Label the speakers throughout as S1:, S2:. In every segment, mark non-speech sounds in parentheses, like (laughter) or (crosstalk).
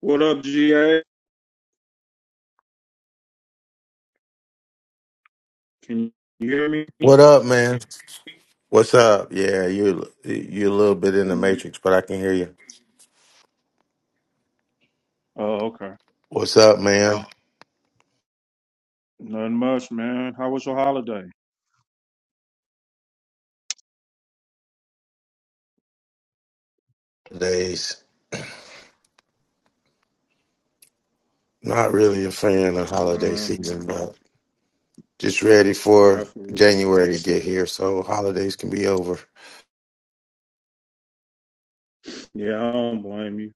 S1: What up, GA? Can you hear me?
S2: What up, man? What's up? Yeah, you you a little bit in the
S1: Mm,
S2: matrix, but I can hear you.
S1: Oh, okay.
S2: What's up, man?
S1: Nothing much, man. How was your holiday?
S2: Days. Not really a fan of holiday
S1: Uh,
S2: season, but just ready
S1: I
S2: for
S1: feel-
S2: January to get here, so holidays can be over.
S1: yeah, I don't blame you.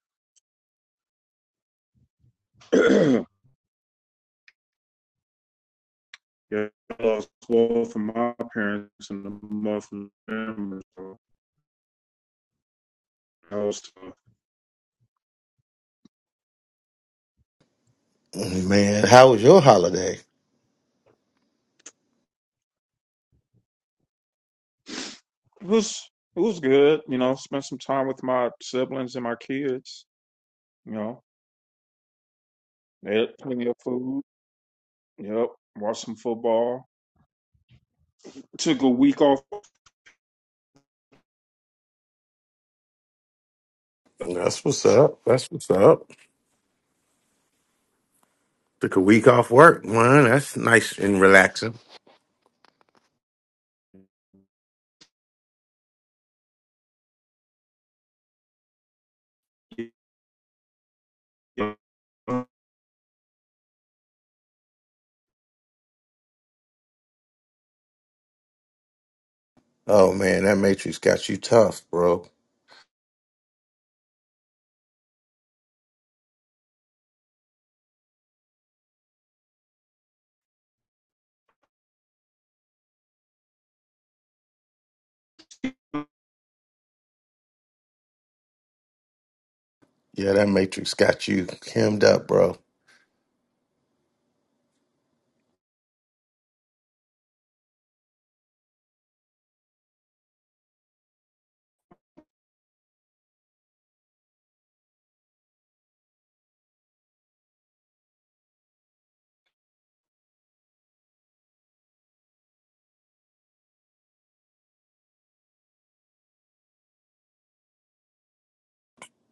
S1: (clears throat) yeah, I lost both of my parents in the month of November, so that was tough.
S2: Man, how was your holiday?
S1: It was it was good, you know. Spent some time with my siblings and my kids. You know, they had plenty of food. Yep, watched some football. Took a week off
S2: That's what's up. That's what's up. Took a week off work, man. That's nice and relaxing.
S1: Yeah.
S2: Oh man, that matrix got you tough, bro. Yeah, that matrix got you hemmed up, bro.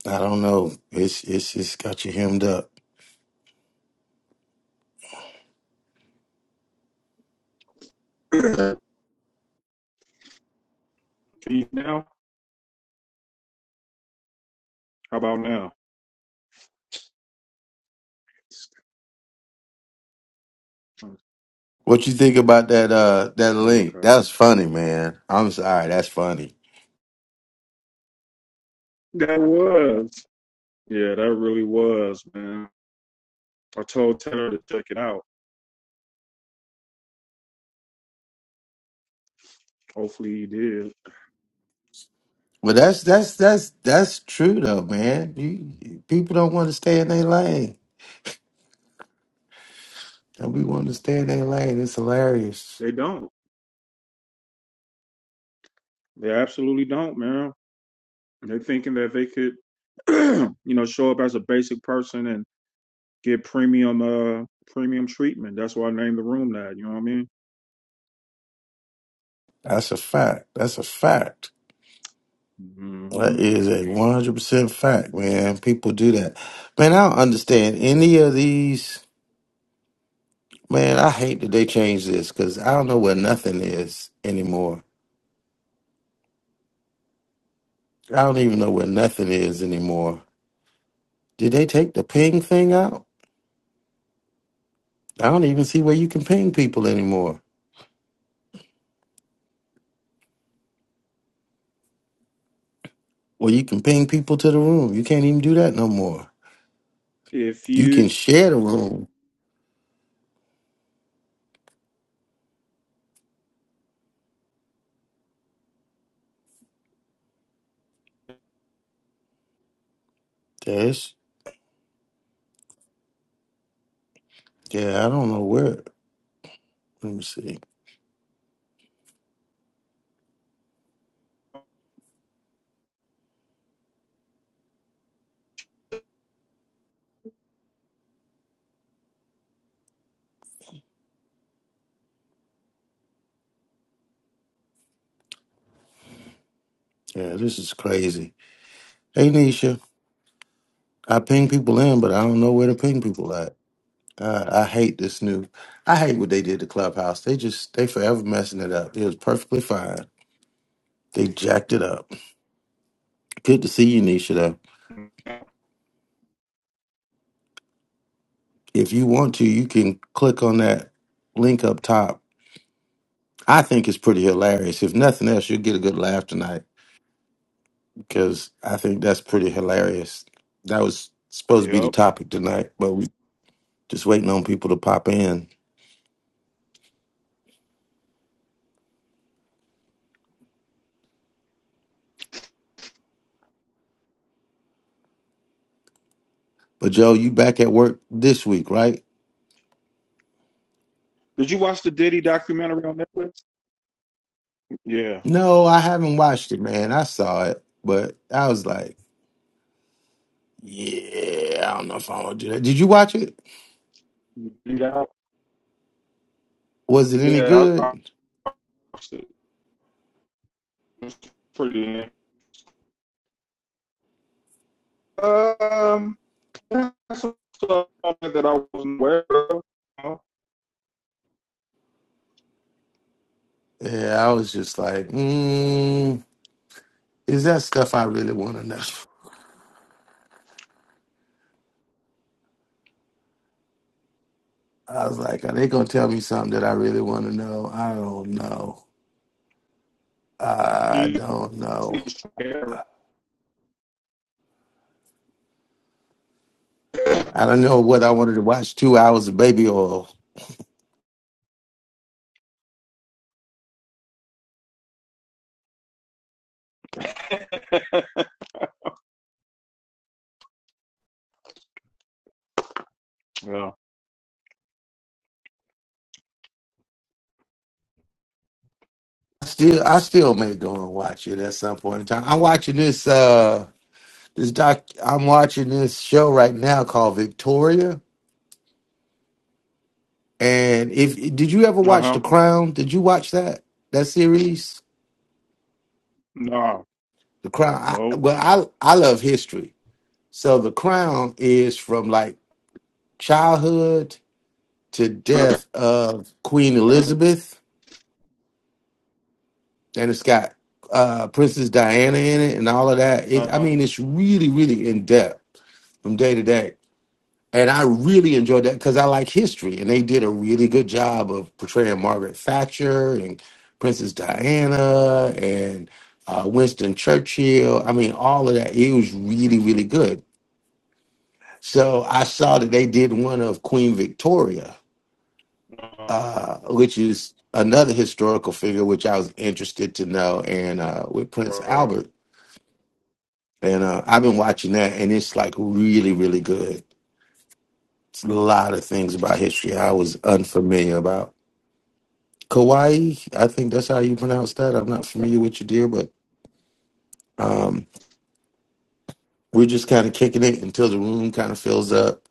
S2: I don't know. It's it's just got you hemmed up.
S1: now? How about now? Oh,
S2: What you think about that uh that link?
S1: okay.
S2: That's funny, man. I'm sorry, that's funny.
S1: That was. Yeah, that really was, man. I told Taylor to check it out. Hopefully he did.
S2: But that's that's that's that's true though, man. You, people don't want to stay in their lane. And we want to stay in their lane. It's hilarious.
S1: They don't. They absolutely don't, man. They're thinking that they could, (clears throat) you know, show up as a basic person and get premium, uh, premium treatment. That's why I named the room that. You know what I mean?
S2: That's a fact. That's a fact.
S1: hmm
S2: That is a one hundred percent fact, man. People do that. Man, I don't understand any of these man, I hate that they changed this because I don't know where nothing is anymore. I don't even know where nothing is anymore. Did they take the ping thing out? I don't even see where you can ping people anymore. Well, you can ping people to the room. You can't even do that no more.
S1: If
S2: You
S1: you,
S2: can share the room. Yes. Yeah, I don't know where. Let me see. Yeah, this is crazy. Hey, Nisha, I ping people in, but I don't know where to ping people at. I, I hate this new. I hate what they did to Clubhouse. They just they forever messing it up. It was perfectly fine. They jacked it up. Good to see you, Nisha. Though. if you want to, you can click on that link up top. I think it's pretty hilarious. If nothing else, you'll get a good laugh tonight because I think that's pretty hilarious. That was supposed to be the
S1: yep.
S2: topic tonight, but we just waiting on people to pop in. But Joe, you back at work this week, right?
S1: Did you watch the Diddy documentary on Netflix? Yeah.
S2: No, I haven't watched it, man. I saw it, but I was like, yeah, I don't know if I want to do that. Did you watch it?
S1: Yeah.
S2: Was it any
S1: Yeah. I, I
S2: good?
S1: watched it. It's pretty. Um, that's something that I wasn't aware of. You
S2: Yeah, I was just like, mm, is that stuff I really want to know? I was like, are they gonna tell me something that I really want to know? I don't know. I
S1: know?
S2: don't know.
S1: Yeah.
S2: I don't know what I wanted to watch. Two hours of baby oil. Still, I still may go and watch it at some point in time. I'm watching this. uh This doc. I'm watching this show right now called Victoria. And if did you ever watch
S1: Uh-huh.
S2: The Crown? Did you watch that that series?
S1: No.
S2: The Crown. I,
S1: No.
S2: well, I I love history. So The Crown is from like childhood to death of Queen Elizabeth, and it's got uh, Princess Diana in it and all of that. It, I
S1: Uh-huh.
S2: mean, it's really, really in depth from day to day. And I really enjoyed that because I like history, and they did a really good job of portraying Margaret Thatcher and Princess Diana and uh, Winston Churchill. I mean, all of that. It was really, really good. So I saw that they did one of Queen Victoria,
S1: Uh-huh.
S2: uh, which is another historical figure which I was interested to know, and uh, with Prince
S1: Right.
S2: Albert. And uh, I've been watching that, and it's like really, really good. It's a lot of things about history I was unfamiliar about. Kauai, I think that's how you pronounce that. I'm not familiar with you, dear, but um, we're just kind of kicking it until the room kind of fills up,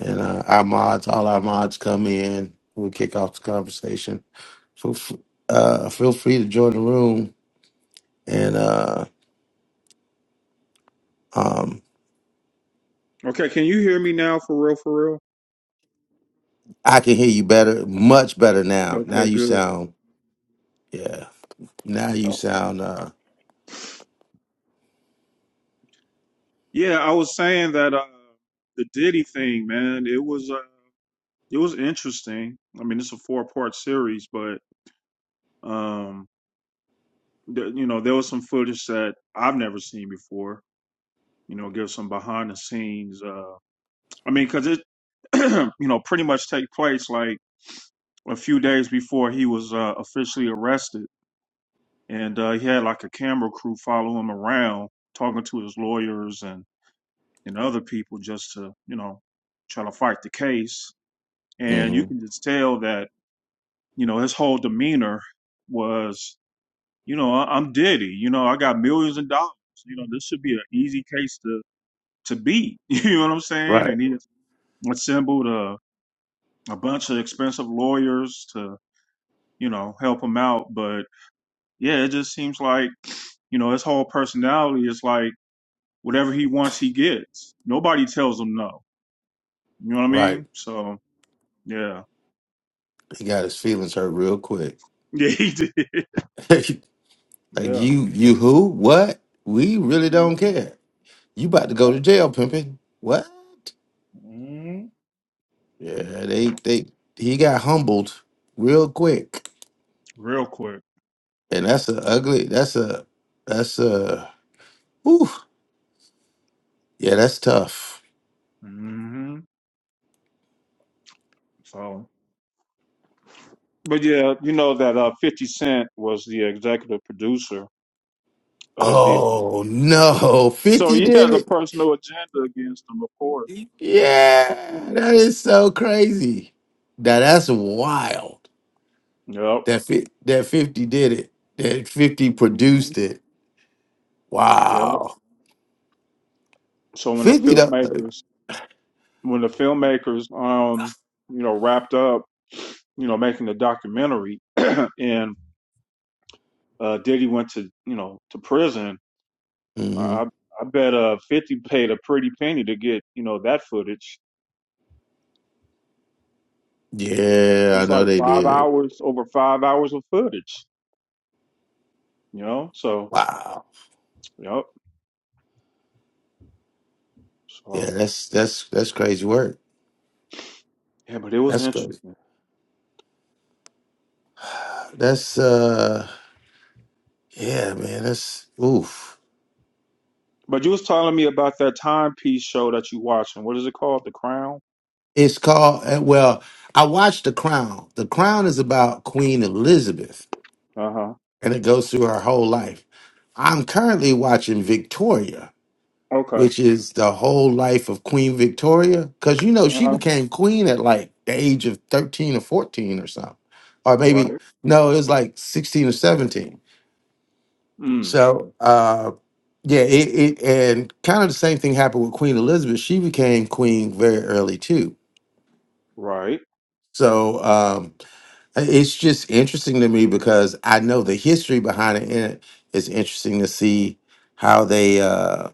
S2: and uh, our mods, all our mods, come in. We'll kick off the conversation. Feel, f- uh, feel free to join the room and uh, um,
S1: Okay, can you hear me now for real for real?
S2: I can hear you better, much better now. Now
S1: Okay,
S2: you
S1: good.
S2: sound, yeah. Now you
S1: Okay.
S2: sound, uh,
S1: Yeah, I was saying that uh the Diddy thing, man, it was uh it was interesting. I mean, it's a four-part series, but um th- you know, there was some footage that I've never seen before, you know, give some behind the scenes uh I mean, cuz it (clears throat) you know, pretty much take place like a few days before he was uh, officially arrested, and uh, he had like a camera crew follow him around, talking to his lawyers and and other people just to you know try to fight the case. And you
S2: hmm
S1: can just tell that you know his whole demeanor was you know I- I'm Diddy, you know I got millions of dollars, you know this should be an easy case to to beat, (laughs) you know what I'm saying?
S2: right,
S1: And he assembled a a bunch of expensive lawyers to you know help him out, but yeah, it just seems like, you know, his whole personality is like whatever he wants, he gets. Nobody tells him no. You know what I
S2: right.
S1: mean? So, yeah. (laughs)
S2: He got his feelings hurt real quick.
S1: Yeah, he did.
S2: (laughs) like
S1: Yeah.
S2: you, you who? What? We really don't
S1: hmm
S2: care. You about to
S1: yeah.
S2: go to jail, pimping? What?
S1: hmm
S2: Yeah, they, they. He got humbled real quick,
S1: Real quick.
S2: and that's a ugly. That's a, that's a. Whew, yeah, that's tough.
S1: hmm So, but yeah, you know that uh, 50 Cent was the executive producer of the. Uh,
S2: Oh no, (laughs)
S1: so
S2: Fifty
S1: he
S2: did
S1: has a
S2: it.
S1: personal agenda against him, of course.
S2: Yeah, that is so crazy. That that's wild.
S1: Yep.
S2: That fi- that fifty did it. That fifty
S1: hmm
S2: produced it.
S1: Yep.
S2: Wow,
S1: So when the
S2: fifty though.
S1: filmmakers when the filmmakers um you know wrapped up you know making the documentary (clears throat) and uh Diddy went to you know to prison
S2: hmm
S1: I I bet uh 50 paid a pretty penny to get you know that footage
S2: Yeah, I
S1: it's like
S2: know they
S1: 5
S2: did.
S1: hours over 5 hours of footage you know so
S2: Wow.
S1: yep
S2: Yeah,
S1: so
S2: that's that's that's crazy work.
S1: yeah but it was
S2: That's crazy.
S1: interesting
S2: That's uh, yeah, man. That's oof.
S1: but you was telling me about that timepiece show that you watching what is it called the crown
S2: It's called uh, well. I watched The Crown. The Crown is about Queen Elizabeth
S1: uh-huh
S2: and it goes through her whole life. I'm currently watching Victoria,
S1: okay
S2: which is the whole life of Queen Victoria, because you know she
S1: uh-huh
S2: became queen at like the age of 13 or 14 or something, or maybe
S1: right
S2: no, it was like 16 or 17.
S1: mm
S2: So uh, yeah, it, it and kind of the same thing happened with Queen Elizabeth. She became queen very early too.
S1: right
S2: So um, It's just interesting to me because I know the history behind it, and it's interesting to see how they uh,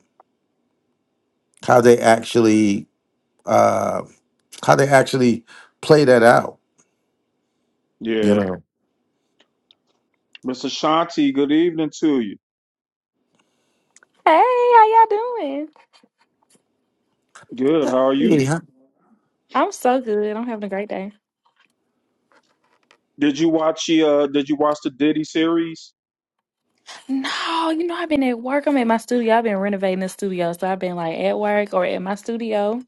S2: how they actually uh, how they actually play that out. You
S1: Yeah.
S2: know,
S1: Mr. Shanti, good evening to you.
S3: Hey, how y'all doing?
S1: Good, how are
S2: hey,
S1: you?
S2: how-
S3: I'm so good. I'm having a great day.
S1: Did you watch the uh did you watch the Diddy series?
S3: No, you know, I've been at work. I'm at my studio. I've been renovating the studio. So I've been like at work or at my studio.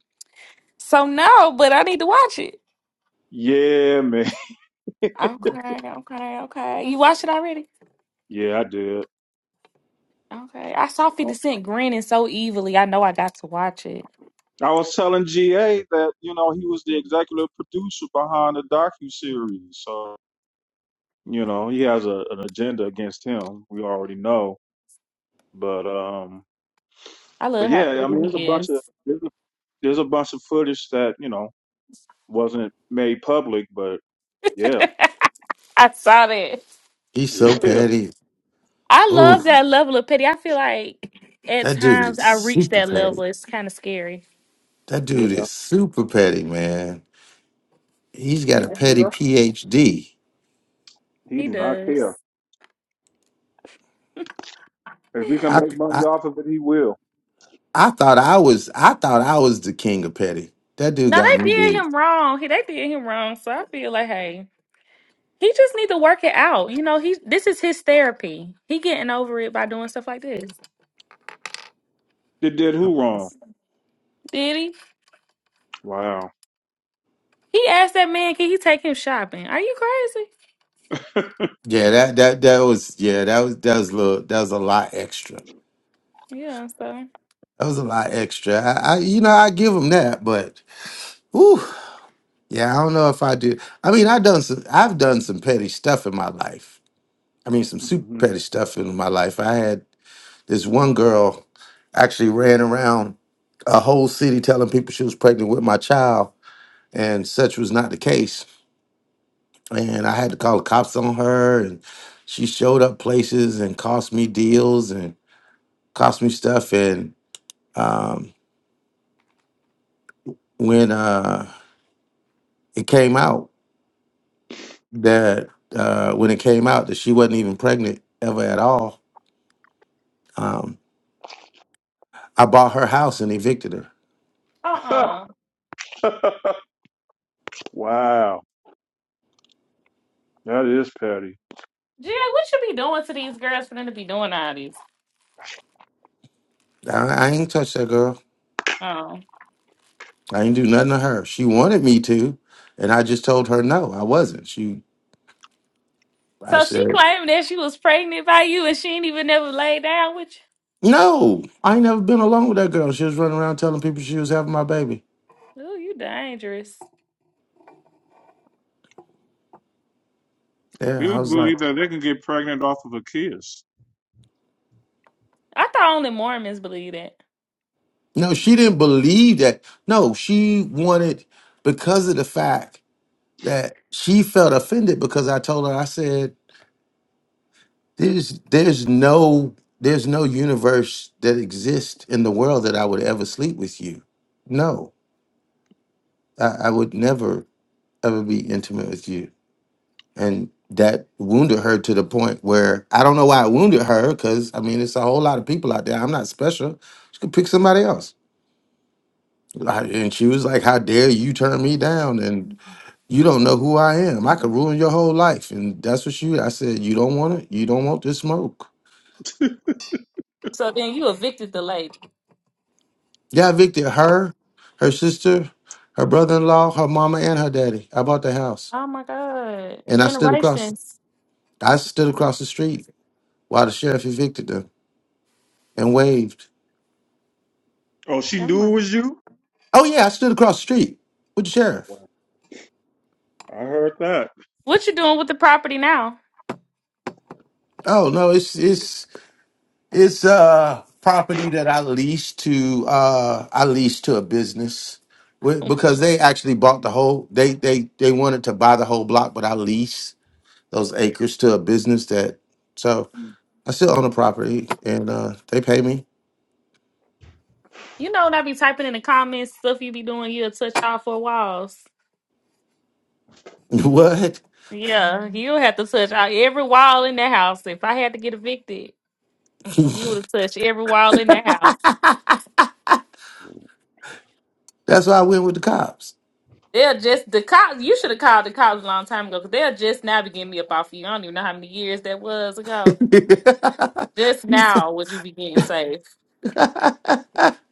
S3: So no, but I need to watch it.
S1: Yeah, man. (laughs)
S3: Okay, okay, okay. You watched it already?
S1: Yeah, I did.
S3: Okay. I saw
S1: I
S3: 50 Cent grinning so evilly. I know I got to watch it.
S1: I was telling GA that, you know, he was the executive producer behind the docu-series. So, you know, he has a, an agenda against him. We already know. But um
S3: I
S1: but
S3: love how
S1: yeah, I
S3: petty
S1: mean there's a
S3: he
S1: bunch of
S3: is.
S1: there's a, there's a bunch of footage that, you know, wasn't made public, but yeah.
S3: I saw that.
S2: he's so
S1: (laughs)
S2: petty.
S3: I
S2: Oh,
S3: love that level of petty. I feel like at
S2: that dude
S3: times
S2: is
S3: I reach
S2: super
S3: that
S2: petty.
S3: level. It's kind of scary.
S2: That dude
S1: Yeah.
S2: is super petty, man. He's got a
S3: Yeah,
S1: Yeah.
S2: petty PhD.
S1: He
S3: he
S1: do not care.
S3: does.
S1: If we can
S2: I
S1: make money
S2: I
S1: off of it, he will.
S2: I thought I was I thought I was the king of petty. That dude
S3: No,
S2: got
S3: they
S2: me
S3: did
S2: beat.
S3: him wrong. He they did him wrong. So I feel like, hey, he just need to work it out. You know, he this is his therapy. He getting over it by doing stuff like this.
S1: It did who wrong?
S3: Did he?
S1: Wow.
S3: He asked that man, can he take him shopping? Are you crazy?
S2: Yeah, that that that was yeah, that was that was a little that was a lot extra.
S3: Yeah. So,
S2: That was a lot extra. I, I you know I give them that, but ooh, yeah, I don't know if I do. I mean, I done some I've done some petty stuff in my life. I mean, some super
S1: hmm
S2: petty stuff in my life. I had this one girl actually ran around a whole city telling people she was pregnant with my child, and such was not the case. And I had to call the cops on her, and she showed up places and cost me deals and cost me stuff and um, when uh, it came out that uh, when it came out that she wasn't even pregnant ever at all, um, I bought her house and evicted her.
S3: uh, uh
S1: (laughs) wow. That is petty.
S3: Jay, what you be doing to these girls for them to be doing all this?
S2: I, I ain't touched that girl.
S3: Um.
S2: I ain't do nothing to her. She wanted me to, and I just told her no, I wasn't. She, I
S3: So she
S2: said
S3: claimed that she was pregnant by you, and she ain't even never laid down with you.
S2: no. I ain't never been alone with that girl. She was running around telling people she was having my baby.
S3: Ooh, you dangerous.
S2: Yeah,
S1: People
S2: I was like,
S1: believe that they can get pregnant off of a kiss.
S3: I thought only Mormons believe that.
S2: no, she didn't
S1: Mhm.
S2: believe that. No, she wanted because of the fact that she felt offended because I told her I said there's there's no there's no universe that exists in the world that I would ever sleep with you. No, I, I would never ever be intimate with you, and that wounded her to the point where I don't know why it wounded her because I mean it's a whole lot of people out there. I'm not special. She could pick somebody else, Like, and she was like, "How dare you turn me down?" You don't know who I am. I could ruin your whole life. And that's what she. I said, you don't want it. You don't want this smoke.
S3: So then you evicted the lady.
S2: Yeah, I evicted her, her sister, her brother in law, her mama, and her daddy. I bought the house.
S3: Oh my God.
S2: And I stood across
S3: Generations.
S2: I stood across the street while the sheriff evicted them and waved.
S1: Oh, she
S3: Never
S1: knew it
S3: mind.
S1: was you?
S2: Oh yeah, I stood across the street with the sheriff.
S1: Wow. I heard that.
S3: What you doing with the property now?
S2: Oh no, it's it's It's uh property that I leased to uh I leased to a business Wh- because they actually bought the whole they they they wanted to buy the whole block, but I lease those acres to a business that so I still own the property and uh they pay me.
S3: You know, when I be typing in the comments, stuff you be doing, you'll touch all four walls.
S2: (laughs) What?
S3: Yeah, you'll have to touch all, every wall in the house. If I had to get evicted, you would have touched every wall in the house.
S2: That's why I went with the cops.
S3: They'll just, the cops, you should have called the cops a long time ago because they'll just now be getting me up off you. I don't even know how many years that was ago.
S2: (laughs)
S3: Just
S2: You said-
S3: now would you be getting safe.
S2: (laughs)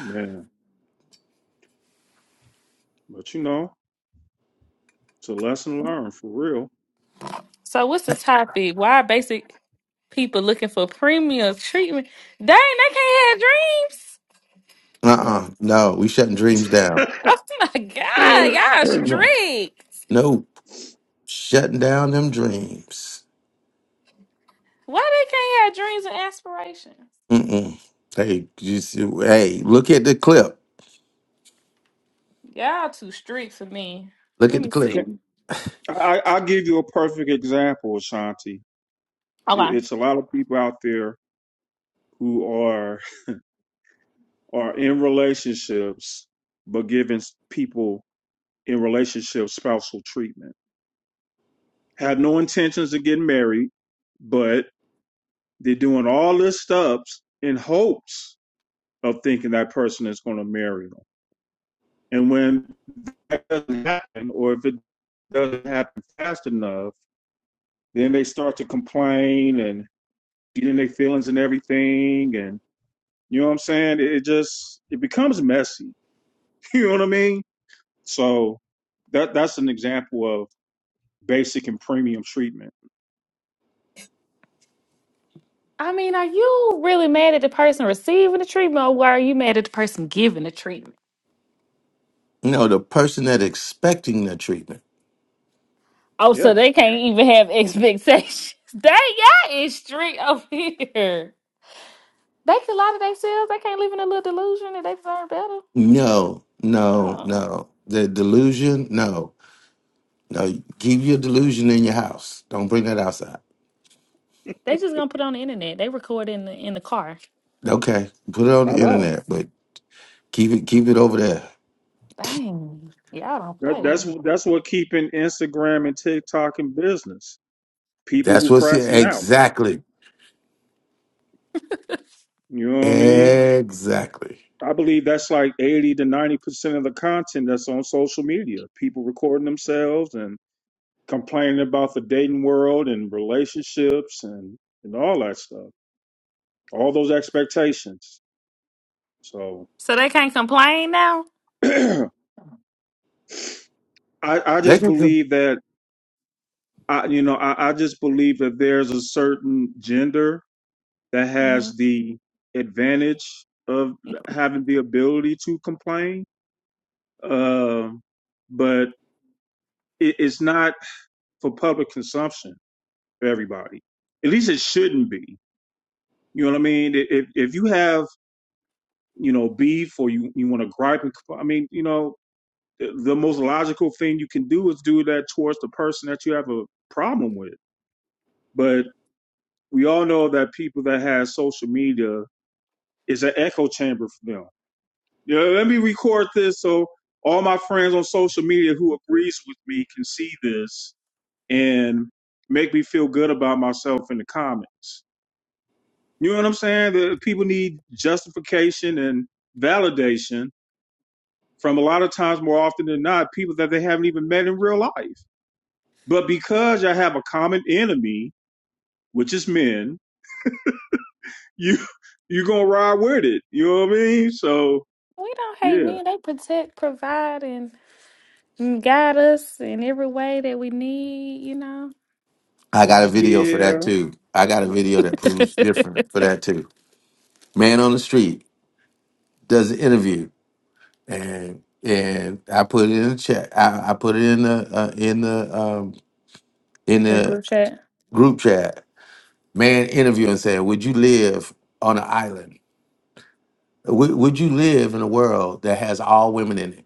S1: Man, but you know, it's a lesson learned for real.
S3: So, what's the topic? Why basic? People looking for premium treatment. Dang, they can't have dreams. (laughs)
S1: No.
S2: uh-uh. No, we shutting
S1: (laughs)
S2: dreams down.
S3: Oh my God, y'all
S2: No.
S3: strict.
S2: Nope. Shutting down them dreams.
S3: Why they can't have dreams and aspirations?
S2: Mm-mm. Hey, you see, hey, look at the clip.
S3: Y'all too strict for me.
S2: Look
S3: Let
S2: at the
S3: me
S2: clip.
S3: see.
S1: Can- I, I'll give you a perfect example, Ashanti.
S3: Okay.
S1: It- It's a lot of people out there who are are in relationships but giving people in relationships spousal treatment. Had no intentions of getting married, but they're doing all this stuff in hopes of thinking that person is going to marry them. And when that doesn't happen, or if it doesn't happen fast enough, then they start to complain and get in their feelings and everything. And you know what I'm saying? it just it becomes messy. (laughs) You know what I mean? So that that's an example of basic and premium treatment.
S3: I mean, are you really mad at the person receiving the treatment or are you mad at the person giving the treatment?
S2: No, the person that expecting the treatment.
S3: Oh,
S1: Yeah,
S3: so they can't even have expectations. (laughs) Dang, y'all is strict over here. They can lie to themselves. They can't live in a little delusion that they deserve better.
S2: No, no,
S3: Oh.
S2: no. The delusion. No, no. Keep your delusion in your house. Don't bring that outside.
S3: They just gonna put it on the internet. They record in the in the car.
S2: Okay, put it on
S1: I
S2: the
S1: know.
S2: internet, but keep it, keep it over there.
S3: Dang, y'all don't
S1: That
S3: play.
S1: that's that's what keeping Instagram and TikTok in business. People
S2: That's
S1: who
S2: what's here.
S1: crashing out.
S2: Exactly,
S1: You know what I mean?
S2: exactly.
S1: I believe that's like eighty to ninety percent of the content that's on social media. People recording themselves and complaining about the dating world and relationships and and all that stuff. All those expectations. So
S3: So they can't complain now.
S1: (clears throat) I I
S2: They
S1: just
S2: can. com-
S1: believe that I, you know, I, I just believe that there's a certain gender that
S3: hmm
S1: has the advantage of having the ability to complain, um, but it, it's not for public consumption for everybody. At least it shouldn't be. You know what I mean? I- If if you have you know beef or you you want to gripe and compl- I mean you know the the most logical thing you can do is do that towards the person that you have a problem with. But we all know that people that have social media is an echo chamber for them. You know, let me record this so all my friends on social media who agrees with me can see this and make me feel good about myself in the comments. You know what I'm saying? The people need justification and validation from a lot of times more often than not people that they haven't even met in real life. But because I have a common enemy, which is men, (laughs) you you're gonna ride with it. You know what I mean? So
S3: We don't hate
S1: yeah.
S3: men. They protect, provide, and and guide us in every way that we need. You know.
S2: I got a video for that
S1: Yeah.
S2: too. I got a video that
S3: (laughs)
S2: proves
S3: the
S2: different for that too. Man on the street does an interview and and I put it in the chat. I, I put it in the uh, in the um, in the
S3: group chat.
S2: group chat. Man, interviewing saying, "Would you live on an island? Would, would you live in a world that has all women in it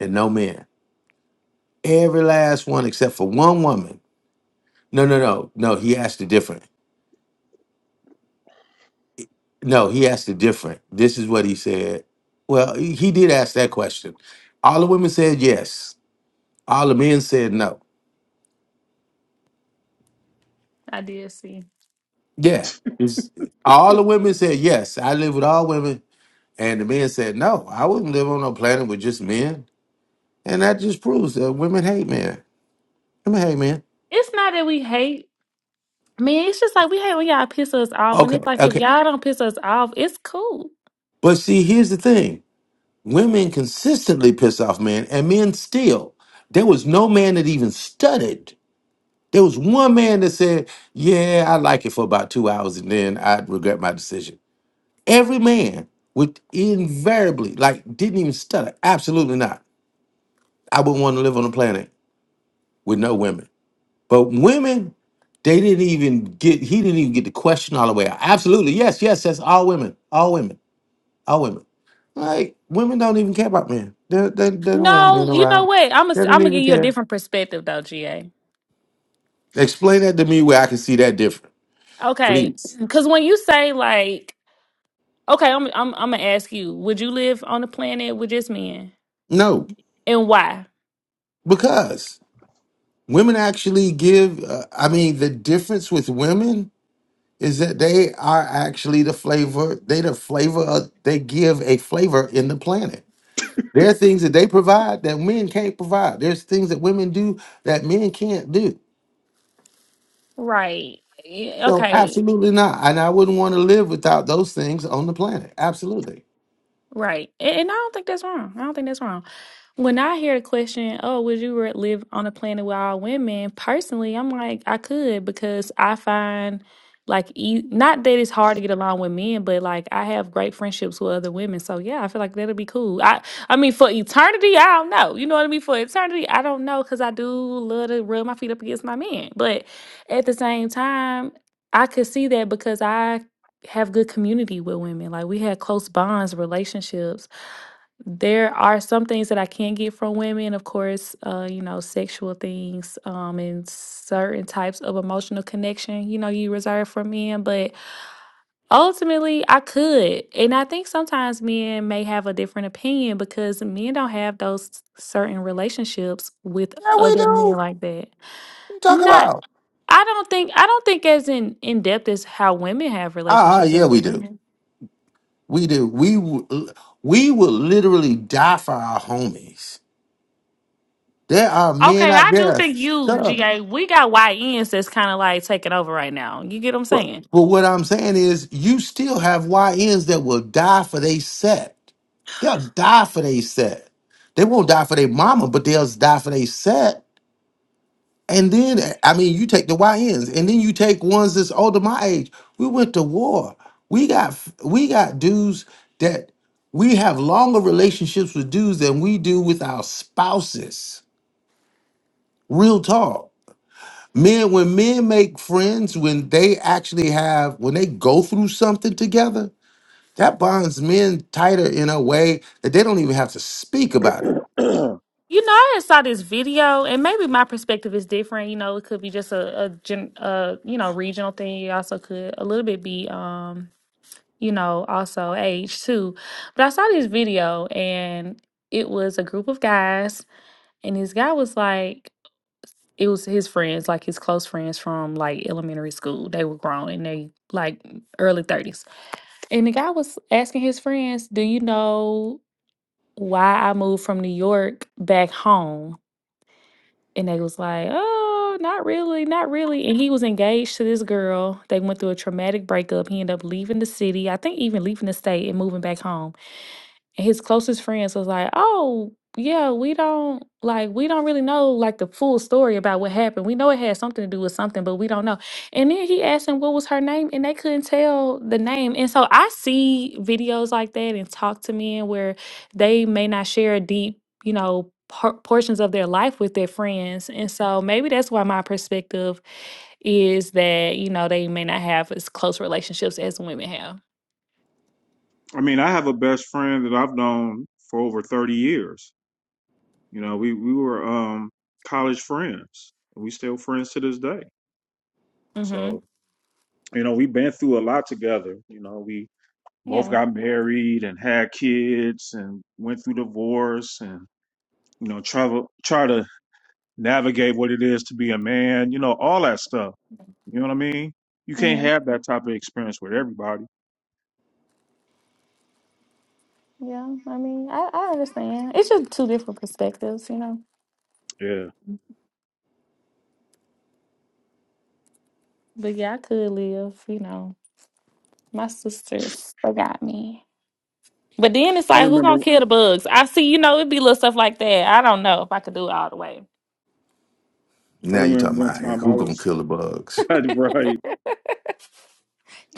S2: and no men? Every last one except for one woman." No, no, no, no. He asked it different. No, he asked it different. This is what he said. Well, he he did ask that question. All the women said yes. All the men said no.
S3: I did see.
S1: (laughs)
S2: Yeah. It's- all the women said yes. I live with all women. And the men said no. I wouldn't live on a planet with just men. And that just proves that women hate men. Women hate men.
S3: It's not that we hate. I mean, it's just like we hate when y'all piss us off, and
S2: Okay.
S3: it's like if
S2: Okay.
S3: y'all don't piss us off, it's cool.
S2: But see, here's the thing. Women consistently piss off men and men still. There was no man that even studied. There was one man that said, Yeah, I like it for about two hours and then I'd regret my decision. Every man would invariably, like, didn't even stutter. Absolutely not. I wouldn't want to live on a planet with no women. But women, they didn't even get, he didn't even get the question all the way out. Absolutely. Yes, yes, that's all women. All women. All women. Like, women don't even care about men. They, they, they don't want men
S3: No, you know
S2: around.
S3: what? I'm gonna
S2: They
S3: I'm
S2: don't
S3: gonna
S2: even
S3: give you a
S2: care.
S3: different perspective though, GA.
S2: Explain that to me where I can see that different,
S3: Okay,
S2: please.
S3: because when you say like Okay, I'm I'm I'm gonna ask you: Would you live on a planet with just men,
S2: No,
S3: and why?
S2: because women actually give, uh, I mean, the difference with women is that they are actually the flavor, they the flavor, of, they give a flavor in the planet There are things that they provide that men can't provide. There's things that women do that men can't do.
S3: Right. Yeah,
S2: So
S3: Okay.
S2: absolutely not. And I wouldn't want to live without those things on the planet. Absolutely.
S3: Right. And, and I don't think that's wrong. I don't think that's wrong. When I hear the question, oh, would you re- live on a planet with all women? Personally, I'm like, I could because I find like, e- not that it's hard to get along with men, but like I have great friendships with other women. So yeah, I feel like that'll be cool. I, I mean, for eternity, I don't know. You know what I mean? For eternity, I don't know because I do love to rub my feet up against my men. But at the same time, I could see that because I have good community with women. Like we had close bonds, relationships there are some things that I can get from women, of course, uh, you know, sexual things, um, and certain types of emotional connection, you know, you reserve for men, but ultimately I could. And I think sometimes men may have a different opinion because men don't have those certain relationships with
S2: Yeah, we
S3: other men
S2: do.
S3: like that.
S2: What you talk
S3: Not
S2: about?
S3: I don't think I don't think as in in depth as how women have
S2: Ah, ah,
S3: relationships with
S2: yeah,
S3: other
S2: we do.
S3: women.
S2: We do. We w- we will literally die for our homies. There are men
S3: Okay,
S2: out
S3: I do think you,
S2: there.
S3: GA, we got YNs that's kind of like taking over right now. You get what I'm
S2: Well,
S3: saying?
S2: but what I'm saying is, you still have YNs that will die for they set. They'll die for they set. They won't die for their mama, but they'll die for they set. And then, I mean, you take the YNs, and then you take ones that's older my age. We went to war. We got we got dudes that we have longer relationships with dudes than we do with our spouses. Real talk men when men make friends when they actually have when they go through something together That bonds men tighter in a way that they don't even have to speak about it.
S1: (clears throat) I
S3: You know, I just saw this video, and maybe my perspective is different. You know, it could be just a, a, gen, a you know, regional thing. It also could a little bit be, um, you know, also age too. But I saw this video, and it was a group of guys, and this guy was like, it was his friends, like his close friends from like elementary school. They were grown, and they like early 30s And the guy was asking his friends, Do you know why I moved from New York back home? And they was like, Oh, not really, not really. And he was engaged to this girl. They went through a traumatic breakup. He ended up leaving the city, I think even leaving the state and moving back home his closest friends was like, "Oh, yeah, we don't like we don't really know like the full story about what happened. We know it had something to do with something, but we don't know." And then he asked him what was her name, and they couldn't tell the name. And so I see videos like that and talk to men where they may not share deep, you know, por- portions of their life with their friends. And so maybe that's why my perspective is that you know they may not have as close relationships as women have.
S1: mean, I have a best friend that I've known for over 30 years. You know, we we were um college friends. We still friends to this day.
S3: hmm
S1: So, you know, we've been through a lot together. You know, we both
S3: Yeah.
S1: got married and had kids and went through divorce and you know, travel try to navigate what it is to be a man, you know, all that stuff. You know what I mean? You
S3: Mm-hmm.
S1: can't have that type of experience with everybody.
S3: Yeah, I mean, I, I understand. It's just two different perspectives, you know.
S1: Yeah.
S3: But yeah, I could live, you know. My sisters forgot me. But then it's
S1: I
S3: like, who gonna
S1: remember
S3: kill the bugs? I see, you know, it'd be little stuff like that. I don't know if I could do it all the way.
S1: I
S2: Now you're
S1: remember
S2: talking
S1: one
S2: about "Hey,
S1: time I
S2: who gonna
S1: was
S2: kill the
S1: (laughs)
S2: bugs?
S1: right.
S3: (laughs)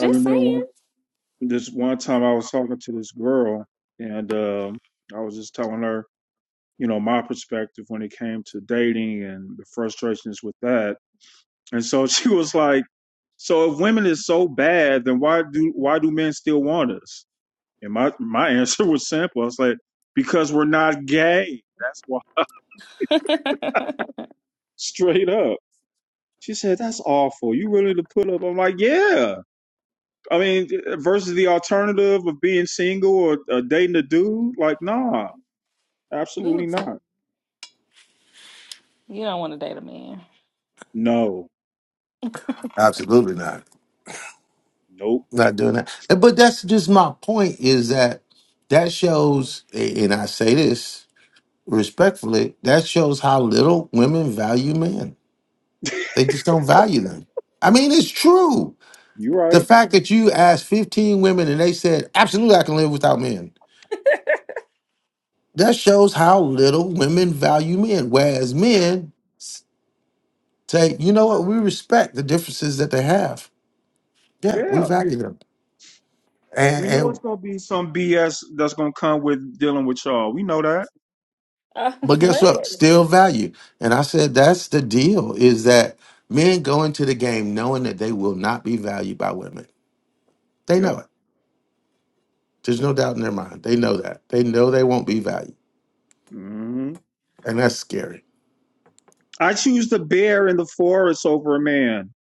S1: I remember
S3: saying.
S1: one this one time I was talking to this girl and um I was just telling her, you know, my perspective when it came to dating and the frustrations with that. And so (laughs) she was like, So if women is so bad, then why do why do men still want us? And my my (laughs) answer was simple. I was like, Because we're not gay. That's why
S3: (laughs)
S1: (laughs) straight up. She said, "That's awful. You really to put up?" I'm like, "Yeah." I mean, versus the alternative of being single or uh, dating a dude, like, nah,
S3: Ooh,
S1: absolutely not.
S3: you don't want to date a man.
S1: No,
S2: Absolutely not.
S1: nope.
S2: Not doing that. Uh, But that's just my point is that that shows, and I say this respectfully, that shows how little women value men. They just don't value them. I mean, it's true.
S1: You're
S2: The
S1: right.
S2: fact that you asked 15 women and they said, absolutely, I can live without men. That shows how little women value men. Whereas men Say, you know what? We respect the differences that they have. Yeah, we
S1: Yeah,
S2: value them.
S1: we
S2: And,
S1: know it's
S2: and
S1: gonna be some BS that's gonna come with dealing with y'all. We know that.
S3: Uh, (laughs)
S2: but
S3: what?
S2: guess what? Still value. And I said that's the deal is that men go into the game knowing that they will not be valued by women. They know
S1: Yep.
S2: it. There's no doubt in their mind. They know that. They know they won't be valued.
S1: hmm
S2: And that's scary.
S1: I choose the bear in the forest over a man.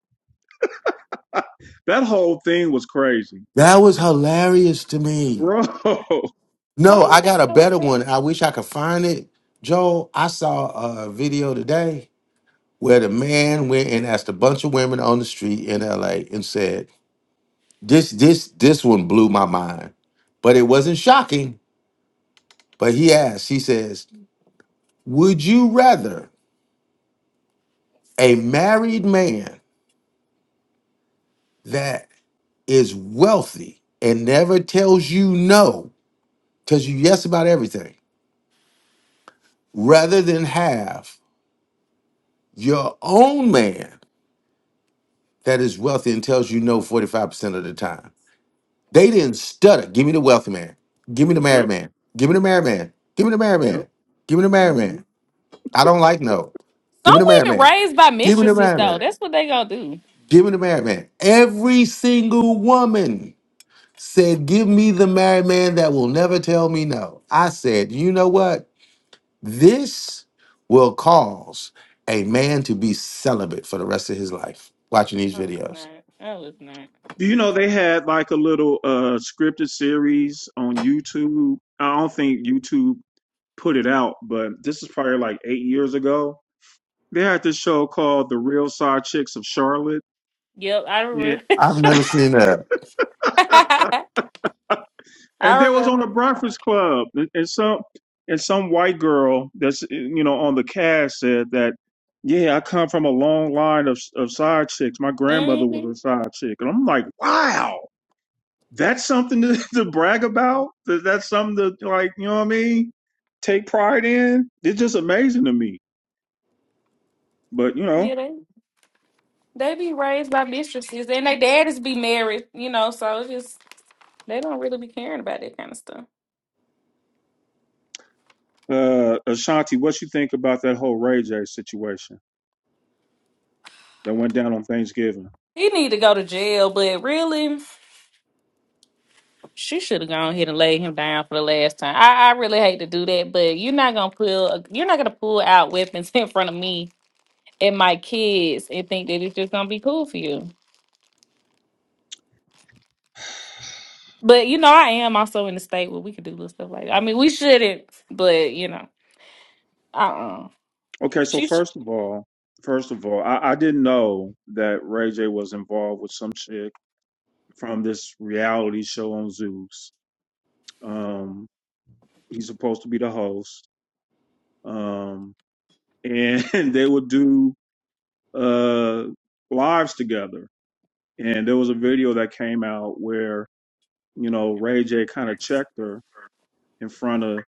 S1: (laughs) that whole thing was crazy,
S2: That was hilarious to me.
S1: bro. (laughs)
S2: No,
S3: Why you
S2: I got
S3: think
S2: a
S3: that was
S2: better one.
S3: crazy?
S2: I wish I could find it. Joel, I saw a video today where the man went and asked a bunch of women on the street in LA and said, This, this, this one blew my mind. But it wasn't shocking. But he asked, he says, Would you rather a married man that is wealthy and never tells you no, tells you yes about everything, rather than have your own man that is wealthy and tells you no 45% of the time? They didn't stutter. Give me the wealthy man. Give me the married
S1: yep.
S2: man. Give me the married man. Give me the married man. Give me the married
S1: Yep.
S2: man. I don't like no.
S3: Some
S2: Give me the married
S3: women
S2: man.
S3: raised by
S2: Give me the
S3: mistresses,
S2: married
S3: though.
S2: man.
S3: That's what they gonna do.
S2: Give me the married man. Every single woman said, Give me the married man that will never tell me no. I said, You know what? This will cause a man to be celibate for the rest of his life watching these
S3: Oh, it's
S2: videos.
S3: not. Oh, it's not.
S1: Do you know they had like a little uh scripted series on YouTube? I don't think YouTube put it out, but this is probably like eight years ago. They had this show called The Real Side Chicks of Charlotte.
S3: Yep, I
S1: Yeah.
S3: remember.
S2: I've never seen that.
S1: (laughs)
S3: (laughs)
S1: and
S3: I
S1: they was on
S3: remember.
S1: the Breakfast Club. And, and some and some white girl that's you know on the cast said that, yeah, I come from a long line of of side chicks. My grandmother
S3: hmm
S1: was a side chick. And I'm like, wow. that's something to, (laughs) to brag about. that's something to like, you know what I mean? Take pride in. It's just amazing to me. But you
S3: Yeah,
S1: know,
S3: they they be raised by mistresses, and their daddies be married, you know. So it's just they don't really be caring about that kind of stuff.
S1: uh, Ashanti, what you think about that whole Ray J situation that went down on Thanksgiving?
S3: He need to go to jail, but really, she should have gone ahead and laid him down for the last time. I, I really hate to do that, but you're not gonna pull you're not gonna pull out weapons (laughs) in front of me and my kids and think that it's just gonna be cool for you. But you know, I am also in the state where we could do little stuff like that. I mean, we shouldn't, but you know, uh uh
S1: Okay, so
S3: she.
S1: first of all, first of all, I, I didn't know that Ray J was involved with some chick from this reality show on Zeus. Um, he's supposed to be the host. Um, and (laughs) they would do uh lives together And there was a video that came out where, you know, Ray J kind of checked her in front of,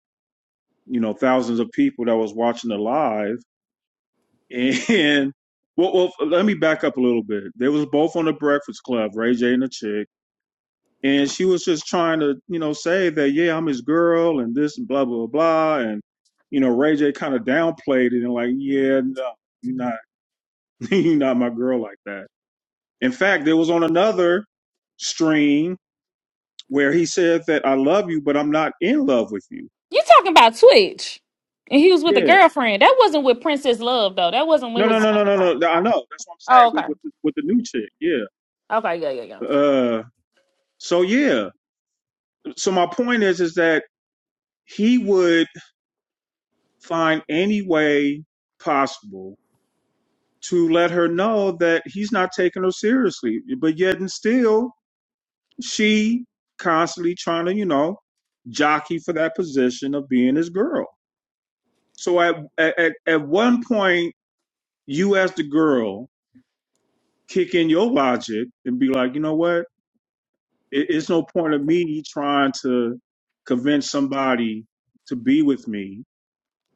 S1: you know, thousands of people that was watching it live. And (laughs) well, well, let me back up a little bit. They was both on the Breakfast Club, Ray J and the chick. And she was just trying to, you know, say that, yeah, I'm his girl and this and blah, blah, blah. And, you know, Ray J kind of downplayed it and like, yeah, no, you're not, (laughs) you're not my girl like that. In fact, there was on another stream where he said that I love you, but I'm not in love with you.
S3: You talking about Twitch? And he was with a
S1: Yeah.
S3: girlfriend. That wasn't with Princess Love though. That wasn't with
S1: No, no,
S3: his
S1: no, no,
S3: wife.
S1: no, no. I know. That's what I'm saying
S3: Oh,
S1: with
S3: okay.
S1: with the, with the new chick. Yeah.
S3: Okay, yeah, yeah, yeah.
S1: Uh. So yeah. So my point is, is that he would find any way possible to let her know that he's not taking her seriously, but yet and still she constantly trying to, you know, jockey for that position of being his girl. So at at at at one point, you as the girl kick in your logic and be like, you know what? It, it's no point of me trying to convince somebody to be with me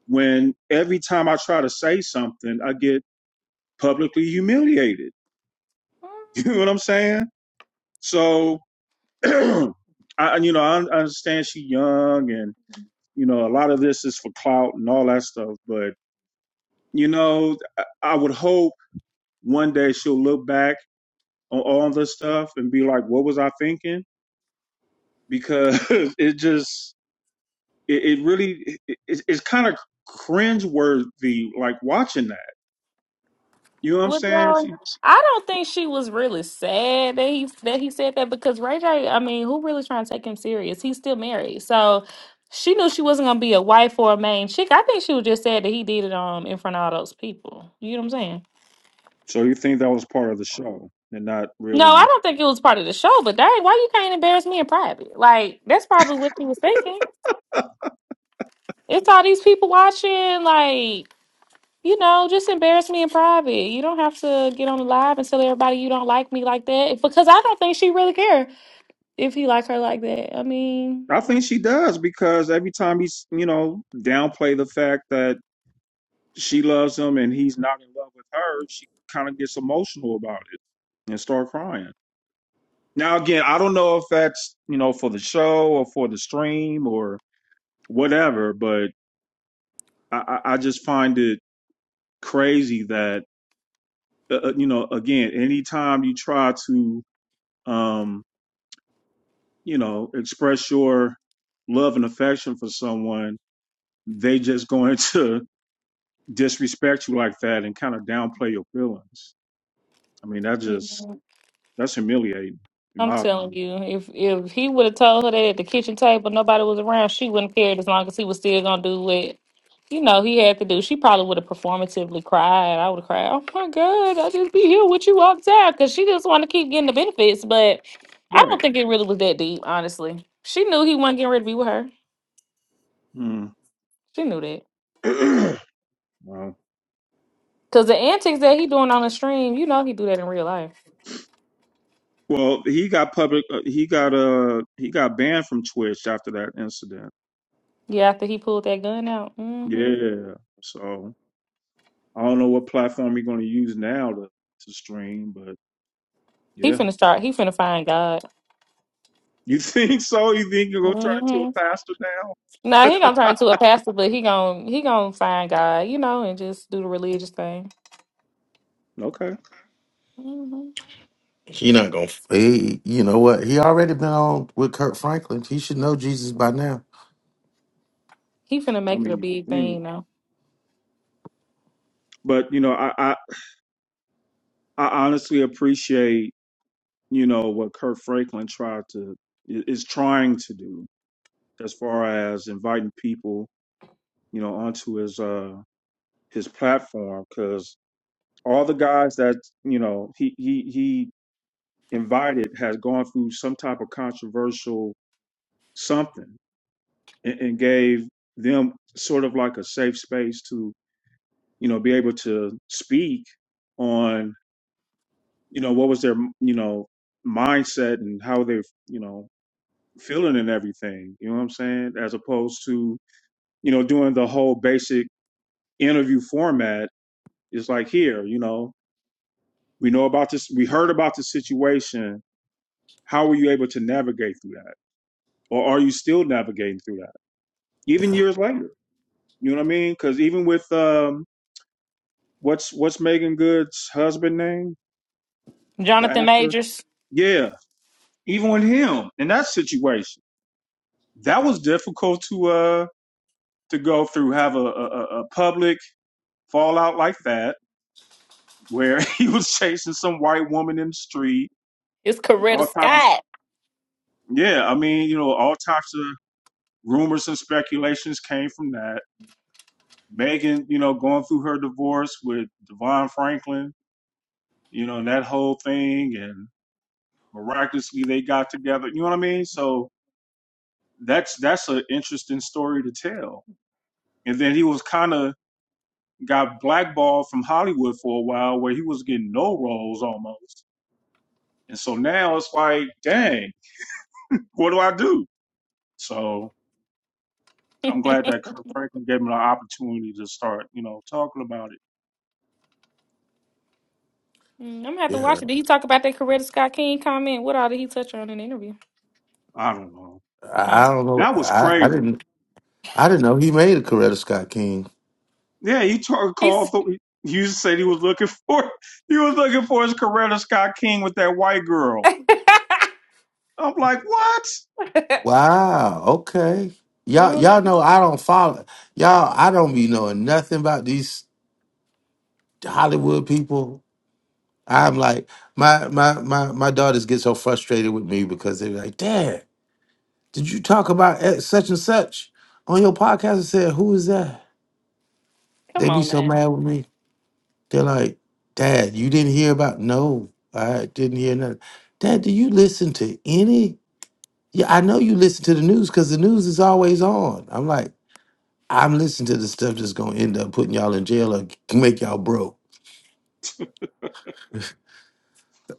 S1: when every time I try to say something, I get publicly humiliated. (laughs) You know
S3: Mm,
S1: what I'm saying? So, (clears throat) I, and, you know, I, I understand she's young and, you know, a lot of this is for clout and all that stuff. But, you know, I, I would hope one day she'll look back on all this stuff and be like, what was I thinking? because (laughs) it just it, it really it, it's it's kind of cringe worthy like watching that you know what i'm
S3: With
S1: saying
S3: y'all,
S1: she,
S3: I don't think she was really sad that he that he said that because Ray J. I mean, who really trying to take him serious? He's still married, so she knew she wasn't gonna be a wife or a main chick. I think she was just sad that he did it um in front of all those people. You know what I'm saying?
S1: so you think that was part of the show and not
S3: No, I
S1: really
S3: don't think it was part of the show. But dang, why you can't embarrass me in private? Like that's probably what she was thinking. It's all these people watching, like, you know, just embarrass me in private. You don't have to get on the live and tell everybody you don't like me like that because I don't think she really care if he like her like that. I mean,
S1: i think she does because every time he's you know downplay the fact that she loves him and he's not in love with her, she kind of gets emotional about it and start crying. Now again, I don't know if that's you know for the show or for the stream or whatever, but I, I I just find it crazy that uh, uh, you know again, anytime you try to um, you know express your love and affection for someone, they just going to (laughs) disrespect you like that and kind of downplay your feelings. I mean, that just That's humiliating, in
S3: I'm
S1: my
S3: telling
S1: opinion.
S3: you, if if he would have told her that at the kitchen table nobody was around, she wouldn't cared as long as he was still gonna do what you know he had to do. She probably would have performatively cried. I would have cried, Oh my god, I'll just be here with you all the time because she just wanna keep getting the benefits. But I don't
S1: Right.
S3: think it really was that deep, honestly. She knew he wasn't getting ready to be with her.
S1: Mm.
S3: She knew that.
S1: (clears throat) wow.
S3: Cause the antics that he doing on the stream, you know he do that in real life.
S1: Well, he got public. Uh, he got uh he got banned from Twitch after that incident.
S3: Yeah, after he pulled that gun out. hmm
S1: Yeah. So I don't know what platform you're going to use now to to stream, but
S3: He
S1: yeah.
S3: finna start he finna find God.
S1: You (laughs) think so? You think you're going to turn into
S3: Mm-hmm.
S1: a pastor
S3: Nah, he gonna turn
S1: now?
S3: to a pastor, but he gonna he gonna find God, you know, and just do the religious thing.
S1: (laughs) okay.
S3: hmm
S2: He not gonna. He, you know what? He already been on with Kurt Franklin. He should know Jesus by now.
S3: He finna
S1: I
S3: make it a
S1: mean, you would
S3: big thing,
S1: think,
S3: you know.
S1: but you know, I I, I honestly appreciate you know what Kurt Franklin tried to i- is trying to do. as far as inviting people, you know, onto his uh his platform because all the guys that you know he he he invited has gone through some type of controversial something and, and gave them sort of like a safe space to you know be able to speak on you know what was their you know mindset and how they you know feeling and everything you know what i'm saying as opposed to you know doing the whole basic interview format It's like here, you know, we know about this, we heard about the situation. How were you able to navigate through that? Or are you still navigating through that? Even
S2: Yeah,
S1: years later. You know what I mean? Cause even with um what's what's Megan Good's husband name? The
S3: Jonathan
S1: actor?
S3: Majors
S1: Yeah. Even with him in that situation. That was difficult to uh to go through, have a, a, a public fallout like that, where (laughs) he was chasing some white woman in the street,
S3: is Coretta
S1: all types of
S3: Scott.
S1: yeah, I mean, you know, all types of rumors and speculations came from that. Megan, you know, going through her divorce with Devon Franklin, you know, and that whole thing, and miraculously they got together. You know what I mean? So that's that's an interesting story to tell. And then he was kind of got blackballed from Hollywood for a while, where he was getting no roles almost. And so now it's like, dang, what do I do? So I'm glad that Kirk Franklin gave him the opportunity to start, you know, talking about it.
S3: Mm, I'm gonna have to
S2: yeah.
S3: watch it. Did he talk about that Coretta Scott King comment? What all did he touch on in the interview?
S1: I don't know.
S2: I, I
S3: Oh,
S2: don't know.
S1: That was
S2: I, I
S1: crazy.
S2: didn't. I didn't know he made a Coretta Scott King.
S1: Yeah, he took called.
S3: he's
S1: For, Hughes said he was looking for (laughs) he was looking for his Coretta Scott King with that white girl.
S3: (laughs)
S1: I'm like, what?
S2: Wow. Okay. Y'all,
S3: Mm,
S2: y'all know I don't follow. Y'all, I don't be knowing nothing about these Hollywood people. I'm like my my my my daughters get so frustrated with me because they're like, Dad, did you talk about X- such and such on your podcast? I said, Who is that?
S3: come
S2: They be
S3: on
S2: so
S3: now.
S2: mad with me. They're like, Dad, you didn't hear about? No, I didn't hear nothing. Dad, do you listen to any? Yeah, I know you listen to the news because the news is always on. I'm like, I'm listening to the stuff that's gonna end up putting y'all in jail or make y'all broke.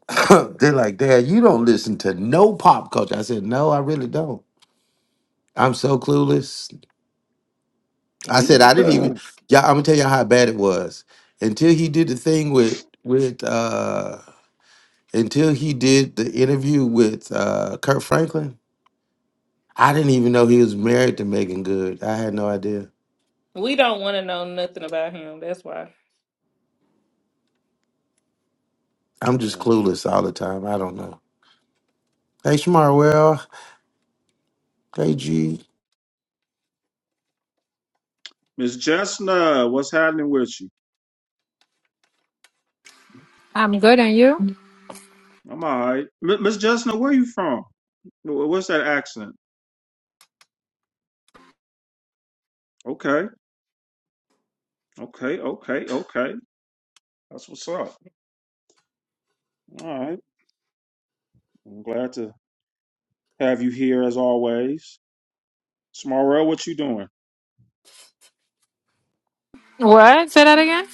S2: (laughs) They're like, Dad, you don't listen to no pop culture. I said, No, I really don't. I'm so clueless.
S1: I
S2: I
S1: mean,
S2: said, I didn't even.
S1: you. (clears throat)
S2: Yeah, I'm gonna tell y'all how bad it was until he did the thing with with uh until he did the interview with uh, Kurt Franklin, I didn't even know he was married to Megan Good. I had no idea.
S3: We don't want to know nothing about him. That's why.
S2: I'm just
S1: Uh,
S2: clueless all the time. I don't know. Hey, Shmarwell. Hey, G.
S1: Miss Jessna, what's happening with you?
S4: I'm good, and you?
S1: I'm all right. M- Miss Jessna, where you from? Wh- What's that accent? Okay, okay, okay, okay. That's what's up. All right. I'm glad to have you here as always. Smarrell, what you doing?
S4: What? Say that again.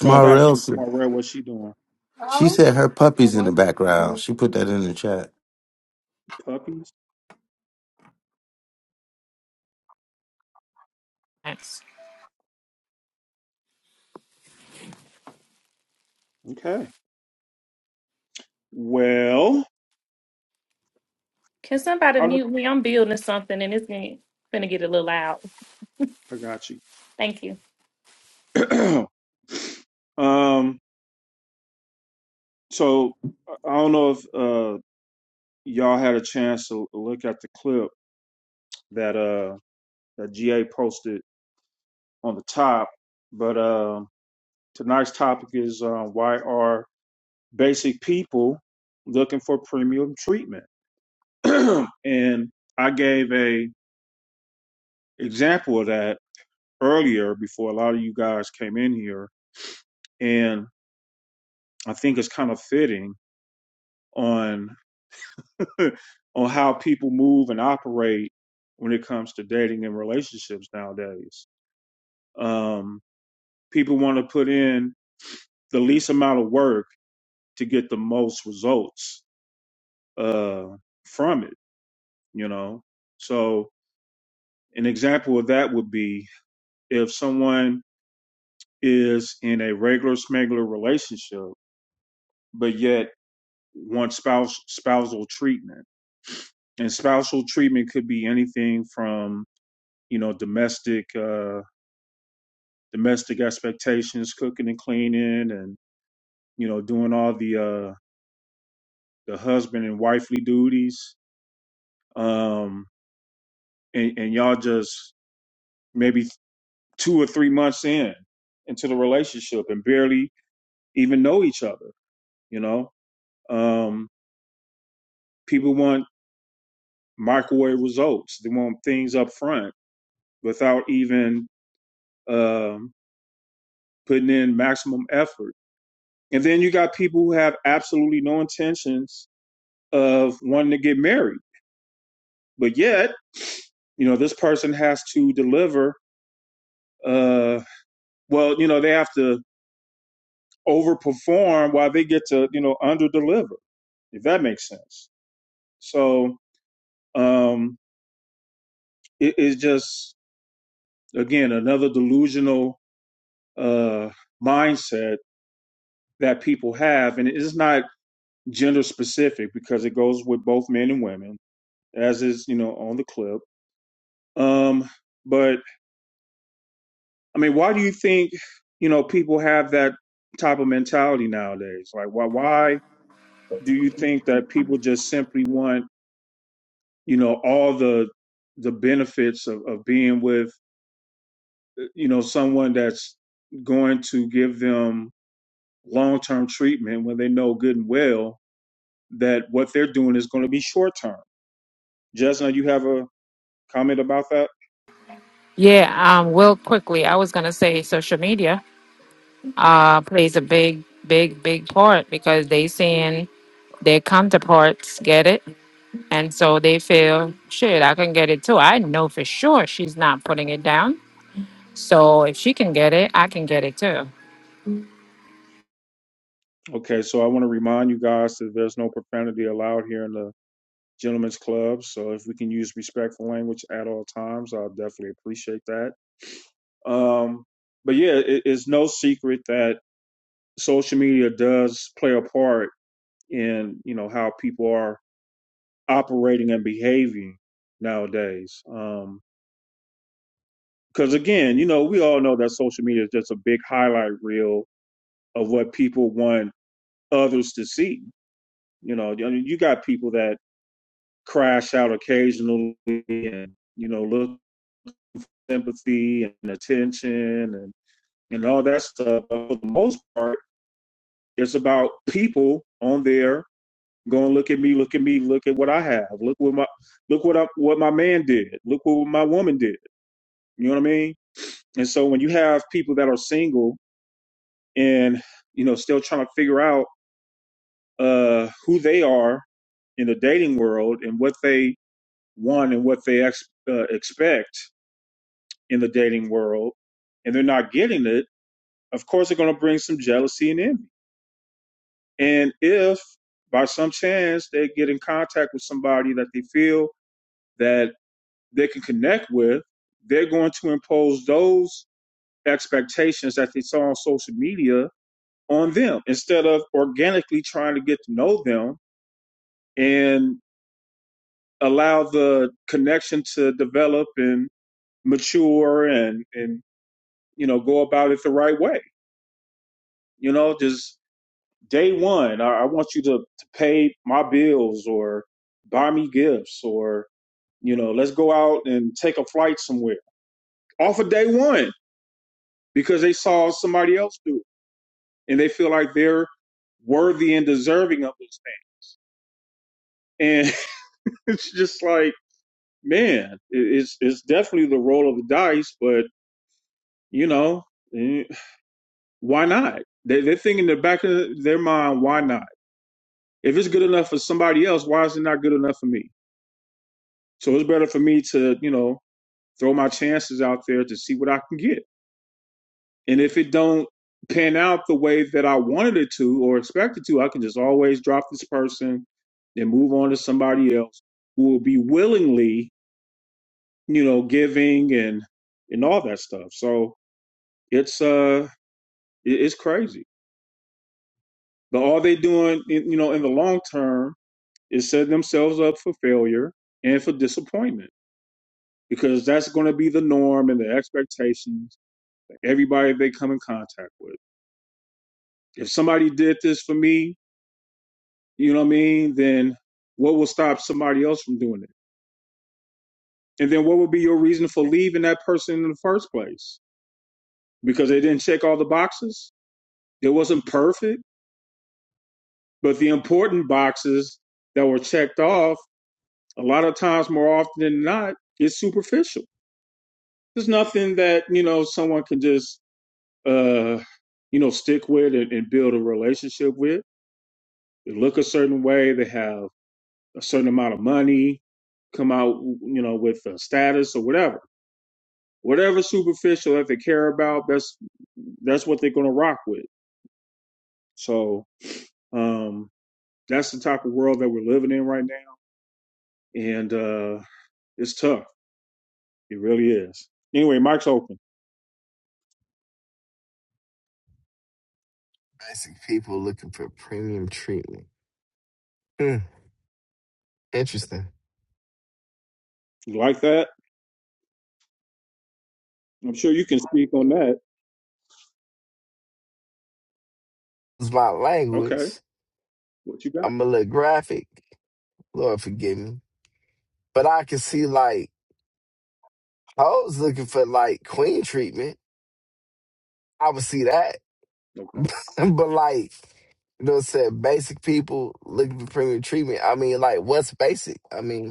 S1: No, that's from
S2: Shmarelson.
S1: Smarrell, what she doing?
S2: She said her puppy's in the background. She put that in the chat.
S1: Puppies?
S4: Thanks.
S1: Okay. Well,
S3: Can somebody
S1: I look,
S3: mute me? I'm building something, and it's gonna, gonna get a little loud.
S1: I got
S3: Thank you.
S1: you. (clears throat) um, so I don't know if uh y'all had a chance to look at the clip that uh that GA posted on the top, but uh, tonight's topic is uh, why are basic people looking for premium treatment? (clears throat) and I gave a example of that earlier before a lot of you guys came in here, and I think it's kind of fitting on (laughs) on how people move and operate when it comes to dating and relationships nowadays. Um, people want to put in the least amount of work to get the most results uh, from it, you know? So, an example of that would be if someone is in a regular smuggler relationship, but yet wants spouse, spousal treatment. And spousal treatment could be anything from, you know, domestic. uh, domestic expectations, cooking and cleaning, and you know, doing all the uh, the husband and wifely duties. Um, and, and y'all just maybe two or three months in into the relationship and barely even know each other. You know, um, people want microwave results. They want things up front without even um, putting in maximum effort. And then you got people who have absolutely no intentions of wanting to get married, but yet you know this person has to deliver uh well you know they have to overperform while they get to you know underdeliver. if that makes sense so um it is just again another delusional uh mindset that people have and it's not gender specific because it goes with both men and women as is you know on the clip um but i mean why do you think you know people have that type of mentality nowadays like why why do you think that people just simply want you know all the the benefits of, of being with you know someone that's going to give them long-term treatment when they know good and well that what they're doing is going to be short-term Jesna, you have a comment about that
S4: Yeah, um, real quickly, I was gonna say social media uh plays a big, big, big part because they seeing their counterparts get it, and so they feel shit. I can get it too. I know for sure she's not putting it down. So if she can get it, I can get it too.
S1: Okay, so I want to remind you guys that there's no profanity allowed here in the gentlemen's club. So if we can use respectful language at all times, I'll definitely appreciate that. Um, but yeah, it, it's no secret that social media does play a part in you know how people are operating and behaving nowadays. Um, because again, you know, we all know that social media is just a big highlight reel of what people want others to see. You know, I you got people that crash out occasionally and you know look for sympathy and attention and and all that stuff but for the most part it's about people on there going look at me look at me look at what i have look what my look what I, what my man did look what my woman did you know what i mean and so when you have people that are single and you know still trying to figure out uh who they are in the dating world and what they want and what they ex- uh, expect in the dating world and they're not getting it, of course they're going to bring some jealousy and envy. And if by some chance they get in contact with somebody that they feel that they can connect with, they're going to impose those expectations that they saw on social media on them instead of organically trying to get to know them and allow the connection to develop and mature and and you know go about it the right way you know just day one, I, I want you to, to pay my bills or buy me gifts or, you know, let's go out and take a flight somewhere off of day one because they saw somebody else do it and they feel like they're worthy and deserving of those things. And (laughs) it's just like, man, it, it's, it's definitely the roll of the dice, but, you know, eh, why not? They, they're thinking in the back of their mind, why not? If it's good enough for somebody else, why is it not good enough for me? So it's better for me to, you know, throw my chances out there to see what I can get. And if it don't pan out the way that I wanted it to or expected to, I can just always drop this person and move on to somebody else who will be willingly, you know, giving and and all that stuff. So it's uh it- it's crazy. But all they doing, in- you know, in the long term is setting themselves up for failure and for disappointment because that's going to be the norm and the expectations that everybody they come in contact with. If somebody did this for me, you know what I mean, then what will stop somebody else from doing it? And then what would be your reason for leaving that person in the first place? Because they didn't check all the boxes? It wasn't perfect, but the important boxes that were checked off, a lot of times more often than not, is superficial. There's nothing that, you know, someone can just uh you know, stick with and, and build a relationship with. They look a certain way. They have a certain amount of money, come out, you know, with a status or whatever, whatever superficial that they care about. That's that's what they're going to rock with. So um, that's the type of world that we're living in right now, and uh, it's tough. It really is. Anyway, mic's open.
S5: Basic people looking for premium treatment. Hmm, interesting.
S1: You like that? I'm sure you can speak on that.
S5: It's my language.
S1: Okay, what you got?
S5: I'm a little graphic. Lord forgive me. But I can see like hoes looking for like queen treatment. I would see that. (laughs)
S1: Okay.
S5: but like, you know what I'm saying? Basic people looking for premium treatment. I mean, like, what's basic? I mean,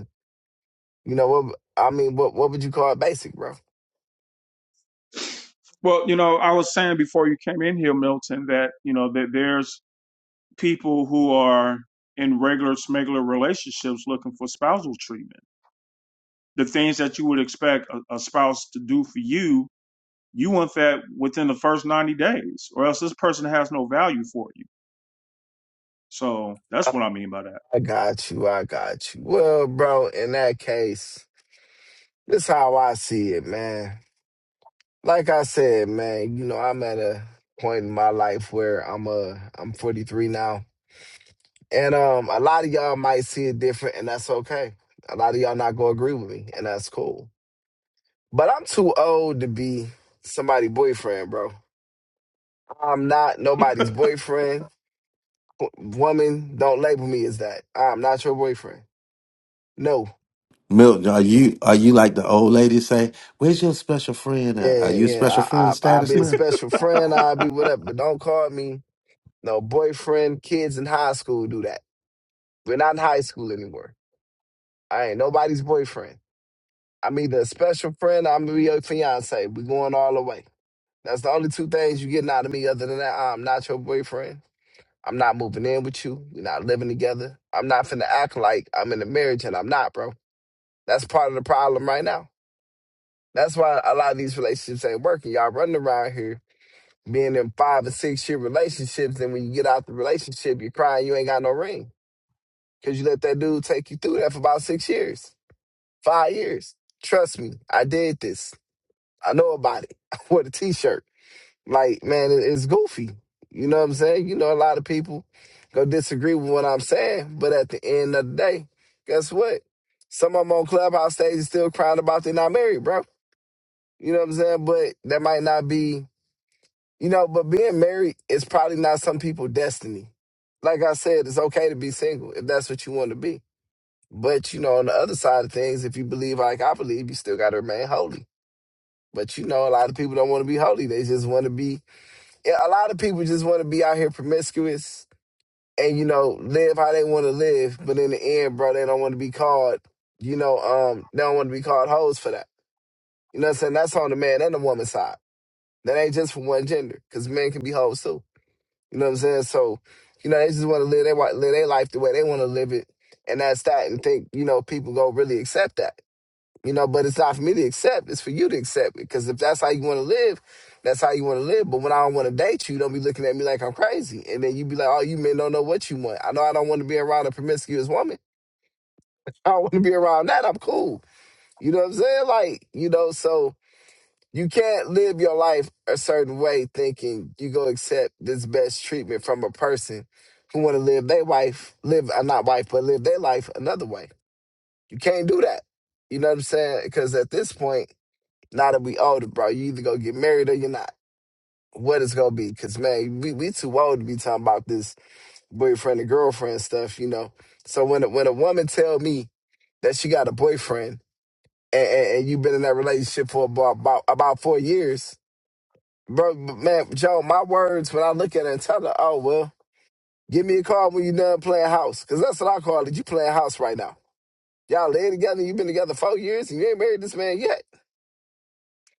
S5: You know what? I mean, what what would you call it? Basic, bro.
S1: Well, you know, I was saying before you came in here, Milton, that you know that there's people who are in regular smuggler relationships looking for spousal treatment. The things that you would expect a, a spouse to do for you, you want that within the first ninety days, or else this person has no value for you. So that's what I mean by that.
S5: I got you. I got you. Well, bro, in that case, this how I see it, man. Like I said, man, you know, I'm at a point in my life where I'm uh I'm 43 now. And um, a lot of y'all might see it different, and that's okay. A lot of y'all not gonna agree with me, and that's cool. But I'm too old to be somebody's boyfriend, bro. I'm not nobody's boyfriend. W- Woman, don't label me as that. I'm not your boyfriend. No.
S2: Milton, are you are you like the old lady say, where's your special friend at? Are
S5: Yeah,
S2: you special
S5: yeah. I, I,
S2: friend
S5: I'll
S2: status
S5: be a
S2: now?
S5: special friend. I'll be whatever, but don't call me no boyfriend. Kids in high school do that. We're not in high school anymore. I ain't nobody's boyfriend. I'm either a special friend. Or I'm gonna be your fiance. We going all the way. That's the only two things you getting out of me. Other than that, I'm not your boyfriend. I'm not moving in with you. We're not living together. I'm not finna act like I'm in a marriage and I'm not, bro. That's part of the problem right now. That's why a lot of these relationships ain't working. Y'all running around here being in five and six year relationships, and when you get out the relationship, you're crying you ain't got no ring because you let that dude take you through that for about six years, five years. Trust me, I did this. I know about it. (laughs) I wore the t-shirt. Like, man, it- it's goofy. You know what I'm saying? You know, a lot of people gonna disagree with what I'm saying, but at the end of the day, guess what? Some of them on Clubhouse stages still crying about they're not married, bro. You know what I'm saying? But that might not be, you know, but being married is probably not some people's destiny. Like I said, it's okay to be single if that's what you want to be. But, you know, on the other side of things, if you believe like I believe, you still got to remain holy. But, you know, a lot of people don't want to be holy. They just want to be yeah, a lot of people just want to be out here promiscuous and you know live how they want to live, but in the end, bro, they don't want to be called, you know, um, they don't want to be called hoes for that. You know what I'm saying? That's on the man and the woman side. That ain't just for one gender, because men can be hoes too. You know what I'm saying? So, you know, they just want to live their live their life the way they want to live it, and that's that. And think you know people go really accept that. You know, but it's not for me to accept. It's for you to accept it. Because if that's how you want to live, that's how you want to live. But when I don't want to date you, don't be looking at me like I'm crazy. And then you be like, oh, you men don't know what you want. I know I don't want to be around a promiscuous woman. (laughs) I don't want to be around that. I'm cool. You know what I'm saying? Like, you know, so you can't live your life a certain way thinking you go accept this best treatment from a person who want to live their life, live, uh, not wife, but live their life another way. You can't do that. You know what I'm saying? Because at this point, now that we older, bro, you either gonna get married or you're not. What it's gonna be? Cause man, we we too old to be talking about this boyfriend and girlfriend stuff, you know. So when a, when a woman tell me that she got a boyfriend and, and, and you've been in that relationship for about about, about four years, bro, b- man, Joe, my words when I look at her and tell her, oh well, give me a call when you're done playing house, cause that's what I call it. You playing house right now. Y'all lay together. You've been together four years and you ain't married this man yet.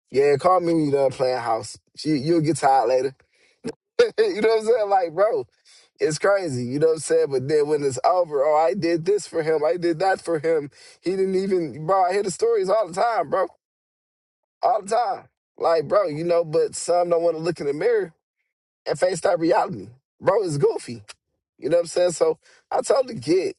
S5: Yeah, call me when you done playing house. She, you'll get tired later. (laughs) you know what I'm saying? Like, bro, it's crazy. You know what I'm saying? But then when it's over, oh, I did this for him. I did that for him. He didn't even, bro, I hear the stories all the time, bro. All the time. Like, bro, you know, but some don't want to look in the mirror and face that reality. Bro, it's goofy. You know what I'm saying? So I totally get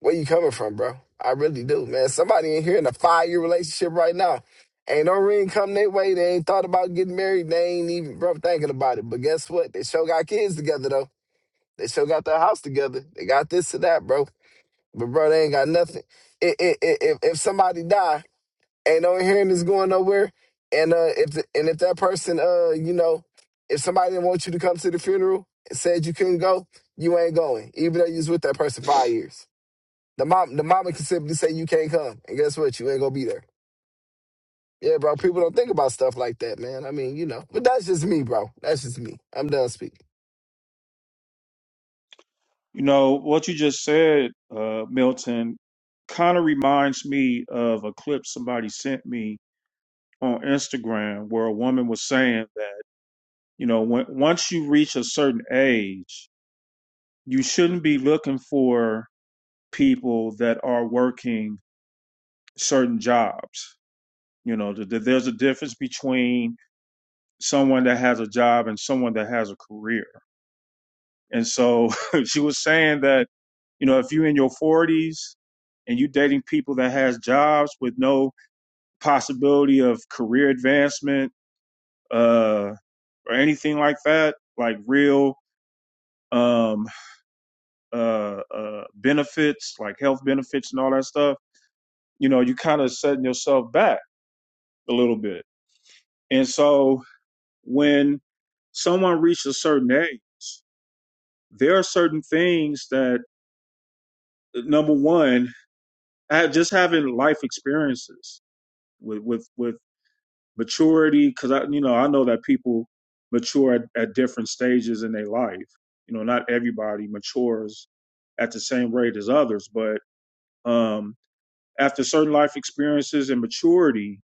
S5: where you coming from, bro. I really do, man. Somebody in here in a five-year relationship right now. Ain't no ring come their way. They ain't thought about getting married. They ain't even, bro, thinking about it. But guess what? They sure got kids together, though. They still got their house together. They got this to that, bro. But bro, they ain't got nothing. I i i if if somebody die, ain't no hearing is going nowhere. And uh, if the, and if that person, uh, you know, if somebody didn't want you to come to the funeral and said you couldn't go, you ain't going, even though you was with that person five years. The mom, the mama can simply say you can't come, and guess what? You ain't gonna be there. Yeah, bro. People don't think about stuff like that, man. I mean, you know. But that's just me, bro. That's just me. I'm done speaking.
S1: You know what you just said, uh, Milton, kind of reminds me of a clip somebody sent me on Instagram where a woman was saying that You know, when, once you reach a certain age, you shouldn't be looking for people that are working certain jobs. You know, th- th- there's a difference between someone that has a job and someone that has a career. And so (laughs) she was saying that, you know, if you're in your 40s and you dating people that has jobs with no possibility of career advancement, uh, or anything like that, like real um uh, uh, benefits, like health benefits and all that stuff, you know, you kind of setting yourself back a little bit. And so when someone reaches a certain age, there are certain things that number one, ha- just having life experiences with with with maturity, because I you know I know that people mature at, at different stages in their life. You know, not everybody matures at the same rate as others, but um. after certain life experiences and maturity,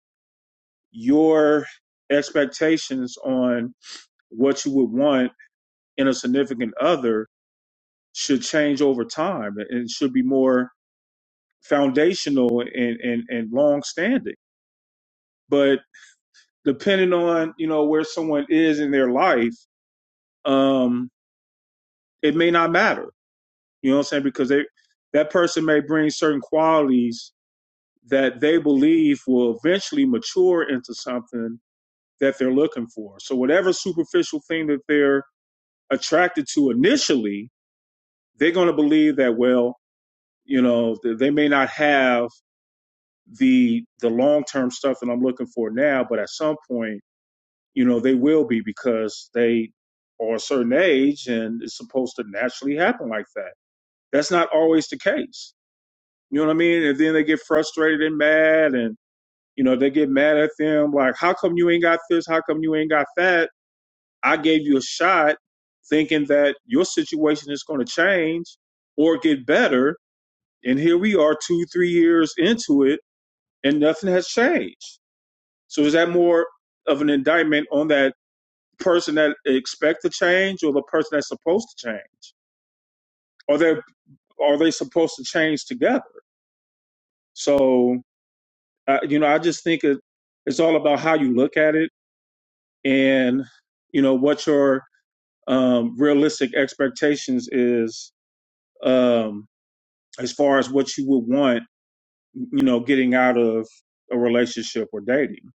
S1: your expectations on what you would want in a significant other should change over time and should be more foundational and, and, and long standing. But depending on, you know, where someone is in their life, um, it may not matter. You know what I'm saying? Because they that person may bring certain qualities that they believe will eventually mature into something that they're looking for. So whatever superficial thing that they're attracted to initially, they're going to believe that well, you know, they may not have the the long term stuff that I'm looking for now, but at some point, you know, they will be because they are a certain age and it's supposed to naturally happen like that. That's not always the case. You know what I mean? And then they get frustrated and mad and you know, they get mad at them like, how come you ain't got this? How come you ain't got that? I gave you a shot thinking that your situation is going to change or get better. And here we are two, three years into it and nothing has changed. So is that more of an indictment on that person that expect to change or the person that's supposed to change? Are they, are they supposed to change together? So, uh, you know, I just think it, it's all about how you look at it and, you know, what your um, realistic expectations is um, as far as what you would want, you know, getting out of a relationship or dating.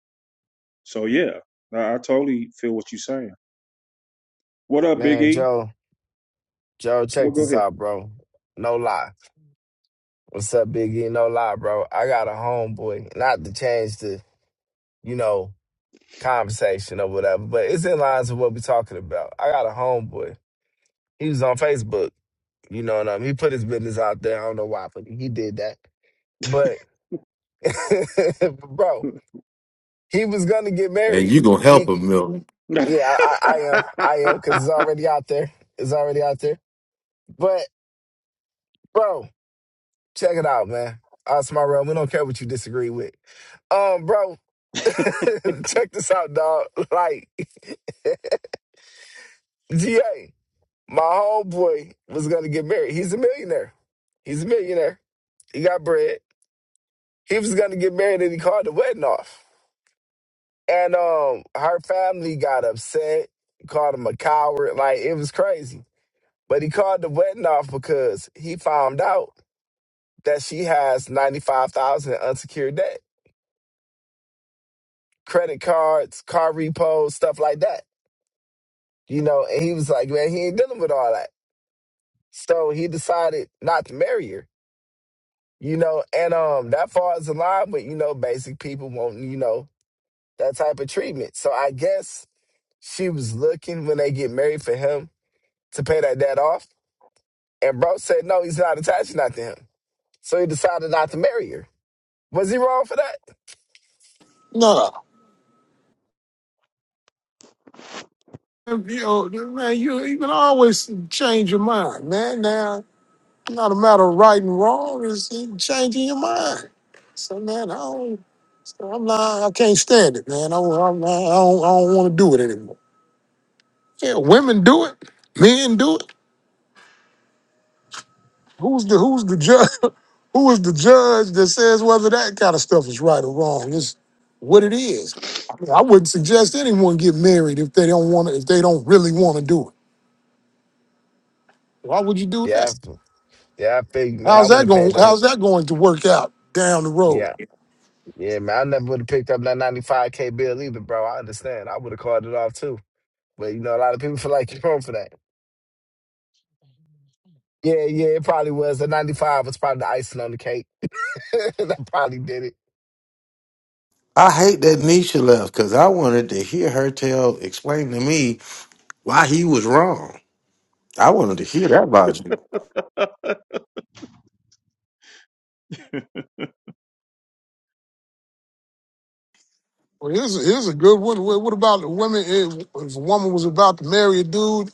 S1: So yeah, I, I totally feel what you're saying. What up, Big
S5: Man,
S1: E?
S5: Joe, Joe,
S1: Well,
S5: check
S1: go
S5: this out, bro. No lie. What's up, Biggie? No lie, bro. I got a homeboy. Not to change the, you know, conversation or whatever, but it's in lines with what we're talking about. I got a homeboy. He was on Facebook. You know what I mean? He put his business out there. I don't know why, but he did that. But, (laughs) bro, he was gonna get
S2: And
S5: married.
S2: you gonna help
S5: He,
S2: him, Milton.
S1: ahead.
S5: yeah, I, I I am, I am, cause
S1: (laughs)
S5: it's already out there. It's already out there. But, bro, check it out, man. Us, my realm. We don't care what you disagree with. Um, bro, (laughs) check this out, dog. Like, (laughs) GA, my homeboy was gonna get married. He's a millionaire. He's a millionaire. He got bread. He was gonna get married and he called the wedding off. And um her family got upset, called him a coward. Like it was crazy. But he called the wedding off because he found out that she has ninety five thousand in unsecured debt. Credit cards, car repos, stuff like that. You know, and he was like, man, he ain't dealing with all that. So he decided not to marry her. You know, and um that falls in line with, you know, basic people wanting, you know, that type of treatment. So I guess she was looking when they get married for him to pay that debt off. And bro said, no, he's not attached not to him. So he decided not to marry her. Was he wrong for that?
S6: No, you know, man, you you can always change your mind, man. Now, it's not a matter of right and wrong; it's changing your mind. So, man, I don't, so I'm not, I can't stand it, man. I, don't- I'm not, I don't, I don't want to do it anymore. Yeah, women do it, men do it. Who's the Who's the judge? (laughs) Who is the judge that says whether that kind of stuff is right or wrong? It's what it is. I, mean, I wouldn't suggest anyone get married if they don't want to, if they don't really want to do it. Why would you do that?
S5: Yeah, I- yeah, I figured, man.
S6: How's
S5: I wouldn't
S6: that
S5: have
S6: going?
S5: paid that.
S6: How's that going to work out down the road?
S5: Yeah, yeah, man. I never would have picked up that 95K bill either, bro. I understand. I would have called it off too. But you know, a lot of people feel like you're wrong for that. Yeah, yeah, it probably was. The 95 was probably the icing on the cake. (laughs) that probably did it.
S2: I hate that Nisha left because I wanted to hear her tell explain to me why he was wrong. I wanted to hear that logic.
S6: Well, here's a, here's a good one. What what about the women? If if a woman was about to marry a dude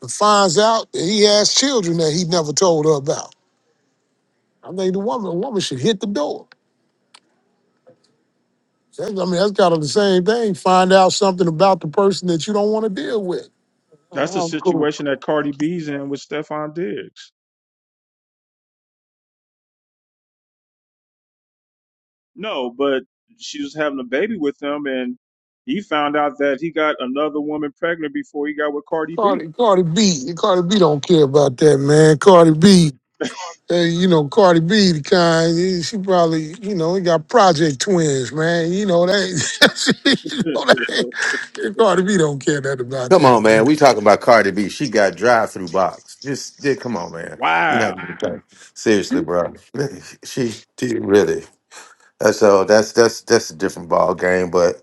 S6: and finds out that he has children that he never told her about, I think the woman a woman should hit the door. That's- I mean, that's kind of the same thing. Find out something about the person that you don't want to deal with.
S1: That's the
S6: Oh, I'm cool.
S1: situation that Cardi B's in with Stefan Diggs. No, but she was having a baby with him, and he found out that he got another woman pregnant before he got with Cardi B.
S6: Cardi, Cardi B, Cardi B don't care about that, man. Cardi B, Hey, you know, Cardi B, the kind, eh, she probably, you know, he got project twins, man. You know, that, ain't- (laughs) you
S1: (laughs)
S6: know, that ain't- Cardi B don't care that about
S2: Come on,
S6: that, man.
S2: man. We talking about Cardi B. She got drive through box. Just yeah, come on, man. We not
S1: wow.
S2: gonna talk. seriously, bro. (laughs) She did really. Uh, So that's that's that's a different ball game. But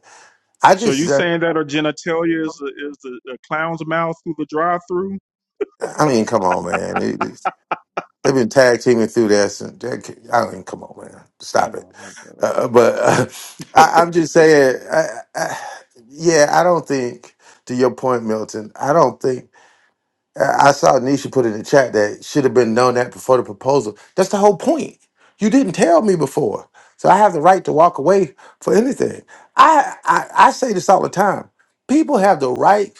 S2: I
S1: So you
S2: just, uh,
S1: saying that her genitalia is a, is the a clown's mouth through the drive-through?
S2: I mean, come on, man. It- it's- they've been tag teaming through this, and that, I mean, come on, man.
S1: I
S2: Stop it.
S1: know.
S2: Uh, but uh, (laughs) I, I'm just saying, I, I, yeah, I don't think. To your point, Milton, I don't think I I saw Nisha put in the chat that should have been known that before the proposal. That's the whole point. You didn't tell me before, so I have the right to walk away for anything. I I, I say this all the time. People have the right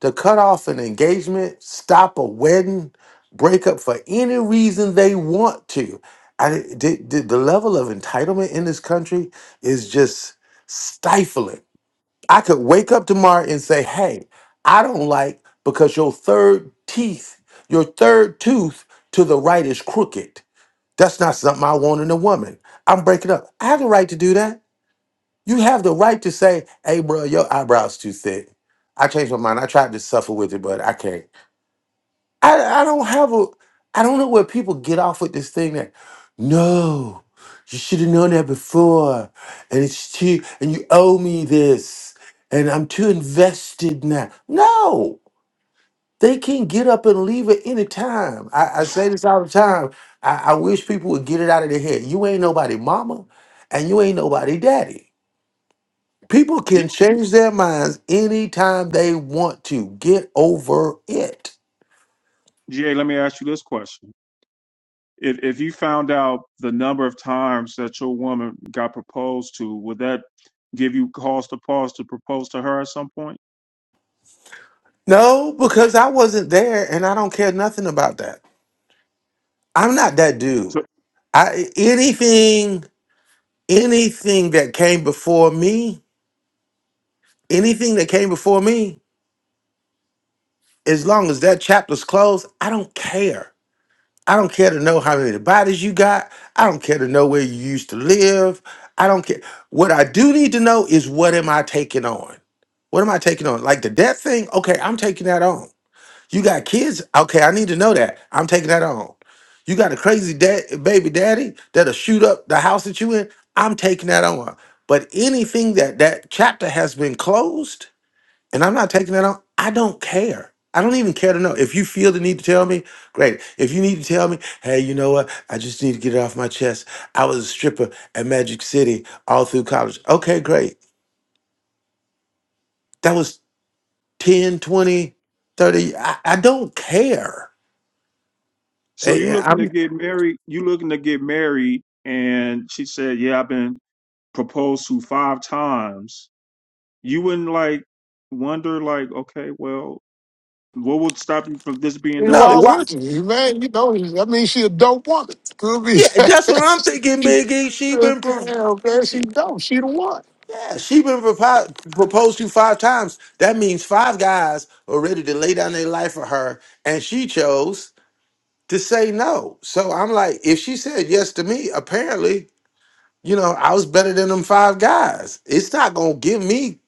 S2: to cut off an engagement, stop a wedding, break up for any reason they want to. I the, the the level of entitlement in this country is just stifling. I could wake up tomorrow and say, hey, I don't like because your third teeth, your third tooth to the right is crooked. That's not something I want in a woman. I'm breaking up. I have the right to do that. You have the right to say, hey, bro, your eyebrow's too thick. I changed my mind. I tried to suffer with it, but I can't. I, I don't have a I don't know where people get off with this thing that no, you should have known that before. And it's too and you owe me this. And I'm too invested now. No. They can get up and leave at any time. I, I say this all the time. I, I wish people would get it out of their head. You ain't nobody mama and you ain't nobody daddy. People
S1: G-
S2: can change their minds anytime they want to. Get over it.
S1: GA, let me ask you this question. If if you found out the number of times that your woman got proposed to, would that give you cause to pause to propose to her at some point?
S2: No, because I wasn't there and I don't care nothing about that. I'm not that dude.
S1: So
S2: I anything anything that came before me, anything that came before me, as long as that chapter's closed, I don't care. I don't care to know how many bodies you got. I don't care to know where you used to live. I don't care. What I do need to know is what am I taking on? What am I taking on? Like the death thing? Okay, I'm taking that on. You got kids? Okay, I need to know that. I'm taking that on. You got a crazy dad, baby daddy that'll shoot up the house that you in? I'm taking that on. But anything that that chapter has been closed and I'm not taking that on, I don't care. I don't even care to know. If you feel the need to tell me, great. If you need to tell me, hey, you know what? I just need to get it off my chest. I was a stripper at Magic City all through college. Okay, great. That was 10, 20, 30. I, I don't care.
S1: so
S2: Eh,
S1: you
S2: eh,
S1: looking to
S2: I'm.
S1: get married, you looking to get married and she said, "Yeah, I've been proposed to 5 times." You wouldn't like wonder like, "Okay, well, what would stop you from this
S6: I
S1: being the
S6: mean,
S2: No,
S6: why
S1: sixth
S2: why?
S1: one?"
S6: wouldn't you, man? You know, I mean, she a dope woman. Could be.
S2: Yeah, that's what I'm thinking,
S6: (laughs)
S2: Biggie. She been pro-
S6: Damn, man, she
S2: she,
S6: dope. She the one.
S2: yeah, she been propo- proposed to five times. That means five guys are ready to lay down their life for her, and she chose to say no. So I'm like, if she said yes to me, apparently, you know, I was better than them five guys. It's not gonna give me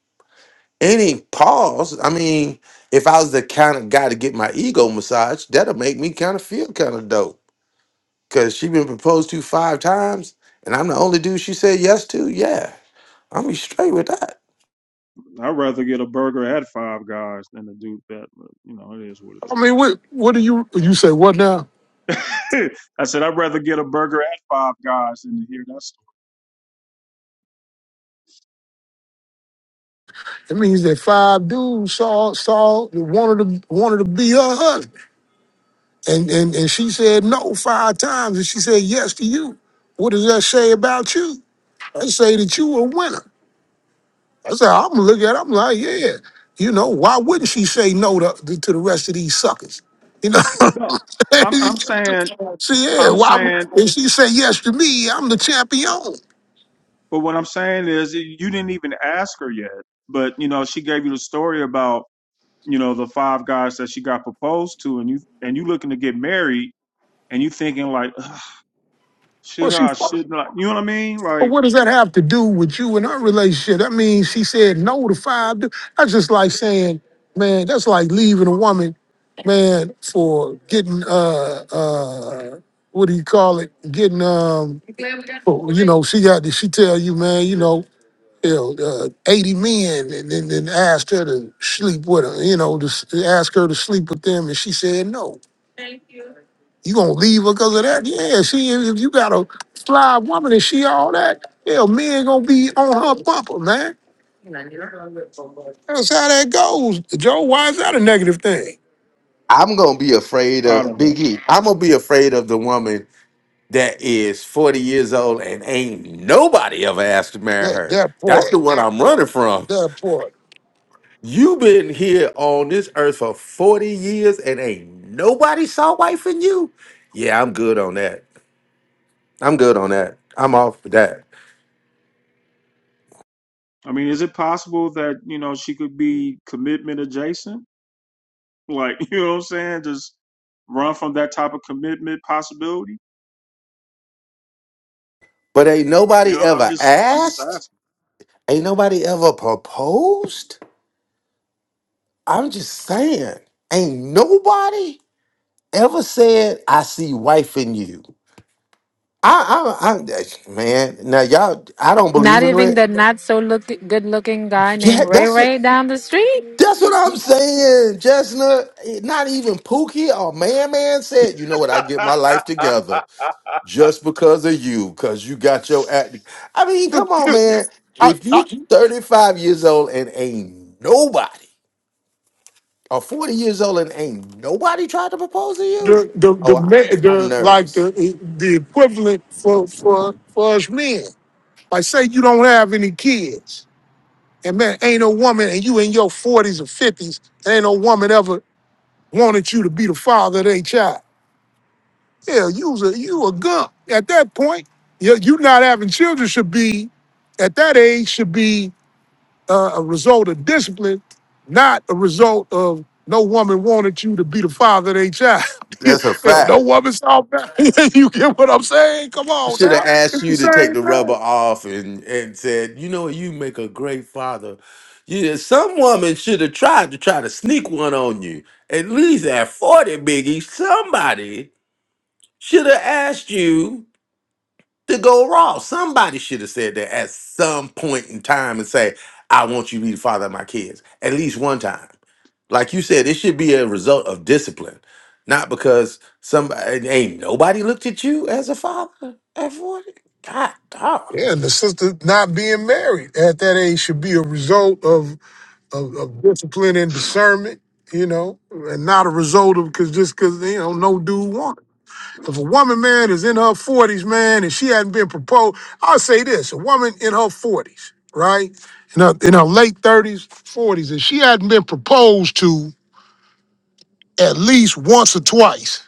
S2: any pause. I mean, if I was the kind of guy to get my ego massaged, that'll make me kind of feel kind of dope. Cause she been proposed to five times, and I'm the only dude she said yes to. Yeah, I'm gonna be straight with that.
S1: I'd rather get a burger at five guys than to do that, but you know, it is what it
S6: I
S1: is.
S6: mean, what what do you you say? What now?
S1: (laughs) I said I'd rather get a burger at Five Guys than to hear that story.
S6: It means that five dudes saw saw wanted to wanted to be her husband. And, and, and she said no five times, and she said yes to you. What does that say about you? That say that you a winner. I said, I'm gonna look at it, I'm like, yeah. You know, why wouldn't she say no to, to the rest of these suckers? You know, (laughs)
S1: No, I'm I'm saying
S6: she yeah,
S1: I'm
S6: why would-
S1: saying,
S6: if she say yes to me, I'm the champion.
S1: but what I'm saying is you didn't even ask her yet. But you know, she gave you the story about you know the five guys that she got proposed to, and you and you looking to get married, and you thinking like, "Ugh,
S6: Well,
S1: should
S6: she
S1: I,
S6: fucked.
S1: should not? You know what I mean?
S6: But
S1: Like
S6: what does that have to do with you and our relationship? I mean, she said no to five. du- That's just like saying, man, that's like leaving a woman, man, for getting uh uh what do you call it? Getting um well, you know, she got she tell you, man, you know, you know, uh, 80 men and then and, and asked her to sleep with her, you know, to s- ask her to sleep with them and she said no. You gonna leave her because of that? Yeah, she If you got a fly woman and she all that, yeah, men gonna be on her bumper, man. That's how that goes, Joe. Why is that a negative thing?
S2: I'm gonna be afraid
S1: I
S2: of
S1: don't know.
S2: Big E. I'm gonna be afraid of the woman that is 40 years old and ain't nobody ever asked to marry
S6: That
S2: her.
S6: that
S2: That's the
S6: part,
S2: one I'm running from.
S6: that part.
S2: you been here on this earth for 40 years and ain't nobody saw wife in you. Yeah, I'm good on that. I'm good on that. I'm off with that.
S1: I mean, is it possible that you know she could be commitment adjacent? Like (laughs) you know what I'm saying? Just run from that type of commitment possibility.
S2: But ain't
S1: I mean,
S2: nobody
S1: I, I'm
S2: ever
S1: just, I'm just
S2: asked.
S1: asking.
S2: Ain't nobody ever proposed? I'm just saying. Ain't nobody ever said, I see wife in you. I, I, I, man, now y'all, I don't
S4: Not
S2: believe in
S4: even
S2: red.
S4: the not so look good looking guy named
S2: Yeah,
S4: Ray
S2: that's it.
S4: Ray down the street.
S2: That's what I'm saying, Chestnut. Eh, Not even Pookie or Man Man said, you know what, I get my life
S1: (laughs)
S2: together just because of you, because you got your act. I mean, come on, man.
S6: The- I,
S2: If
S6: I,
S2: you 35 years old and ain't nobody Or 40 years old and ain't nobody tried to propose to you?
S6: the the
S2: Oh,
S6: the
S2: I,
S6: ma-
S2: I'm
S6: the like
S2: nervous.
S6: the the equivalent for for for us men. Like say you don't have any kids, and man, ain't no woman, and you in your forties or fifties, ain't no woman ever wanted you to be the father of their child. Yeah, you was a you a gump at that point. You you not having children should be at that age should be uh, a result of discipline, not a result of no woman wanted you to be the father of their child.
S2: That's a
S6: (laughs) Hell, no
S2: fact.
S6: woman saw that. (laughs) you get what I'm saying? Come on
S2: Should have
S6: now,
S2: asked
S6: it's the
S2: you to take
S6: same
S2: the rubber
S6: thing.
S2: off and, and said, you know, you make a great father. Yeah, some woman should have tried to try to sneak one on you. At least at 40, Biggie, somebody should have asked you to go raw. Somebody should have said that at some point in time and say, I want you to be the father of my kids. At least one time. Like you said, it should be a result of discipline, not because somebody ain't nobody looked at you as a father at 40. God dog.
S6: Yeah, and the sister not being married at that age should be a result of of, of discipline and discernment, you know, and not a result of because just because you know no dude wanted. If a woman, man, is in her 40s, man, and she hadn't been proposed, I'll say this a woman in her 40s, right? In her, in her late 30s, 40s, and she hadn't been proposed to at least once or twice,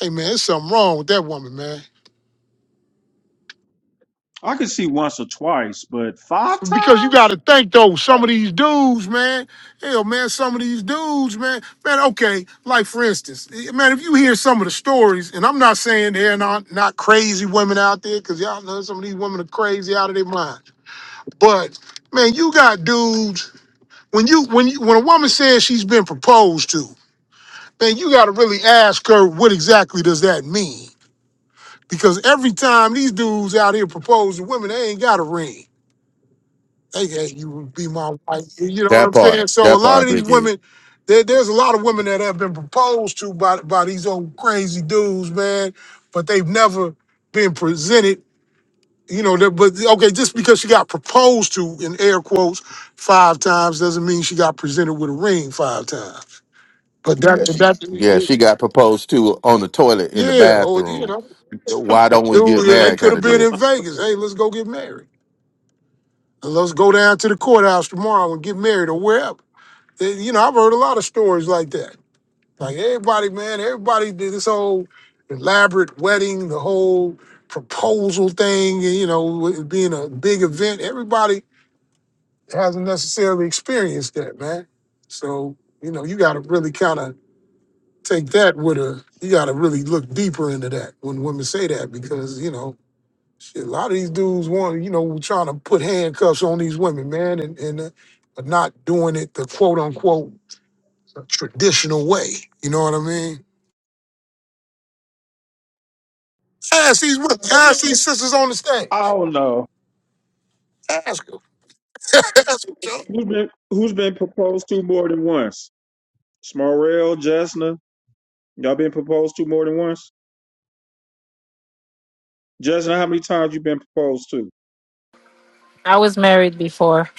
S6: hey, man, there's something wrong with that woman, man.
S1: I could see once or twice, but five
S6: Because you got
S1: times?
S6: to think, though, some
S1: I,
S6: of these dudes, man, hell, man, some of these dudes, man, man, okay, like for instance, eh, man, if you hear some of the stories, and I'm not saying they're not, not crazy women out there, because y'all know some of these women are crazy out of their mind. But man, you got dudes when you when you, when a woman says she's been proposed to, man, you got to really ask her what exactly does that mean? Because every time these dudes out here propose to women, they ain't got a ring. They got not you would be my wife. You know what
S2: That
S6: I'm saying?
S2: part,
S6: So a
S2: that
S6: lot of
S2: part,
S6: these
S2: Biggie.
S6: women, there, there's a lot of women that have been proposed to by by these old crazy dudes, man, but they've never been presented You know, that, but okay, just because she got proposed to in air quotes five times doesn't mean she got presented with a ring five times. But that
S2: Yeah, she
S6: that
S2: got proposed to on the toilet in the
S6: yeah, or you
S2: bathroom.
S6: know,
S2: Why
S1: (laughs)
S2: don't we
S6: dude,
S2: get
S6: yeah, they
S2: married?
S6: could
S2: Kind
S6: have
S2: of
S6: been
S2: deal.
S6: in Vegas. Hey, let's go get married. And let's go down to the courthouse tomorrow and get married or wherever. Eh, You know, I've heard a lot of stories like that. Like everybody, man, everybody did this whole elaborate wedding, the whole proposal thing, and, you know, it being a big event. Everybody hasn't necessarily experienced that, man. So, you know, you gotta really kind of take that with a you gotta really look deeper into that when women say that because, you know, shit, a lot of these dudes want, you know, trying to put handcuffs on these women, man, and, and uh, but not doing it the quote unquote traditional way. You know what I mean? Ask these women, ask these sisters on the
S1: I
S6: stage.
S1: don't know.
S6: Ask them. (laughs) Ask them,
S1: Who's been, who's been proposed to more than once? Smarrell, Jessna. Y'all been proposed to more than once? Jessna, how many times you been proposed to?
S4: I was married before,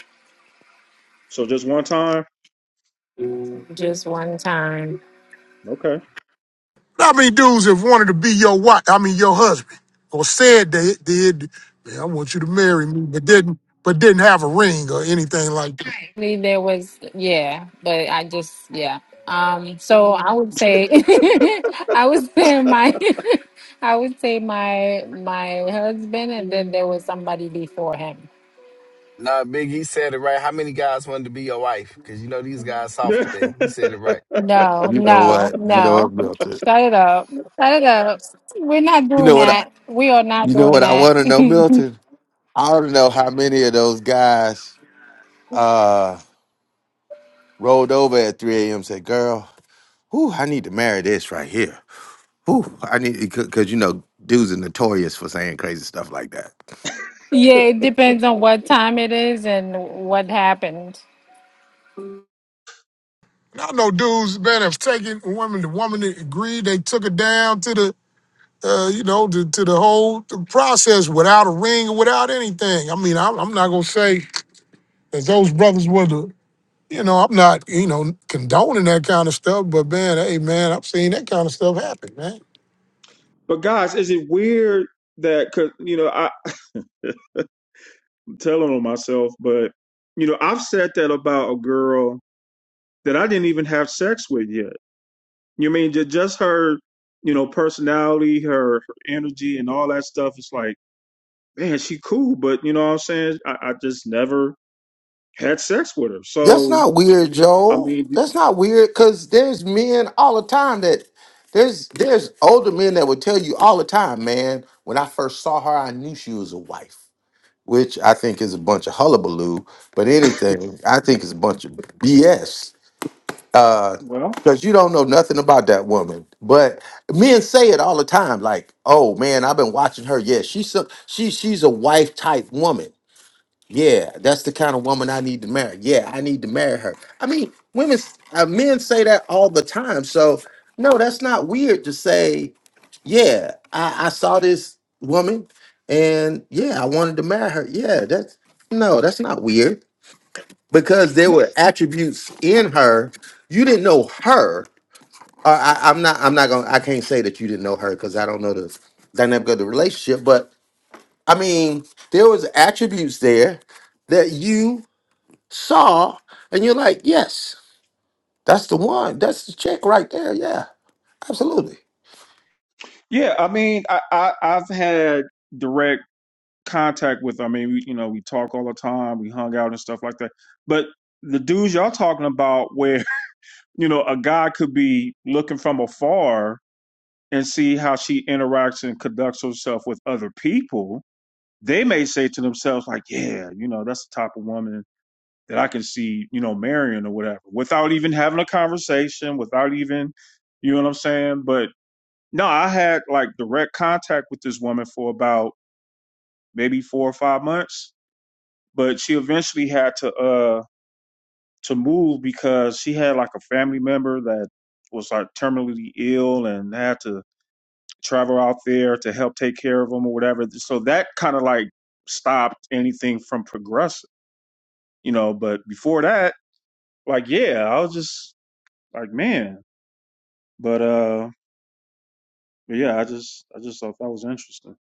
S1: So just one time?
S4: just one time.
S1: Okay.
S6: How many dudes have wanted to be your wife? I mean, your husband, or said they did. Man, I want you to marry me, but didn't, but didn't have a ring or anything like that.
S4: Lee, there was yeah but i just yeah um so i would say (laughs) i would say my (laughs) i would say my my husband and then there was somebody before him
S5: Nah, Big, he said it right. How many guys wanted to be your wife? Because you know these guys soft
S1: (laughs)
S5: today. He said it right.
S4: no
S2: You know
S4: no
S2: what? You know what,
S4: no
S2: Milton?
S4: shut it up shut it up we're not
S2: You
S4: doing
S2: know what? I,
S4: that we are not
S2: you know
S4: doing
S2: what I
S4: that
S2: want
S4: (laughs)
S2: to know, Milton? I don't know how many of those guys uh rolled over at 3 a.m. said, "Girl, whew, I need to marry this right here. Whew, I need because you know dudes are notorious for saying crazy stuff like that.
S4: yeah it depends on what time it is and what happened
S6: And I know dudes, man, have taken a woman. The woman that agreed, they took her down to the, uh, you know, to, to the whole the process without a ring or without anything. I mean, I'm, I'm not gonna say that those brothers were the, you know, I'm not, you know, condoning that kind of stuff. But man, hey, man, I've seen that kind of stuff happen, man.
S1: but guys, is it weird that, cause, you know, I, I'm telling on myself, but, you know, I've said that about a girl that I didn't even have sex with yet. You mean ju- just her, you know, personality, her, her energy, and all that stuff. It's like, man, she cool, but you know what I'm saying? I, I just never had sex with her.
S2: That's
S1: So
S2: not weird,
S1: I
S2: Joel.
S1: mean,
S2: That's not weird because there's men all the time that there's there's older men that would tell you all the time, man. When I first saw her, I knew she was a wife." Which I think is a bunch of hullabaloo, but anything I think is a bunch of BS uh
S1: well,
S2: because you don't know nothing about that woman but men say it all the time like oh man i've been watching her yeah she's some she she's a wife type woman yeah that's the kind of woman i need to marry yeah i need to marry her i mean women s- uh, men say that all the time so no that's not weird to say yeah i i saw this woman and yeah i wanted to marry her yeah that's no that's not weird because there
S1: no,
S2: were attributes in her you didn't know her or I, i'm not i'm not gonna i can't say that you didn't know her because i don't know the dynamic of the relationship but i mean there was attributes there that you saw and you're like yes that's the one that's the chick right there yeah absolutely
S1: yeah, I mean, I, I I've had direct contact with. I mean, we, you know, we talk all the time, we hung out and stuff like that. But the dudes y'all talking about, where (laughs) you know, a guy could be looking from afar and see how she interacts and conducts herself with other people they may say to themselves like, yeah, you know, that's the type of woman that I can see, you know, marrying or whatever, without even having a conversation, without even, you know what I'm saying? But no, I had like direct contact with this woman for about maybe four or five months, but she eventually had to uh to move because she had like a family member that was like terminally ill and had to travel out there to help take care of them or whatever. So that kind of like stopped anything from progressing you know, but before that, like, yeah, I was just like, man, but, uh, but yeah, I just, I just thought that was interesting.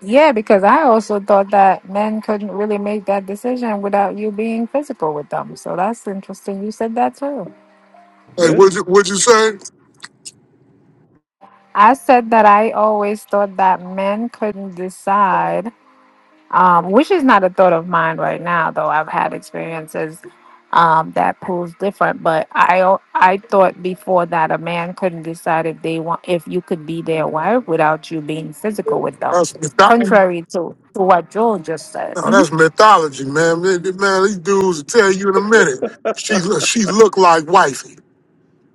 S4: Yeah, because I also thought that men couldn't really make that decision without you being physical with them. So that's interesting. You said that too.
S6: Hey,
S1: Yeah.
S6: what'd you, what'd you say?
S4: I said that I always thought that men couldn't decide, um, which is not a thought of mine right now, though I've had experiences um, that proves different. But I al- I thought before that a man couldn't decide if they want if you could be their wife without you being physical with them,
S6: Uh,
S4: contrary to to what Joel just said.
S6: No, that's mythology, man. Man, th- man, these dudes will tell you in a minute. She look, she look like wifey,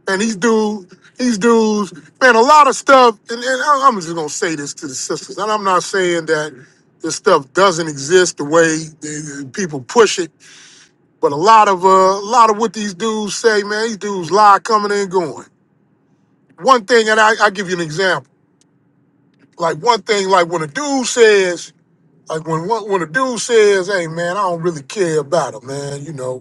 S6: and these dudes, these dudes, man, a lot of stuff. And, and I- I'm just gonna say this to the sisters, and I'm not saying that this stuff doesn't exist the way the- the people push it, but a lot of uh, a lot of what these dudes say, man, these dudes lie coming and going. One thing, and I I give you an example. Like one thing, like when a dude says, like when one- when a dude says, "Hey, man, I don't really care about her, man," you know.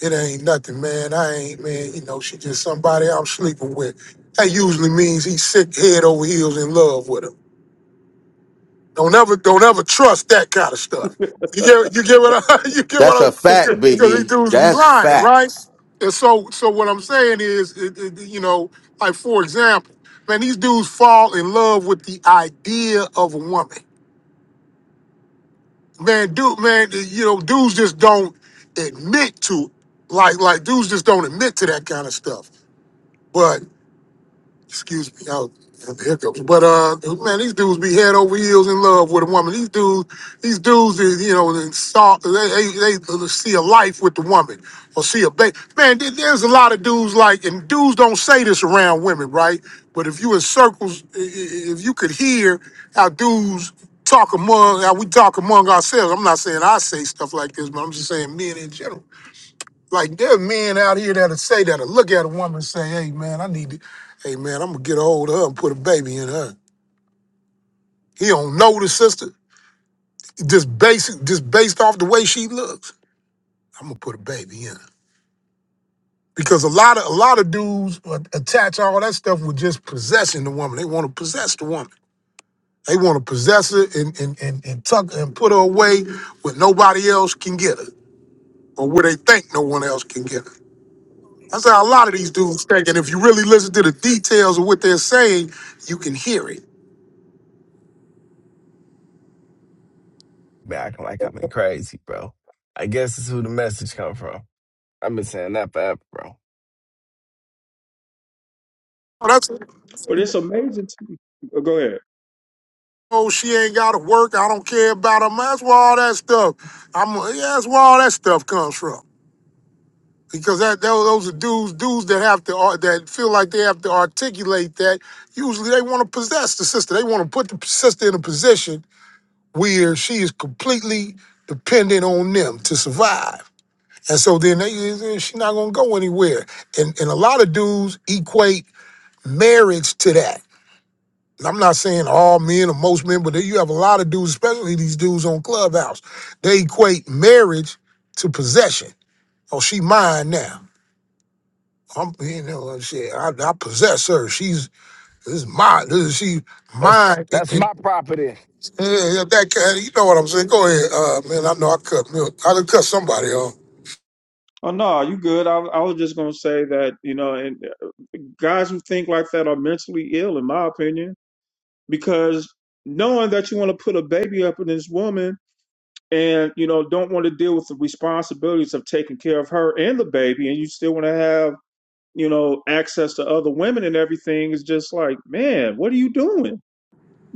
S6: It ain't nothing, man. I ain't, man, you know, she just somebody I'm sleeping with. That usually means he's sick head over heels in love with her. Don't ever don't ever trust that kind of stuff. You get you get what I (laughs) you get
S2: That's
S6: what
S2: a
S6: I
S2: fact,
S6: because these
S2: Biggie.
S6: dudes be
S2: That's
S6: lying, right?
S2: facts.
S6: And so so what I'm saying is it, it- you know, like for example, man, these dudes fall in love with the idea of a woman. Man, dude, man, you know, dudes just don't admit to like like dudes just don't admit to that kind of stuff. but. excuse me, I was had the hiccups. But uh, man, these dudes be head over heels in love with a woman. These dudes, these dudes, is, you know, they, stalk- they they they see a life with the woman or see a baby. Man, there- there's a lot of dudes like, and dudes don't say this around women, right? But if you in circles, i- i- if you could hear how dudes talk among, how we talk among ourselves. I'm not saying I say stuff like this, but I'm just saying men in general like there are men out here that'll say that'll look at a woman and say, hey man, I need to, hey man, I'm gonna get a hold of her and put a baby in her. He don't know the sister. Just basic, just based off the way she looks. I'm gonna put a baby in her. Because a lot of a lot of dudes uh, attach all that stuff with just possessing the woman. They want to possess the woman. They want to possess her and and, and and tuck and put her away where nobody else can get her. Or where they think no one else can get her. That's how a lot of these dudes think. And if you really listen to the details of what they're saying, you can hear it.
S5: Man, acting like I've been crazy, bro. I guess this is who the message come from. I've been saying that forever, bro.
S6: Oh, that's
S1: But it's amazing to me. oh, Go ahead.
S6: oh, she ain't got to work. I don't care about her. Man, That's where all that stuff. I'm yeah, that's where all that stuff comes from. Because that tho- those are dudes dudes that have to ar- that feel like they have to articulate that. Usually they want to possess the sister. They want to put the sister in a position where she is completely dependent on them to survive. And so then they, she's not gonna go anywhere. And and a lot of dudes equate marriage to that. And I'm not saying all men or most men, but you have a lot of dudes, especially these dudes on Clubhouse, they equate marriage to possession. Oh, she mine now. I'm, you know, uh, shit. I, I possess her. She's this is my, this is she
S5: That's
S6: mine. It,
S5: that's
S6: it,
S5: my property.
S6: yeah, that kind, you know what I'm saying. Go ahead, uh, man. I know I cut milk. I done cut somebody off.
S1: Oh no, you good. I, I was just going to say that, you know, and uh, guys who think like that are mentally ill, in my opinion, because knowing that you want to put a baby up in this woman and, you know, don't want to deal with the responsibilities of taking care of her and the baby. And you still want to have you know, access to other women and everything is just like, man, what are you doing?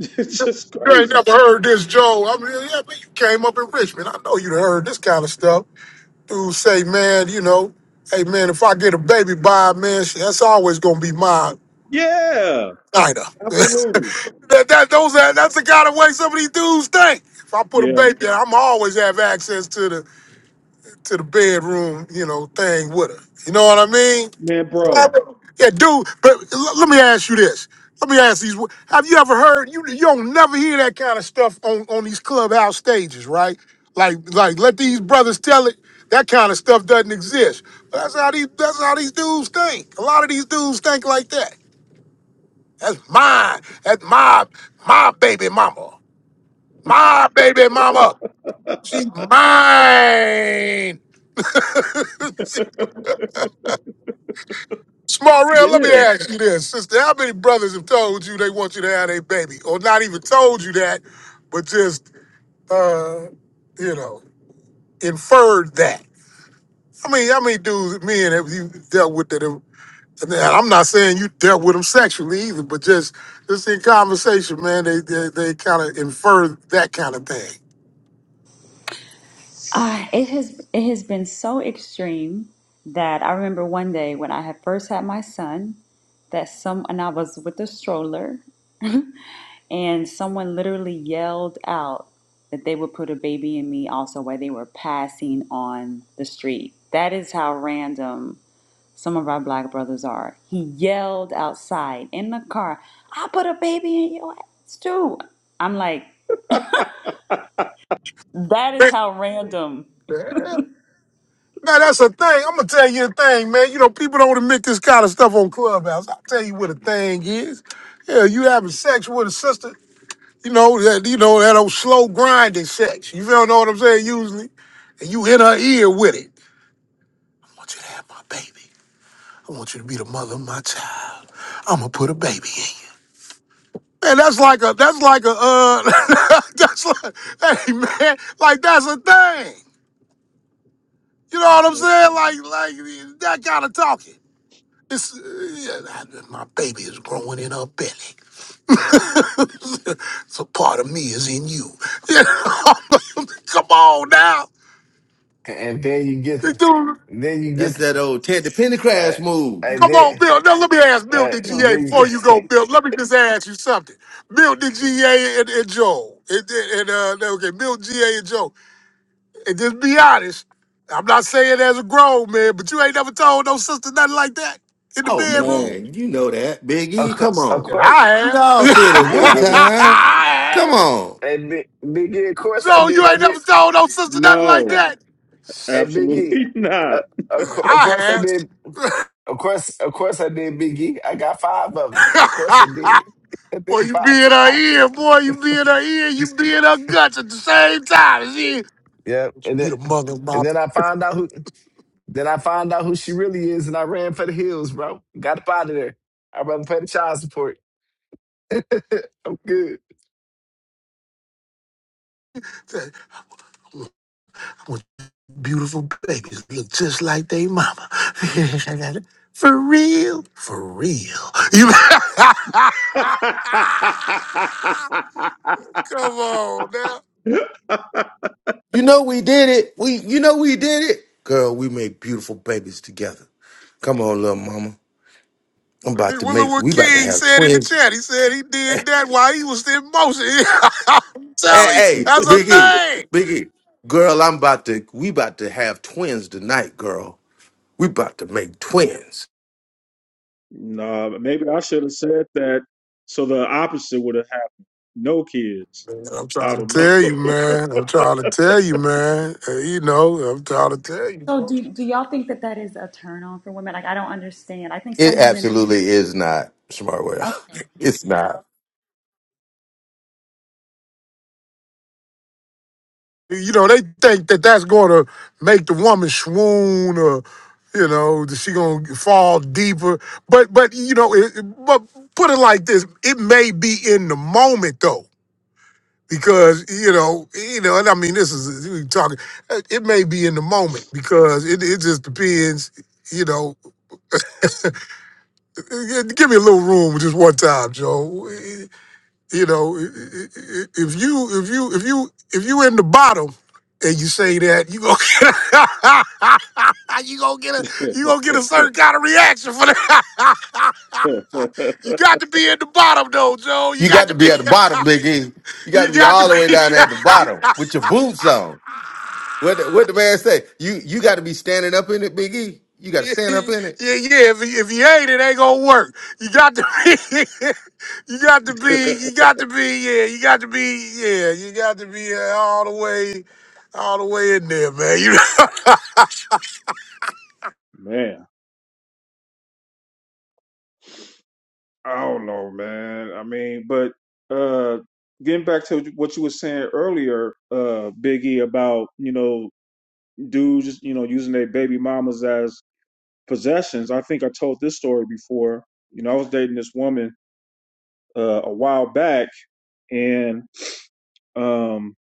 S1: (laughs) it's just
S6: You ain't
S1: crazy.
S6: never heard this, Joe. I mean, yeah, but you came up in Richmond. I know you done heard this kind of stuff. Dudes say, man, you know, hey, man, if I get a baby by, man, shit, that's always going to be mine.
S1: Yeah,
S6: Nina. (laughs)
S1: absolutely.
S6: that, that, those, that, that's the kind of way some of these dudes think. If I put a
S1: Yeah,
S6: baby in, I'm always have access to the to the bedroom, you know, thing with her. You know what I mean?
S1: man, bro.
S6: Yeah, dude. But l- let me ask you this. Let me ask these. Have you ever heard? You you don't never hear that kind of stuff on on these clubhouse stages, right? Like like let these brothers tell it. That kind of stuff doesn't exist. But that's how these that's how these dudes think. A lot of these dudes think like that. That's mine. That's my my baby mama. My baby mama. She's mine. (laughs) Smarell, let me
S1: Yeah.
S6: ask you this, sister. How many brothers have told you they want you to have a baby? Or not even told you that, but just uh, you know, inferred that. I mean, how many dudes, men have you dealt with that have and I'm not saying you dealt with them sexually either, but just just in conversation, man, they they, they kind of infer that kind of
S7: Uh, it has it has been so extreme that I remember one day when I had first had my son that some and I was with a stroller and someone literally yelled out that they would put a baby in me also while they were passing on the street. That is how random some of our black brothers are. He yelled outside in the car, I put a baby in your ass too. I'm like, that is
S6: thing.
S7: how random.
S6: Now that's a thing. I'm gonna tell you a thing, man. You know, people don't admit this kind of stuff on Clubhouse. I'll tell you what a thing is. Yeah, you having sex with a sister, you know, that you know, that old slow grinding sex. You feel know what I'm saying, usually. And you in her ear with it. I want you to have my baby. I want you to be the mother of my child. I'm gonna put a baby in you. Man, that's like a that's like a uh (laughs) that's like hey man, like that's a thing. You know what I'm saying? Like like that kind of talking. It's, uh, yeah, my baby is growing in her belly. (laughs) so part of me is in you. (laughs) Come on now.
S5: And then you get
S6: Dude,
S5: it. And then you
S2: that's
S5: get it.
S2: that old ted the
S5: Uh,
S2: pendergrass move
S5: and
S7: That's
S6: come
S5: then,
S6: on,
S7: that's
S6: Bill. Now let me ask Bill
S5: uh,
S6: the
S7: real.
S6: GA
S5: then you
S6: before you go,
S5: (laughs)
S6: Bill. Let me just ask you something. Bill the GA and, and Joe. And, and uh, okay, Bill GA and Joe. And just be honest. I'm not saying as a grown man, but you ain't never told no sister nothing like that in the
S2: Oh
S6: bedroom.
S1: No,
S2: man, you know that. Big
S5: Of
S2: E,
S5: cour-
S2: come
S5: of
S2: on.
S5: course,
S6: I
S2: We
S6: have. (laughs)
S2: all said it
S1: I
S2: one
S5: Big E.
S1: haven't.
S6: I
S2: time.
S6: have.
S2: Come on.
S5: Hey, Big, Big E, of course I
S6: Joe,
S5: did.
S6: you
S5: I
S6: ain't never
S5: did.
S6: told no sister nothing like
S5: Hey,
S1: No,
S6: that.
S5: hey, Big E,
S1: absolutely (laughs)
S5: uh,
S1: not.
S5: of,
S6: Uh,
S5: cour- of
S6: I
S5: course I did. Of course, of course I did, Big E. I got five of them. Of course I
S6: have.
S5: did. (laughs) I
S6: (laughs) boy,
S5: did
S6: you be
S5: five
S6: in her
S5: times.
S6: ear, boy, you be in her ear, you be in her guts at the same time. She,
S5: Yeah,
S6: she
S5: and
S6: be
S5: then
S6: the mother of my
S5: and then I found out who. Then I found out who she really is, and I ran for the hills, bro. Got up out of there. I rather pay the child support. (laughs) I'm good.
S6: with beautiful babies look just like they mama. (laughs) For real? For real. You (laughs)
S1: (laughs)
S6: Come on now.
S2: You know we did it. We you know we did it. Girl, we made beautiful babies together. Come on, little mama. I'm
S6: Well,
S2: about
S6: look
S2: to make
S6: what
S2: we about to
S6: King
S2: have
S6: said in the
S2: twins.
S6: chat. He said he
S2: Hey,
S6: did that while he was in motion. (laughs) I'm
S2: hey,
S6: telling you,
S2: hey,
S6: that's a
S2: Big E.
S6: thing.
S2: Big E. Girl, I'm about to we about to have twins tonight, girl. We about to make twins.
S1: nah, maybe I should have said that so the opposite would have happened. No kids.
S6: Man, I'm trying
S1: I
S6: to
S1: don't
S6: tell you, man. I'm trying to tell you, man. Uh, you know, I'm trying to tell you.
S7: So
S6: bro.
S7: do do y'all think that that is a turn on for women? Like I don't understand. I think
S2: It
S7: some women.
S2: absolutely is not smart world.
S7: Okay.
S2: (laughs) It's not.
S6: You know, they think that that's going to make the woman swoon or, you know, that she going to fall deeper. But, but you know, it, it- but put it like this. It may be in the moment, though. because you know, you know, and I mean, this is you talking. uh, It may be in the moment because it, it just depends. You know, uh, give me a little room just one time, Joe. You know, if you if you if you if you in the bottom and you say that, you gonna (laughs) get a, you gonna get a
S1: know.
S6: you gonna get a certain kind of reaction for that. (laughs) you got to be in the bottom though, Joe. You
S2: You
S6: got
S2: got
S6: to
S2: to
S6: be
S2: be at the bottom, Biggie. You
S6: (laughs)
S2: got to
S6: you
S2: be
S6: got
S2: all
S6: to
S2: the way down there at the bottom with
S6: be
S2: your
S6: (laughs)
S2: boots on. What the, what the man say? You you got to be standing up in it, Biggie. You got to
S6: yeah,
S2: stand up in it.
S6: yeah. If, if you ain't, it ain't gonna work. You got to be, (laughs) you got to
S1: (laughs)
S6: be, you got to be, yeah, you got to be, yeah, you got to be uh, all the way, all the way in there, man. You know?
S1: Man. I don't know, man. I mean, but uh getting back to what you were saying earlier, uh, Biggie, about, you know, dudes, you know, using their baby mamas as possessions. I think I told this story before. You know, I was dating this woman uh a while back and um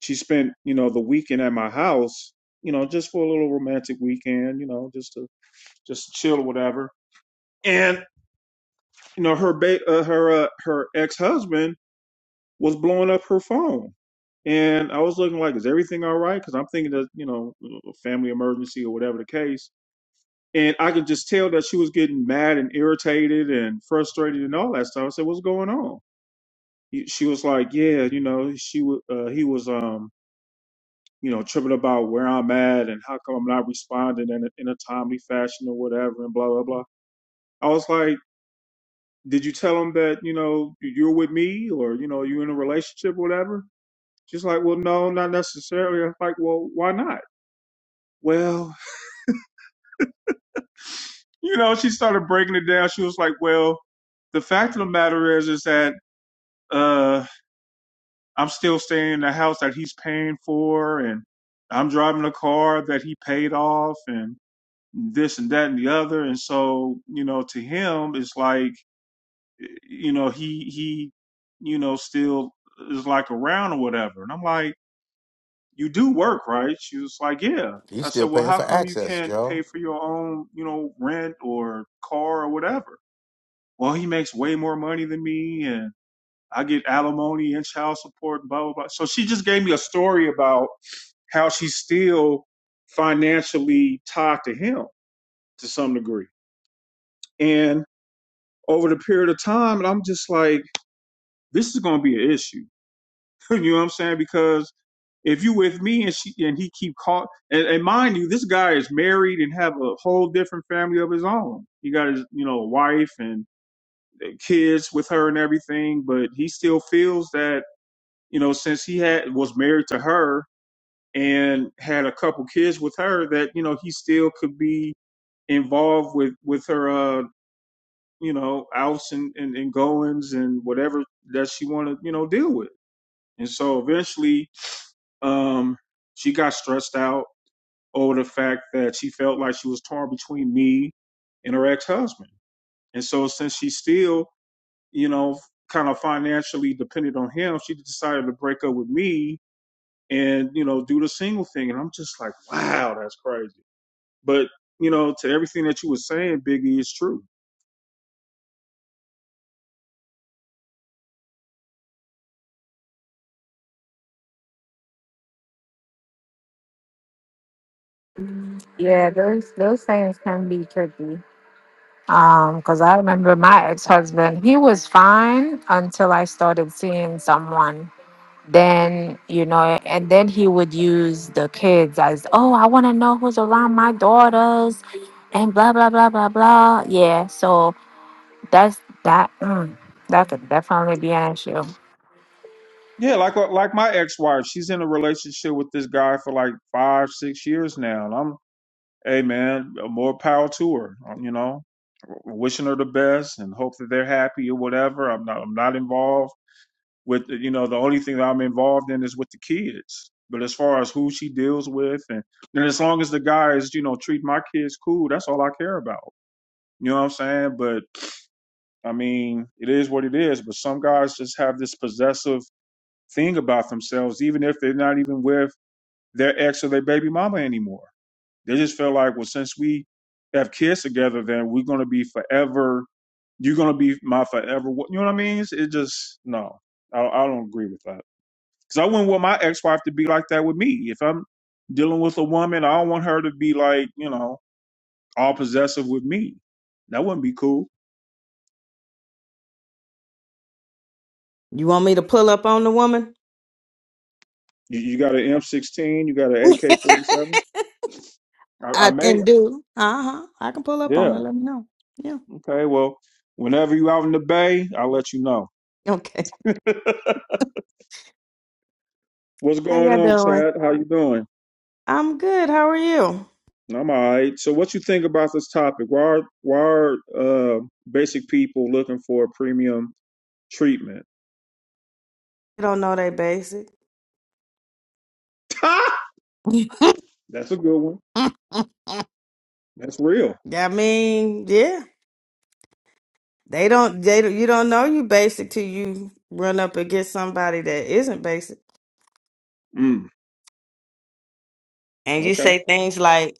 S1: she spent, you know, the weekend at my house, you know, just for a little romantic weekend, you know, just to just chill or whatever. And you know, her ba- uh, her uh, her ex-husband was blowing up her phone. And I was looking like, is everything all right? Because I'm thinking that, you know, a family emergency or whatever the case. And I could just tell that she was getting mad and irritated and frustrated and all that stuff. I said, what's going on? He- She was like, yeah, you know, she wa- uh, he was, um, you know, tripping about where I'm at and how come I'm not responding in a, in a timely fashion or whatever and blah, blah, blah. I was like, did you tell him that, you know, you're with me or, you know, you're in a relationship or whatever? She's like, well, no, not necessarily. I'm like, well, why not? Well, you know, she started breaking it down. She was like, well, the fact of the matter is, is that uh, I'm still staying in the house that he's paying for, and I'm driving a car that he paid off, and this and that and the other. And so, you know, to him, it's like, you know, he he, you know, still is like around or whatever. And I'm like you do work, right? She was like, yeah.
S2: He's
S1: I
S2: still
S1: said, well,
S2: paying
S1: how
S2: for
S1: come you
S2: access,
S1: can't pay
S2: Joe.
S1: for your own, you know, rent or car or whatever? Well, he makes way more money than me and I get alimony and child support and blah, blah, blah. So she just gave me a story about how she's still financially tied to him to some degree. And over the period of time, and I'm just like, this is going to be an issue. (laughs) you know what I'm saying? Because if you with me and she and he keep call and, and mind you, this guy is married and have a whole different family of his own. He got his you know wife and kids with her and everything, but he still feels that you know since he had was married to her and had a couple kids with her that you know he still could be involved with with her uh you know outs and and, and goings and whatever that she want to you know deal with. And so eventually Um, she got stressed out over the fact that she felt like she was torn between me and her ex-husband. And so since she still, you know, kind of financially dependent on him, she decided to break up with me and, you know, do the single thing. And I'm just like, wow, that's crazy. But, you know, to everything that you were saying, Biggie, is true.
S4: Yeah, those those things can be tricky. Um, because I remember my ex husband, he was fine until I started seeing someone. Then, you know, and then he would use the kids as, oh, I want to know who's around my daughters and blah, blah, blah, blah, blah. Yeah, so that's that, mm, that could definitely be an issue.
S1: Yeah, like uh, like my ex-wife, she's in a relationship with this guy for like five, six years now. and I'm. hey man, more power to her. um, You know, wishing her the best and hope that they're happy or whatever. I'm not I'm not involved with you know the only thing that I'm involved in is with the kids. But as far as who she deals with and and as long as the guys you know treat my kids cool, that's all I care about. You know what I'm saying? But I mean, it is what it is. But some guys just have this possessive thing about themselves, even if they're not even with their ex or their baby mama anymore. They just feel like, well, since we have kids together, then we're gonna be forever. You're gonna be my forever. wa- You know what I mean? It's- It just no. I, I don't agree with that because I wouldn't want my ex-wife to be like that with me. If I'm dealing with a woman, I don't want her to be like you know all possessive with me. That wouldn't be cool.
S8: You want me to pull up on the woman?
S1: You, you got an M16, you got an
S8: (laughs)
S1: AK-47. I, I
S8: I can
S1: may,
S8: do. Uh huh. I can pull up on her.
S1: yeah,
S8: Let me know. Yeah.
S1: okay. Well, whenever you out in the bay, I'll let you know.
S8: Okay.
S1: (laughs) What's
S8: How
S1: going
S8: y'all
S1: on,
S8: doing?
S1: Chad? How you doing?
S8: I'm good. How are you?
S1: I'm all right. So, what you think about this topic? Why are why are uh, basic people looking for premium treatment?
S8: You don't know they basic.
S1: (laughs)
S8: (laughs)
S1: That's a good one. That's real.
S8: I mean, yeah. They don't. They don't- you don't know you basic till you run up against somebody that isn't basic,
S1: Mm,
S8: and you
S1: okay.
S8: say things like,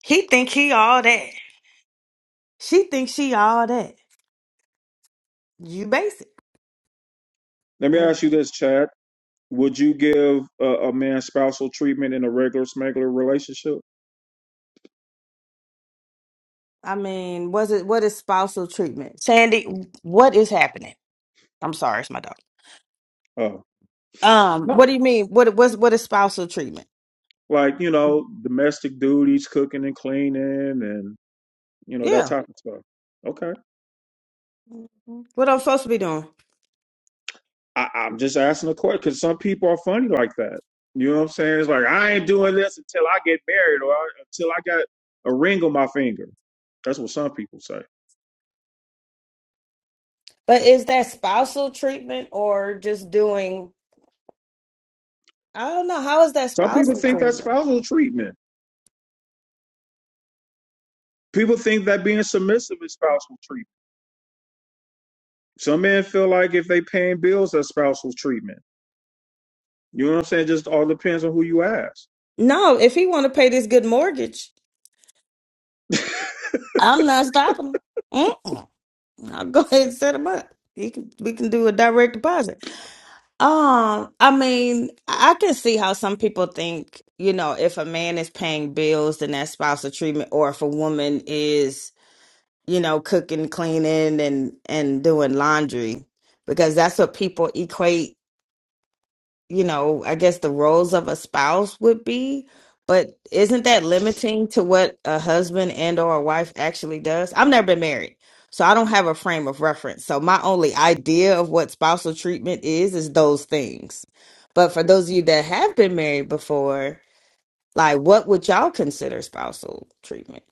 S8: "He think he all that." She thinks she all that. You basic.
S1: Let me
S8: Mm-hmm.
S1: ask you this, Chad. Would you give a, a man spousal treatment in a regular smuggler relationship?
S8: I mean, was it what is spousal treatment? Sandy, what is happening? I'm sorry, it's my dog.
S1: Oh,
S8: Um,
S1: No,
S8: what do you mean? What was what is spousal treatment?
S1: like you know, domestic duties, cooking and cleaning, and you know that
S8: Yeah.
S1: type of stuff. Okay.
S8: What I'm supposed to be doing.
S1: I, I'm just asking a question because some people are funny like that. You know what I'm saying? It's like I ain't doing this until I get married or until I got a ring on my finger. That's what some people say.
S8: But is that spousal treatment or just doing I don't know, how is that
S1: Some people
S8: spousal
S1: think that's
S8: treatment?
S1: spousal treatment. People think that being submissive is spousal treatment. Some men feel like if they paying bills, that's spousal treatment. You know what I'm saying? Just all depends on who you ask.
S8: No, if he wanna pay this good mortgage, I'm not stopping him. Mm-mm. I'll go ahead and set him up. He can we can do a direct deposit. Um, I mean, I I can see how some people think, you know, if a man is paying bills, then that's spousal treatment, or if a woman is, you know, cooking, cleaning, and and doing laundry, because that's what people equate you know, I guess the roles of a spouse would be, but isn't that limiting to what a husband and or a wife actually does? I've never been married, so I don't have a frame of reference. So my only idea of what spousal treatment is is those things. But for those of you that have been married before, like what would y'all consider spousal treatment?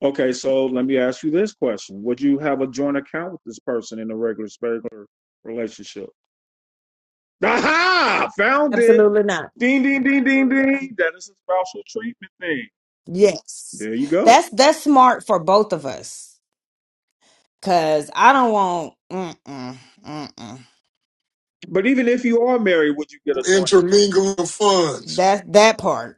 S1: Okay, so let me ask you this question: Would you have a joint account with this person in a regular, regular relationship? Aha! Found it.
S8: Absolutely not.
S1: Ding, ding, ding, ding, ding. That is a spousal treatment thing.
S8: Yes.
S1: There you go.
S8: That's that's smart for both of us. Cause I don't want mm-mm, mm-mm.
S1: But even if you are married, would you get a
S6: (laughs)
S1: joint?
S6: intermingling of funds.
S8: that that part.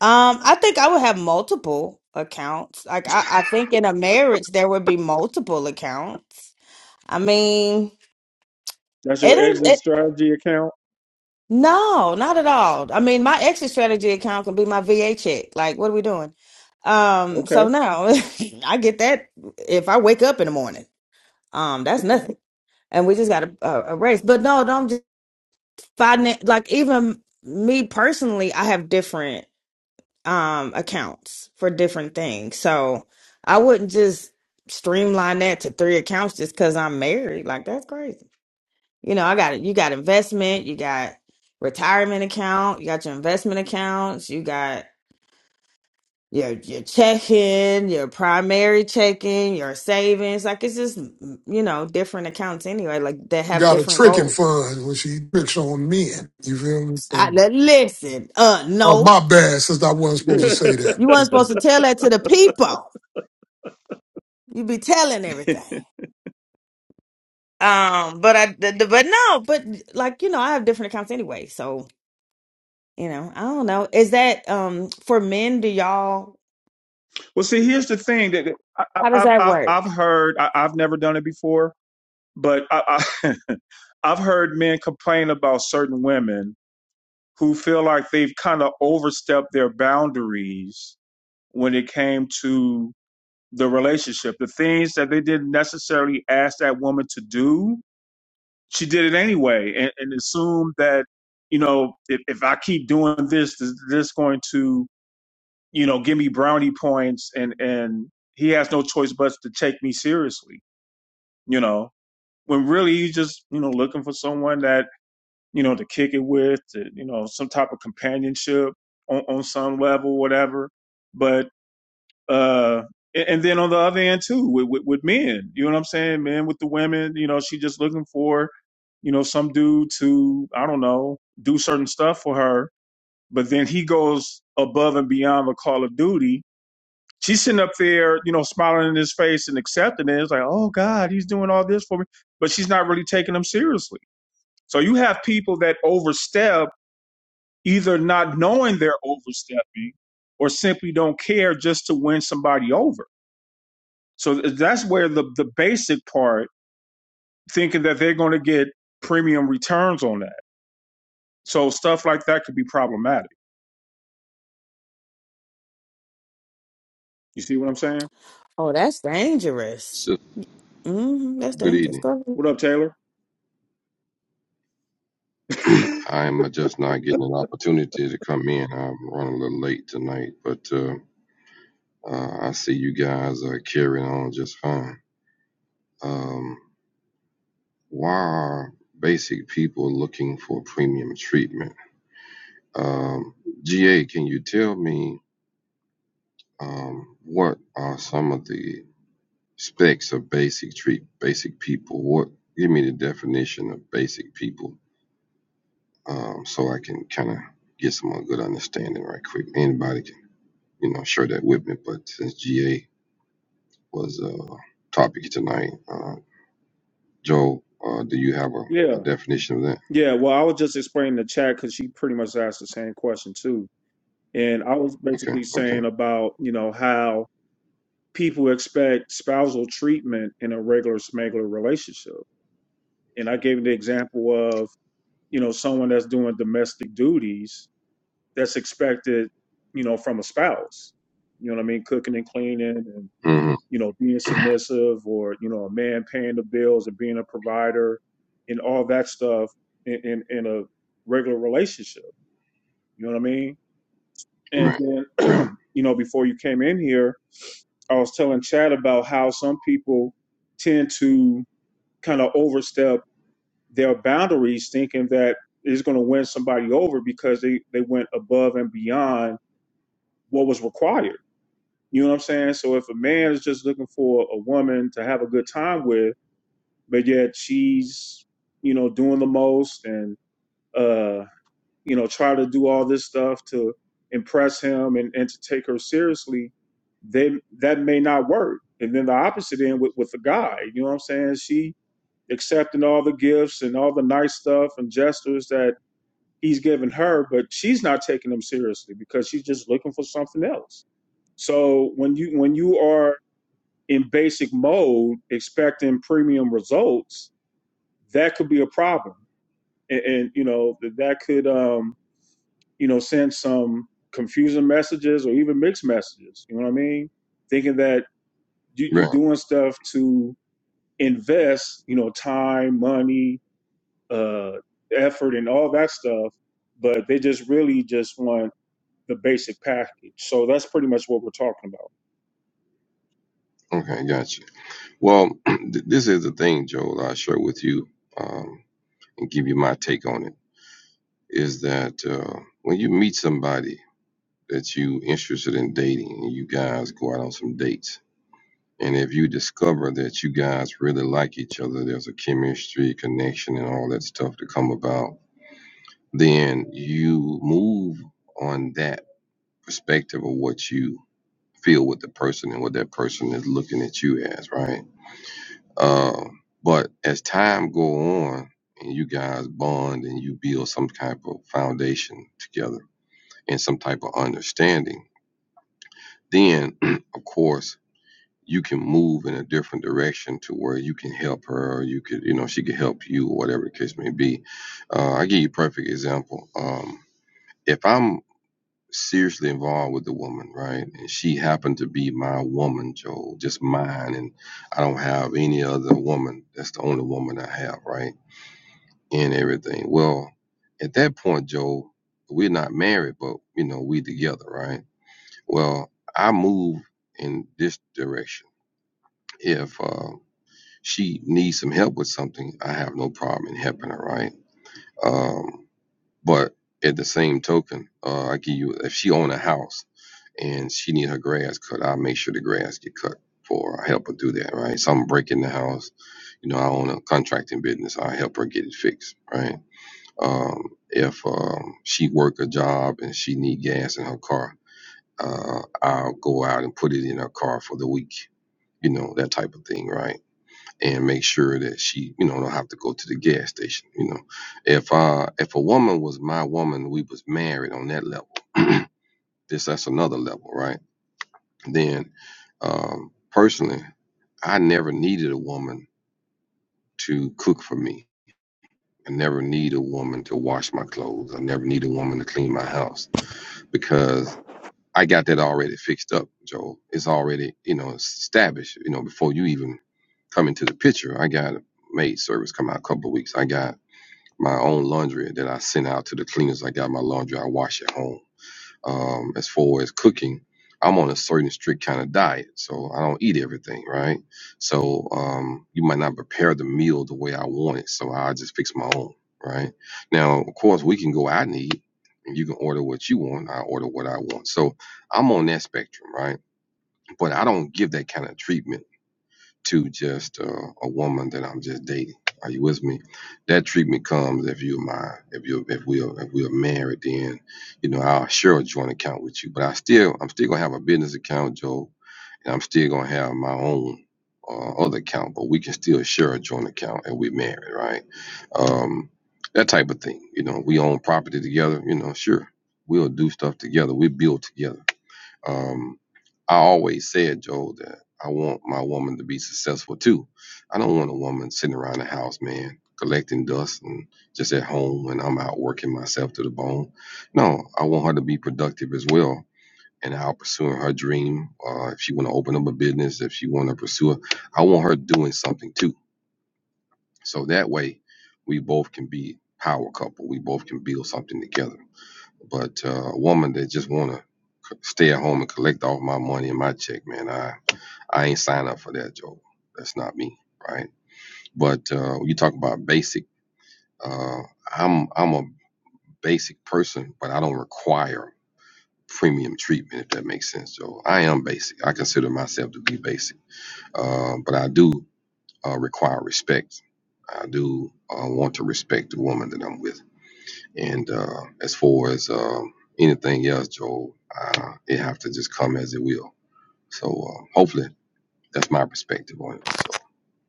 S8: Um, I think I would have multiple accounts. Like I, I think in a marriage there would be multiple accounts. I mean,
S1: That's
S8: it
S1: your
S8: ain't
S1: exit
S8: it.
S1: strategy account.
S8: No, not at all. I mean, my exit strategy account can be my VA check. Like, what are we doing? Um,
S1: Okay.
S8: so no, (laughs) I get that if I wake up in the morning. Um, that's nothing, and we just got a, a, a race. But no, no, I'm just finan- like even me personally, I have different um accounts for different things. So I wouldn't just streamline that to three accounts just because I'm married. Like that's crazy. You know, I got it. You got investment, you got retirement account, you got your investment accounts, you got your your checking, your primary checking, your savings. Like it's just you know different accounts anyway. Like that have
S6: Got a
S8: different
S6: tricking
S8: goals.
S6: fund when she tricks on men. You feel me?
S8: I,
S6: So,
S8: li- listen, uh,
S6: oh,
S8: no.
S6: my bad, since I wasn't
S1: (laughs)
S6: supposed to say
S8: You weren't supposed
S6: that.
S8: to tell that to the people. You be telling everything. Um, but I, the, the, but no, but like you know, I have different accounts anyway. So you know, I don't know. Is that um for men? Do y'all?
S1: well, see, here's the thing that I, I,
S8: How does
S1: I-
S8: that
S1: have
S8: work?
S1: I've heard. I, I've never done it before, but I, I, (laughs) I've heard men complain about certain women who feel like they've kind of overstepped their boundaries when it came to the relationship. The things that they didn't necessarily ask that woman to do, she did it anyway, and, and assumed that you know if, if I keep doing this, this, this going to you know give me brownie points, and and he has no choice but to take me seriously. You know, when really you just you know looking for someone that you know to kick it with, to, you know, some type of companionship on, on some level, whatever. uh and, and then on the other end too with, with with men you know what i'm saying men with the women you know she just looking for you know some dude to i don't know do certain stuff for her but then he goes above and beyond the call of duty she's sitting up there you know smiling in his face and accepting it it's like oh god he's doing all this for me but she's not really taking him seriously so you have people that overstep either not knowing they're overstepping or simply don't care just to win somebody over so uh, that's where the the basic part thinking that they're going to get premium returns on that. So stuff like that could be problematic. You see what I'm saying?
S8: Oh, that's dangerous.
S9: So,
S8: hmm that's
S9: good
S8: dangerous.
S9: evening.
S8: Go ahead.
S1: What up, Taylor?
S9: (clears throat) I'm just not getting an opportunity to come in. I'm running a little late tonight, but uh, uh, I see you guys are carrying on just fine. Um, why are basic people looking for premium treatment? Um, GA, can you tell me um, what are some of the specs of basic treat basic people? What give me the definition of basic people um, so I can kind of get some good understanding right quick. Anybody you know, share that with me. But since GA was uh, topic tonight, uh, Joe, uh, do you have a, a
S1: Yeah,
S9: definition of that?
S1: yeah. Well, I was just explaining the chat because she pretty much asked the same question too, and I was
S9: Okay,
S1: basically
S9: okay.
S1: saying about you know how people expect spousal treatment in a regular smuggler relationship, and I gave the example of you know someone that's doing domestic duties that's expected, you know, from a spouse. You know what I mean? Cooking and cleaning and,
S9: hmm
S1: you know, being submissive or, you know, a man paying the bills and being a provider and all that stuff in, in, in a regular relationship. You know what I mean? And
S9: Right, right,
S1: then, (clears throat) you know, before you came in here, I was telling Chad about how some people tend to kind of overstep their boundaries thinking that it's going to win somebody over because they, they went above and beyond what was required You know what I'm saying? So if a man is just looking for a woman to have a good time with, but yet she's, you know, doing the most and uh, you know, try to do all this stuff to impress him and, and to take her seriously, then that may not work. And then the opposite end with, with the guy, you know what I'm saying? She accepting all the gifts and all the nice stuff and gestures that he's giving her, but she's not taking them seriously because she's just looking for something else. So when you when you are in basic mode expecting premium results, that could be a problem. And, and you know, that that could, um, you know, send some confusing messages or even mixed messages. You know what I mean? Thinking that you, you
S9: right.
S1: doing stuff to invest, you know, time, money, uh, effort and all that stuff, but they just really just want the basic package. So that's pretty much what we're talking
S9: Okay, gotcha. Well, (clears throat) th- this is the thing, Joel, i share with you um, and give you my take on it is that uh, when you meet somebody that you interested in dating and you guys go out on some dates, And if you discover that you guys really like each other, there's a chemistry connection and all that stuff to come about, then you move on that perspective of what you feel with the person and what that person is looking at you as, right? Um, but as time go on and you guys bond and you build some type of foundation together and some type of understanding, then (clears throat) of course you can move in a different direction to where you can help her or you could you know she could help you or whatever the case may be uh, i give you a perfect example um, if i'm seriously involved with the woman right and she happened to be my woman joe just mine and i don't have any other woman that's the only woman i have right and everything well at that point joe we're not married but you know we together right well i move in this direction if uh she needs some help with something, I have no problem in helping her, right? Um, but at the same token, uh, I give you if she own a house and she need her grass cut, I make sure the grass get cut for her. I help her do that, right? So I'm breaking the house. You know, I own a contracting business. I help her get it fixed, right? Um, if um, she work a job and she need gas in her car, uh, I'll go out and put it in her car for the week. You know, that type of thing, right? and make sure that she, you know, don't have to go to the gas station. You know, if uh if a woman was my woman, we was married on that level. (clears throat) this that's another level, right? Then, um, personally, I never needed a woman to cook for me. I never need a woman to wash my clothes. I never need a woman to clean my house because I got that already fixed up, Joel. It's already, you know, established. You know, before you even come into the picture, I got a maid service come out a couple of weeks. I got my own laundry that I send out to the cleaners. I got my laundry I wash at home. Um, as far as cooking, I'm on a certain strict kind of diet, so I don't eat everything, right? So um, you might not prepare the meal the way I want it, so I just fix my own, right? Now, of course, we can go out and eat, and you can order what you want. I order what I want, so I'm on that spectrum, right? But I don't give that kind of treatment to just uh, a woman that I'm just dating. Are you with me? That treatment comes if you're my if you if we are if we are married, then you know I'll share a joint account with you. But I still I'm still gonna have a business account, Joe, and I'm still gonna have my own uh, other account. But we can still share a joint account, and we're married, right? Um, that type of thing. You know, we own property together. You know, sure we'll do stuff together. We build together um, I always said, Joel, that I want my woman to be successful too. I don't want a woman sitting around the house, man, collecting dust and just at home when I'm out working myself to the bone. No, I want her to be productive as well and out pursuing her dream. Uh, if she want to open up a business, if she want to pursue it, I want her doing something too. So that way, we both can be power couple. We both can build something together. But uh, a woman that just want to Stay at home and collect all my money and my check, man. I I ain't sign up for that, Joe. That's not me, right? But uh, you talk about basic. Uh, I'm I'm a basic person, but I don't require premium treatment if that makes sense, Joe. I am basic. I consider myself to be basic, uh, but I do uh, require respect. I do uh, want to respect the woman that I'm with, and uh, as far as um anything else, Joe, uh, it have to just come as it will. So uh, hopefully That's my perspective on it. So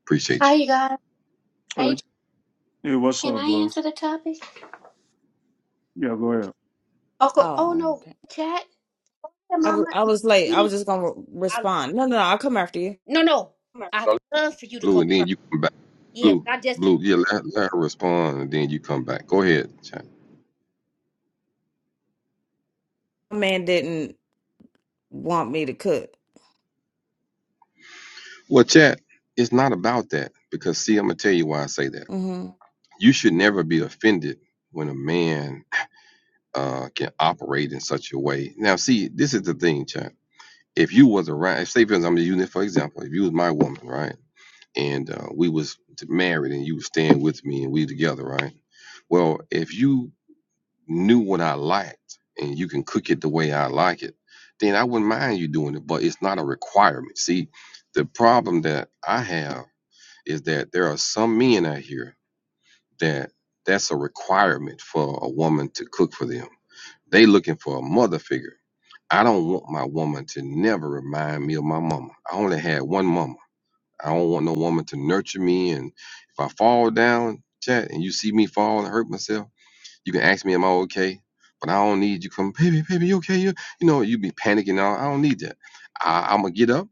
S9: appreciate
S10: Hi,
S9: you,
S10: you guys.
S1: about. Uh,
S10: Hey,
S1: hey, what's
S10: can
S1: up,
S10: I
S1: Blue?
S10: answer the topic?
S1: Yeah, go ahead.
S10: Uncle, oh
S8: Oh,
S10: no,
S8: okay.
S10: chat. Hey,
S8: I
S10: Mama.
S8: was I was late. I was
S10: Me.
S8: just gonna re-
S10: I,
S8: respond. No, no, no, I'll come after you.
S10: no, no. I love for you to
S9: Blue.
S10: go
S9: And then
S10: first.
S9: you come back,
S10: Yeah, 'cause
S9: Blue.
S10: I just came.
S9: Blue, yeah, let, let her respond, and then you come back. Go ahead, chat.
S8: My man didn't want me to cook.
S9: Well, chat, it's not about that because see, I'm gonna tell you why I say that.
S8: Mm-hmm.
S9: You should never be offended when a man uh, can operate in such a way. Now, see, this is the thing, chat. If you was around, if say for instance, I'm using it for example. If you was my woman, right, and uh, we was married, and you was staying with me, and we together, right. Well, if you knew what I liked and you can cook it the way I like it, then I wouldn't mind you doing it, but it's not a requirement. See, the problem that I have is that there are some men out here that that's a requirement for a woman to cook for them. They looking for a mother figure. I don't want my woman to never remind me of my mama. I only had one mama. I don't want no woman to nurture me and if I fall down, chat, and you see me fall and hurt myself, you can ask me, am I okay? But I don't need you come, baby, baby, you okay? You, you know, you be panicking. I, I don't need that. I, I'm gonna get up.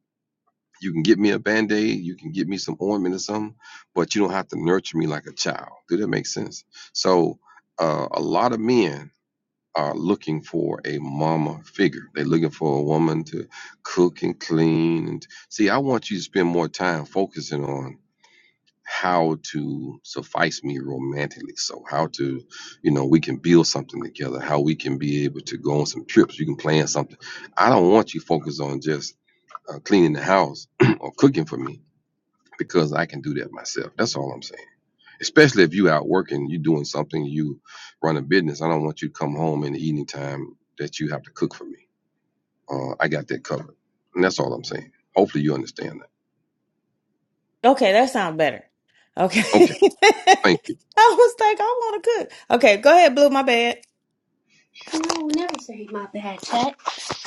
S9: You can get me a band aid. You can get me some ointment or something, but you don't have to nurture me like a child. Do that make sense? So, uh, a lot of men are looking for a mama figure. They're looking for a woman to cook and clean. And see, I want you to spend more time focusing on how to suffice me romantically. So how to, you know, we can build something together, how we can be able to go on some trips, you can plan something. I don't want you focused on just uh, cleaning the house (clears throat) or cooking for me because I can do that myself. That's all I'm saying. Especially if you out working, you doing something, you run a business. I don't want you to come home in the evening time that you have to cook for me. Uh, I got that covered. And that's all I'm saying. Hopefully you understand
S8: Okay, that sounds better. Okay.
S9: that.
S8: (laughs)
S9: Okay.
S8: I
S9: Thank you.
S8: was like, I want to cook. Okay, go ahead, Blue. My bad.
S10: You know, never say my bad, Tat.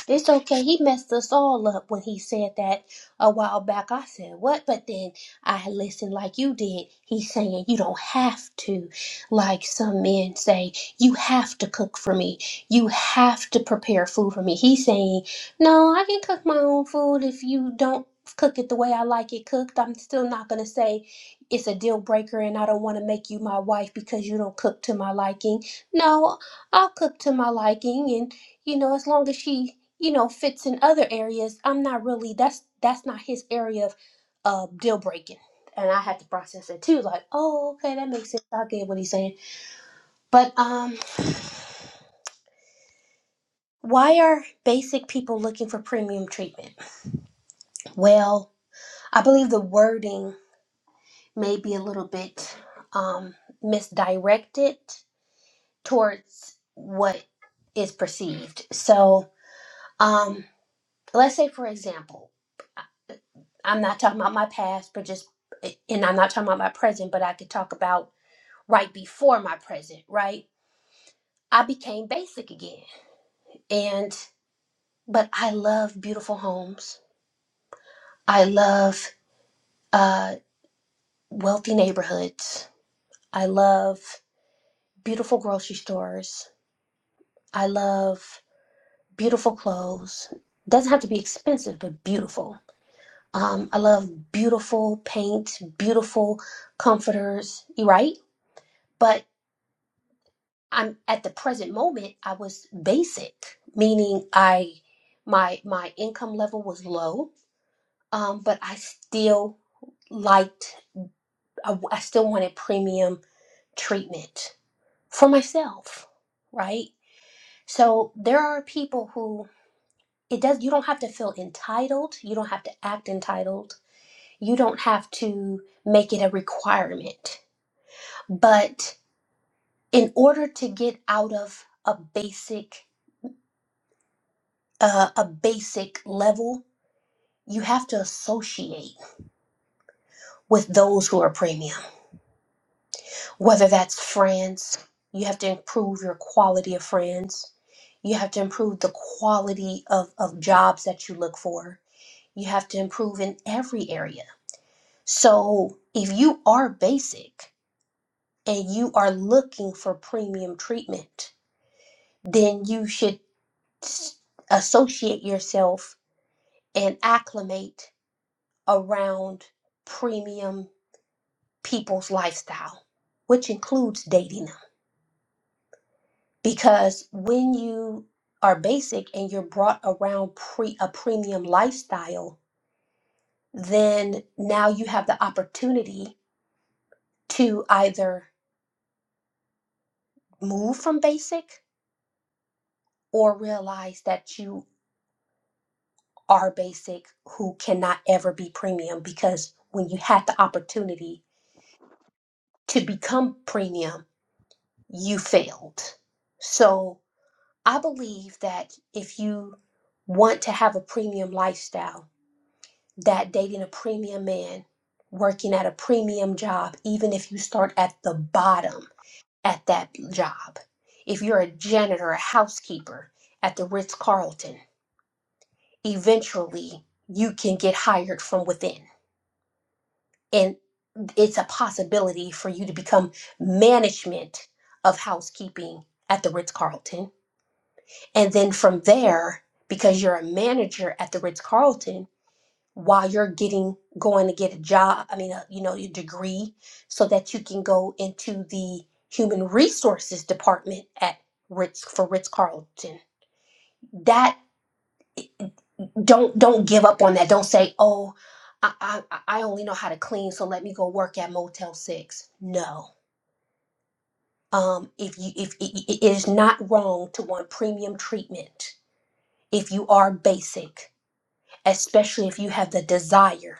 S10: It's okay. He messed us all up when he said that a while back. I said, What? But then I listened like you did. He's saying, You don't have to. Like some men say, You have to cook for me. You have to prepare food for me. He's saying, No, I can cook my own food if you don't cook it the way I like it cooked. I'm still not going to say it's a deal breaker and I don't want to make you my wife because you don't cook to my liking. No, I'll cook to my liking and you know as long as she you know fits in other areas I'm not really that's that's not his area of uh deal breaking and I had to process it too like oh okay that makes sense I get what he's saying but um why are basic people looking for premium treatment well I believe the wording may be a little bit um misdirected towards what is perceived so um let's say for example I'm not talking about my past, but just, eh, and I'm not talking about my present, but I could talk about right before my present, right? I became basic again. And, but I love beautiful homes. I love uh, wealthy neighborhoods. I love beautiful grocery stores. I love beautiful clothes. Doesn't have to be expensive, but beautiful. Um, I love beautiful paint, beautiful comforters, right? but. I'm at the present moment I was basic, meaning I my my income level was low, um, but I still liked I, I still wanted premium treatment for myself, right? So there are people who it does you don't have to feel entitled, you don't have to act entitled, you don't have to make it a requirement. But in order to get out of a basic uh, a basic level you have to associate with those who are premium, whether that's friends, you have to improve your quality of friends, you have to improve the quality of, of jobs that you look for, you have to improve in every area. So if you are basic and you are looking for premium treatment, then you should s- associate yourself and acclimate around premium. people's lifestyle, which includes dating them. Because when you are basic and you're brought around pre a premium lifestyle, then now you have the opportunity to either move from basic or realize that you are basic who cannot ever be premium because when you had the opportunity to become premium, you failed. So I believe that if you want to have a premium lifestyle, that dating a premium man, working at a premium job, even if you start at the bottom at that job, if you're a janitor, a housekeeper at the Ritz Carlton, eventually you can get hired from within. And it's a possibility for you to become management of housekeeping at the Ritz Carlton And then from there, because you're a manager at the Ritz Carlton, while you're getting going to get a job, I mean, a, you know, your degree, so that you can go into the human resources department at Ritz for Ritz Carlton. That don't don't give up on that. Don't say, oh, I, I I I only know how to clean, so let me go work at Motel Six. No, um, if you if it- it is not wrong to want premium treatment if you are basic especially if you have the desire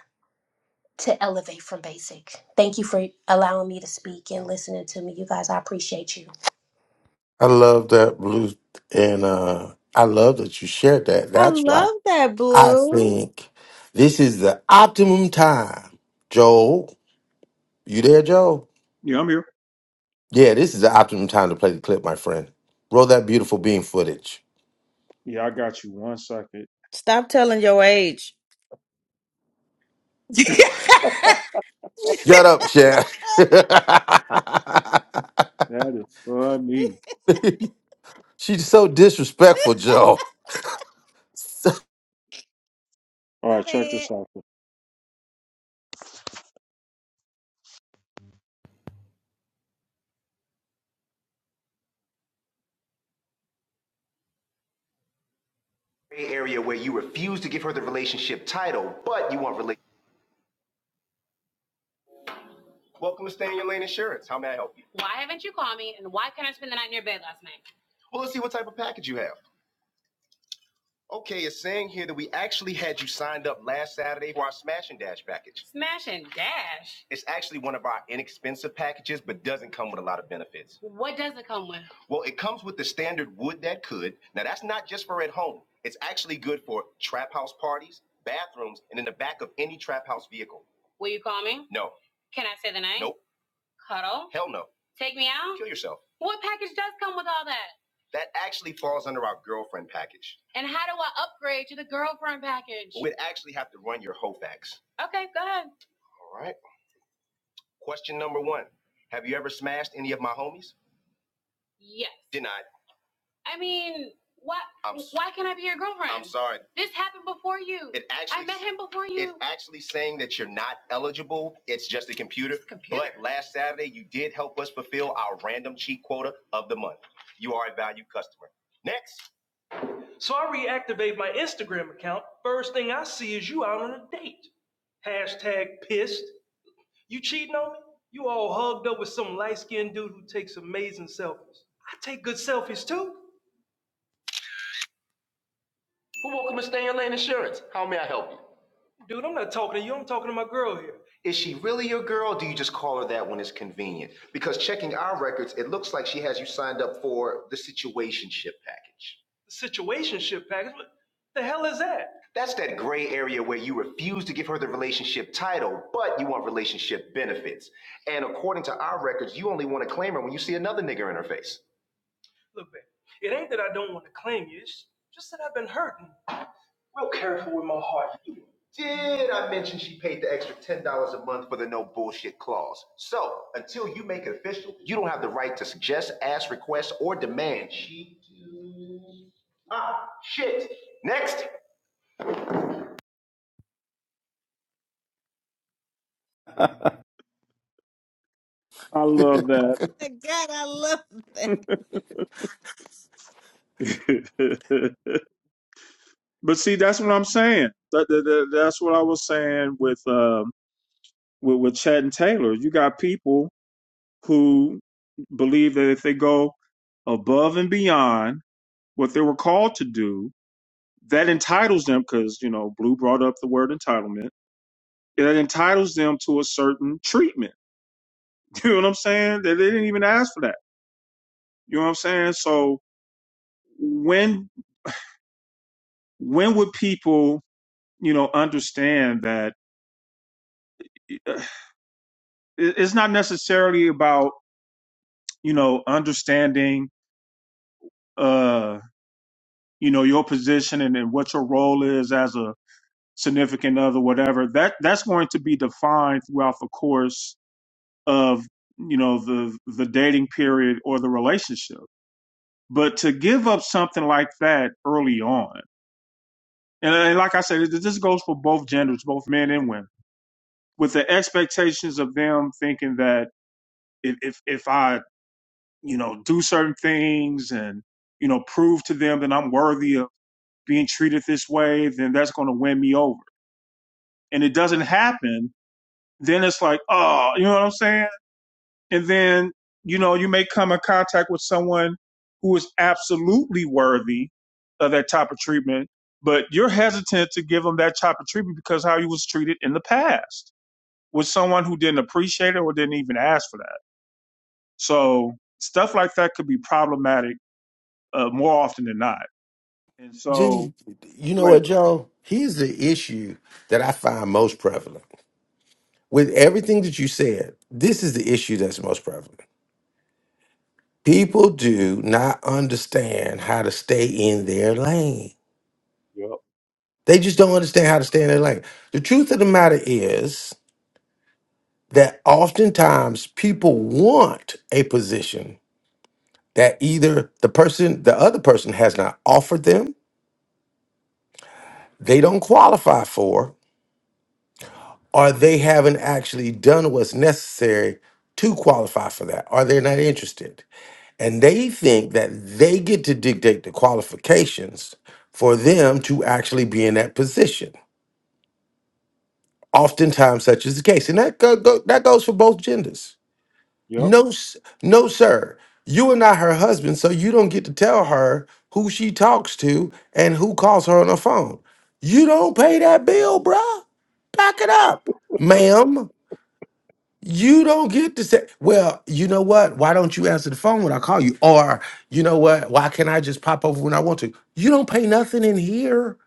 S10: to elevate from basic. Thank you for allowing me to speak and listening to me. You guys, I appreciate you.
S2: I love that blue, and uh, I love that you shared that.
S8: I
S2: That's why
S8: love that
S2: I
S8: blue.
S2: think this is the optimum time. Joel, you there, Joel?
S1: Yeah, I'm here.
S2: Yeah, this is the optimum time to play the clip, my friend. Roll that beautiful beam footage.
S1: Yeah, I got you one second.
S8: Stop telling your age. (laughs)
S2: Shut up, Sharon.
S1: That is funny.
S2: (laughs) She's so disrespectful, Joe.
S1: All
S8: My
S1: right, check
S8: bad.
S1: this out. gray area where you refuse to give her the relationship title, but you want relationship. Welcome to Stay in Your Lane Insurance. How may I help you? Well, let's see what type of package you have. Okay, it's saying here that we actually had you signed up last Saturday for our Smash and Dash package. It's actually one of our inexpensive packages, but doesn't come with a lot of benefits. Well, it comes with the standard wood that could. Now, that's not just for at home. It's actually good for trap house parties, bathrooms, and in the back of any trap house vehicle. No, Hell no. Kill yourself. That actually falls under our girlfriend package. You'd actually have to run your whole facts. All right. Question number one. Have you ever smashed any of my homies? Denied. sorry. It actually actually saying that you're not eligible. It's just a computer. Last Saturday, you did help us fulfill our random cheat quota of the month. You are a valued customer. Next. Is she really your girl? Or do you just call her that when it's convenient? Because checking our records, it looks like she has you signed up for the situationship package. That's that gray area where you refuse to give her the relationship title, but you want relationship benefits. And according to our records, you only want to claim her when you see another nigger in her face. Did I mention she paid the extra $10 a month for the no bullshit clause? So, until you make it official, you don't have the right to suggest, ask, request, or demand she do. Ah, shit. Next. I
S2: (laughs)
S1: love that.
S8: God, I love that.
S1: (laughs) but see, that's what I'm saying. That, that- that- that's what I was saying with. um, with, with Chad and Taylor. You got people who believe that if they go above and beyond what they were called to do, that entitles them, because, you know, Blue brought up the word entitlement, that entitles them to a certain treatment. (laughs) You know what I'm saying? That they didn't even ask for that. You know what I'm saying? So when when would people, you know, understand that uh, it- it's not necessarily about, you know, understanding uh, you know your position and, and what your role is as a significant other whatever that that's going to be defined throughout the course of you know the the dating period or the relationship but to give up something like that early on and, and like i said it this goes for both genders both men and women with the expectations of them thinking that if if, if i you know do certain things and you know prove to them that i'm worthy of being treated this way then that's going to win me over and it doesn't happen, then it's like, oh, you know what I'm saying? And then, you know, you may come in contact with someone who is absolutely worthy of that type of treatment, but you're hesitant to give them that type of treatment because how you was treated in the past with someone who didn't appreciate it or didn't even ask for that. So stuff like that could be problematic uh, more often than not. And so,
S2: Gee, you
S1: go
S2: know
S1: ahead.
S2: what, Joe? Here's the issue that I find most prevalent. With everything that you said, this is the issue that's most prevalent. People do not understand how to stay in their lane.
S1: Yep.
S2: They just don't understand how to stay in their lane. The truth of the matter is that oftentimes people want a position that either the person, the other person has not offered them, they don't qualify for, or they haven't actually done what's necessary to qualify for that, or they're not interested. And they think that they get to dictate the qualifications for them to actually be in that position. Oftentimes, such is the case. And that, go, go- that goes for both genders No, s- no, sir. You are not her husband, so you don't get to tell her who she talks to and who calls her on the phone. You don't pay that bill, bruh. Back it up, ma'am. You don't get to say, well, you know what? Why don't you answer the phone when I call you? Or, you know what? Why can't I just pop over when I want to? You don't pay nothing in here.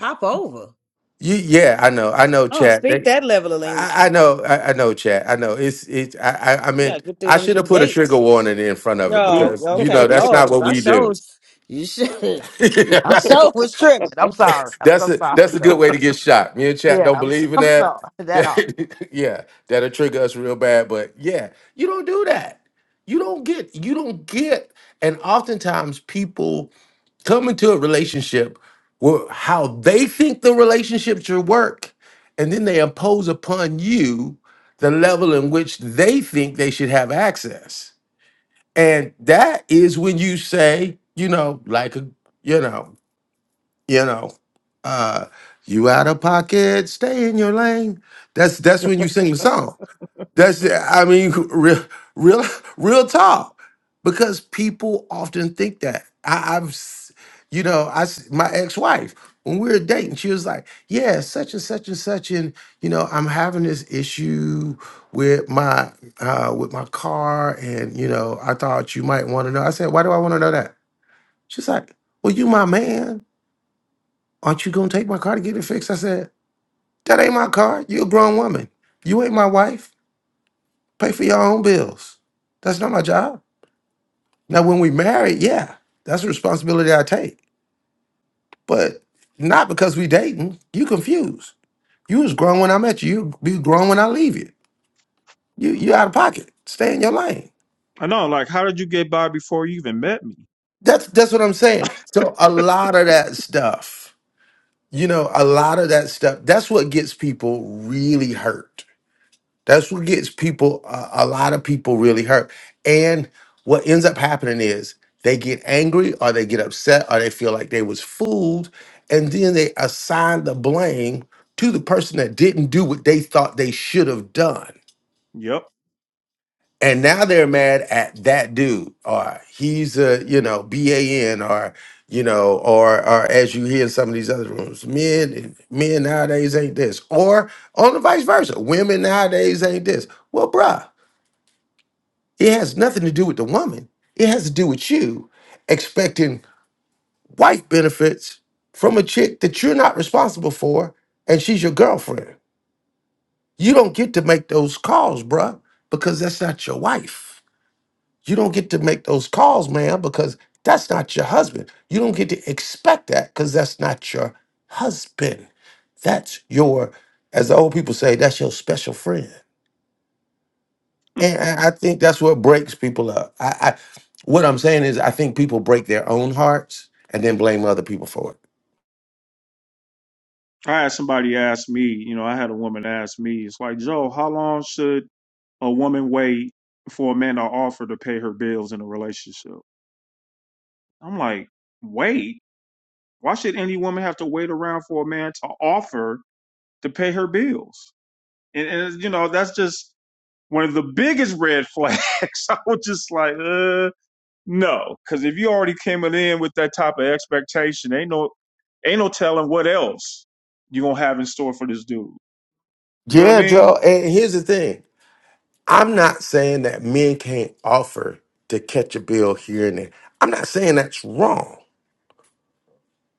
S8: Hop over.
S2: You, yeah, I know. I know,
S8: I don't
S2: chat.
S8: speak that level of English.
S2: I, I know, I, I know, Chad. I know. It's it. I, I, I
S8: You gotta
S2: meant
S8: get through
S2: I
S8: them
S2: should have
S8: good
S2: put a trigger
S8: dates.
S2: warning in front of it
S1: Yep.
S8: No,
S2: because you
S8: okay,
S2: know that's
S8: Lord,
S2: not what
S8: 'cause I
S2: we do.
S8: shows you should.
S2: (laughs)
S8: (laughs) I
S2: that's
S8: show was tripping. I'm sorry. I'm so
S2: a
S8: sorry,
S2: that's a good
S8: Joe.
S2: way to get shot. Me and Chad
S8: Yeah,
S2: don't
S8: I'm so,
S2: believe in
S8: I'm
S2: that.
S8: sorry. That all.
S2: (laughs) yeah, that'll trigger us real bad. But yeah, you don't do that. You don't get. You don't get. And oftentimes people come into a relationship where how they think the relationship should work, and then they impose upon you the level in which they think they should have access. And that is when you say, you know, like a, you know, you know, uh, you out of pocket, stay in your lane. That's that's when you sing the song. That's it. I mean, (laughs) real, real, real talk. Because people often think that. I, I've, s- you know, I s- my ex-wife when we were dating, she was like, "Yeah, such and such and such, and you know, I'm having this issue with my uh, with my car, and you know, I thought you might want to know." I said, "Why do I want to know that?" She's like, "Well, you my man. Aren't you gonna take my car to get it fixed?" I said, "That ain't my car. You're a grown woman. You ain't my wife." Pay for your own bills. That's not my job. Now, when we marry, yeah, that's a responsibility I take. But not because we dating. You confused. You was grown when I met you. You be grown when I leave you. You you out of pocket. Stay in your lane.
S1: (laughs) I know. Like, how did you get by before you even met me?
S2: That's that's what I'm saying. So a lot of that stuff, you know, a lot of that stuff. That's what gets people really hurt That's what gets people, a, a lot of people really hurt. And what ends up happening is they get angry or they get upset or they feel like they was fooled. And then they assign the blame to the person that didn't do what they thought they should have done.
S1: Yep.
S2: And now they're mad at that dude or he's a, you know, BAN or, you know, or, or as you hear in some of these other rooms, men, men nowadays ain't this. Or on the vice versa, women nowadays ain't this. Well, bruh It has nothing to do with the woman. It has to do with you expecting wife benefits from a chick that you're not responsible for and she's your girlfriend. You don't get to make those calls, bruh, because that's not your wife. You don't get to make those calls, man, because that's not your husband. You don't get to expect that because that's not your husband. That's your, as the old people say, that's your special friend. And I I think that's what breaks people up. I, I what I'm saying is I think people break their own hearts and then blame other people for it.
S1: I had somebody ask me, you know, I had a woman ask me, it's like, Joe, how long should a woman wait for a man to offer to pay her bills in a relationship? I'm like, wait? Why should any woman have to wait around for a man to offer to pay her bills? And, and you know, that's just one of the biggest red flags. (laughs) I was just like, uh, no, because if you already came in with that type of expectation, ain't no, ain't no telling what else you gonna have in store for this dude. You know what I
S2: Yeah,
S1: mean?
S2: Joe. And here's the thing. I'm not saying that men can't offer to catch a bill here and there. I'm not saying that's wrong.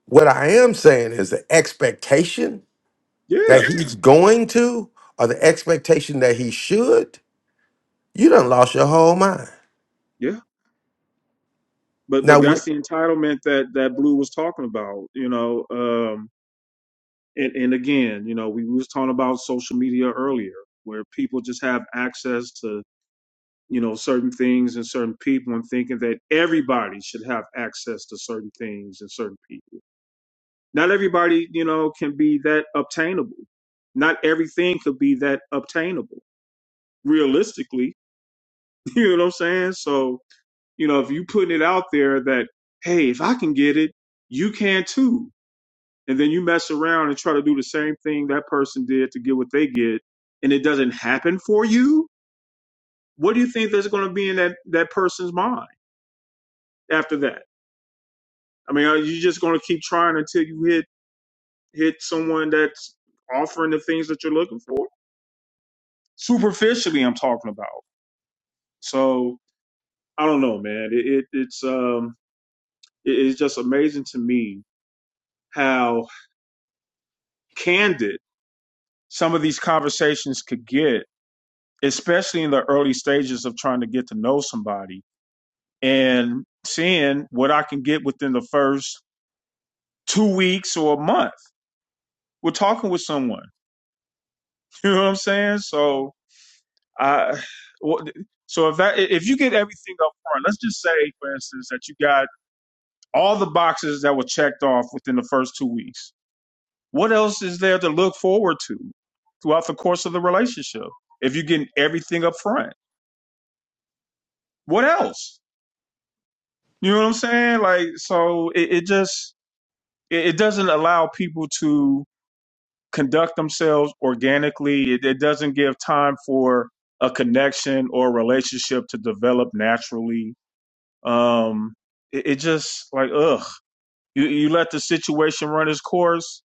S2: What I am saying is the expectation that
S1: Yeah,
S2: he's going to or the expectation that he should, you done lost your whole mind.
S1: yeah. But
S2: Now
S1: but
S2: what
S1: that's the entitlement that that Blue was talking about, you know. Um and and again, you know, we, we was talking about social media earlier where people just have access to, you know, certain things and certain people and thinking that everybody should have access to certain things and certain people. Not everybody, you know, can be that obtainable. Not everything could be that obtainable realistically, (laughs) you know what I'm saying? So you know, if you putting it out there that, hey, if I can get it, you can too. And then you mess around and try to do the same thing that person did to get what they get, and it doesn't happen for you. What do you think that's going to be in that that person's mind after that? I mean, are you just going to keep trying until you hit hit someone that's offering the things that you're looking for? Superficially, I'm talking about. So I don't know, man. It, it it's um, it, it's just amazing to me how candid some of these conversations could get, especially in the early stages of trying to get to know somebody and seeing what I can get within the first two weeks or a month. We're talking with someone. (laughs) You know what I'm saying? So I, well, so if that if you get everything up front, let's just say, for instance, that you got all the boxes that were checked off within the first two weeks. What else is there to look forward to throughout the course of the relationship? If you're getting everything up front, what else? You know what I'm saying? Like, so it, it just it, it doesn't allow people to conduct themselves organically. It, it doesn't give time for a connection or relationship to develop naturally. Um, it, it just like ugh, you you let the situation run its course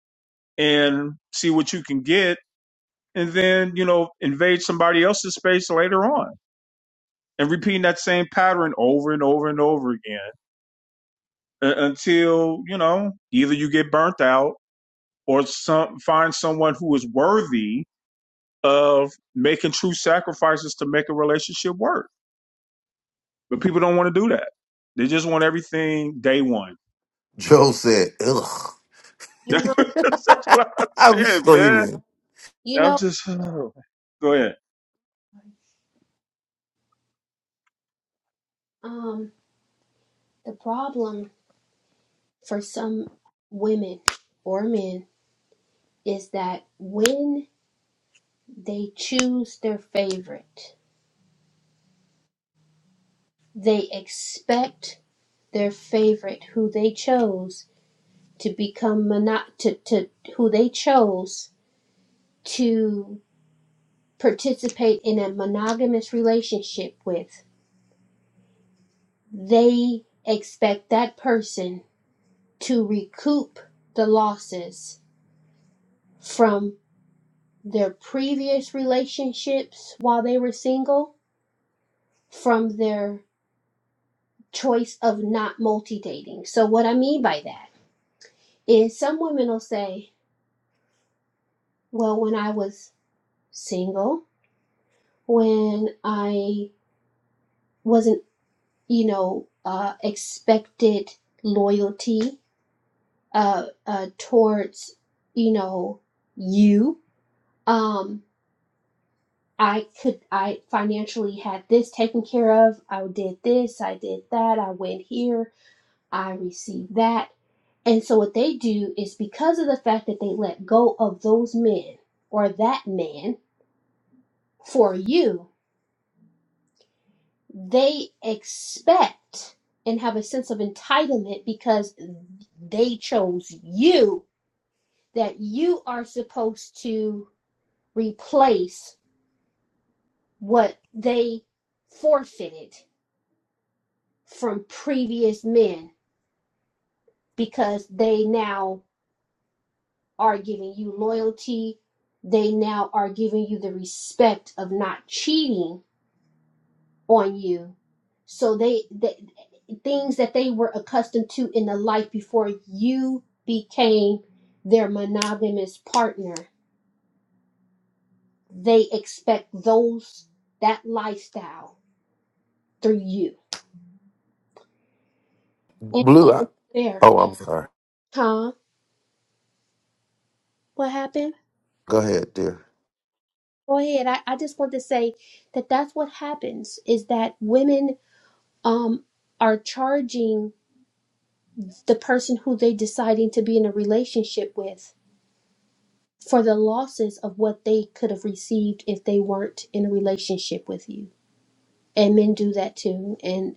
S1: and see what you can get, and then you know invade somebody else's space later on and repeating that same pattern over and over and over again uh, until you know either you get burnt out or some find someone who is worthy of making true sacrifices to make a relationship work. But people don't want to do that. They just want everything day one.
S2: Joe said, ugh.
S1: (laughs)
S10: You know,
S1: That's what I'm
S2: I'm
S1: saying, man.
S2: screaming.
S10: you
S1: I'm
S10: know
S1: just (sighs) oh. go ahead.
S10: um, the problem for some women or men is that when they choose their favorite, they expect their favorite who they chose to become mono- to, to who they chose to. participate in a monogamous relationship with, they expect that person to recoup the losses from their previous relationships while they were single, from their choice of not multi dating. So, what I mean by that is some women will say, Well, when I was single, when I wasn't, you know, uh, expected loyalty uh, uh, towards you know you um i could i financially had this taken care of i did this i did that i went here i received that and so what they do is because of the fact that they let go of those men or that man for you they expect and have a sense of entitlement because they chose you that you are supposed to replace what they forfeited from previous men because they now are giving you loyalty. They now are giving you the respect of not cheating on you. So they, the things that they were accustomed to in the life before you became their monogamous partner, they expect those that lifestyle through you. And
S2: Blue. I,
S10: it's fair,
S2: oh, I'm sorry.
S10: huh? What happened?
S2: Go ahead, dear.
S10: Go ahead. I, I just want to say that that's what happens is that women um are charging the person who they deciding to be in a relationship with for the losses of what they could have received if they weren't in a relationship with you. And men do that too. And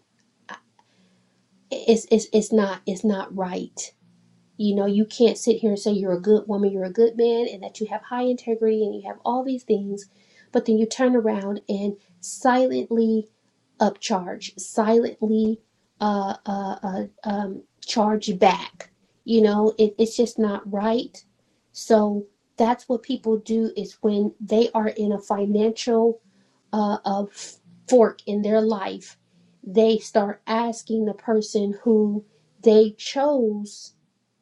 S10: it's it's it's not it's not right. You know, you can't sit here and say you're a good woman, you're a good man, and that you have high integrity and you have all these things, but then you turn around and silently upcharge, silently uh, uh, uh, um, charge back. You know, it, it's just not right. So that's what people do is when they are in a financial uh, uh, fork in their life, they start asking the person who they chose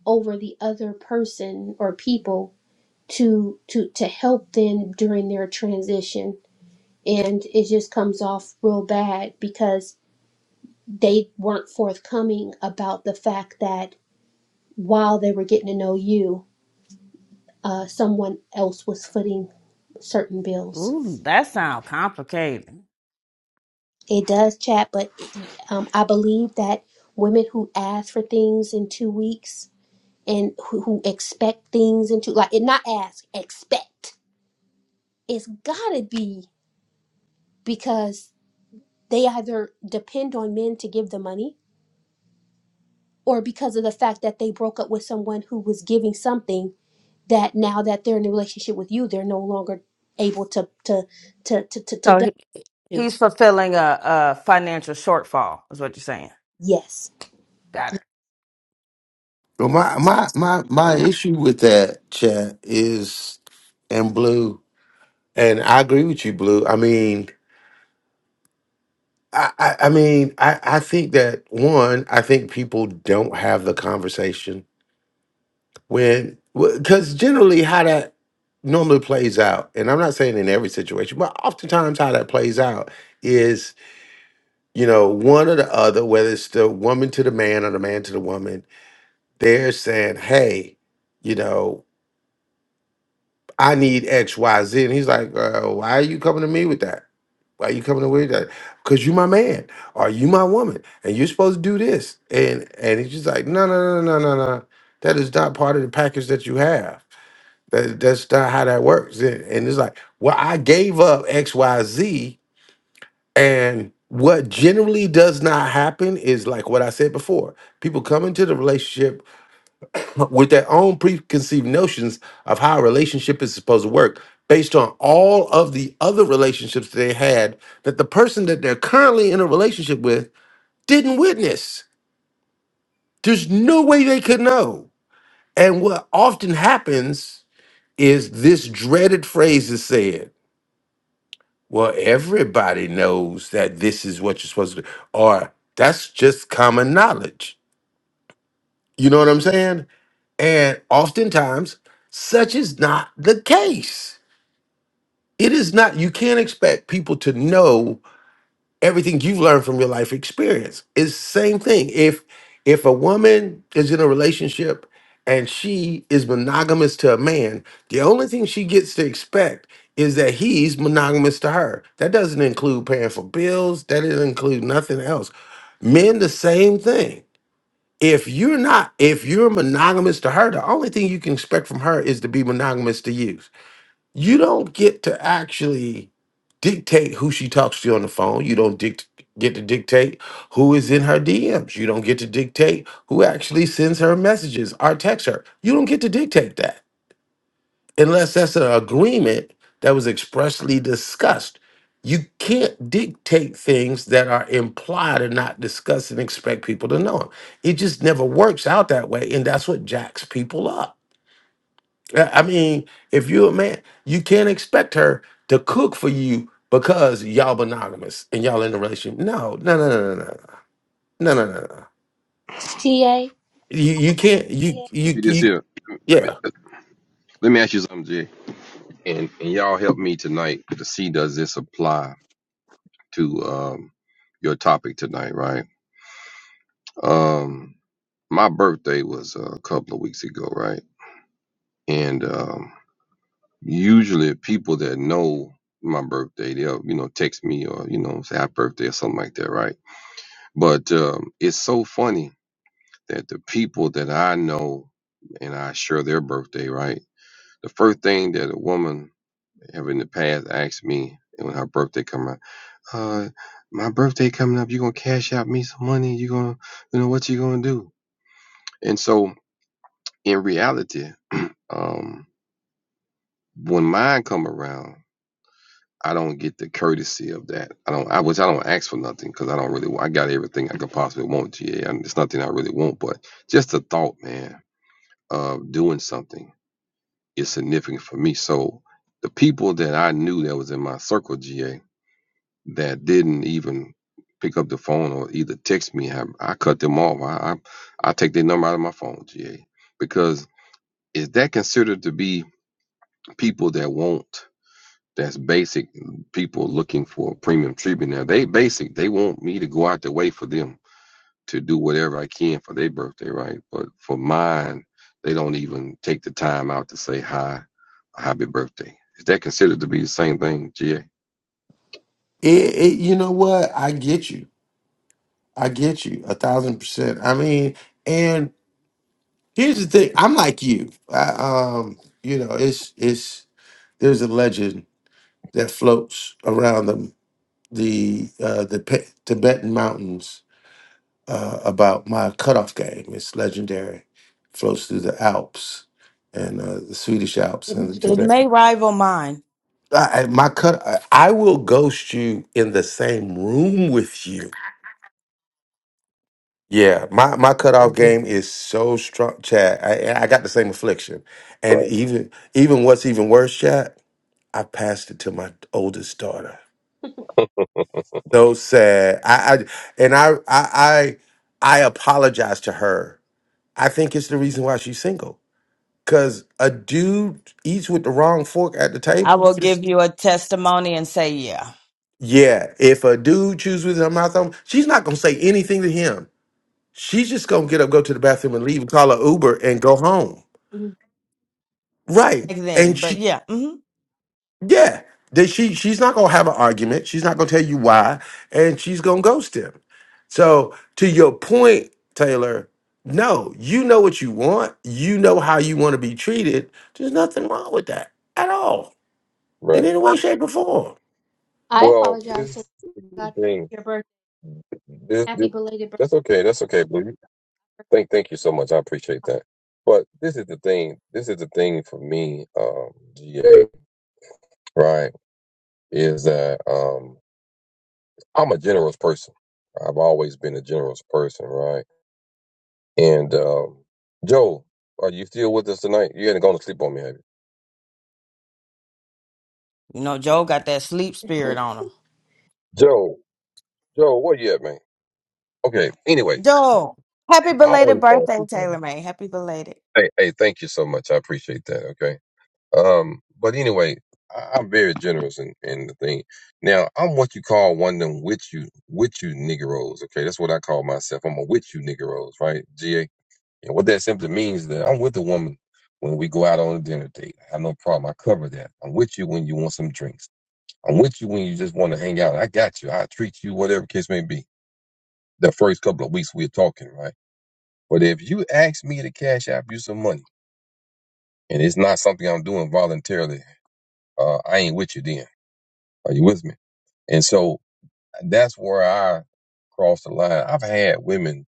S10: over the other person or people to to to help them during their transition and it just comes off real bad because they weren't forthcoming about the fact that while they were getting to know you uh, someone else was footing certain bills
S8: Ooh, that sounds complicated.
S10: it does chat but um, i believe that women who ask for things in two weeks and who, who expect things into like it not ask expect it's gotta be because they either depend on men to give the money or because of the fact that they broke up with someone who was giving something that now that they're in a relationship with you they're no longer able to to to to to, to
S8: So he,
S10: do
S8: he's fulfilling a, a financial shortfall, is what you're saying.
S10: yes
S8: Got it.
S2: Well, my my my my
S9: Uh,
S2: issue with that chat is, and blue, and I agree with you, blue. I mean, I I, I mean, I I think that one, I think people don't have the conversation when because generally how that normally plays out, and I'm not saying in every situation, but oftentimes how that plays out is you know one or the other, whether it's the woman to the man or the man to the woman, they're saying, hey. You know, I need X, Y, Z. And he's like, uh, why are you coming to me with that? Why are you coming away with that? Because you my man or you my woman and you're supposed to do this. And and he's just like, no, no, no, no, no, no. That is not part of the package that you have. That, that's not how that works. And, and it's like, well, I gave up X, Y, Z. And what generally does not happen is like what I said before. People come into the relationship (laughs) with their own preconceived notions of how a relationship is supposed to work based on all of the other relationships they had that the person that they're currently in a relationship with didn't witness. There's no way they could know. And what often happens is this dreaded phrase is said, well, everybody knows that this is what you're supposed to do, or that's just common knowledge. You know what I'm saying? And oftentimes, such is not the case it is not you can't expect people to know everything you've learned from your life experience it's the same thing if if a woman is in a relationship and she is monogamous to a man the only thing she gets to expect is that he's monogamous to her that doesn't include paying for bills that doesn't include nothing else men the same thing if you're not if you're monogamous to her the only thing you can expect from her is to be monogamous to you you don't get to actually dictate who she talks to on the phone. You don't dict- get to dictate who is in her DMs. You don't get to dictate who actually sends her messages or texts her. You don't get to dictate that unless that's an agreement that was expressly discussed. You can't dictate things that are implied and not discussed and expect people to know them. It just never works out that way. And that's what jacks people up. Uh, I mean, if you're a man, you can't expect her to cook for you because y'all monogamous and y'all in a relationship. No, no, no, no, no, no, no, no, no. no. no.
S10: ta
S2: You you can't you
S9: thank
S2: you
S9: you this
S2: you
S9: here.
S2: yeah.
S9: Let me ask you something, Jay. and, and y'all help me tonight to see does this apply to um, your topic tonight, right? Um, my birthday was a couple of weeks ago, right? And um, usually people that know my birthday, they'll you know text me or you know say happy birthday or something like that, right? But um, it's so funny that the people that I know and I share their birthday, right? The first thing that a woman have in the past asked me when her birthday come around. uh, my birthday coming up, you gonna cash out me some money, you gonna, you know, what you gonna do? And so in reality, um, when mine come around, I don't get the courtesy of that. I don't, I which I don't ask for nothing because I don't really, I got everything I could possibly want. Yeah, yeah, and it's nothing I really want, but just the thought, man, of doing something is significant for me. So the people that I knew that was in my circle, GA, that didn't even pick up the phone or either text me, I, I cut them off. I, I I take their number out of my phone, GA, because is that considered to be people that want that's basic people looking for premium treatment? Now they basic, they want me to go out the way for them to do whatever I can for their birthday, right? But for mine, they don't even take the time out to say hi, happy birthday. Is that considered to be the same thing, GA?
S2: It, it, you know what? I get you. I get you a thousand percent. I mean, and here's the thing. I'm like you. I, um, you know, it's it's there's a legend that floats around the the uh, the Pe- Tibetan mountains uh, about my cutoff game. It's legendary. Flows through the Alps and uh, the Swedish Alps and
S8: It
S2: today.
S8: may rival mine.
S2: I, I- my cut. I, I will ghost you in the same room with you. Yeah, my my cutoff
S9: Mhm.
S2: game is so strong, Chad. I I got the same affliction, and
S9: Right,
S2: even even what's even worse, Chad. I passed it to my oldest daughter. So sad. I, I and I I I I apologize to her. I think it's the reason why she's single Cause a dude eats with the wrong fork at the
S8: I
S2: table.
S8: will give
S2: Just
S8: you a testimony and say, yeah.
S2: yeah, if a dude chews with her mouth open, she's not gonna say anything to him. She's just gonna get up, go to the bathroom, and leave, and call her Uber, and go home.
S10: Mhm.
S2: Right?
S8: Back
S2: And
S8: then, but
S2: she
S8: yeah, hmm
S2: yeah, that she she's not gonna have an argument. She's not gonna tell you why, and she's gonna ghost him. So to your point, Taylor, no, you know what you want. You know how you want to be treated. There's nothing wrong with that at all
S9: right.
S2: in any
S10: i
S2: way, shape, or form.
S10: (laughs) I
S9: Well, this
S10: apologize for
S9: is the thing.
S10: your birthday
S9: This,
S10: happy
S9: this
S10: belated
S9: that's okay. That's okay, Blue. Thank thank you so much. I appreciate that. But this is the thing. This is the thing for me, um, GA, right? Is that um I'm a generous person. I've always been a generous person, right? And um Joe, are you still with us tonight? You ain't gonna sleep on me, have you?
S8: you know, Joe got that sleep spirit on him.
S9: Joe, Joe, where you at, man? Okay. Anyway,
S8: Joe, happy
S9: he
S8: belated
S9: always falls
S8: birthday,
S9: asleep on
S8: Taylor
S9: me.
S8: May. Happy belated.
S9: Hey, hey, thank you so much. I appreciate that. Okay. Um, but anyway, I, I'm very generous in, in the thing. Now, I'm what you call one of them with you, with you Negroes. Okay, that's what I call myself. I'm a with you Negroes, right? GA. And what that simply means is that I'm with the woman when we go out on a dinner date. I have no problem. I cover that. I'm with you when you want some drinks. I'm with you when you just want to hang out. I got you. I treat you, whatever case may be. The first couple of weeks we're talking, right? But if you ask me to cash out you some money, and it's not something I'm doing voluntarily, uh, I ain't with you then Are you with me? And so that's where I crossed the line. I've had women,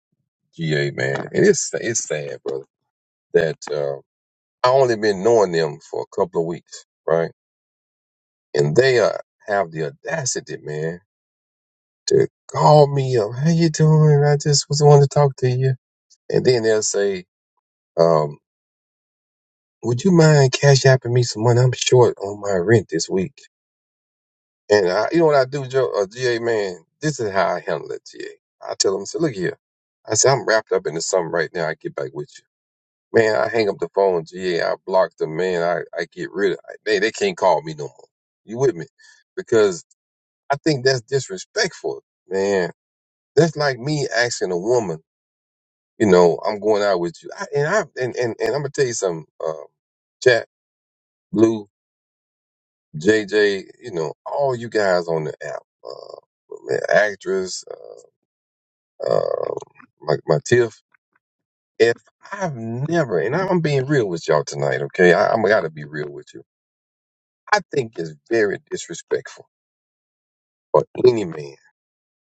S9: GA man, and it's it's sad, brother. That uh, I only been knowing them for a couple of weeks, right? And they uh, have the audacity, man, to call me up. How you doing? I just was wanting to talk to you. And then they'll say, um, "Would you mind cash apping me some money? I'm short on my rent this week." And I, you know what I do, Joe, uh, GA man? This is how I handle it, GA. I tell them, I say, look here. I say, I'm wrapped up into something right now. I get back with you. Man, I hang up the phone, GA. I block them, man. I, I get rid of They, they can't call me no more. You with me? Because I think that's disrespectful, man. That's like me asking a woman, you know, I'm going out with you. I, and I, and, and, and I'm going to tell you something, uh, chat, blue, JJ, you know, all you guys on the app, uh, man, actress. um, my my tiff. If I've never, and I'm being real with y'all tonight, okay? I, I'm gotta be real with you. I think it's very disrespectful for any man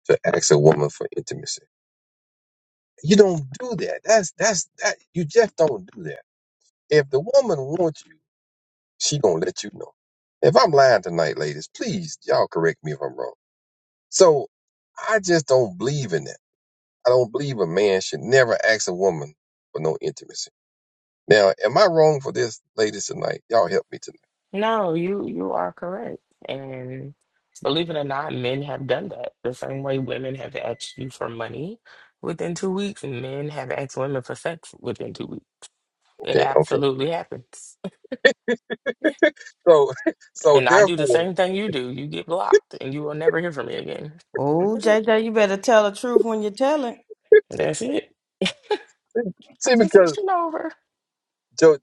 S9: to ask a woman for intimacy. You don't do that. That's that's that. You just don't do that. If the woman wants you, she gonna let you know. If I'm lying tonight, ladies, please y'all correct me if I'm wrong. So I just don't believe in that. I don't believe a man should never ask a woman for no intimacy. Now, am I wrong for this, ladies tonight? Y'all help me tonight.
S11: No, you you are correct. And believe it or not, men have done that. The same way women have asked you for money within two weeks, men have asked women for sex within two weeks. It
S9: Okay, okay.
S11: absolutely happens. (laughs)
S9: So, (laughs) so
S11: And I do the
S9: therefore,
S11: same thing you do. You get blocked and you will never hear from me again.
S8: Oh,
S11: That's it.
S8: JJ, you better tell the truth when you tell it.
S11: That's it.
S9: see, because
S11: Conversation over.
S9: Jo,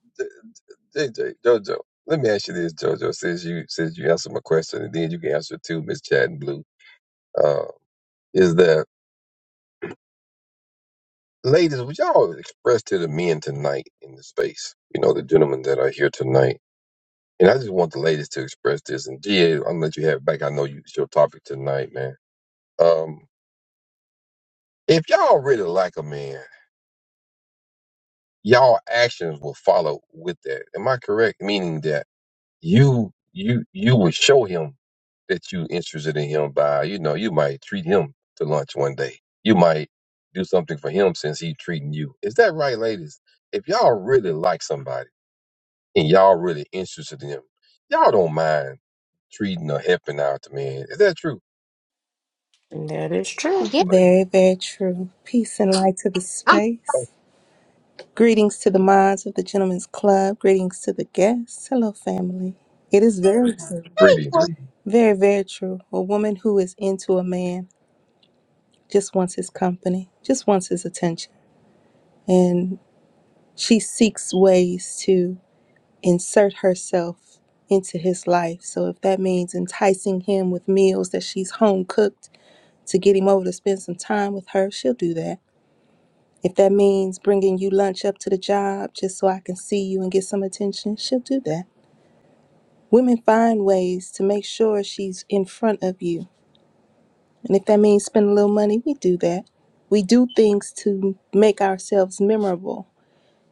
S9: JJ, JoJo, let me ask you this, JoJo, since you since you answered my question, and then you can answer too, Miss Chad and Blue. Uh, is that ladies? Would y'all express to the men tonight in the space? You know, the gentlemen that are here tonight. And I just want the ladies to express this. And yeah, I'm gonna let you have it back. I know you, it's your topic tonight, man. Um, if y'all really like a man, y'all actions will follow with that. Am I correct? Meaning that you you you would show him that you interested in him by you know you might treat him to lunch one day. You might do something for him since he treating you. Is that right, ladies? If y'all really like somebody and y'all really interested in him, y'all don't mind treating or helping out the man. Is that true?
S11: that is true.
S10: Yeah,
S9: Like,
S12: Very, very true. Peace and light to the
S10: I'm
S9: oh,
S12: space. Greetings to the minds of the Gentlemen's Club. Greetings to the guests. Hello, family. It is very true.
S9: greetings,
S10: thankful.
S9: greetings.
S12: Very, very true. A woman who is into a man just wants his company, just wants his attention. And she seeks ways to insert herself into his life. So if that means enticing him with meals that she's home cooked to get him over to spend some time with her, she'll do that. If that means bringing you lunch up to the job just so I can see you and get some attention, she'll do that. Women find ways to make sure she's in front of you. And if that means spending a little money, we do that. We do things to make ourselves memorable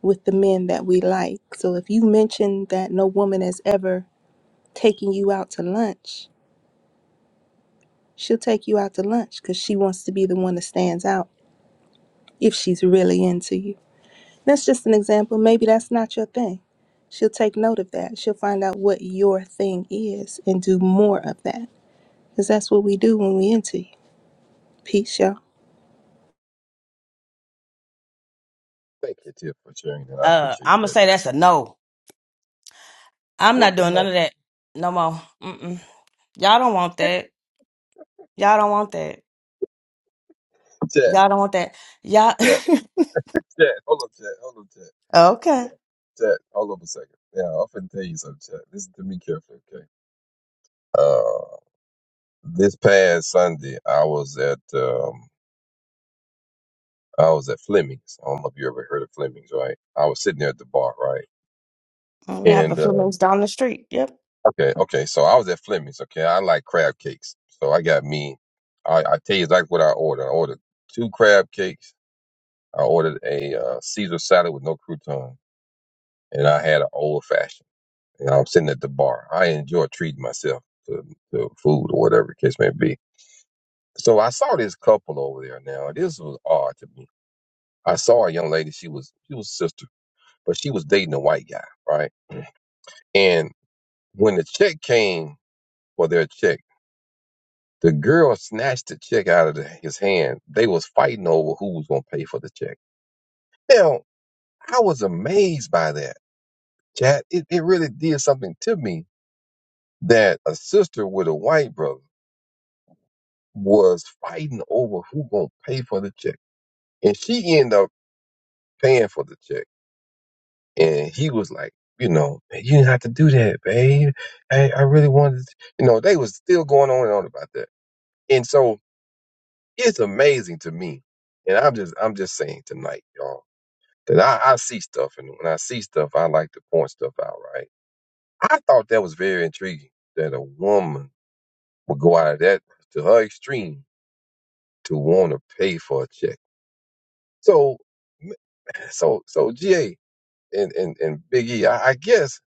S12: with the men that we like. So if you mention that no woman has ever taken you out to lunch, she'll take you out to lunch because she wants to be the one that stands out if she's really into you. That's just an example. Maybe that's not your thing. She'll take note of that. She'll find out what your thing is and do more of that. Because that's what we do when we into you. Peace, y'all.
S9: Thank you, Tip, for sharing that. I
S8: Uh,
S9: appreciate
S8: I'm gonna
S9: that.
S8: say
S9: Because
S8: that's a no. I'm not
S9: What's a
S8: doing none
S9: no?
S8: of that no more. Mm-mm. Y'all don't want that. Y'all don't want that.
S9: Chat,
S8: Y'all don't want that. Y'all.
S9: chat, chat. Hold up, chat. Hold up, chat.
S8: (laughs)
S9: Chat,
S8: okay.
S9: chat, hold on a second. Yeah, I'm finna tell you something, chat. Listen to me carefully, okay? Uh, this past Sunday, I was at um, I was at Fleming's. I don't know if you ever heard of Fleming's, right? I was sitting there at the bar, right?
S8: Well, We have a
S9: And uh,
S8: Fleming's down the street. Yep.
S9: okay, okay, so I was at Fleming's. Okay, I like crab cakes, so I got me. I, I tell you exactly what I ordered. I ordered two crab cakes. I ordered a uh, Caesar salad with no crouton, and I had an old fashioned. You know, I'm sitting at the bar. I enjoy treating myself to, to food or whatever the case may be. So I saw this couple over there. Now this was odd to me. I saw a young lady. She was she was a sister, but she was dating a white guy, right? And when the check came for their check, the girl snatched the check out of the, his hand. They was fighting over who was gonna pay for the check. Now I was amazed by that, Chad. It, it really did something to me that a sister with a white brother. was fighting over who gonna pay for the check, and she ended up paying for the check. And he was like, you know, "Man, you didn't have to do that, babe. I, I really wanted, to. you know, they was still going on and on about that. And so it's amazing to me. And I'm just, I'm just saying tonight, y'all, that I, I see stuff, and when I see stuff, I like to point stuff out. Right? I thought that was very intriguing that a woman would go out of that to her extreme to want to pay for a check. So So so GA and, and, and Big E, I, I guess,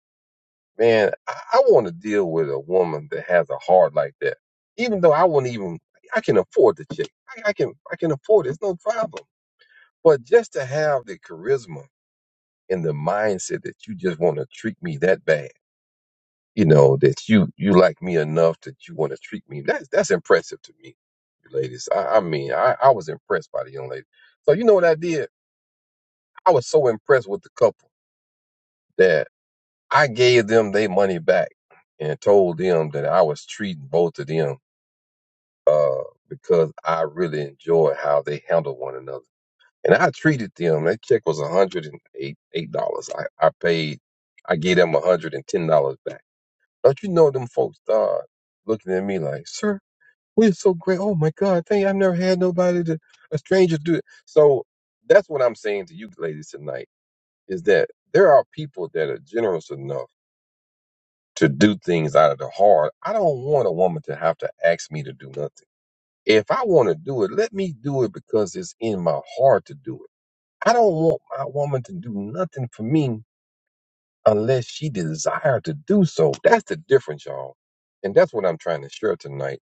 S9: man, I, I want to deal with a woman that has a heart like that. Even though I wouldn't even I can afford the chick. I, I can I can afford it. It's no problem. But just to have the charisma and the mindset that you just want to treat me that bad, you know, that you you like me enough that you want to treat me, that's that's impressive to me, you ladies. I, I mean, I, I was impressed by the young lady. So you know what I did? I was so impressed with the couple that. I gave them their money back and told them that I was treating both of them uh, because I really enjoy how they handle one another. And I treated them. That check was $108. I, I paid, I gave them $110 back. Don't you know, them folks start looking at me like, sir, we're so great. Oh my God, thank you. I've never had nobody, to, a stranger do it. So that's what I'm saying to you ladies tonight is that there are people that are generous enough to do things out of the heart. I don't want a woman to have to ask me to do nothing. If I want to do it, let me do it because it's in my heart to do it. I don't want my woman to do nothing for me unless she desire to do so. That's the difference, y'all. And that's what I'm trying to share tonight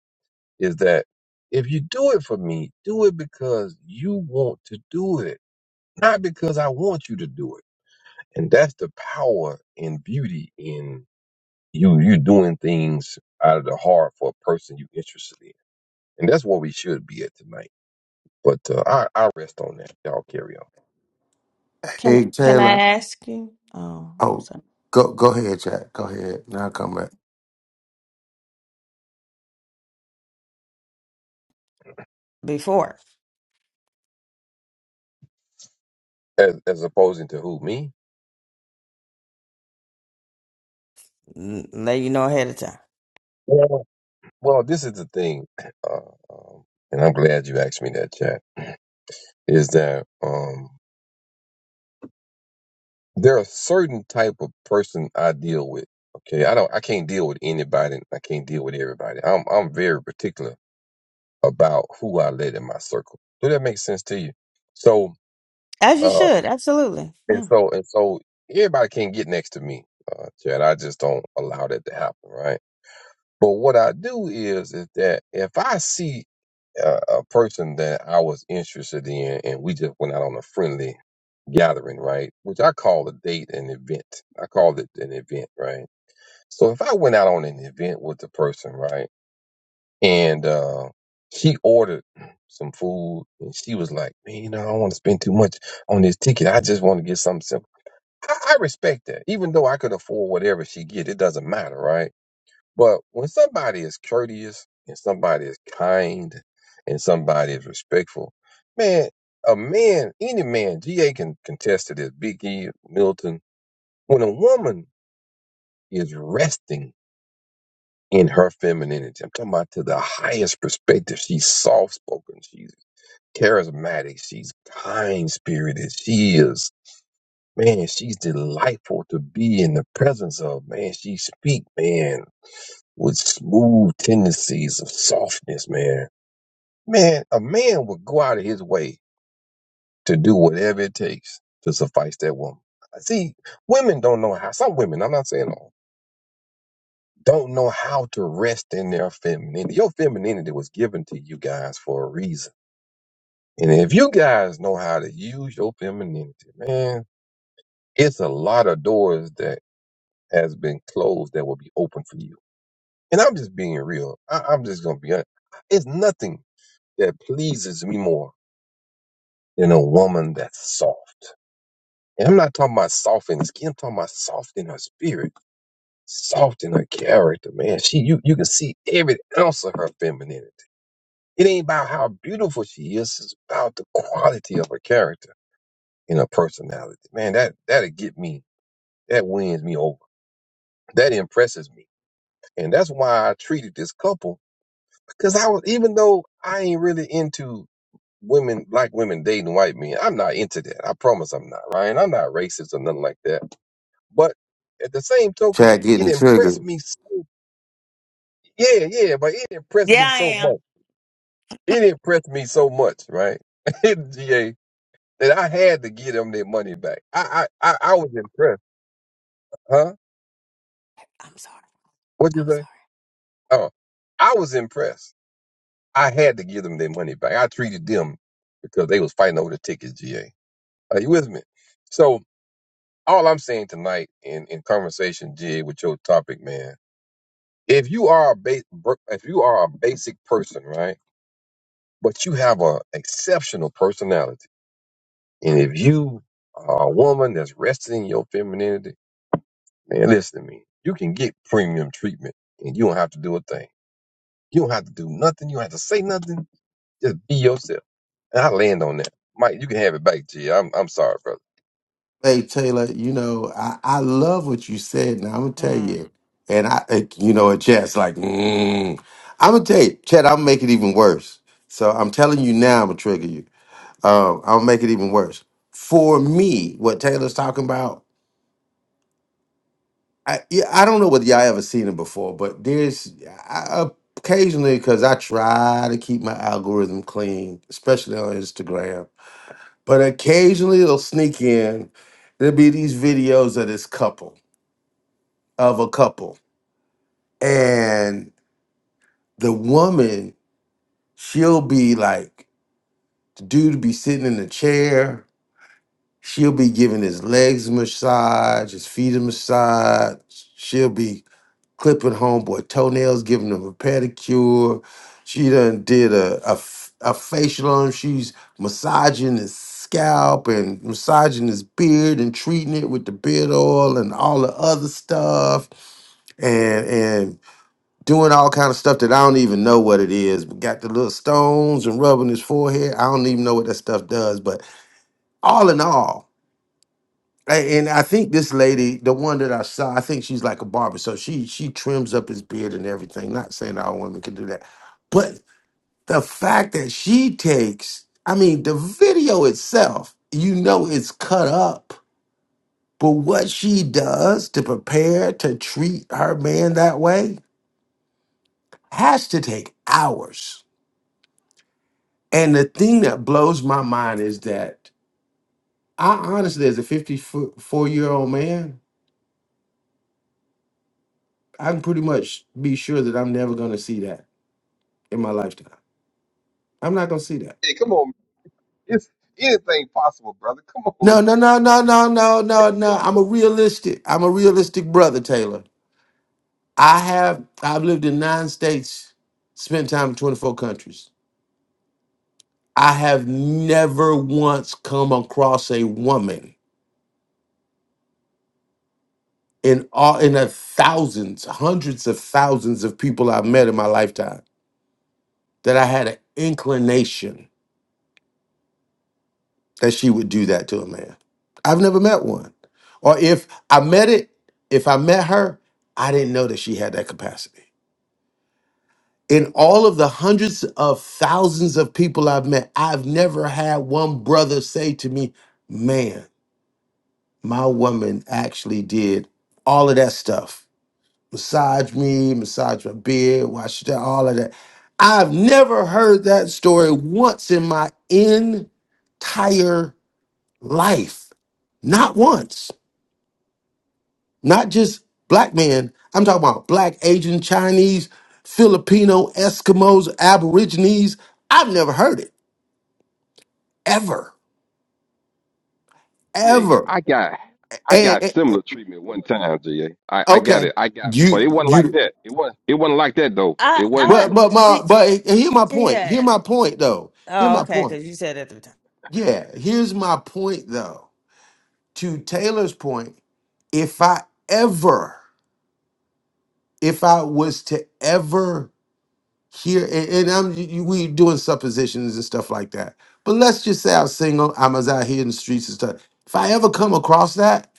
S9: is that if you do it for me, do it because you want to do it, not because I want you to do it. And that's the power and beauty in you you're doing things out of the heart for a person you're interested in, and that's where we should be at tonight. But uh, I I rest on that. Y'all carry on.
S8: Can
S2: Hey
S8: Can I
S2: Taylor.
S8: ask you? Oh,
S2: Oh,
S8: so
S2: go go ahead, Chad. Go ahead. Now i come back.
S8: before,
S9: As as opposing to who me?
S8: N- let you know ahead of time.
S9: Well, well, this is the thing, uh, um, and I'm glad you asked me that, chat. Is that um, there are certain type of person I deal with. Okay, I don't I can't deal with anybody. I can't deal with everybody. I'm I'm very particular about who I let in my circle. Do that make sense to you? So.
S8: As you
S9: Um,
S8: should. Absolutely.
S9: And
S8: Yeah.
S9: so and so everybody can't get next to me, uh, Chad. I just don't allow that to happen, right? But what I do is is that if I see a, a person that I was interested in, and we just went out on a friendly gathering, right? Which I call a date an event. I call it an event, right? So if I went out on an event with the person, right, and uh, she ordered some food, and she was like, "Man, you know, I don't want to spend too much on this ticket. I just want to get something simple." I, I respect that. Even though I could afford whatever she get, it doesn't matter, right? But when somebody is courteous and somebody is kind and somebody is respectful, man, a man, any man, GA can contest to this, Big E, Milton, when a woman is resting in her femininity, I'm talking about to the highest perspective. She's soft spoken, she's charismatic, she's kind spirited, she is Man, she's delightful to be in the presence of. Man, she speak, man, with smooth tendencies of softness, man. Man, a man would go out of his way to do whatever it takes to suffice that woman. See, women don't know how, some women, I'm not saying all, don't know how to rest in their femininity. Your femininity was given to you guys for a reason. And if you guys know how to use your femininity, man, it's a lot of doors that has been closed that will be open for you. And I'm just being real. I, I'm just gonna be honest. It's nothing that pleases me more than a woman that's soft. And I'm not talking about soft in the skin. I'm talking about soft in her spirit, soft in her character. Man, she you you can see every ounce of her femininity. It ain't about how beautiful she is. It's about the quality of her character and her personality. Man, that that'll get me. That wins me over. That impresses me. And that's why I treated this couple Cause I was, even though I ain't really into women, black women dating white men, I'm not into that. I promise I'm not, Ryan. I'm not racist or nothing like that. But at the same token,
S2: Chad
S9: it
S2: getting
S9: impressed
S2: triggered.
S9: me so, yeah, yeah, but it impressed
S8: Yeah,
S9: me
S8: I
S9: so
S8: am.
S9: much. It impressed me so much, right? (laughs) GA, that I had to give them their money back. I, I, I, I was impressed. Huh?
S8: I'm sorry.
S9: What'd you
S8: I'm
S9: say?
S8: sorry.
S9: Oh, I was impressed. I had to give them their money back. I treated them because they was fighting over the tickets, GA. Are you with me? So, all I'm saying tonight in, in conversation, G, with your topic, man, if you are a ba- br- if you are a basic person, right, but you have a exceptional personality, and if you are a woman that's resting in your femininity, man, listen to me, you can get premium treatment, and you don't have to do a thing. You don't have to do nothing. You don't have to say nothing. Just be yourself. And I land on that, Mike. You can have it back, G. I'm I'm sorry, brother.
S2: Hey Taylor, you know I, I love what you said. Now I'm gonna tell
S8: Mm.
S2: you, and I it- you know and Chad's like, mm. I'm gonna tell you, Chad. I'm gonna make it even worse. So I'm telling you now, I'm gonna trigger you. Um, I'll make it even worse. For me, what Taylor's talking about I yeah, I don't know whether y'all ever seen it before, but there's I, occasionally because I try to keep my algorithm clean, especially on Instagram. But occasionally it'll sneak in. There'll be these videos of this couple of a couple, and the woman she'll be like the dude be sitting in the chair. She'll be giving his legs a massage, his feet a massage. She'll be clipping homeboy toenails, giving him a pedicure. She done did a, a, f- a facial on him. She's massaging his scalp and massaging his beard and treating it with the beard oil and all the other stuff and and doing all kind of stuff that I don't even know what it is. But got the little stones and rubbing his forehead. I don't even know what that stuff does. But all in all, a- And I think this lady, the one that I saw, I think she's like a barber. So she she trims up his beard and everything. Not saying all women can do that, but the fact that she takes, I mean, the video itself, you know, it's cut up. But what she does to prepare to treat her man that way has to take hours. And the thing that blows my mind is that I honestly, as a 54 year old man, I can pretty much be sure that I'm never going to see that. in my lifetime. I'm not gonna see that.
S9: Hey, come on, man. it's anything possible, brother. Come on, man.
S2: No, no, no, no, no, no, no, no. I'm a realistic. I'm a realistic brother, Taylor. I have I've lived in nine states, spent time in 24 countries. I have never once come across a woman in all in the thousands, hundreds of thousands of people I've met in my lifetime that I had an inclination that she would do that to a man. I've never met one. Or if I met it, if I met her, I didn't know that she had that capacity. In all of the hundreds of thousands of people I've met, I've never had one brother say to me, Man, my woman actually did all of that stuff massage me, massage my beard, wash that, all of that. I've never heard that story once in my entire life. Not once. Not just black men. I'm talking about black, Asian, Chinese, Filipino, Eskimos, Aborigines. I've never heard it ever,
S9: Yeah,
S2: ever.
S9: I got I got
S2: And, and-
S9: similar treatment one time, GA. got
S2: okay,
S9: it. I got but it
S2: you
S9: wasn't like
S2: you.
S9: that. It wasn't it wasn't like that though.
S8: I
S9: It wasn't
S8: I
S2: But
S9: it,
S2: but
S8: G, A.
S2: my but hear my point. Hear my point though. Hear
S8: Oh,
S2: my
S8: okay.
S2: point.
S8: Because you said it three times.
S2: Yeah, here's my point though. To Taylor's point, if I ever, if I was to ever here and, and I'm you- we doing suppositions and stuff like that. But let's just say I'm single, I'm as out here in the streets and stuff. If I ever come across that,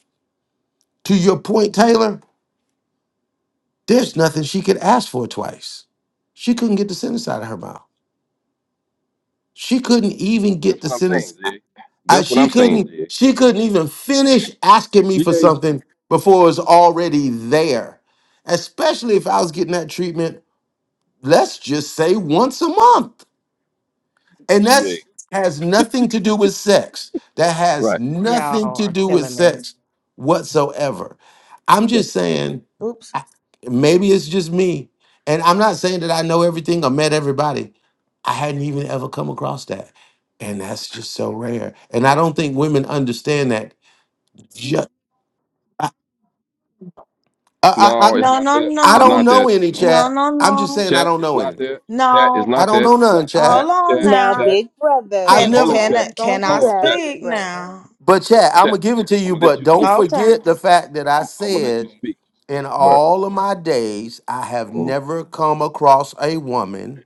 S2: to your point, Taylor, there's nothing she could ask for twice. She couldn't get the sentence out of her mouth. She couldn't even get
S9: that's
S2: the
S9: what I'm
S2: sentence.
S9: saying,
S2: I,
S9: GA.
S2: I-
S9: That's what
S2: she
S9: I'm saying,
S2: couldn't.
S9: GA.
S2: She couldn't even finish asking me for something before it was already there. Especially if I was getting that treatment. Let's just say once a month. And that has nothing to do with sex. That has
S9: Right,
S2: nothing
S8: Y'all
S2: to
S8: are
S2: do with
S8: killing me.
S2: sex whatsoever. I'm
S9: right.
S2: just saying,
S8: Oops.
S2: I- maybe it's just me. And I'm not saying that I know everything or met everybody. I hadn't even ever come across that. And that's just so rare. And I don't think women understand that. Ju- I,
S9: No,
S2: I,
S9: it's
S2: I,
S8: No,
S9: not
S8: no,
S9: that.
S2: I
S9: It's
S2: don't
S9: not
S8: no,
S2: know
S9: that.
S2: any,
S9: No.
S8: no,
S2: chat.
S8: no,
S2: I'm just
S8: no,
S2: saying I
S9: Chat,
S2: don't
S9: it's
S2: know
S9: not
S2: any.
S9: that. Chat, it's
S8: no.
S2: I
S9: not
S2: don't
S9: that.
S2: know
S9: It's
S2: none,
S9: not chat,
S2: chat.
S8: Hold on
S9: chat,
S12: Now,
S8: now.
S9: chat,
S12: big
S2: I've
S12: brother,
S8: Can
S9: chat.
S2: never.
S9: Hold up,
S8: can
S9: chat.
S12: don't
S8: can
S12: don't do
S8: I
S9: Hold up,
S12: that,
S9: chat,
S8: speak
S12: big brother.
S8: now?
S2: But chat, I'm
S9: chat.
S2: gonna give it to
S9: I'm
S2: you,
S9: gonna let
S2: but
S9: you
S2: don't
S9: speak.
S8: Okay.
S2: forget the fact that I
S9: I'm I'm gonna let
S2: said
S9: you speak.
S2: in
S9: But
S2: all of my days, I have
S9: mm,
S2: never come across a woman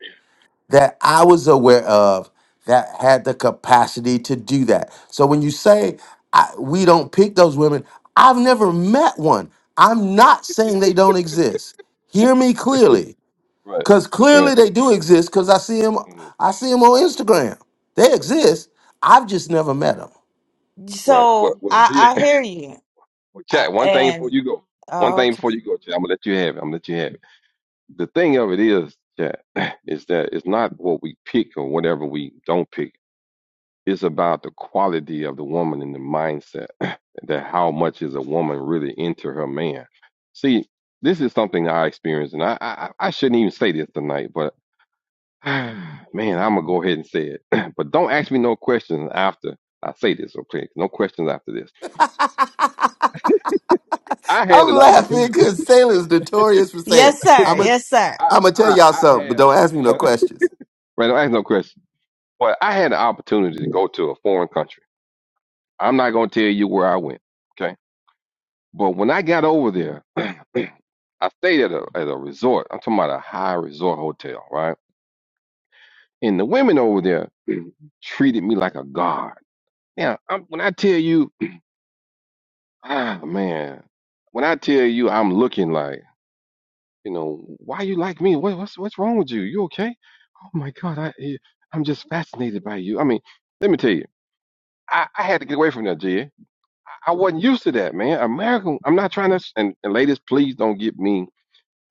S2: that I was aware of that had the capacity to do that. So when you say I, we don't pick those women, I've never met one. I'm not saying they don't exist. Hear me clearly,
S9: right,
S2: because
S9: right,
S2: clearly they do exist. Because I see them,
S9: mm,
S2: I see them on Instagram. They exist. I've just never met
S9: right. Well
S8: So
S9: well
S8: I
S9: GA
S8: I hear you.
S9: Well,
S8: Uh,
S9: Chad, one thing before
S8: and
S9: you go. One thing
S8: okay.
S9: before you go, Chad. I'm gonna let you have it. I'm gonna let you have it. The thing of it is, Chad, (clears throat) is that it's not what we pick or whatever we don't pick. It's about the quality of the woman and the mindset (clears throat) that how much is a woman really into her man. See, this is something I experienced, and I I, I shouldn't even say this tonight, but (sighs) man, I'm gonna go ahead and say it. (clears throat) but don't ask me no questions after I say this, okay? No questions after this.
S2: them. (laughs)
S9: I had
S2: I'm
S9: an
S2: laughing
S9: opportunity.
S2: because sailors notorious for saying,
S8: Yes, sir.
S2: "I'm a,
S8: Yes, sir.
S9: I
S2: I'm gonna tell
S9: I,
S2: y'all
S9: I
S2: something, but
S9: had
S2: don't ask me
S9: (laughs)
S2: no
S9: right.
S2: questions."
S9: Don't ask no question. But I had the opportunity to go to a foreign country. I'm not gonna tell you where I went. Okay. But when I got over there, (clears throat) I stayed at a at a resort. I'm talking about a high resort hotel, right? And the women over there (clears throat) Mhm. treated me like a god. Now, I'm, when I tell you, (clears throat) ah man, when I tell you I'm looking like. You know, why you like me? What, what's what's wrong with you? You okay? Oh my God, I eh, I'm just fascinated by you. I mean, let me tell you, I, I had to get away from that, Jay. I wasn't used to that, man. American, I'm not trying to. And, and ladies, please don't get me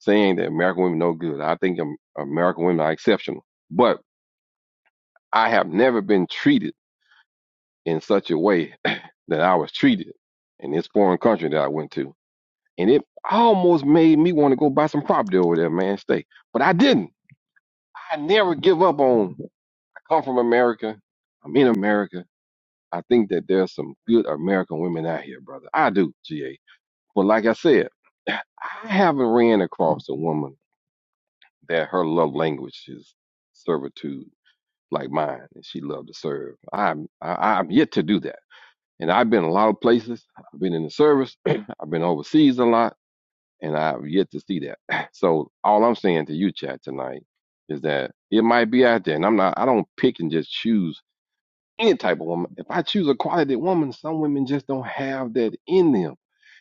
S9: saying that American women no good. I think Am- American women are exceptional, but I have never been treated in such a way (clears throat) that I was treated in this foreign country that I went to, and it almost made me want to go buy some property over there, man. Stay, but I didn't. I never give up on. I come from America. I'm in America. I think that there's some good American women out here, brother. I do, GA. But like I said, (sighs) I haven't ran across a woman that her love language is servitude like mine, and she loved to serve. I'm I, I'm yet to do that, and I've been a lot of places. I've been in the service. (clears throat) I've been overseas a lot and I've yet to see that. (clears throat) So all I'm saying to you, chat tonight is that it might be out there, and I'm not. I don't pick and just choose any type of woman. If I choose a quality woman, some women just don't have that in them,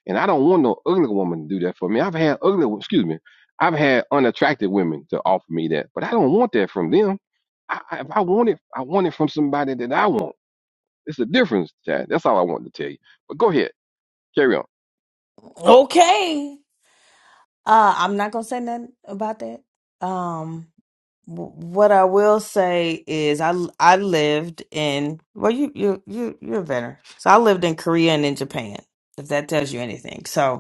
S9: and I don't want no ugly woman to do that for me. I've had ugly, excuse me, I've had unattractive women to offer me that, but I don't want that from them. I, I- if I want it, I want it from somebody that I want. It's a difference, chat. That's all I wanted to tell you. But go ahead, carry on.
S8: Okay. Uh, I'm not gonna say nothing about that. Um, w- what I will say is I l- I lived in well you you you you're a veteran. So I lived in Korea and in Japan. If that tells you anything. So.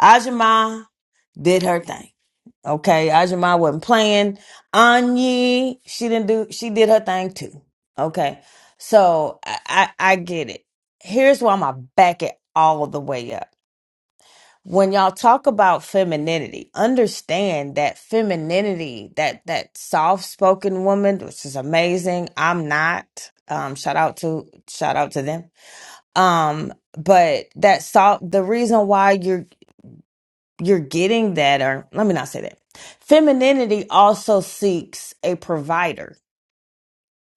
S8: Ajima did her thing. Okay, Ajima wasn't playing. Anyi, she didn't do. She did her thing too. Okay, so I I, I get it. Here's why I'm gonna back it all the way up. When y'all talk about femininity, understand that femininity, that that soft spoken woman, which is amazing. I'm not. Um, shout out to shout out to them. Um, but that soft. The reason why you're you're getting that or let me not say that femininity also seeks a provider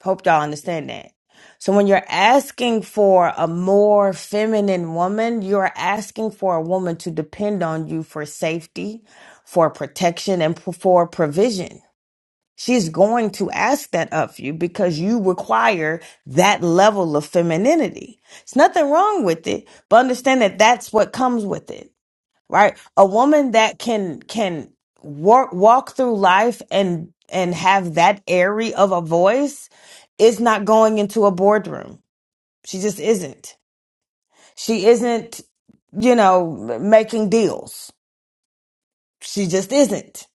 S8: hope y'all understand that so when you're asking for a more feminine woman you're asking for a woman to depend on you for safety for protection and p- for provision she's going to ask that of you because you require that level of femininity it's nothing wrong with it but understand that that's what comes with it right a woman that can can walk walk through life and and have that airy of a voice is not going into a boardroom she just isn't she isn't you know making deals she just isn't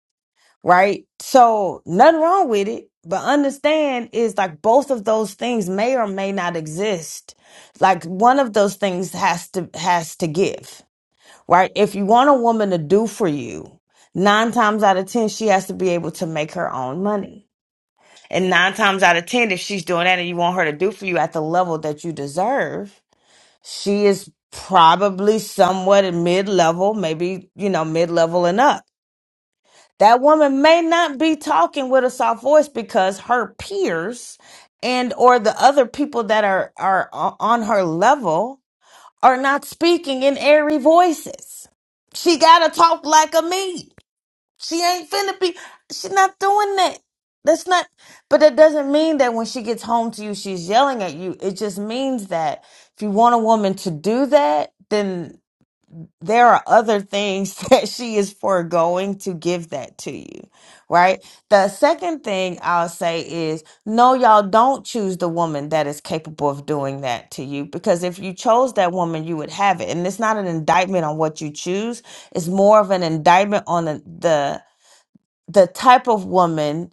S8: right so nothing wrong with it but understand is like both of those things may or may not exist like one of those things has to has to give right? If you want a woman to do for you, nine times out of 10, she has to be able to make her own money. And nine times out of 10, if she's doing that and you want her to do for you at the level that you deserve, she is probably somewhat at mid level, maybe, you know, mid level and up. That woman may not be talking with a soft voice because her peers and or the other people that are are o- on her level are not speaking in airy voices. She gotta talk like a me. She ain't finna be. She's not doing that. That's not. But that doesn't mean that when she gets home to you, she's yelling at you. It just means that if you want a woman to do that, then there are other things (laughs) that she is foregoing to give that to you, right? The second thing I'll say is no, y'all don't choose the woman that is capable of doing that to you because if you chose that woman, you would have it. And it's not an indictment on what you choose, it's more of an indictment on the, the, the type of woman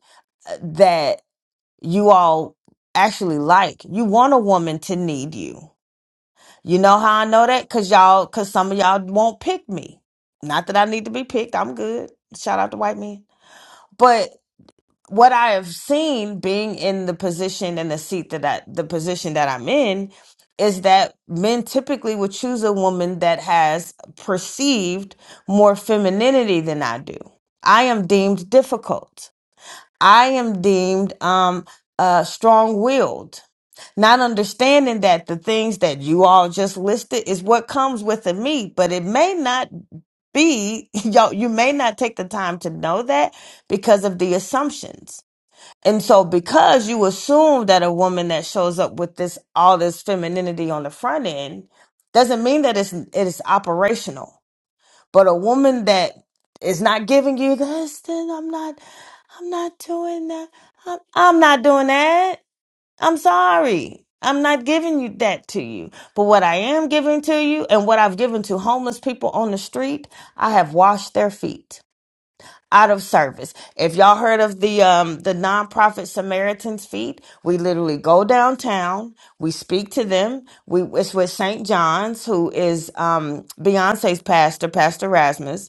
S8: uh, that you all actually like. You want a woman to need you you know how I know that? Cause y'all, cause some of y'all won't pick me. Not that I need to be picked. I'm good. Shout out to white men. But what I have seen being in the position and the seat that I, the position that I'm in is that men typically would choose a woman that has perceived more femininity than I do. I am deemed difficult. I am deemed um uh strong-willed. Not understanding that the things that you all just listed is what comes with the meat, but it may not be, (laughs) y'all, you may not take the time to know that because of the assumptions. And so because you assume that a woman that shows up with this all this femininity on the front end doesn't mean that it's it is operational. But a woman that is not giving you this, then I'm not I'm not doing that. I'm, I'm not doing that. I'm sorry. I'm not giving you that to you. But what I am giving to you and what I've given to homeless people on the street, I have washed their feet out of service. If y'all heard of the um the nonprofit Samaritan's Feet, we literally go downtown, we speak to them. We it's with St. John's who is um Beyonce's pastor, Pastor Rasmus,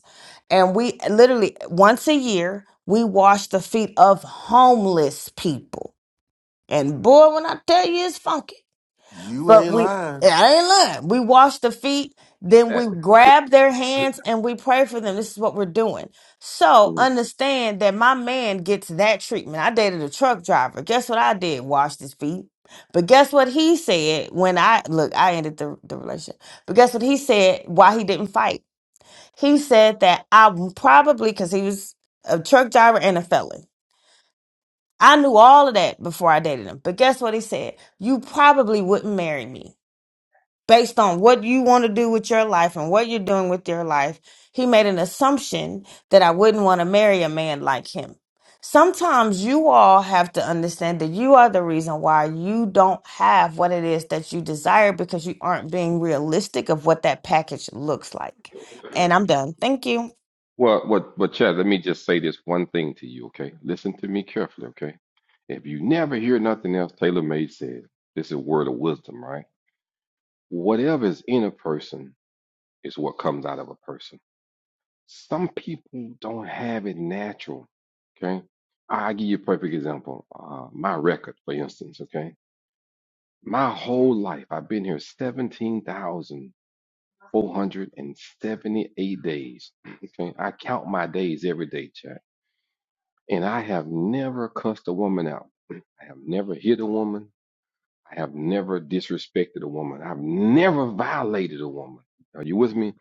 S8: and we literally once a year we wash the feet of homeless people and boy, when I tell you it's funky.
S2: You
S8: But
S2: ain't
S8: we
S2: lying.
S8: I ain't lying. We wash the feet, then
S9: Chad.
S8: we grab their hands and we pray for them. This is what we're doing. So
S9: Mm.
S8: understand that my man gets that treatment. I dated a truck driver. Guess what I did? Washed his feet. But guess what he said when I look, I ended the, the relationship. But guess what he said why he didn't fight? He said that I probably because he was a truck driver and a felon. I knew all of that before I dated him. But guess what he said? You probably wouldn't marry me. Based on what you want to do with your life and what you're doing with your life, he made an assumption that I wouldn't want to marry a man like him. Sometimes you all have to understand that you are the reason why you don't have what it is that you desire because you aren't being realistic of what that package looks like.
S9: (laughs)
S8: And I'm done. Thank you.
S9: Well, what, but Chad, let me just say this one thing to you, okay? Listen to me carefully, okay? If you never hear nothing else Taylor May said, this is a word of wisdom, right? Whatever is in a person is what comes out of a person. Some people don't have it natural, okay? I'll give you a perfect example. Uh, my record, for instance, okay? My whole life, I've been here 17,478 days, (clears throat) okay? I count my days every day, Chad. And I have never cussed a woman out. I have never hit a woman. I have never disrespected a woman. I've never violated a woman. Are you with me?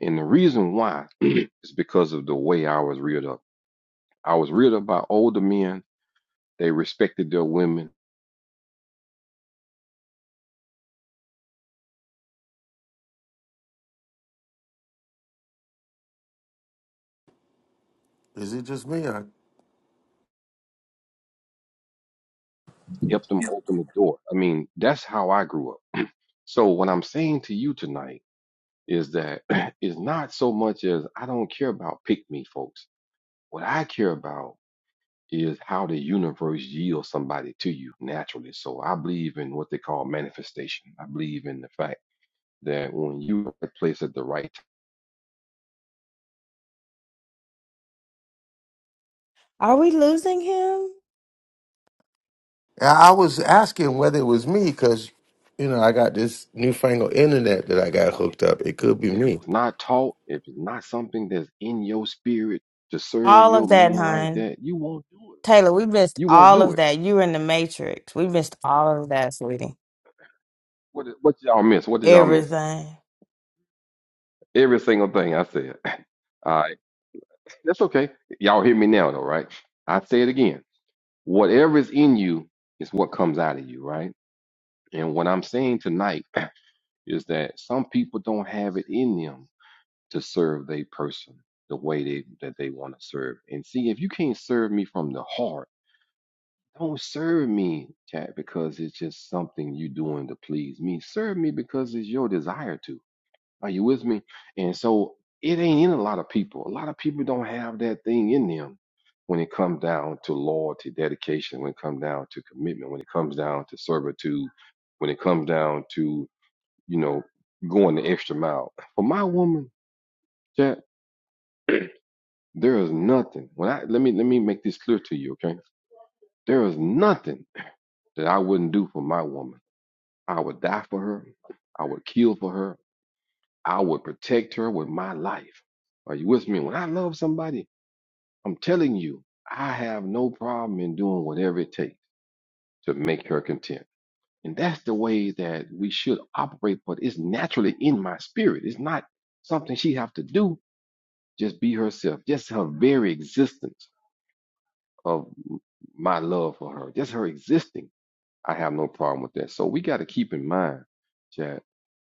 S9: And the reason why (clears throat) is because of the way I was reared up. I was reared up by older men. They respected their women,
S2: Is it just me? Or...
S9: helped them open the door. I mean, that's how I grew up. So what I'm saying to you tonight is that (clears throat) it's not so much as I don't care about pick me folks. What I care about is how the universe yields somebody to you naturally. So I believe in what they call manifestation. I believe in the fact that when you are at the place at the right time,
S8: Are we losing him?
S2: I I was asking whether it was me because, you know, I got this newfangled internet that I
S9: be
S2: got
S9: funny.
S2: hooked up. It could be
S9: If
S2: me.
S9: it's not taught, if it's not something that's in your spirit to serve
S8: All of
S9: your
S8: that,
S9: man like
S8: hon.
S9: that, you won't do it.
S8: Taylor, we missed
S9: You won't
S8: all
S9: do
S8: of
S9: it.
S8: that. You were in the Matrix. We missed all of that, sweetie.
S9: What did- what did y'all miss? What did y'all miss?
S8: Everything.
S9: Every single thing I said. (laughs) All right. That's okay. Y'all hear me now though, right? I say it again. Whatever is in you is what comes out of you, right? And what I'm saying tonight is that some people don't have it in them to serve their person the way they, that they want to serve. And see, if you can't serve me from the heart, don't serve me, Chad, because it's just something you doing to please me. Serve me because it's your desire to. Are you with me? And so it ain't in a lot of people. A lot of people don't have that thing in them when it comes down to loyalty, dedication, when it comes down to commitment, when it comes down to servitude, when it comes down to you know, going the extra mile. For my woman, Jack, there is nothing. When I let me let me make this clear to you, okay? There is nothing that I wouldn't do for my woman. I would die for her. I would kill for her. I would protect her with my life. Are you with me? When I love somebody, I'm telling you, I have no problem in doing whatever it takes to make her content. And that's the way that we should operate, but it's naturally in my spirit. It's not something she have to do Just be herself. Just her very existence of my love for her, just her existing, I have no problem with that. So we got to keep in mind, Chad,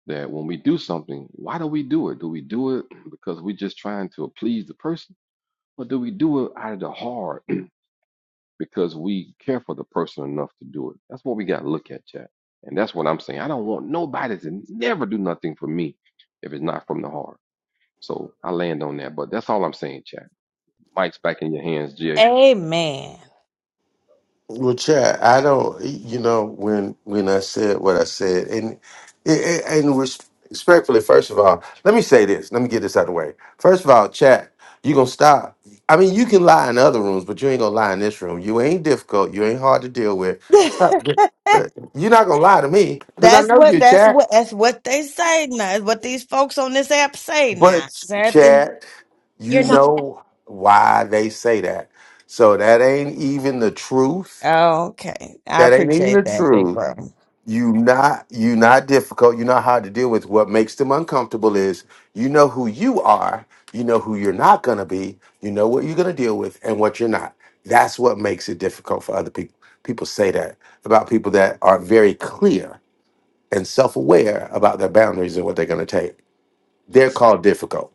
S9: that when we do something, why do we do it? Do we do it because we're just trying to please the person, or do we do it out of the heart (clears throat) because we care for the person enough to do it? That's what we got to look at, Chad. And that's what I'm saying. I don't want nobody to never do nothing for me if it's not from the heart. So I land on that. But that's all I'm saying, Chad. Mike's back in your hands, Jay.
S8: Amen.
S2: Well, Chad, I don't. You know, when when I said what I said, and and and res- respectfully, first of all, let me say this. Let me get this out of the way. First of all, Chad, you gonna stop. I mean, you can lie in other rooms, but you ain't gonna lie in this room. You ain't difficult. You ain't hard to deal with. Stop. Uh,
S8: (laughs)
S2: You're not gonna lie to me because I
S8: that's
S2: know
S8: what
S2: you,
S8: that's
S2: Chad.
S8: what that's what they say now. It's what these folks on this app say now.
S2: But
S8: Is that the-
S2: Chad, you
S10: You're not.
S2: know why they say that. So that ain't even the truth.
S8: oh, okay. I
S2: That ain't even the
S8: appreciate that, big
S2: truth.
S8: bro.
S2: you not you not difficult you not hard to deal with what makes them uncomfortable is you know who you are you know who you're not going to be you know what you're going to deal with and what you're not that's what makes it difficult for other people people say that about people that are very clear and self-aware about their boundaries and what they're going to take they're called difficult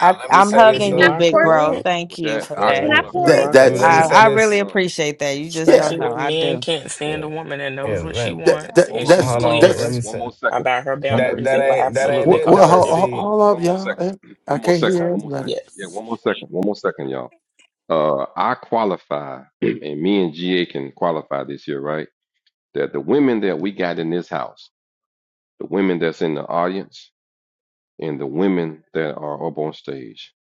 S8: I
S5: let me
S8: I'm
S5: say
S10: (laughs) Hey,
S5: this
S10: can
S8: hugging
S11: You
S10: I
S5: though.
S8: you,
S11: are
S8: big
S10: pour?
S8: bro.
S5: Oh,
S11: correct.
S8: Thank
S9: Well,
S8: you
S9: Chad,
S8: for
S9: I
S5: yeah,
S8: that.
S5: let
S10: Can I
S5: me
S10: pour
S11: You
S9: qualify.
S10: it?
S2: that
S11: are
S5: let me let
S2: that's
S5: me
S8: I
S11: correct.
S5: say
S8: I really
S5: this.
S9: Well,
S8: appreciate that. You just
S2: yeah
S8: don't
S11: Especially
S9: but
S8: know.
S11: when
S8: I
S11: men
S8: do.
S11: can't stand a
S5: Yeah,
S11: woman that
S9: hold,
S11: knows
S5: yeah.
S11: what she
S5: Let,
S2: that,
S11: wants
S2: that
S11: and
S9: hold up,
S11: she's
S2: that's
S5: hold
S9: hold up, one,
S5: on. Let me
S11: clear
S2: that's
S9: one
S5: say.
S9: more second,
S11: about her
S9: one more,
S5: That
S11: boundaries,
S5: that
S11: they
S9: one
S11: will
S9: more,
S5: ain't that
S9: one,
S5: ain't
S11: absolutely
S2: well
S5: it
S11: call
S2: well,
S5: though.
S11: her
S2: hold, hold
S5: See,
S11: difficult.
S2: hold up
S9: one more second,
S2: y'all
S9: (clears throat)
S2: i
S9: one more
S2: can't
S9: second,
S11: So,
S2: hear
S9: one more
S2: everybody
S9: second. Yeah,
S11: yes.
S9: one more second, one more second, y'all. Uh, I qualify, (clears throat) and me and GA can qualify this year, right? That the women that we got in this house, the women that's in the audience, and the women that are up on stage,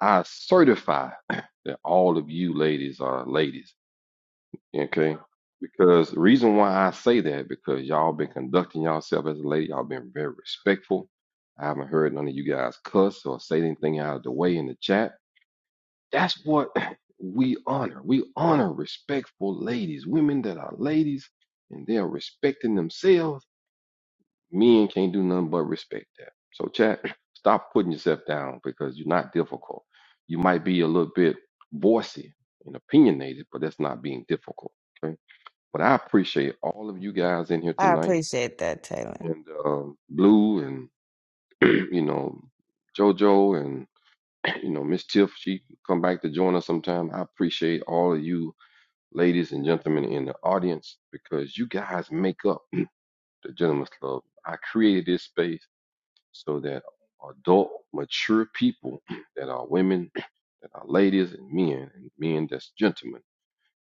S9: I certify (clears throat) that all of you ladies are ladies. Okay. Because the reason why I say that, because y'all been conducting yourself as a lady, y'all been very respectful. I haven't heard none of you guys cuss or say anything out of the way in the chat. That's what (clears throat) we honor. We honor respectful ladies, women that are ladies and they are respecting themselves. Men can't do nothing but respect that. So, chat, (clears throat) stop putting yourself down because you're not difficult. You might be a little bit bossy and opinionated, but that's not being difficult. Okay but I appreciate all of you guys in here
S8: I
S9: tonight,
S8: appreciate that, Taylor.
S9: and um, Blue, and (clears throat) you know JoJo, and (clears throat) you know Miss Tiff. She come back to join us sometime. I appreciate all of you, ladies and gentlemen in the audience, because you guys make up (clears throat) the gentleman's Club. I created this space so that adult, mature people (clears throat) that are women, (clears throat) that are ladies and men, and men that's gentlemen,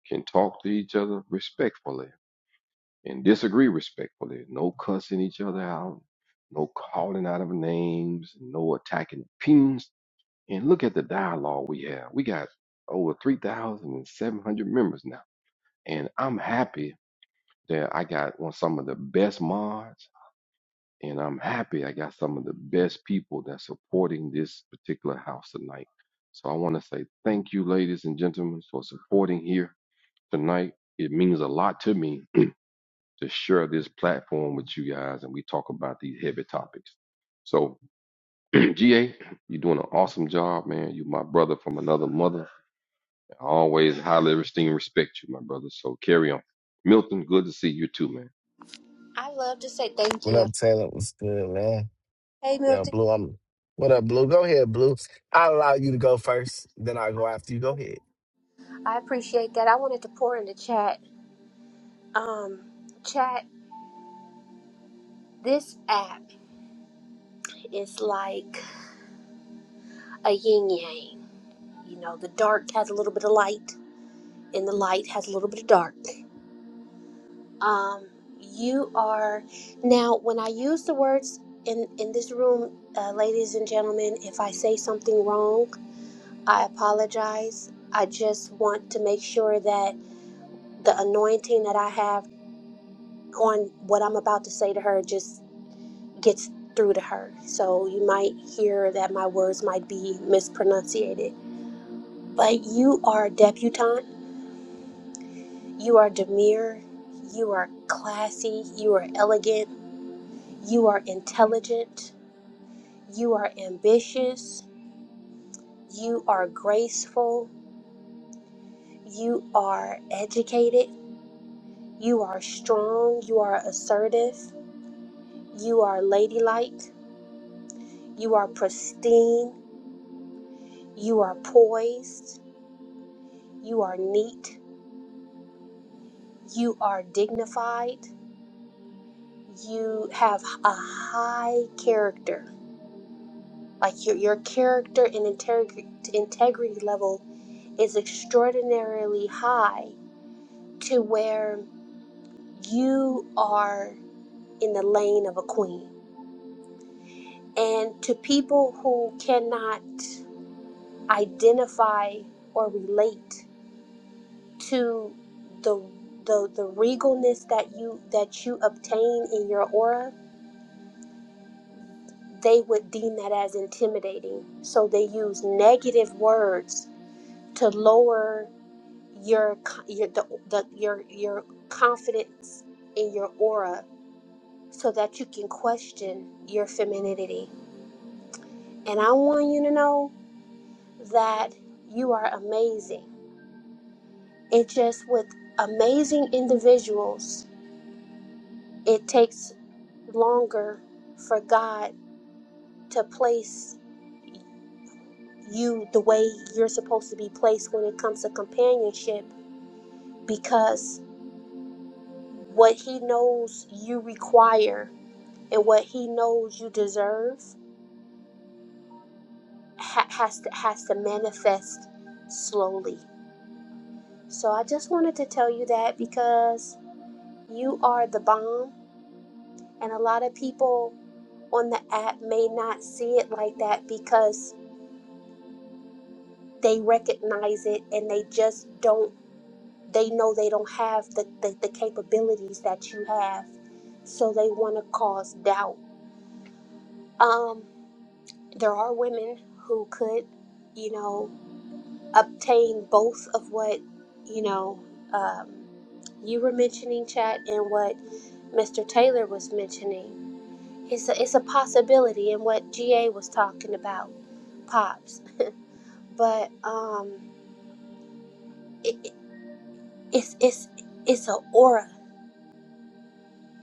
S9: can talk to each other respectfully and disagree respectfully. No cussing each other out, no calling out of names, no attacking opinions. And look at the dialogue we have. We got over 3,700 members now. And I'm happy that I got one, some of the best mods, and I'm happy I got some of the best people that's supporting this particular house tonight. So I want to say thank you, ladies and gentlemen, for supporting here tonight. It means a lot to me to share this platform with you guys and we talk about these heavy topics. So, (clears throat) GA, you're doing an awesome job, man. You're my brother from another mother. I always highly esteem and respect you, my brother. So, carry on. Milton, good to see you too, man.
S10: I love to say thank
S5: what
S10: you.
S5: up, Taylor? What's good, man?
S10: Hey,
S5: Yo,
S10: Milton.
S5: Blue, I'm what up, Blue? Go ahead, Blue. I'll allow you to go first, then I'll go after you. Go ahead.
S10: I appreciate that. I wanted to pour in the chat. Um, chat. This app is like a yin yang. You know, the dark has a little bit of light, and the light has a little bit of dark. Um, you are now. When I use the words in in this room, uh, ladies and gentlemen, if I say something wrong. I apologize. I just want to make sure that the anointing that I have on what I'm about to say to her just gets through to her. So you might hear that my words might be mispronunciated. But you are debutante, you are demure, you are classy, you are elegant, you are intelligent, you are ambitious, you are graceful, you are educated. You are strong, you are assertive, you are ladylike, you are pristine, you are poised, you are neat, you are dignified, you have a high character. Like your, your character and integrity, integrity level is extraordinarily high to where you are in the lane of a queen. And to people who cannot identify or relate to the the the regalness that you that you obtain in your aura, they would deem that as intimidating. So they use negative words to lower your your the, the, your your confidence in your aura so that you can question your femininity. And I want you to know that you are amazing. It's just with amazing individuals it takes longer for God to place you the way you're supposed to be placed when it comes to companionship because what He knows you require and what He knows you deserve ha- has to has to manifest slowly. So I just wanted to tell you that because you are the bomb, and a lot of people on the app may not see it like that because they recognize it and they just don't they know they don't have the, the, the capabilities that you have so they want to cause doubt um there are women who could you know obtain both of what you know um, you were mentioning chat and what mr taylor was mentioning it's a, it's a possibility and what ga was talking about pops but um it, it- it's it's it's a aura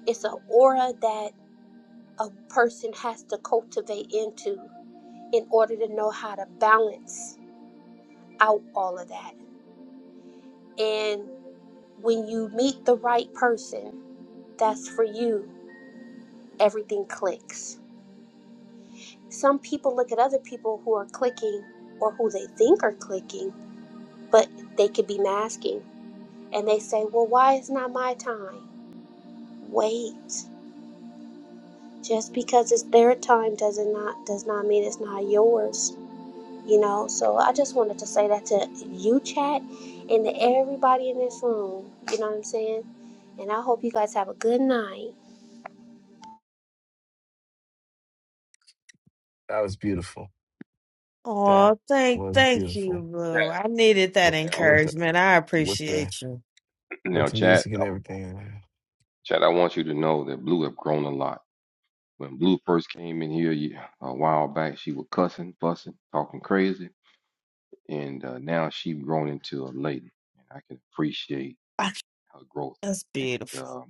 S10: It's an aura that a person has to cultivate into in order to know how to balance out all of that. And when you meet the right person, that's for you, everything clicks. Some people look at other people who are clicking or who they think are clicking, but they could be masking. And they say, well, why is not my time? Wait. Just because it's their time does it not does not mean it's not yours. you know. So I just wanted to say that to you, chat, and to everybody in this room. You know what I'm saying? And I hope you guys have a good night.
S5: That was beautiful. That
S8: Oh, thank
S5: was
S8: thank you,
S5: beautiful.
S8: Lou.
S9: Chat,
S8: I needed that
S5: With,
S9: now,
S5: with the
S8: encouragement. I
S5: with the
S8: appreciate you.
S9: (clears throat)
S5: with
S9: now,
S5: the
S9: chat,
S5: music and
S9: um,
S5: everything, man.
S9: Chad, I want you to know that Blue have grown a lot. When Blue first came in here ye- a while back, she was cussing, fussing, talking crazy, and uh, now she grown into a lady. And I can appreciate
S8: (laughs)
S9: her growth.
S8: That's
S9: And
S8: beautiful.
S9: um,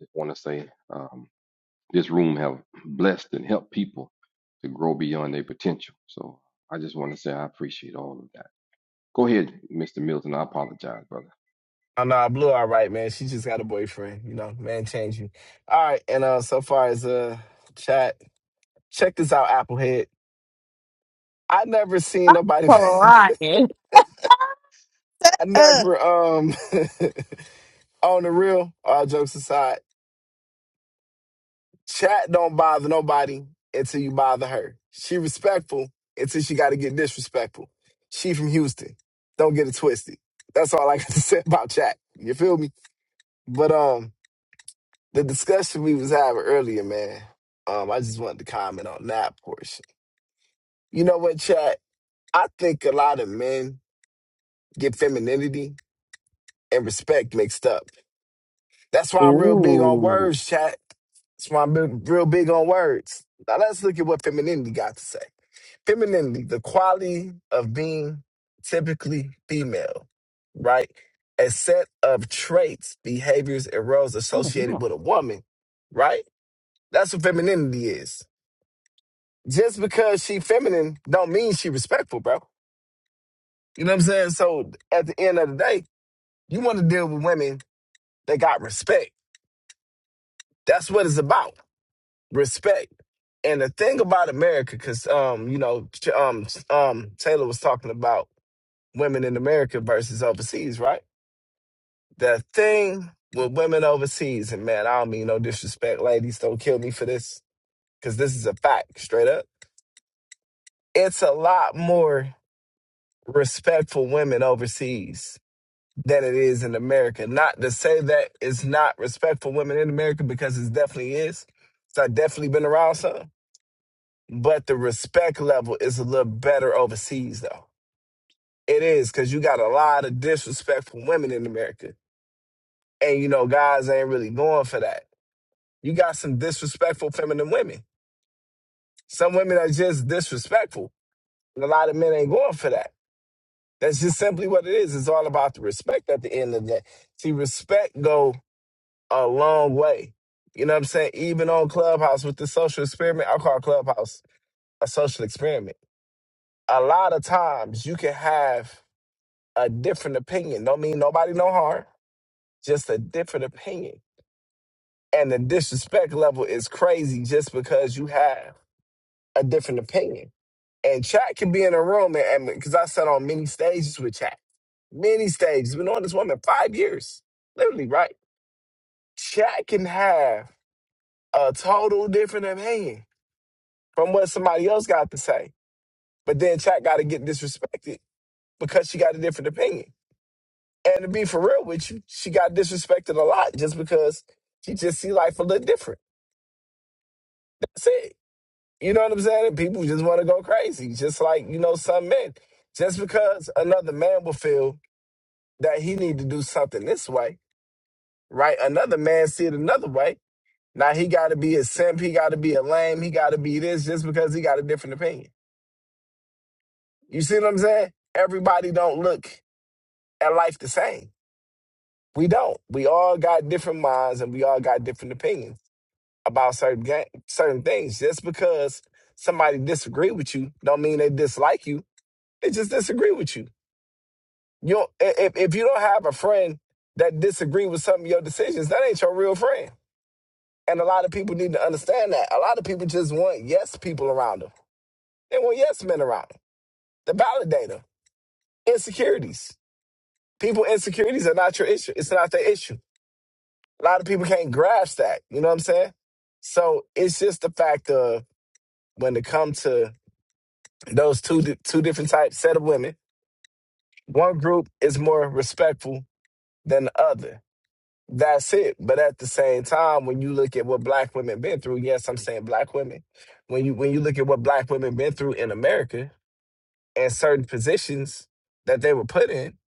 S9: Just want to say um, this room have blessed and helped people to grow beyond their potential. So I just want to say I appreciate all of that. Go ahead, Mr. Milton. I apologize, brother.
S5: Oh no, Blue all right, man. She just got a boyfriend, you know, man change you. All right, and uh so far as uh chat, check this out, Applehead. I never seen nobody
S8: Flying.
S5: (laughs) I
S8: Uh,
S5: never um (laughs) on the real, all jokes aside, chat don't bother nobody until you bother her. She respectful until she got to get disrespectful. She from Houston. Don't get it twisted. That's all I got (laughs) to say about chat. You feel me? But um, the discussion we was having earlier, man. Um, I just wanted to comment on that portion. You know what, chat? I think a lot of men get femininity and respect mixed up. That's why I'm real big on
S8: ooh.
S5: words, chat. That's why I'm big- real big on words. Now let's look at what femininity got to say. Femininity, the quality of being typically female, right? A set of traits, behaviors, and roles
S8: Oh, yeah.
S5: associated with a woman, right? That's what femininity is. Just because she feminine don't mean she respectful, bro. You know what I'm saying? So at the end of the day, you want to deal with women that got respect. That's what it's about. respect. And the thing about America, because um, you know, Ch- um, um, Taylor was talking about women in America versus overseas, right? The thing with women overseas, and man, I don't mean no disrespect, ladies, don't kill me for this, because this is a fact, straight up. It's a lot more respectful women overseas than it is in America. Not to say that it's not respectful women in America, because it definitely is. So I definitely been around some. but the respect level is a little better overseas though. It is because you got a lot of disrespectful women in America, and you know guys ain't really going for that. You got some disrespectful feminine women. Some women are just disrespectful, and a lot of men ain't going for that. That's just simply what it is. It's all about the respect at the end of the day. See, respect go a long way. You know what I'm saying? Even on Clubhouse with the social experiment, I call Clubhouse a social experiment. A lot of times you can have a different opinion. Don't mean nobody no harm, just a different opinion. And the disrespect level is crazy just because you have a different opinion. And chat can be in a room, and because I sat on many stages with chat, many stages, been on this woman five years, literally, right? Chat can have a total different opinion from what somebody else got to say, but then chat got to get disrespected because she got a different opinion. And to be for real with you, she got disrespected a lot just because she just see life a little different. That's it. You know what I'm saying? And people just want to go crazy, just like you know some men. Just because another man will feel that he need to do something this way, right? Another man see it another way. Now he got to be a simp. He got to be a lame. He got to be this just because he got a different opinion. You see what I'm saying? Everybody don't look at life the same. We don't. We all got different minds and we all got different opinions. about certain ga- certain things. Just because somebody disagree with you, don't mean they dislike you. They just disagree with you. You don't, i- if if you don't have a friend that disagree with some of your decisions, that ain't your real friend. And a lot of people need to understand that. A lot of people just want yes people around them. They want yes men around them. The validator, insecurities. People insecurities are not your issue. It's not their issue. A lot of people can't grasp that. You know what I'm saying? So it's just the fact of when it comes to Those two di- two different types set of women. One group is more respectful than the other. That's it. But at the same time, when you look at what black women been through, yes, I'm saying black women. When you when you look at what black women been through in America and certain positions that they were put in,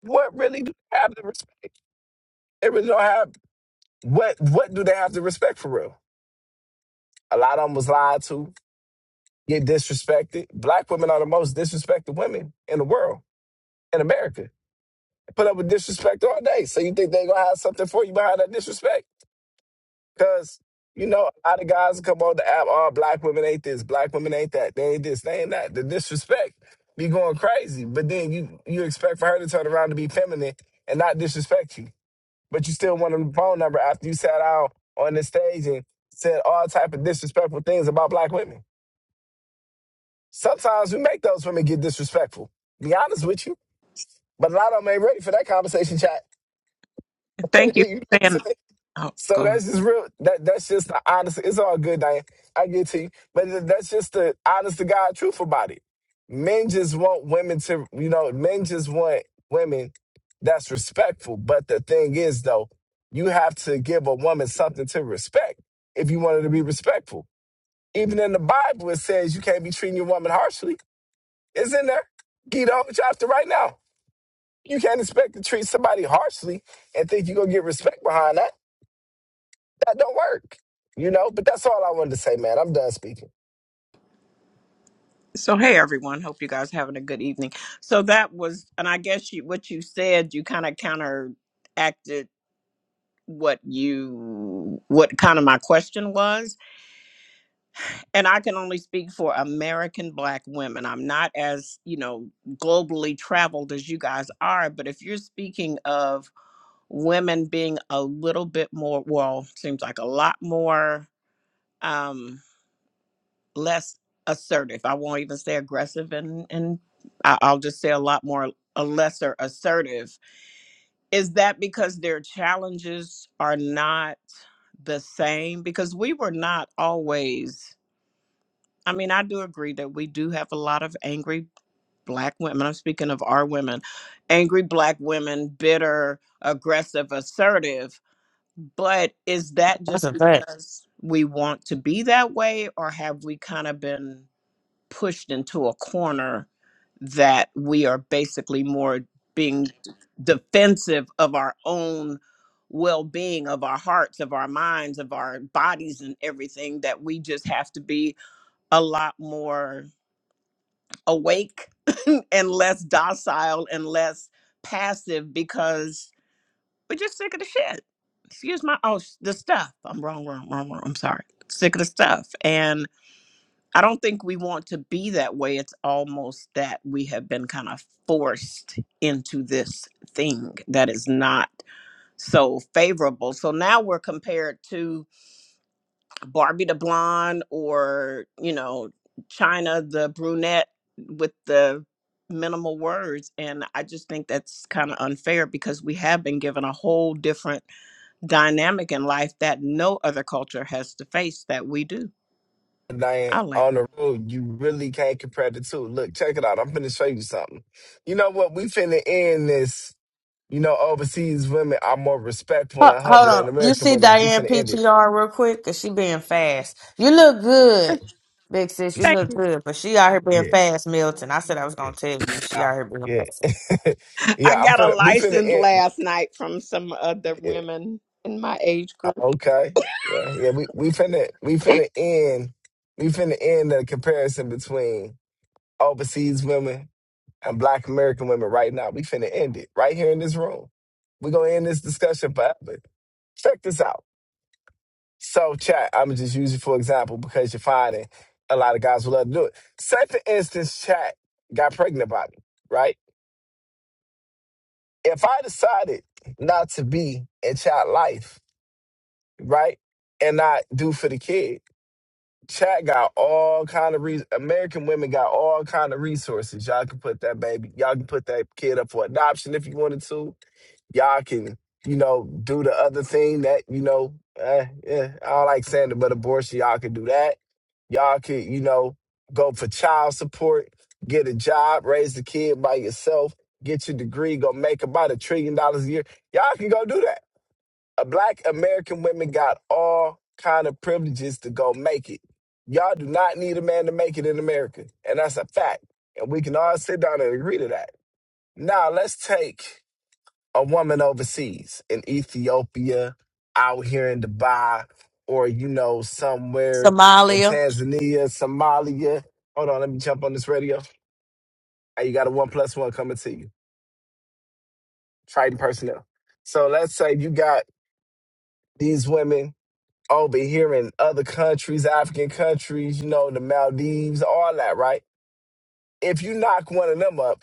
S5: what really do they have to respect? They really don't have what what do they have to respect for real? A lot of them was lied to, get disrespected. Black women are the most disrespected women in the world in America put up with disrespect all day. So you think they gonna have something for you behind that disrespect? Cause you know, a lot of guys come on the app, all black women ain't this, black women ain't that, they ain't this, they ain't that. The disrespect be going crazy. But then you you expect for her to turn around to be feminine and not disrespect you. But you still want a phone number after you sat out on the stage and said all type of disrespectful things about black women. Sometimes we make those women get disrespectful. Be honest with you. But a lot of them ain't ready for that conversation chat.
S13: Thank
S5: (laughs)
S13: you
S5: you know
S13: for
S5: what I'm
S13: saying.
S5: saying?
S13: Oh,
S5: So
S13: go. ahead.
S5: that's just real. That that's just the honest. It's all good, Diane. I get to you, but th- that's just the honest to God truth about it. Men just want women to, you know, men just want women that's respectful. But the thing is, though, you have to give a woman something to respect if you want her to be respectful. Even in the Bible, it says you can't be treating your woman harshly. It's in there. Get on chapter right now. You can't expect to treat somebody harshly and think you're gonna get respect behind that. That don't work. You know, but that's all I wanted to say, man. I'm done speaking.
S13: So, hey everyone. Hope you guys having a good evening. So that was, and I guess you, what you said, you kind of counteracted what you what kind of my question was and i can only speak for american black women i'm not as you know globally traveled as you guys are but if you're speaking of women being a little bit more well seems like a lot more Um, less assertive. I won't even say aggressive, and and I- I'll just say a lot more a lesser assertive. Is that because their challenges are not the same? Because we were not always. I mean, I do agree that we do have a lot of angry black women. I'm speaking of our women, angry black women, bitter, aggressive, assertive. But is that
S8: That's
S13: just
S8: a fact.
S13: because we want to be that way, or have we kind of been? pushed into a corner that we are basically more being defensive of our own well-being of our hearts of our minds of our bodies and everything that we just have to be a lot more awake (laughs) and less docile and less passive because we're just sick of the shit excuse my oh s- the stuff i'm wrong wrong wrong wrong i'm sorry sick of the stuff and I don't think we want to be that way. It's almost that we have been kind of forced into this thing that is not so favorable. So now we're compared to Barbie the blonde or, you know, China the brunette with the minimal words. And I just think that's kind of unfair because we have been given a whole different dynamic in life that no other culture has to face that we do.
S5: Diane,
S13: I'll land.
S5: on the road, you really can't compare the two. Look, check it out. I'm finna show you something. You know what? We finna end this. You know, overseas women are more respectful
S8: Ho-
S5: and
S8: Hold
S5: humble
S8: on.
S5: than
S8: You
S5: American
S8: see
S5: women. We
S8: Diane
S5: finna end it.
S8: PTR real quick? Because she being fast. You look good, big sis. You look good. But she out here being
S5: Yeah,
S8: fast, Milton. I said I was
S5: yeah,
S8: going to tell you. She
S5: I-
S8: out here being fast.
S5: yeah, (laughs)
S13: I
S5: yeah. I'm
S13: got a
S5: finna. We finna
S13: license
S5: end.
S13: last night from some other
S5: Yeah,
S13: women in my age group.
S5: okay. Yeah, yeah. We we finna we
S13: I
S5: finna end. We finna end the comparison between overseas women and black American women right now. We finna end it right here in this room. We're gonna end this discussion forever. Check this out. So chat, I'ma just using for example because you're finding a lot of guys will love to do it. Say for instance, chat got pregnant by me, right? If I decided not to be in chat life, right, and not do for the kid, chat got all kind of reasons. American women got all kind of resources. Y'all can put that baby, y'all can put that kid up for adoption if you wanted to y'all can, you know, do the other thing that, you know, eh, eh, I don't like saying it, but abortion, y'all can do that. Y'all could, you know, go for child support, get a job, raise the kid by yourself, get your degree, go make about a trillion dollars a year. Y'all can go do that. A black American women got all kind of privileges to go make it. Y'all do not need a man to make it in America. And that's a fact. And we can all sit down and agree to that. Now let's take a woman overseas in Ethiopia, out here in Dubai, or you know, somewhere in
S8: Somalia.
S5: Tanzania, Somalia. Hold on, let me jump on this radio. Hey, you got a one plus one coming to you. Triton personnel. So let's say you got these women over here in other countries, African countries, you know, the Maldives, all that, right? If you knock one of them up,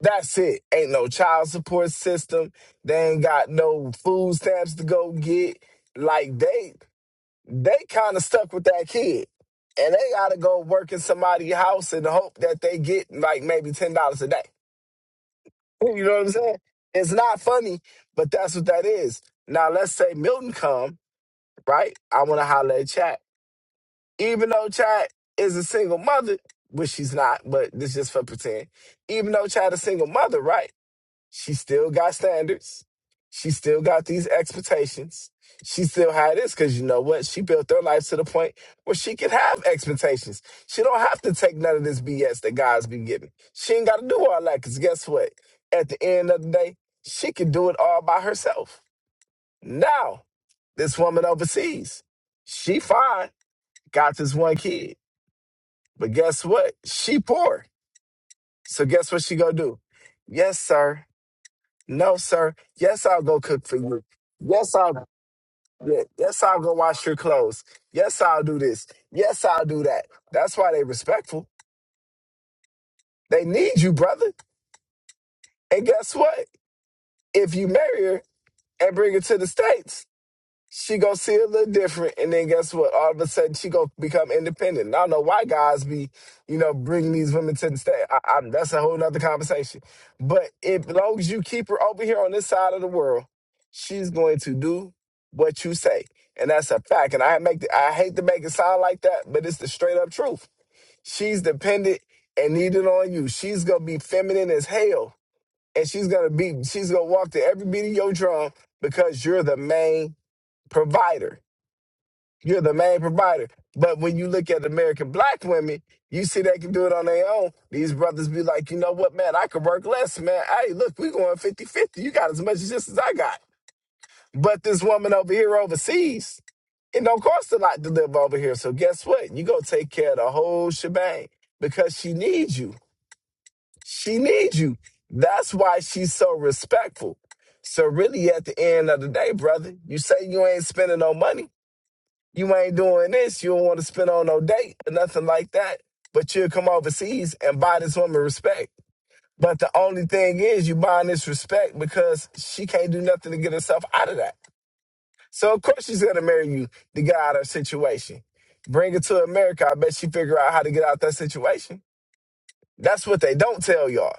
S5: That's it. Ain't no child support system. They ain't got no food stamps to go get. Like they they kind of stuck with that kid. And they gotta go work in somebody's house and hope that they get like maybe ten dollars a day. (laughs) You know what I'm saying? It's not funny, but that's what that is. Now let's say Milton come, right? I wanna holler at Chat. Even though Chat is a single mother, which she's not, but this is just for pretend. Even though Chat a single mother, right? She still got standards. She still got these expectations. She still had this because you know what? She built her life to the point where she could have expectations. She don't have to take none of this BS that God's been giving. She ain't got to do all that because guess what? At the end of the day, she can do it all by herself. Now, this woman overseas, she fine, got this one kid, but guess what? She poor. So guess what she gonna do? Yes, sir. No, sir. Yes, I'll go cook for you. Yes, I'll yeah, yes, I'll go wash your clothes. Yes, I'll do this. Yes, I'll do that. That's why they respectful. They need you, brother. And guess what? If you marry her and bring her to the States, she gonna see a little different, and then guess what? All of a sudden, she gonna become independent. And I don't know why guys be, you know, bringing these women to the state. I, I, that's a whole nother conversation. But if, as long as you keep her over here on this side of the world, she's going to do what you say, and that's a fact. And I make, the, I hate to make it sound like that, but it's the straight up truth. She's dependent and needed on you. She's gonna be feminine as hell, and she's gonna be, she's gonna walk to every beat of your drum because you're the main provider you're the main provider. But when you look at American black women, you see they can do it on their own. These brothers be like, you know what, man, I could work less, man. Hey, look, we going fifty-fifty. You got as much as just as I got. But this woman over here overseas, it don't cost a lot to live over here. So guess what? You go take care of the whole shebang because she needs you. She needs you. That's why she's so respectful. So really at the end of the day, brother, you say you ain't spending no money. You ain't doing this. You don't want to spend on no date or nothing like that. But you'll come overseas and buy this woman respect. But the only thing is, you buying this respect because she can't do nothing to get herself out of that. So of course she's gonna marry you to get out of her situation. Bring her to America. I bet she figure out how to get out that situation. That's what they don't tell y'all.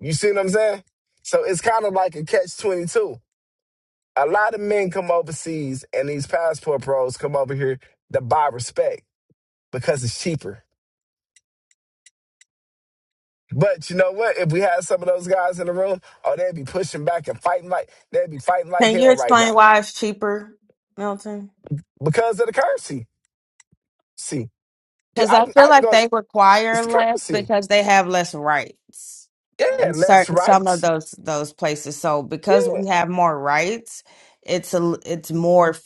S5: You see what I'm saying? So it's kind of like a catch twenty two. A lot of men come overseas and these passport pros come over here to buy respect because it's cheaper. But you know what? If we had some of those guys in the room, oh, they'd be pushing back and fighting like they'd be fighting like
S8: Can you
S5: hell right
S8: explain
S5: now
S8: why it's cheaper, Milton?
S5: because of the currency. See, yeah,
S8: Because
S5: I
S8: I
S5: can,
S8: feel
S5: I can
S8: like
S5: go.
S8: they
S5: It's
S8: require
S5: the
S8: less
S5: currency.
S8: because they have less rights in
S5: Yeah, less
S8: certain some of
S5: rights.
S8: those those places. So because
S5: Yeah,
S8: we have more rights, it's a l- it's more f-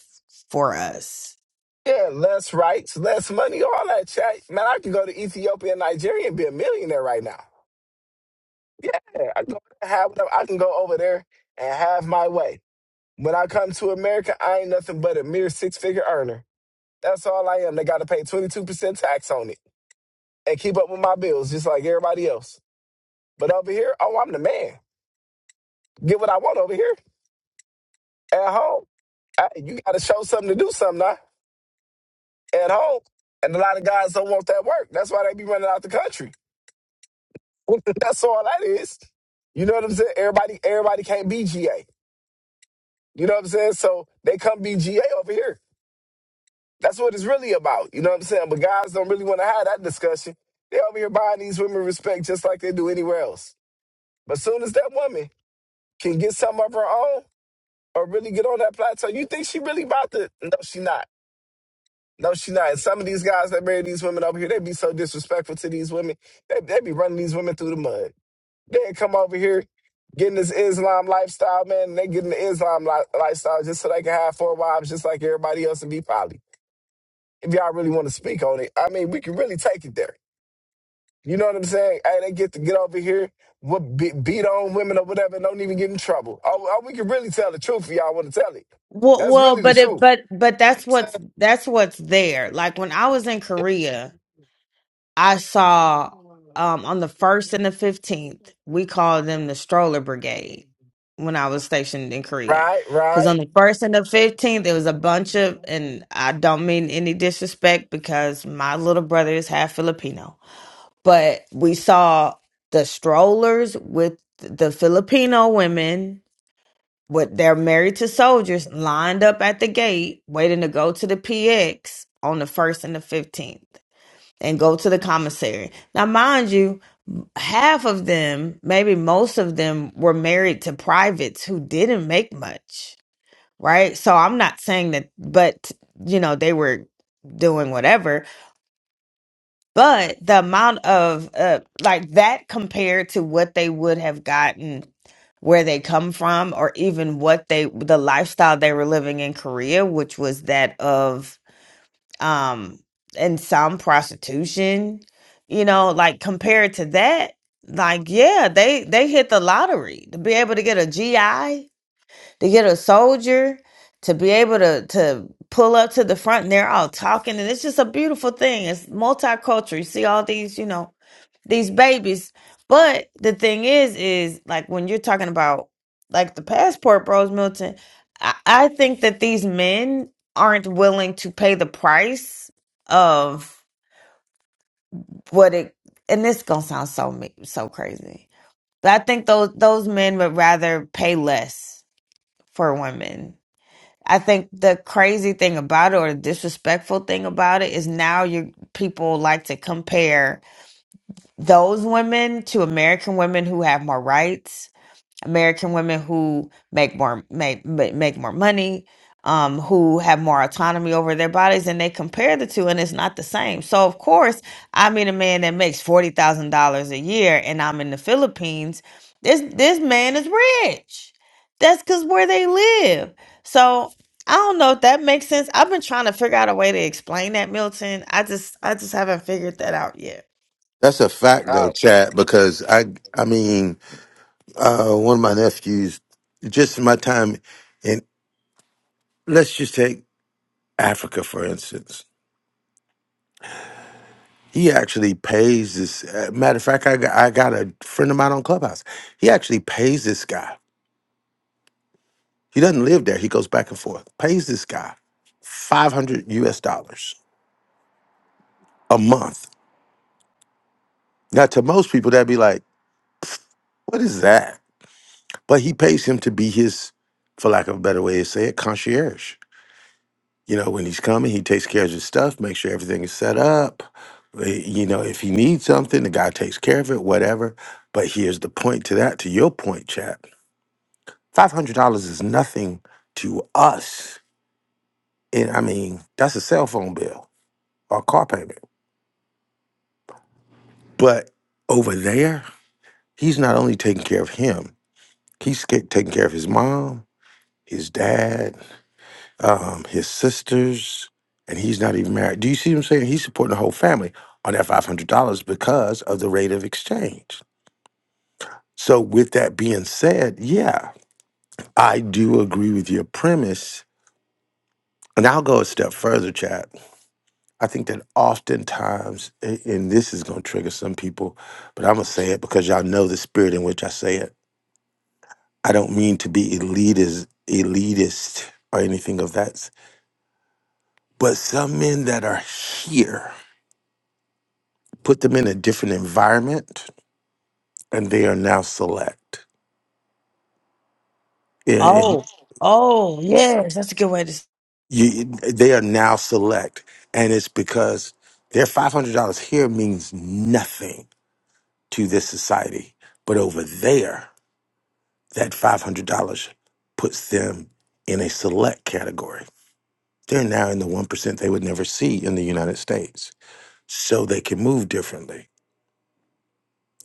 S8: for us.
S5: yeah, less rights, less money, all that chat. Man, I can go to Ethiopia and Nigeria and be a millionaire right now. Yeah, I can go have whatever. I can go over there and have my way. When I come to America, I ain't nothing but a mere six figure earner That's all I am. They got to pay 22% tax on it and keep up with my bills just like everybody else. But over here, oh, I'm the man. Get what I want over here at home. I- you got to show something to do something now at home. And a lot of guys don't want that work. That's why they be running out the country. (laughs) That's all that is. You know what I'm saying? Everybody, everybody can't be GA. You know what I'm saying? So they come be GA over here. That's what it's really about. You know what I'm saying? But guys don't really want to have that discussion. They over here buying these women respect just like they do anywhere else. But soon as that woman can get some of her own or really get on that plateau, you think she really about to? No, she not. No, she not. And some of these guys that marry these women over here, they be so disrespectful to these women. They, they be running these women through the mud. They ain't come over here getting this Islam lifestyle, man. And they getting the Islam li- lifestyle just so they can have four wives just like everybody else and be poly. If y'all really want to speak on it, I mean, we can really take it there. You know what I'm saying? Hey, they get to get over here, what be, beat on women or whatever, and don't even get in trouble. Oh, oh, we can really tell the truth if y'all want to tell it.
S8: Well,
S5: That's
S8: well,
S5: really the
S8: but it
S5: truth.
S8: but but that's what's that's what's there. Like when I was in Korea. I saw um, on the 1st and the 15th, we called them the stroller brigade when I was stationed in Korea.
S5: Right,
S8: Because
S5: right.
S8: on the 1st and the 15th, there was a bunch of, and I don't mean any disrespect because my little brother is half Filipino, but we saw the strollers with the Filipino women. With are married to soldiers lined up at the gate, waiting to go to the PX on the 1st and the 15th and go to the commissary. Now, mind you, half of them, maybe most of them, were married to privates who didn't make much, right? So I'm not saying that, but you know, they were doing whatever. But the amount of uh, like that compared to what they would have gotten where they come from, or even what they the lifestyle they were living in Korea, which was that of um and some prostitution you know like compared to that like yeah they they hit the lottery to be able to get a gi to get a soldier to be able to to pull up to the front and they're all talking and it's just a beautiful thing it's multicultural you see all these you know these babies. But the thing is, is like when you're talking about like the passport, bros, Milton, I, I think that these men aren't willing to pay the price of what it. And this gonna sound so me- so crazy, but I think those those men would rather pay less for women. I think the crazy thing about it, or the disrespectful thing about it, is now you people like to compare those women to American women who have more rights, American women who make more make ma- make more money, um, who have more autonomy over their bodies, and they compare the two, and it's not the same. So of course, I meet a man that makes forty thousand dollars a year, and I'm in the Philippines. This this man is rich. That's because where they live. So I don't know if that makes sense. I've been trying to figure out a way to explain that, Milton. I just I just haven't figured that out yet.
S2: that's a fact though
S5: I,
S2: chad because i i mean uh, one of my nephews, just in my time, and let's just take Africa for instance. He actually pays this. Uh, matter of fact, I got, I got a friend of mine on Clubhouse. He actually pays this guy. He doesn't live there. He goes back and forth. Pays this guy five hundred U.S. dollars a month. Now, to most people, that'd be like, "Pfft, what is that? But he pays him to be his, for lack of a better way to say it, concierge. you know, when he's coming, he takes care of his stuff, make sure everything is set up. Uh, You know, if he needs something, the guy takes care of it, whatever. But here's the point to that, to your point, chap. Five hundred dollars is nothing to us. And I mean, that's a cell phone bill or a car payment. But over there, he's not only taking care of him, he's ca- taking care of his mom, his dad. um, his sisters, and he's not even married. Do you see what I'm saying? He's supporting the whole family on that five hundred dollars because of the rate of exchange. So, with that being said, yeah, I do agree with your premise, and I'll go a step further, Chad. I think that oftentimes, a- and this is going to trigger some people, but I'm gonna say it because y'all know the spirit in which I say it. I don't mean to be elitist, elitist or anything of that, s- but some men that are here. put them in a different environment, and they are now select. And
S8: Oh, oh, yes, that's a good way to. s-
S2: you, they are now select, and it's because their five hundred dollars here means nothing to this society, but over there, that five hundred dollars puts them in a select category. They're now in the one percent they would never see in the United States, so they can move differently.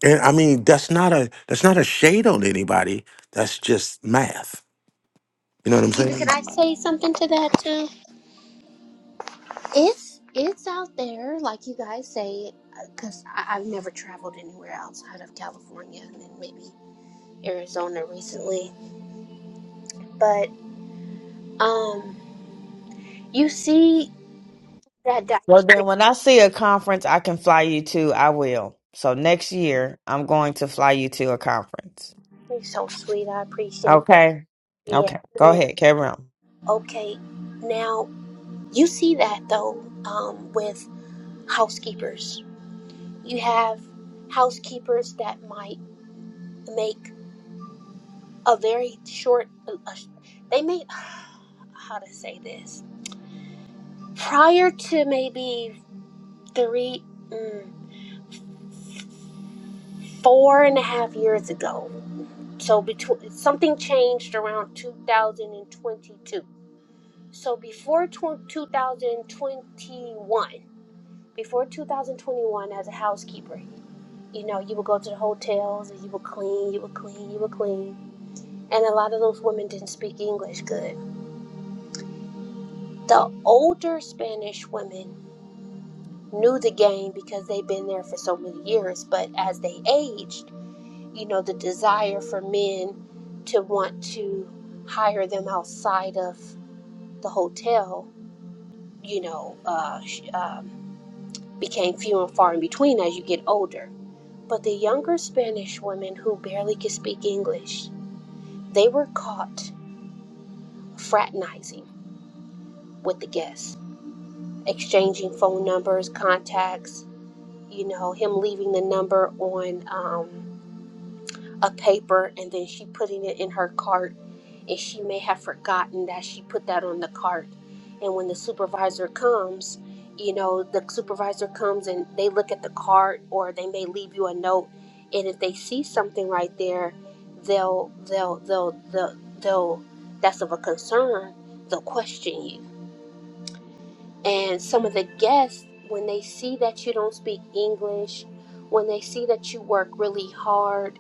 S2: And I mean, that's not a that's not a shade on anybody. That's just math. You know what I'm
S10: Either
S2: saying?
S10: can I say something to that too? It's it's out there, like you guys say, because I've never traveled anywhere outside of California and then maybe Arizona recently. But um, you see that
S8: Well, then
S10: dynamic.
S8: when I see a conference I can fly you to, I will. So next year, I'm going to fly you to a conference.
S10: You're so sweet. I appreciate.
S8: Okay.
S10: Yeah.
S8: Okay. Go
S10: man.
S8: ahead. Carry on.
S10: Okay. Now You see that though um, with housekeepers. You have housekeepers that might make a very short. a- They may (sighs) how to say this prior to maybe three, mm, four and a half years ago. So between something changed around 2022. So before tw- 2021 before 2021 as a housekeeper you know you would go to the hotels and you would clean you would clean you would clean and a lot of those women didn't speak english good the older spanish women knew the game because they'd been there for so many years but as they aged you know the desire for men to want to hire them outside of the hotel you know uh, sh- um, became few and far in between as you get older But the younger Spanish women who barely could speak English, they were caught fraternizing with the guests, exchanging phone numbers, contacts, you know, him leaving the number on um, a paper and then she putting it in her cart and she may have forgotten that she put that on the cart and when the supervisor comes you know the supervisor comes and they look at the cart or they may leave you a note and if they see something right there they'll they'll they'll they'll, they'll that's of a concern they'll question you and some of the guests, when they see that you don't speak English, when they see that you work really hard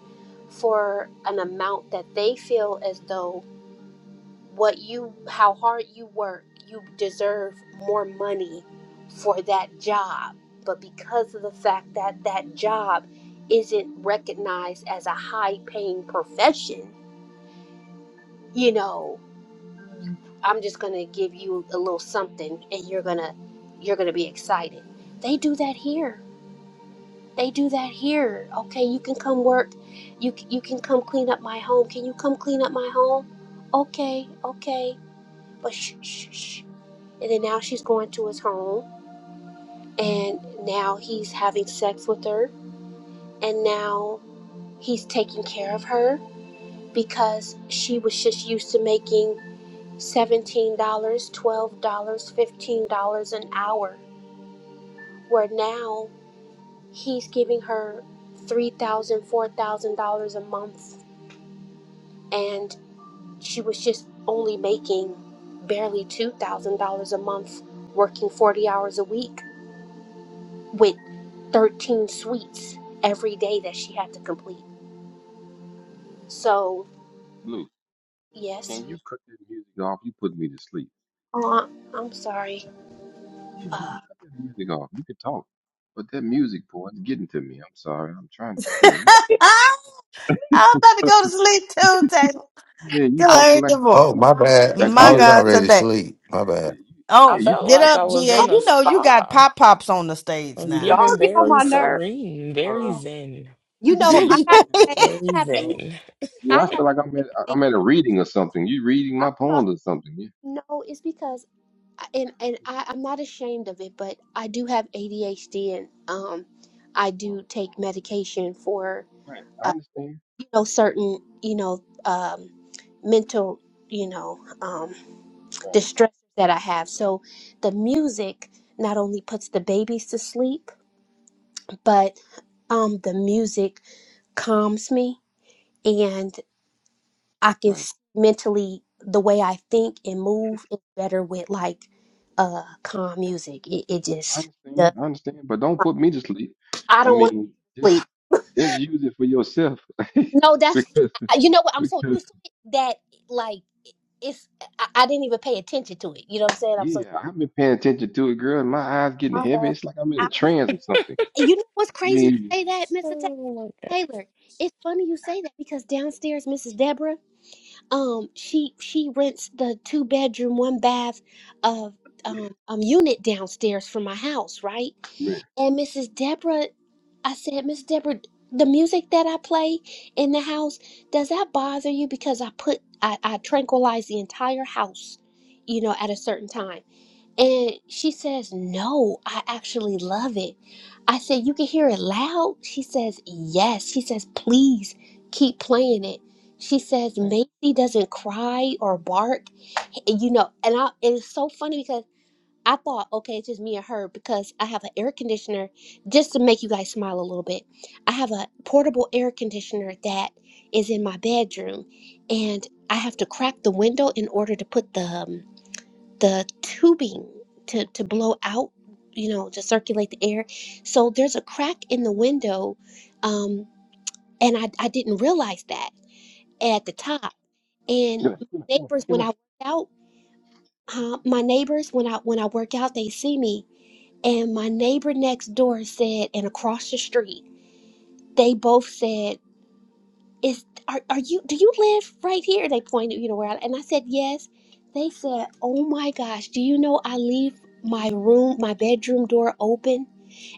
S10: for an amount that they feel as though what you, how hard you work, you deserve more money for that job. But because of the fact that that job isn't recognized as a high paying profession, you know, I'm just gonna give you a little something and you're gonna you're gonna be excited. They do that here. They do that here. Okay, you can come work. You c- you can come clean up my home. Can you come clean up my home? Okay, okay. But shh, shh, shh. And then now she's going to his home, and now he's having sex with her, and now he's taking care of her because she was just used to making $17, dollars, $12, dollars, $15 an hour. where now he's giving her three thousand dollars, four thousand dollars a month and she was just only making barely two thousand dollars a month working 40 hours a week with 13 suites every day that she had to complete so
S9: Blue,
S10: yes
S9: can you cut that music off? You put me to sleep.
S10: oh, I- i'm sorry
S9: Yeah, yeah, cut that music off. You can talk, but that music, boy, it's getting to me. I'm sorry. I'm trying to stay awake.
S8: (laughs)
S9: here. (laughs)
S8: I'm
S9: I'm
S8: about to
S9: sorry.
S8: go to sleep too, Taylor.
S9: Yeah, you
S8: Good
S10: I,
S9: talking
S8: Lord,
S9: like
S8: good
S9: you
S2: Oh,
S8: boy.
S9: in
S2: my bad.
S9: like
S10: it's when
S2: I
S8: My
S9: we in
S2: was
S9: a
S8: God,
S2: already
S9: session.
S8: today.
S2: asleep. My
S9: Yeah,
S2: bad.
S9: you,
S11: I
S9: yeah,
S8: Oh,
S9: you
S11: felt
S8: get
S9: talking.
S11: like I
S8: up,
S9: You,
S11: was
S8: GA.
S10: oh,
S11: in a
S8: You
S9: you,
S8: know you
S9: you,
S8: got
S11: spa.
S9: you
S8: pop pops on the
S11: I
S8: stage
S11: was
S9: yeah,
S8: now.
S10: y'all
S11: given
S10: get
S9: you,
S10: on
S11: very
S10: my nerve
S11: serene,
S9: you.
S11: very
S9: Um,
S11: zen,
S10: you know
S9: Yeah,
S10: i
S9: you
S10: gotta
S9: talking
S8: (laughs)
S10: say i
S11: very
S10: have
S9: blue?
S11: zen.
S10: i
S9: Blue, I
S10: have
S9: feel like I'm at
S10: ADHD.
S9: I'm at a reading or something. You reading my
S10: saw
S9: poems or something? Yeah.
S10: no it's because and and I, I'm not ashamed of it, but I do have ADHD, and um, I do take medication for
S9: Right. I
S10: uh,
S9: understand.
S10: you know certain you know um, mental you know um,
S9: Right.
S10: distress that I have. So the music not only puts the babies to sleep, but um, the music calms me, and I can
S9: Right.
S10: s- mentally the way I think and move is better with like uh calm music. It, it
S9: I
S10: just does.
S9: understand. I understand. But don't put me to sleep.
S10: I
S9: I
S10: don't want
S9: mean,
S10: to
S9: just
S10: sleep.
S9: just use it for yourself. (laughs)
S10: No, that's
S9: because
S10: you know what I'm so
S9: because
S10: used to it that like it's I, I didn't even pay attention to it. You know what I'm saying? I'm so
S9: yeah, I've been paying attention to it, girl, and my eyes getting heavy.
S10: uh
S9: It's like I'm in
S10: I,
S9: a trance or something.
S10: you know what's
S9: I
S10: crazy? You
S9: mean,
S10: say that, Mr. Ta-
S11: Oh my God.
S10: Taylor. It's funny you say that because downstairs, Mrs. Deborah. um she she rents the two bedroom one bath of um, um unit downstairs from my house right
S9: man,
S10: and mrs deborah i said miss deborah the music that i play in the house does that bother you because i put i, I tranquilize the entire house you know at a certain time and she says, No, I actually love it. I said, You can hear it loud? She says, Yes. She says, Please keep playing it. She says, Macy doesn't cry or bark. And, you know, and, I, and it's so funny because I thought, okay, it's just me and her because I have an air conditioner, just to make you guys smile a little bit. I have a portable air conditioner that is in my bedroom, and I have to crack the window in order to put the, um, the tubing to, to blow out, you know, to circulate the air. So there's a crack in the window. Um, and I, I didn't realize that at the top. And
S9: get up,
S10: my
S9: get up,
S10: neighbors,
S9: get
S10: when I
S9: up.
S10: work out, uh, my neighbors, when I when I work out, they see me. And my neighbor next door said, and across the street, they both said, is are, are you do you live right here they pointed you know where I, and i said yes they said oh my gosh do you know i leave my room my bedroom door open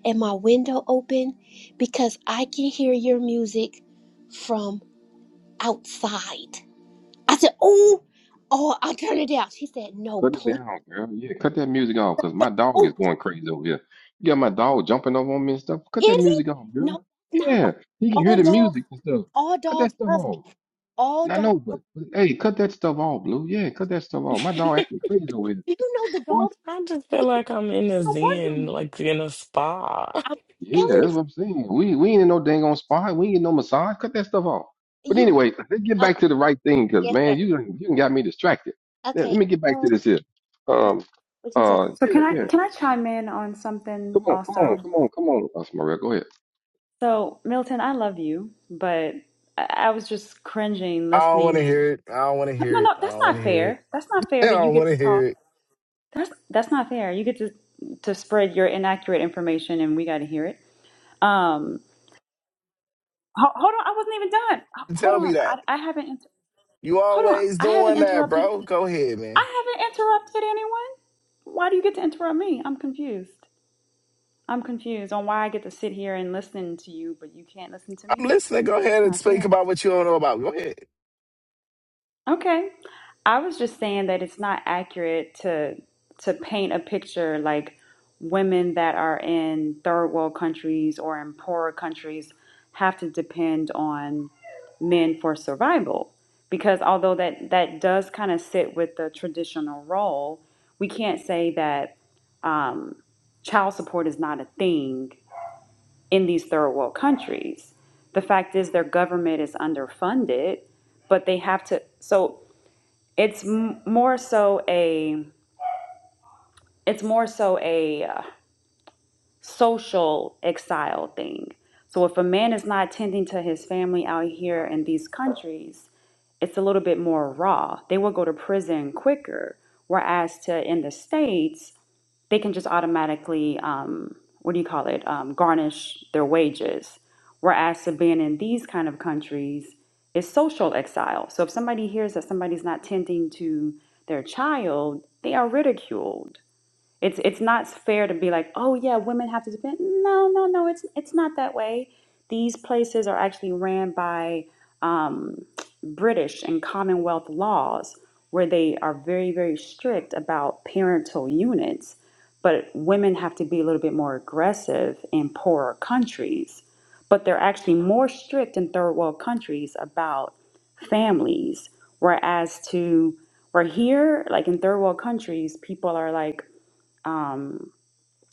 S10: and my window open because i can hear your music from outside i said
S9: get up.
S10: oh oh i'll turn it down she said no
S9: Cut it
S10: please
S9: down, girl. Yeah, cut that music off, cause my
S10: don't
S9: dog is
S10: oh is
S9: going crazy over here. You got my dog jumping over on me and stuff. Cut that
S10: it
S9: music off,
S10: no
S9: girl.
S10: not why.
S9: Yeah, he can hear
S10: all
S9: the
S10: dogs
S9: music and stuff.
S10: all
S9: Cut that
S10: dogs
S9: stuff
S10: love me
S9: off.
S10: all
S9: And I
S10: dogs
S9: know, but,
S10: love
S9: but hey, cut that stuff off, Blue. Yeah, cut that stuff off. My
S10: me. (laughs)
S9: dog acting crazy over here.
S10: do you know the
S9: Boy,
S10: dogs
S11: I just feel like I'm in a
S10: don't work no more
S11: zen, like in a spa. (laughs)
S10: I'm
S9: yeah,
S10: telling
S9: that's
S10: you,
S9: what I'm saying. We we ain't in no dang on spa. We ain't in no massage. Cut that stuff off. But
S10: you know.
S9: anyway, (laughs) let's get
S10: Okay,
S9: back to the right thing, cause
S10: yes, sir.
S9: man, you done- you done got me distracted. Let let
S10: Okay,
S9: me get back
S10: uh,
S9: to this here.
S10: okay.
S9: Um.
S10: What you say?
S9: Uh.
S7: So
S9: Yeah.
S7: can I
S9: Yeah.
S7: can I chime in on something
S9: Come on, come on,
S7: also?
S9: come on, come on, uh, Smarell, go ahead.
S7: So Milton, I love you, but I, I was just cringing
S5: I don't want
S7: listening.
S5: to
S7: To,
S5: hear it. I don't want to
S7: no,
S5: hear it.
S7: no,
S5: I
S7: that's
S5: don't want
S7: not
S5: to hear it.
S7: fair. That's not
S5: (laughs) I
S7: fair that you
S5: don't want
S7: get
S5: to
S7: to
S5: hear
S7: talk.
S5: it.
S7: That's that's not fair. You get to to spread your inaccurate information, and we got to hear it. Um, ho- hold on, I wasn't even done. H- Hold
S5: Tell me
S7: on, I
S5: that.
S7: I haven't. Inter-
S5: You
S7: hold on,
S5: always
S7: I haven't
S5: doing that,
S7: interrupted.
S5: bro. Go ahead, man.
S7: I haven't interrupted anyone. Why do you get to interrupt me? I'm confused. I'm confused on why I get to sit here and listen to you, but you can't listen to
S5: I'm
S7: me.
S5: listening. Go ahead
S7: That's
S5: and
S7: not
S5: speak
S7: fair.
S5: about what you don't know about. Go ahead.
S7: Okay. I was just saying that it's not accurate to to paint a picture like women that are in third world countries or in poorer countries have to depend on men for survival. Because although that that does kind of sit with the traditional role, we can't say that um, child support is not a thing in these third world countries. The fact is their government is underfunded, but they have to so it's m- more so a it's more so a uh, social exile thing. So if a man is not tending to his family out here in these countries, it's a little bit more raw. They will go to prison quicker. Whereas to in the states, they can just automatically, um, what do you call it, um, garnish their wages. Whereas to being in these kind of countries is social exile. So if somebody hears that somebody's not tending to their child, they are ridiculed. It's it's not fair to be like, oh yeah, women have to depend. No, no, no. It's it's not that way. These places are actually ran by um, British and Commonwealth laws, where they are very very strict about parental units. But women have to be a little bit more aggressive in poorer countries. But they're actually more strict in third world countries about families. Whereas to we're here, like in third world countries, people are like um,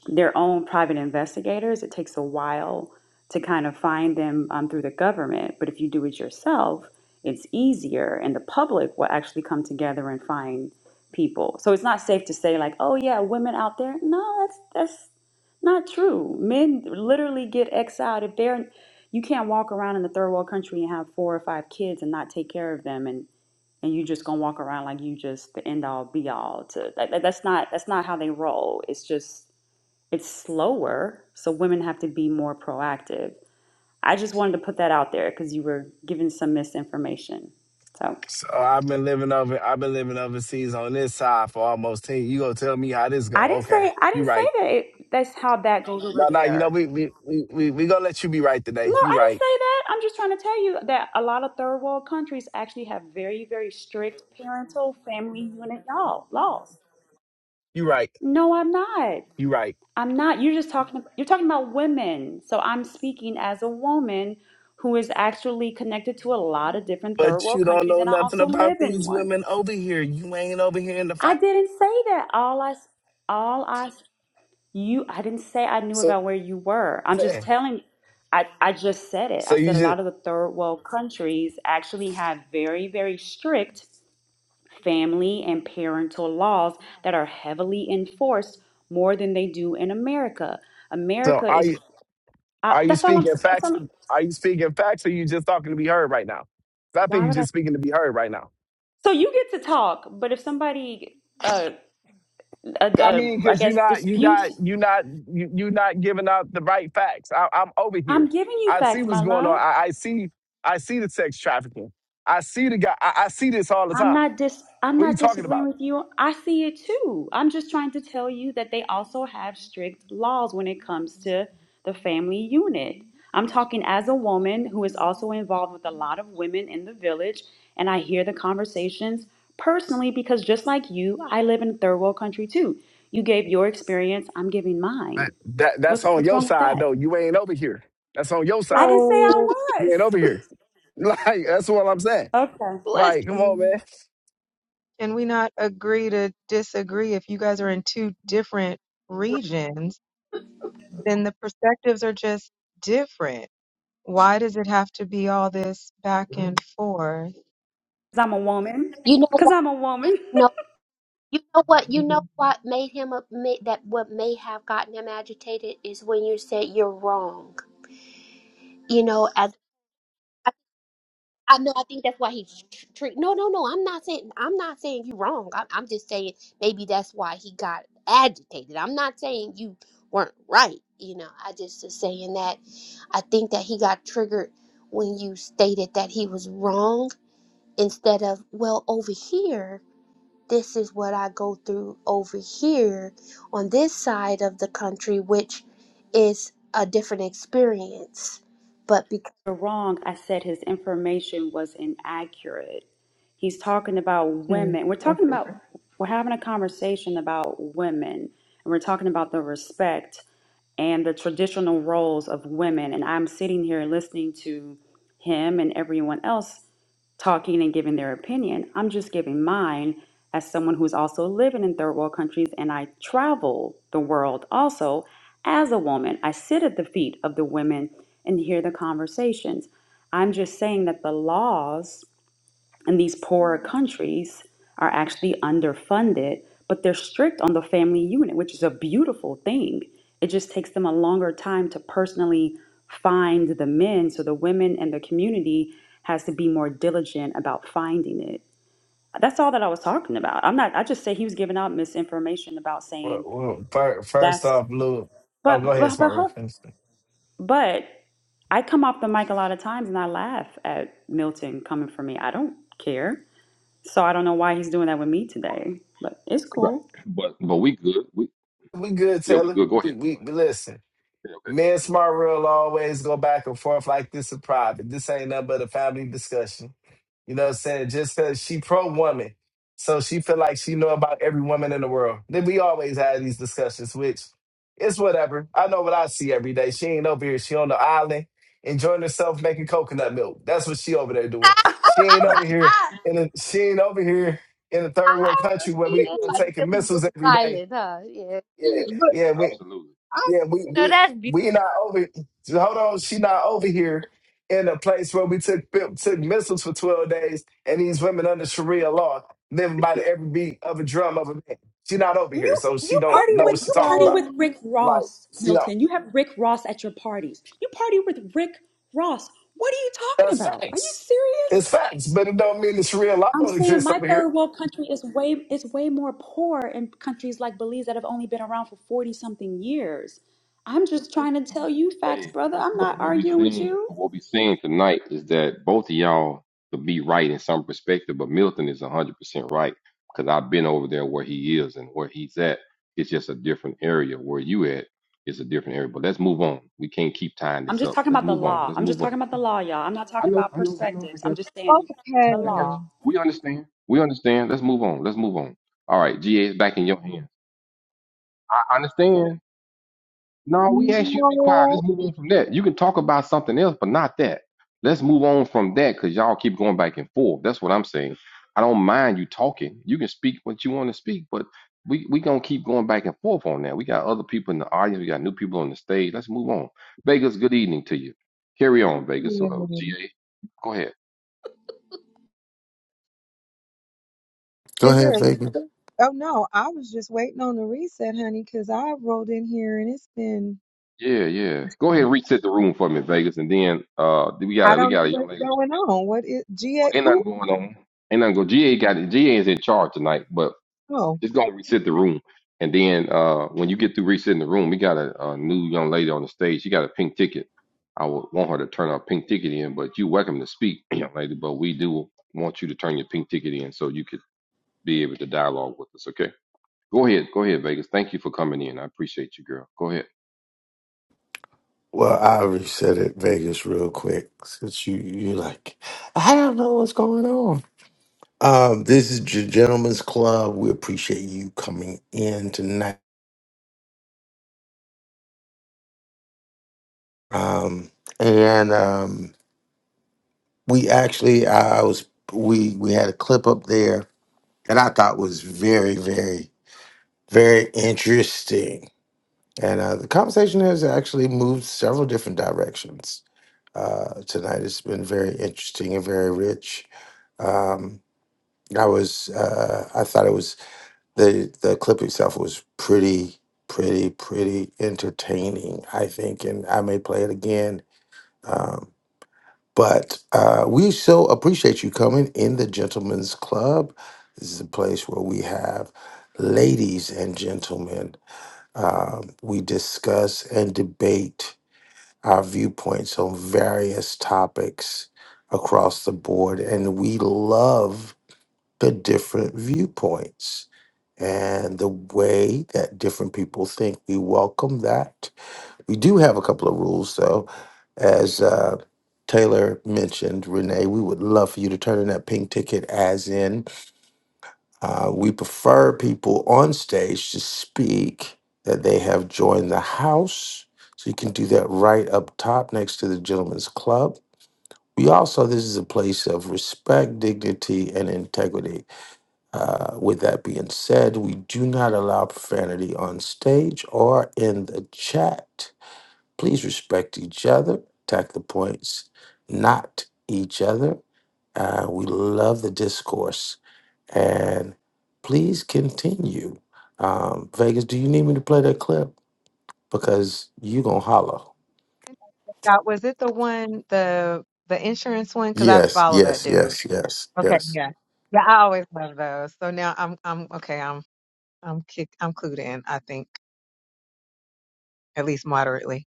S7: their own private investigators. It takes a while to kind of find them um, through the government, but if you do it yourself, it's easier, and the public will actually come together and find people. So it's not safe to say like, oh yeah, women out there. No, that's that's not true. Men literally get exiled if they're. You can't walk around in the third world country and have four or five kids and not take care of them, and and you just gonna walk around like you just the end all be all to like that, that's not that's not how they roll it's just it's slower so women have to be more proactive i just wanted to put that out there because you were giving some misinformation so
S5: So I've been living over. I've been living overseas on this side for almost ten. You gonna tell me how this go?
S7: i didn't
S5: Okay,
S7: say i
S5: you
S7: didn't say
S5: right.
S7: that it, that's how that goes over
S5: No, no, you know,
S7: there
S5: we we we we, we gonna let you be right
S7: no
S5: today. You
S7: i didn't say
S5: right.
S7: that i'm just trying to tell you that a lot of third world countries actually have very very strict parental family unit law laws
S5: You right.
S7: no i'm not
S5: You right.
S7: I'm not. You're just talking. You're talking about women. So I'm speaking as a woman who is actually connected to a lot of different third
S5: But
S7: world
S5: you don't
S7: countries,
S5: know
S7: and I
S5: nothing
S7: also
S5: about
S7: live in
S5: these
S7: one.
S5: women over here. You ain't over here in the
S7: I
S5: fight.
S7: didn't say that. All I, s- all I, s- you. I didn't say I knew
S5: So
S7: about where you were. I'm just
S5: saying.
S7: telling. I, I just said it.
S5: So
S7: I
S5: you
S7: said a
S5: just
S7: lot of the third world countries actually have very, very strict family and parental laws that are heavily enforced more than they do in America.
S5: so
S7: America
S5: are
S7: is
S5: you
S7: I,
S5: are you
S7: that's all I'm.
S5: speaking
S7: s- That's
S5: facts
S7: all. I'm-
S5: to, are you speaking facts or you just talking to be heard right now? 'Cause I think
S7: Why
S5: you're
S7: would I?
S5: just speaking to be heard right now.
S7: So you get to talk, but if somebody, uh, uh,
S5: I
S7: uh
S5: mean,
S7: I
S5: cause you're
S7: guess
S5: not you're not
S7: disputes,
S5: you're not you you're not giving out the right facts. I, I'm over
S7: I'm
S5: here.
S7: giving you
S5: I see
S7: facts,
S5: what's
S7: my
S5: going on.
S7: love.
S5: I, I see I see the sex trafficking. I see the guy. I, I see this all the
S7: I'm
S5: time.
S7: not dis I'm
S5: What are you
S7: not
S5: talking
S7: disagreeing
S5: about?
S7: with you. I see it too. I'm just trying to tell you that they also have strict laws when it comes to the family unit. I'm talking as a woman who is also involved with a lot of women in the village, and I hear the conversations personally because just like you, I live in third world country too. You gave your experience, I'm giving
S5: That,
S7: mine.
S5: that that's
S7: What's
S5: on
S7: what's
S5: your
S7: wrong with
S5: side
S7: that?
S5: though. You ain't over here. That's on your
S7: I
S5: side.
S7: didn't say I
S14: So
S5: You
S7: was.
S5: ain't over
S7: (laughs)
S5: here. (laughs) Like that's what I'm saying.
S7: okaybecause
S10: Bless.
S5: Like, come on, man.
S14: can we not agree to disagree? If you guys are in two different regions, then the perspectives are just different. Why does it have to be all this back and forth?
S7: I'm a woman.
S10: You know
S7: Because
S10: why?
S7: I'm a woman.
S10: No, you know what? You know what made him up? Made, that what may have gotten him agitated is when you said you're wrong. You know, as I know. I think that's why he's treat. No, no, no. I'm not saying. I'm not saying you wrong. I'm, I'm just saying maybe that's why he got agitated. I'm not saying you weren't right. You know, I just is saying that I think that he got triggered when you stated that he was wrong instead of well over here. This is what I go through over here on this side of the country, which is a different experience. But
S7: wrong, I said his information was inaccurate. He's talking about
S14: Hmm,
S7: women. We're
S14: that's
S7: talking about,
S14: different.
S7: we're having a conversation about women, and we're talking about the respect and the traditional roles of women. And I'm sitting here listening to him and everyone else talking and giving their opinion. I'm just giving mine as someone who's also living in third world countries and I travel the world also as a woman. I sit at the feet of the women and hear the conversations. I'm just saying that the laws and these poorer countries are actually underfunded, but they're strict on the family unit, which is a beautiful thing. It just takes them a longer time to personally find the men. So the women and the community has to be more diligent about finding it. That's all that I was talking about. I'm not, I just say he was giving out misinformation about
S5: Well,
S7: saying
S5: well fir- first
S7: that's,
S5: off, Lou. Oh,
S7: but,
S5: go ahead,
S7: but, but,
S5: smart room.
S7: hold-
S5: Finish. it.
S7: but I come off the mic a lot of times and I laugh at Milton coming for me. I don't care. So I don't know why he's doing that with me
S9: But-
S7: today, but it's
S9: Right.
S7: cool.
S9: But but we good. We
S5: We good,
S9: yeah, we
S5: Taylor.
S9: good. Go
S5: We
S9: ahead.
S5: we
S9: Go ahead.
S5: listen.
S9: Yeah, okay.
S5: Me and Smart Real always go back and forth like this in private. This ain't nothing but a family discussion. You know what I'm saying? Just cause she pro woman. So she feel like she know about every woman in the world. Then we always have these discussions, which it's whatever. I know what I see every day. She ain't over here. She on the island enjoying herself making coconut milk. That's what she over there doing. She ain't
S9: Right.
S5: over here in the she ain't over here in a third
S10: I
S5: world
S10: know
S5: country
S10: she
S5: where we
S10: is
S5: uh,
S10: like
S14: Mhm.
S5: taking
S10: Gilly
S5: missiles
S10: Gilly
S5: every day.
S10: Island, huh? Yeah,
S5: Yeah,
S14: But
S5: yeah. we.
S9: Absolutely.
S14: I
S5: Yeah, we we we not over. Hold on, she not over here in a place where we took took missiles for twelve days, and these women under Sharia law living by the every beat of a drum of a man. She not over here,
S7: You
S5: so she
S7: you
S5: don't
S7: party
S5: know
S7: with
S14: okay,
S5: what she
S7: you
S5: talking
S7: party
S5: about.
S7: with
S14: so
S7: Rick
S5: Like
S7: Ross,
S5: she don't.
S7: Milton. You have Rick Ross at your parties. You party with Rick Ross. What are you talking
S5: That's
S7: about? Are you
S5: facts. It's
S7: serious?
S5: facts, but it don't mean the Sharia law
S7: I'm
S5: don't
S7: saying
S5: exist
S7: my
S5: over here.
S7: third world country is way is way more poor in countries like Belize that have only been around for 40 something years. I'm just trying to tell you facts,
S9: Hey,
S7: brother.
S9: but
S7: I'm
S9: but
S7: not
S9: what we
S7: arguing with
S9: seen
S7: you.
S9: but what we seen tonight is that both of y'all could be right in some perspective, but Milton is hundred percent right because I've been over there where he is and where he's at. It's just a different area. Where you at is a different area. But let's move on. We can't keep tying
S7: I'm
S9: this
S7: just
S9: up.
S7: talking
S9: Let's
S7: about the
S9: move on.
S7: law.
S9: Let's
S7: I'm just
S9: move
S7: talking
S9: on to
S7: about the
S9: something.
S7: law, y'all. I'm not
S9: I
S7: talking
S9: know,
S7: about
S9: I know, I know. I
S7: perspectives.
S9: got
S7: I'm
S9: you.
S7: just saying
S9: I,
S7: the
S9: I got you.
S7: law.
S14: okay.
S9: We understand. We understand. Let's move on. Let's move on. All right, GA is back in your hands. I I understand. No, we asked you to be quiet.
S14: No.
S9: Let's move on from that. You can talk about something else, but not that. Let's move on from that because y'all keep going back and forth. That's what I'm saying. I don't mind you talking. You can speak what you want to speak, but we we gonna keep going back and forth on that. We got other people in the audience. We got new people on the stage. Let's move on. Vegas, good evening to you. Carry on, Vegas. Uh,
S14: hmm.
S9: GA, go ahead.
S2: Go
S14: Is there
S2: ahead,
S14: a
S2: Vegas.
S14: reset? Oh no, I was just waiting on the reset, honey, because I rolled in here and it's been
S9: Yeah, yeah. Go ahead and reset the room for me, Vegas, and then uh we got
S14: I
S9: a we
S14: don't
S9: got
S14: know
S9: a young
S14: what's
S9: lady.
S14: going on. What is
S9: Well,
S14: GA?
S9: ain't nothing
S14: Who?
S9: going on. Ain't nothing go. GA got it. GA is in charge tonight, but
S14: Oh,
S9: just gonna reset the room. And then uh when you get through resetting the room, we got a, a new young lady on the stage. She got a pink ticket. I would want her to turn her pink ticket in, but you welcome to speak, (clears throat) young lady. But we do want you to turn your pink ticket in so you could be able to dialogue with us. Okay. Go ahead. Go ahead, Vegas. Thank you for coming in. I appreciate you, girl. Go ahead.
S2: Well, I reset it Vegas real quick since you you like I don't know what's going on. Um, this is your gentleman's club. We appreciate you coming in tonight. Um, and um, we actually I, I was we we had a clip up there that I thought was very very very interesting And uh, the conversation has actually moved several different directions. Uh, tonight has been very interesting and very rich. Um, I was, uh, I thought it was the the clip itself was pretty, pretty, pretty entertaining. I think, and I may play it again. Um, but uh, we so appreciate you coming in the Gentlemen's Club. This is a place where we have ladies and gentlemen um, we discuss and debate our viewpoints on various topics across the board, and we love the different viewpoints and the way that different people think. We welcome that. We do have a couple of rules, though. As uh, Taylor mentioned, Renee, we would love for you to turn in that pink ticket, as in. Uh, we prefer people on stage to speak that they have joined the house. So you can do that right up top next to the gentleman's Club. We also, this is a place of respect, dignity, and integrity. Uh, with that being said, we do not allow profanity on stage or in the chat. Please respect each other, attack the points, not each other. Uh, we love the discourse. And please continue. Um, Vegas, do you need me to play that clip? Because you going to holler.
S14: God, was it the one the the insurance one? Because I
S2: Yes,
S14: follow that
S2: yes,
S14: dude.
S2: yes, yes,
S14: Okay,
S2: yes.
S14: yeah, yeah. I always love those. So now I'm I'm okay. I'm I'm kick I'm clued in. I think at least moderately.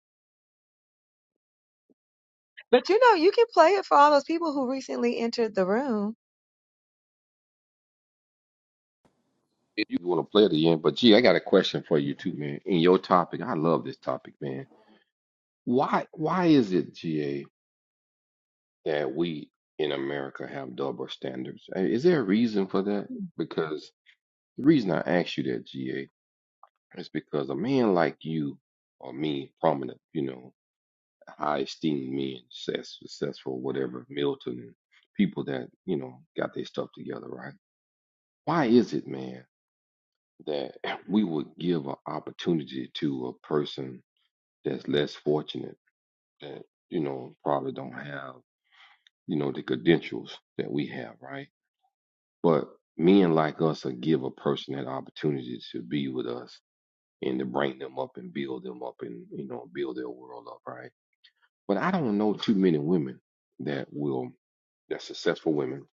S14: But you know, you can play it for all those people who recently entered the room.
S9: if you want to play it again. But gee, I got a question for you too, man. In your topic, I love this topic, man. Why why is it, GA, that we in America have double standards? Uh, Is there a reason for that? Because the reason I asked you that, GA, is because a man like you or me, prominent, you know, high esteemed men, success, successful, whatever, Milton and people that, you know, got their stuff together, right? Why is it, man, that we would give an opportunity to a person that's less fortunate that you know probably don't have you know the credentials that we have right but men like us will give a person that opportunity to be with us and to bring them up and build them up and you know build their world up right but i don't know too many women that will that's successful women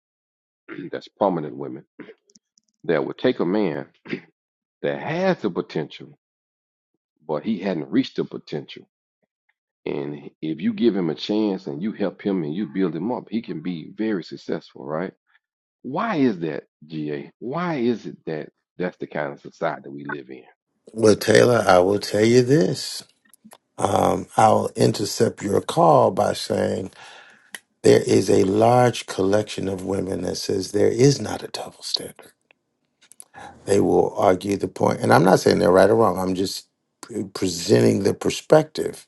S9: (clears throat) that's prominent women that would take a man that has the potential but he hadn't reached the potential And if you give him a chance and you help him and you build him up, he can be very successful, right? Why is that, GA? Why is it that that's the kind of society we live in?
S2: Well, Taylor, I will tell you this. Um, I'll intercept your call by saying there is a large collection of women that says there is not a double standard. They will argue the point, and I'm not saying they're right or wrong. I'm just pre- presenting the perspective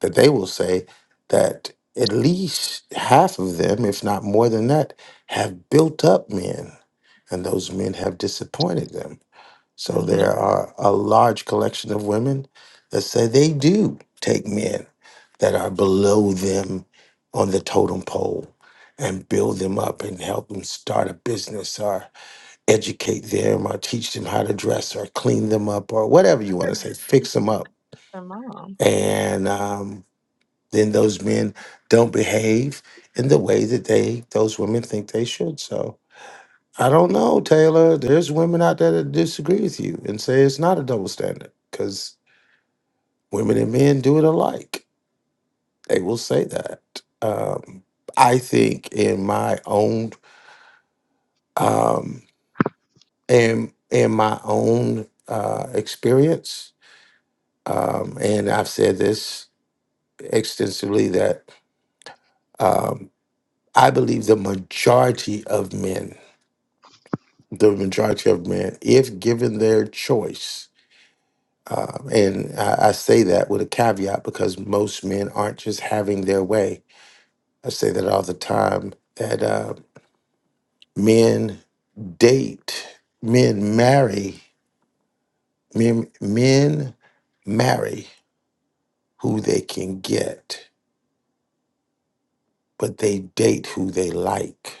S2: that they will say that at least half of them, if not more than that, have built up men, and those men have disappointed them. So
S14: Hmm.
S2: there are a large collection of women that say they do take men that are below them on the totem pole and build them up and help them start a business or educate them or teach them how to dress or clean them up or whatever you want to say, fix them up.
S14: Their mom.
S2: And um, then those men don't behave in the way that they those women think they should. So I don't know, Taylor. There's women out there that disagree with you and say it's not a double standard because women and men do it alike. They will say that. Um, I think in my own um, in in my own uh, experience, Um, and I've said this extensively that um, I believe the majority of men, the majority of men, if given their choice, um, and I, I say that with a caveat because most men aren't just having their way. I say that all the time that uh, men date, men marry, men, men marry who they can get, but they date who they like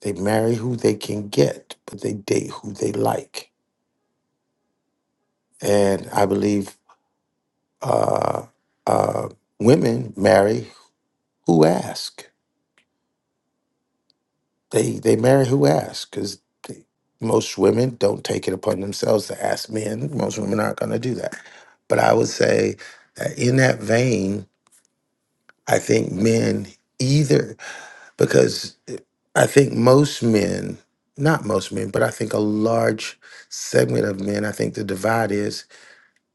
S2: They marry who they can get, but they date who they like. And I believe uh, uh, women marry who ask. They they marry who ask because most women don't take it upon themselves to ask men. Most women aren't going to do that. But I would say that in that vein, I think men either because I think most men, not most men, but I think a large segment of men, I think the divide is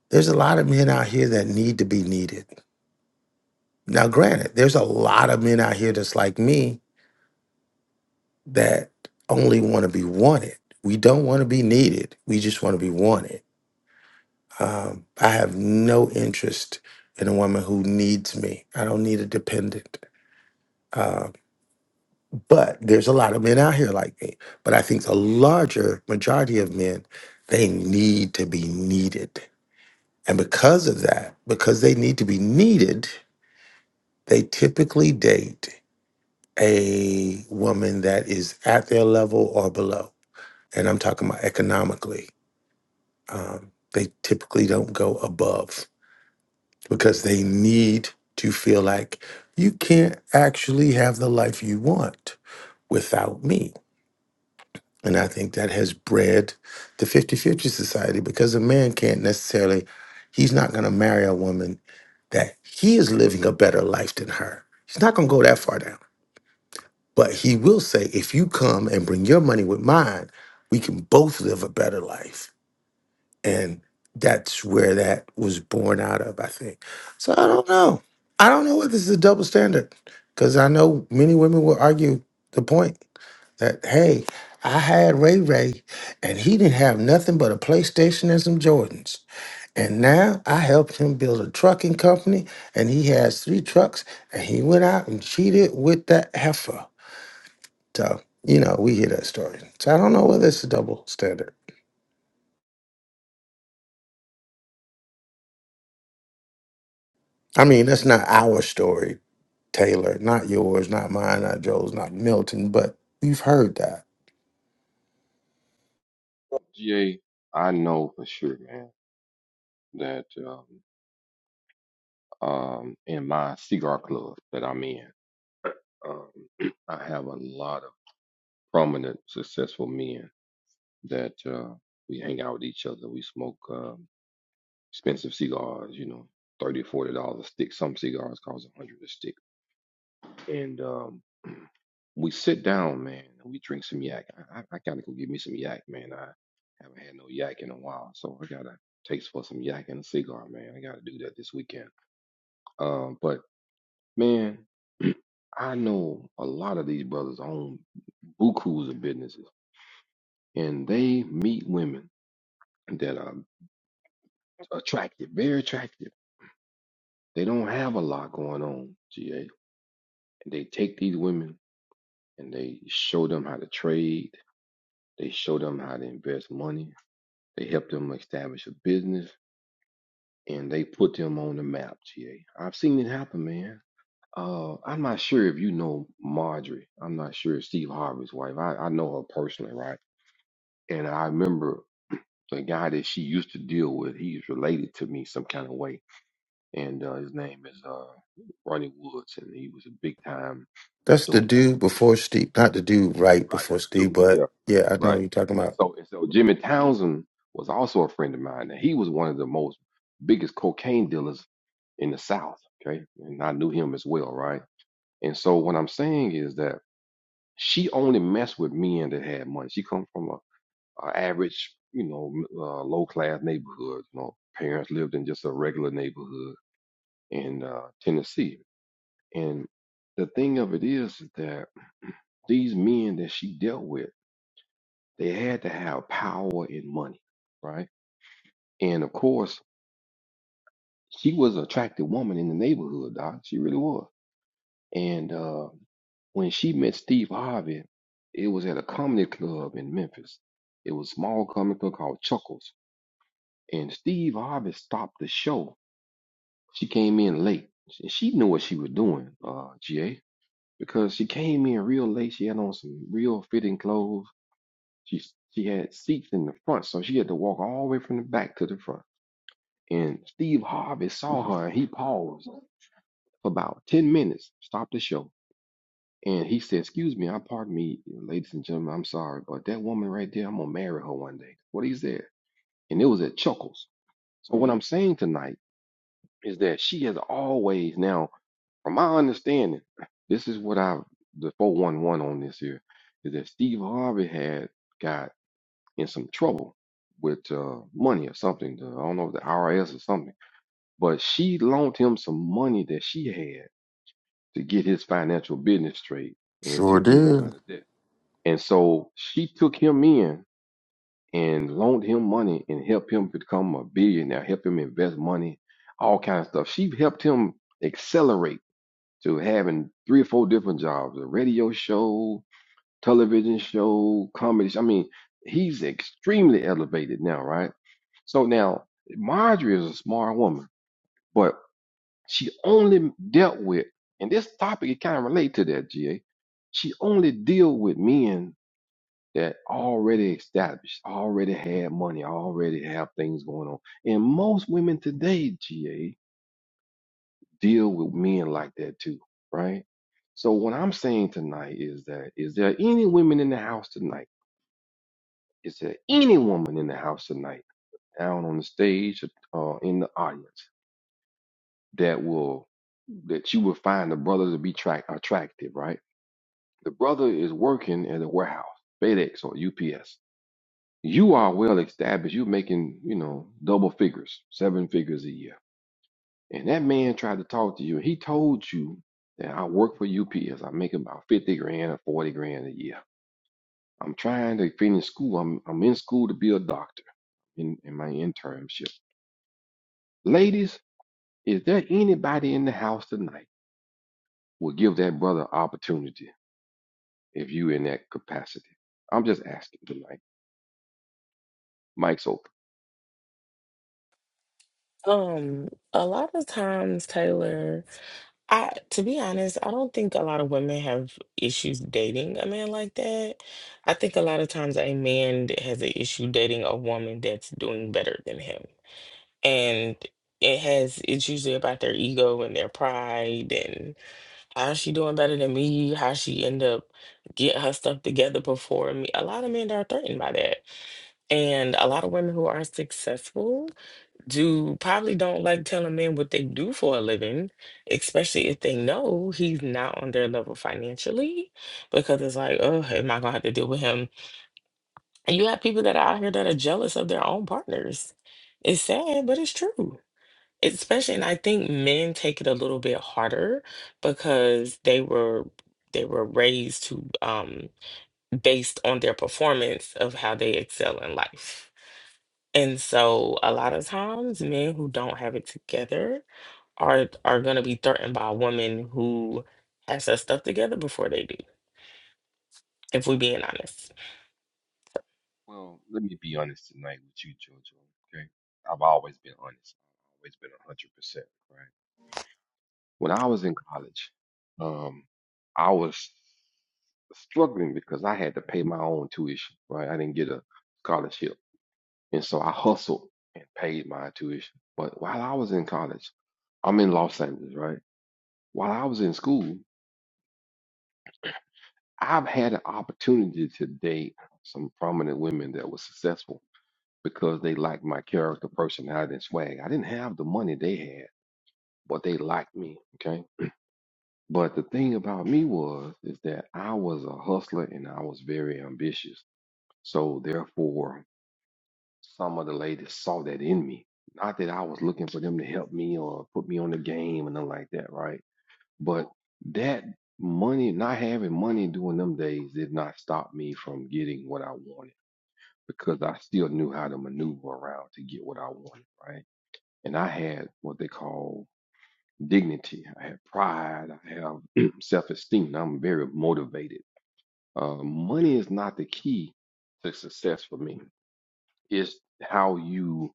S2: There's a lot of men out here that need to be needed. Now, granted, there's a lot of men out here that's like me that only want to be wanted. We don't want to be needed. We just want to be wanted. Um, I have no interest in a woman who needs me. I don't need a dependent. Uh, but there's a lot of men out here like me. But I think the larger majority of men, they need to be needed. And because of that, because they need to be needed, they typically date a woman that is at their level or below. And I'm talking about economically. Um, they typically don't go above because they need to feel like you can't actually have the life you want without me. And I think that has bred the fifty-fifty society because a man can't necessarily, he's not going to marry a woman that he is living a better life than her. He's not going to go that far down. But he will say, if you come and bring your money with mine, we can both live a better life. And that's where that was born out of, I think. So I don't know. I don't know whether this is a double standard because I know many women will argue the point that, hey, I had Ray Ray and he didn't have nothing but a PlayStation and some Jordans. And now I helped him build a trucking company and he has three trucks and he went out and cheated with that heifer. So, you know, we hear that story. So I don't know whether it's a double standard. I mean, that's not our story, Taylor, not yours, not mine, not Joe's, not Milton, but we've heard that.
S9: GA, I know for sure, man, that um, um, in my cigar club that I'm in, um, (clears throat) I have a lot of prominent, successful men that uh, we hang out with each other. We smoke um, expensive cigars, you know, thirty, forty dollars a stick. Some cigars cost 100 a stick and um, we sit down, man, and we drink some yak. I, I, I gotta go get me some yak, man. I haven't had no yak in a while, so I gotta taste for some yak and a cigar, man. I gotta do that this weekend. Um, but man, (clears throat) I know a lot of these brothers own bukus of businesses, and they meet women that are attractive, very attractive. They don't have a lot going on, GA. And they take these women and they show them how to trade. They show them how to invest money They helped them establish a business and they put them on the map, G have seen it happen, man. Uh, I'm not sure if you know Marjorie. I'm not sure if Steve Harvey's wife. I, I know her personally, right? And I remember the guy that she used to deal with, he's related to me some kind of way. And uh, his name is uh, Ronnie Woods, and he was a big time
S2: That's the
S9: dope boy.
S2: dude before Steve, not the dude right
S9: Right,
S2: before
S9: that's dude.
S2: Steve,
S9: Yeah.
S2: but yeah, I know
S9: Right.
S2: what you're talking
S9: And
S2: about.
S9: so and so Jimmy Townsend was also a friend of mine, and he was one of the most biggest cocaine dealers in the South. Okay. And I knew him as well, right? And so what I'm saying is that she only messed with men that had money. She come from a, a average, you know, uh, low class neighborhood. You know, parents lived in just a regular neighborhood in uh, Tennessee. And the thing of it is that these men that she dealt with, they had to have power and money, right? And of course, she was an attractive woman in the neighborhood, Doc. She really was. And uh, When she met Steve Harvey, it was at a comedy club in Memphis. It was a small comedy club called Chuckles. And Steve Harvey stopped the show. She came in late. She she knew what she was doing, uh, GA, because she came in real late. She had on some real fitting clothes. She she had seats in the front, so she had to walk all the way from the back to the front. And Steve Harvey saw her and he paused for about 10 minutes, stopped the show. And he said, Excuse me, I pardon me, ladies and gentlemen, I'm sorry, but that woman right there, I'm gonna marry her one day. What he said. And it was at Chuckles. So what I'm saying tonight is that she has always now, from my understanding, (sighs) this is what I the 411 on this here, is that Steve Harvey had got in some trouble with uh, money or something. the- I don't know the IRS or something. But she loaned him some money that she had to get his financial business straight and to
S2: Sure
S9: get him out
S2: did.
S9: of debt. And so she took him in and loaned him money and helped him become a billionaire, helped him invest money, all kinds of stuff. She helped him accelerate to having three or four different jobs, a radio show, television show, comedy. sh- I mean, he's extremely elevated now, right? So now Marjorie is a smart woman, but she only dealt with, and this topic it kind of relate to that, GA. She only deal with men that already established, already had money, already have things going on. And most women today, GA, deal with men like that too, right? So what I'm saying tonight is that is there any women in the house tonight? Is there any woman in the house tonight, out on the stage or uh, in the audience, that will that you will find the brother to be track attractive, right? The brother is working at a warehouse, FedEx or UPS you are well established. You're making, you know, double figures, seven figures a year. And that man tried to talk to you. He told you that I work for UPS. I make about 50 grand or 40 grand a year. I'm trying to finish school. I'm, I'm in school to be a doctor in, in my internship. Ladies, is there anybody in the house tonight will give that brother opportunity if you in that capacity? I'm just asking tonight. Mike's open.
S11: Um, a lot of times, Taylor. I, to be honest, I don't think a lot of women have issues dating a man like that. I think a lot of times a man that has an issue dating a woman that's doing better than him. And it has, it's usually about their ego and their pride and how's she doing better than me? How she end up get her stuff together before me? A lot of men are threatened by that. And a lot of women who are successful. Do probably don't like telling men what they do for a living, especially if they know he's not on their level financially, because it's like, oh, hey, am I gonna have to deal with him? And you have people that are out here that are jealous of their own partners. It's sad, but it's true. Especially, and I think men take it a little bit harder because they were they were raised to um based on their performance of how they excel in life. And so a lot of times men who don't have it together are are going to be threatened by a woman who has her stuff together before they do, if we're being honest.
S9: Well, let me be honest tonight with you, Jojo. Okay, I've always been honest. I've always been a hundred percent right. When I was in college, um, I was struggling because I had to pay my own tuition. Right, I didn't get a scholarship, and so I hustled and paid my tuition. But while I was in college, I'm in Los Angeles, right? While I was in school, I've had an opportunity to date some prominent women that were successful. because they liked my character, personality, and swag. I didn't have the money they had, but they liked me. Okay. But the thing about me was is that I was a hustler and I was very ambitious. So therefore, some of the ladies saw that in me. Not that I was looking for them to help me or put me on the game and nothing like that, right? But that money, not having money during them days, did not stop me from getting what I wanted because I still knew how to maneuver around to get what I wanted, right? and I had what they call dignity. I had pride. I have (clears throat) self-esteem. I'm very motivated. Uh, money is not the key to success for me. It's how you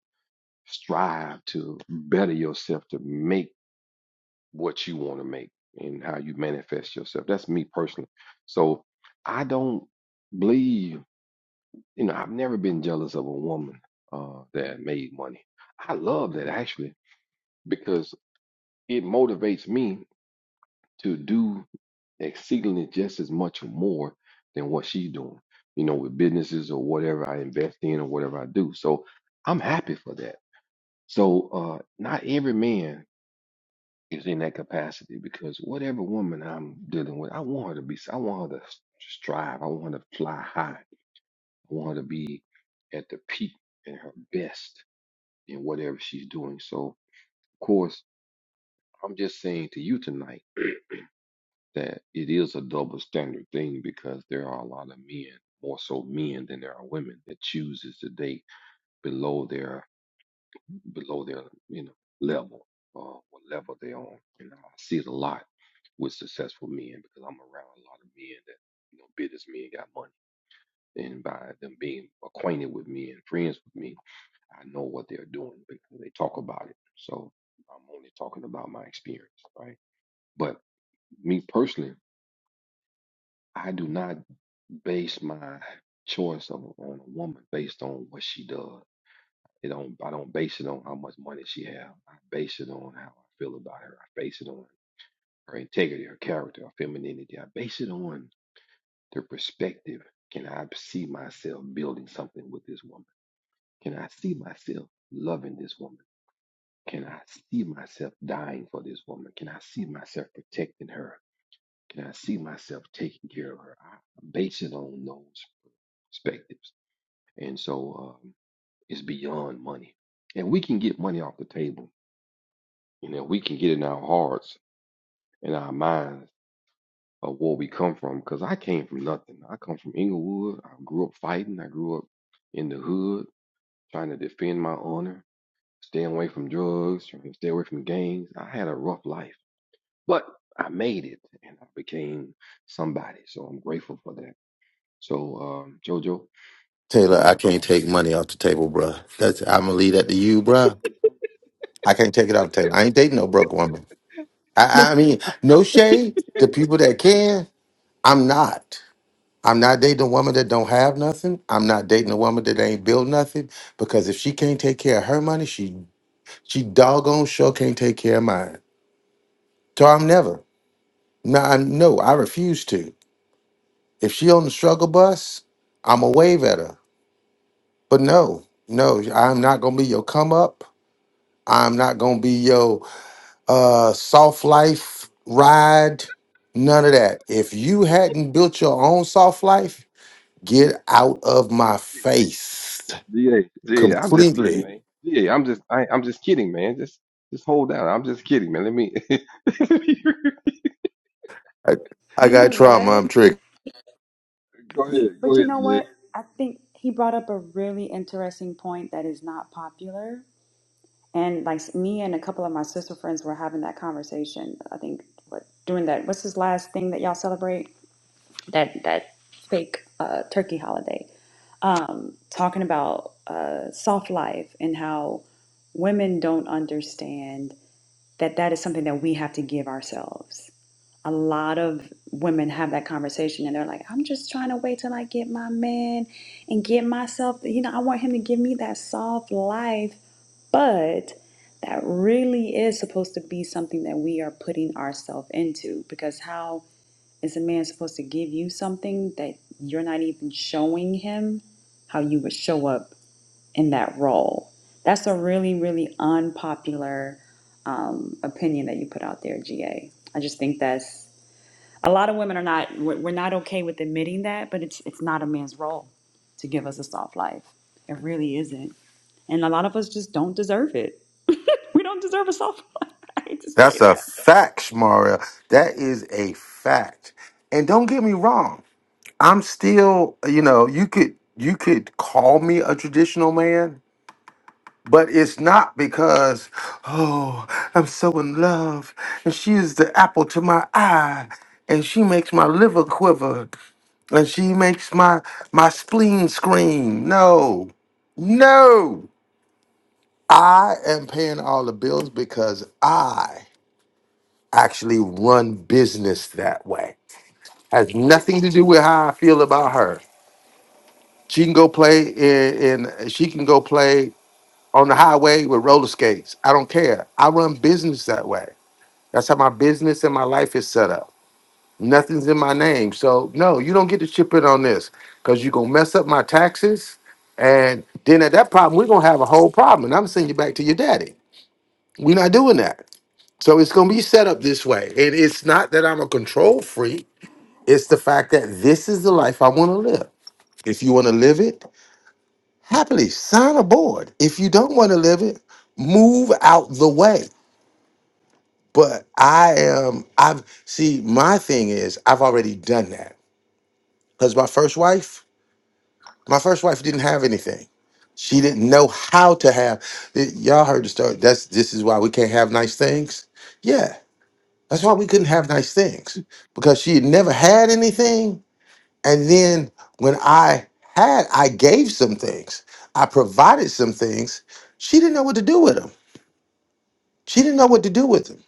S9: strive to better yourself to make what you want to make and how you manifest yourself. That's me personally. So I don't believe, you know, I've never been jealous of a woman uh, that made money. I love that actually because it motivates me to do exceedingly just as much or more than what she's doing, you know, with businesses or whatever I invest in or whatever I do. So I'm happy for that. So uh, not every man is in that capacity because whatever woman I'm dealing with, I want her to be, I want her to strive, I want her to fly high, I want her to be at the peak and her best in whatever she's doing. So of course, I'm just saying to you tonight that it is a double standard thing because there are a lot of men, more so men than there are women, that chooses to date below their below their you know level, uh, what level they're on. And I see it a lot with successful men because I'm around a lot of men that you know business men got money. And by them being acquainted with me and friends with me, I know what they're doing because they talk about it. So I'm only talking about my experience, right? But me personally, I do not base my choice of, on a woman based on what she does. It don't I don't base it on how much money she have. I base it on how I feel about her. I base it on her integrity, her character, her femininity. I base it on the perspective. Can I see myself building something with this woman? Can I see myself loving this woman? Can I see myself dying for this woman? Can I see myself protecting her? Can I see myself taking care of her? I base it on those perspectives. And so um, it's beyond money. And we can get money off the table. You know, we can get in our hearts and our minds of where we come from. Because I came from nothing. I come from Inglewood. I grew up fighting. I grew up in the hood trying to defend my honor, staying away from drugs, trying to stay away from gangs. I had a rough life, but I made it and I became somebody. So I'm grateful for that. So, um, JoJo, uh,
S2: Taylor, I can't
S9: all
S2: take money off the table, bruh. That's I'm gonna leave that to you, bruh. I can't take it off the table. I ain't dating no broke woman. I,
S9: I'm-
S2: I mean, no shade.
S9: (laughs) no,
S2: The people that can, I'm not. I'm not dating a woman that don't have nothing. I'm not dating a woman that ain't built nothing because if she can't take care of her money, she she doggone sure can't take care of mine. So I'm never. No, I'm no. I refuse to. If she on the struggle bus, I'ma wave at her. But no, no, I'm not gonna be your come up. I'm not gonna be your uh, soft life ride. None of that. If you hadn't built your own soft life, get out of my face.
S9: G A, am just kidding,
S2: completely.
S9: man. G am just, I, I'm just kidding, man. Just, just hold down. I'm just kidding, man. Let me (laughs) go
S2: I, I
S7: You know
S2: got trauma.
S7: what?
S2: I'm triggered.
S7: He,
S9: ahead, go
S7: but you
S9: ahead,
S7: know
S9: GA.
S7: what? I think he brought up a really interesting point that is not popular. And like me and a couple of my sister friends were having that conversation. I think what doing that. What's his last thing that y'all celebrate? That that fake uh, turkey holiday. Um, talking about uh, soft life and how women don't understand that that is something that we have to give ourselves a lot of women have that conversation and they're like, I'm just trying to wait till I get my man and get myself, you know, I want him to give me that soft life. But that really is supposed to be something that we are putting ourselves into because how is a man supposed to give you something that you're not even showing him how you would show up in that role? That's a really, really unpopular um, opinion that you put out there, GA. I just think that's a lot of women are not we're we're not okay with admitting that but it's it's not a man's role to give us a soft life it really isn't and a lot of us just don't deserve it we don't deserve a soft (laughs) life i hate to say
S2: That's a
S7: that
S2: fact, Shmara. That is a fact. And don't get me wrong. I'm still, you know, you could you could call me a traditional man, but it's not because, oh, I'm so in love, and she is the apple to my eye, and she makes my liver quiver, and she makes my my spleen scream. No. No. I am paying all the bills because I actually run business that way. Has nothing to do with how I feel about her. She can go play in, in she can go play on the highway with roller skates. I don't care. I run business that way. That's how my business and my life is set up. Nothing's in my name. So no, you don't get to chip in on this because you're gonna mess up my taxes. And then at that problem, we're gonna have a whole problem. And I'm sending you back to your daddy. We're not doing that. So it's going to be set up this way. And it's not that I'm a control freak, it's the fact that this is the life I want to live. If you want to live it, happily sign aboard. If you don't want to live it, move out the way. But I am, I've, see, my thing is, I've already done that. Because my first wife, my first wife didn't have anything. She didn't know how to have, y- y'all heard the story. That's, this is why we can't have nice things. Yeah. That's why we couldn't have nice things because she had never had anything. And then when I had, I gave some things, I provided some things. She didn't know what to do with them. She didn't know what to do with them.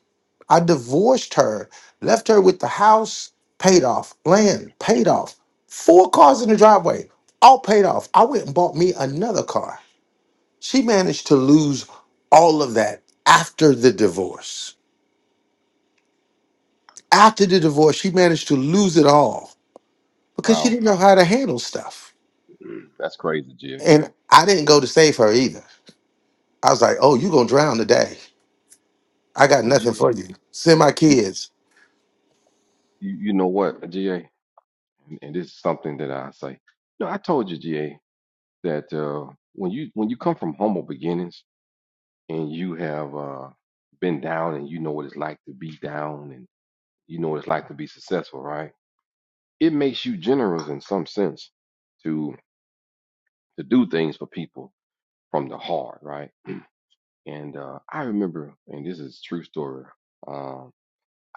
S2: I divorced her, left her with the house paid off, land paid off, four cars in the driveway, all paid off. I went and bought me another car. She managed to lose all of that after the divorce. After the divorce, she managed to lose it all because she
S9: Wow,
S2: didn't know how to handle stuff.
S9: (clears throat) that's crazy, GA.
S2: And I didn't go to save her either. I was like, "Oh, you gonna drown today? I got
S9: Well, G A,
S2: nothing
S9: G
S2: for you.
S9: A,
S2: Send my kids."
S9: you, you know what, GA, and and this is something that I say. No, I told you, GA, that uh, when you when you come from humble beginnings and you have uh, been down and you know what it's like to be down and you know what it's like to be successful, right? It makes you generous in some sense to. to do things for people from the heart, right? And uh, I remember, and this is a true story. Um,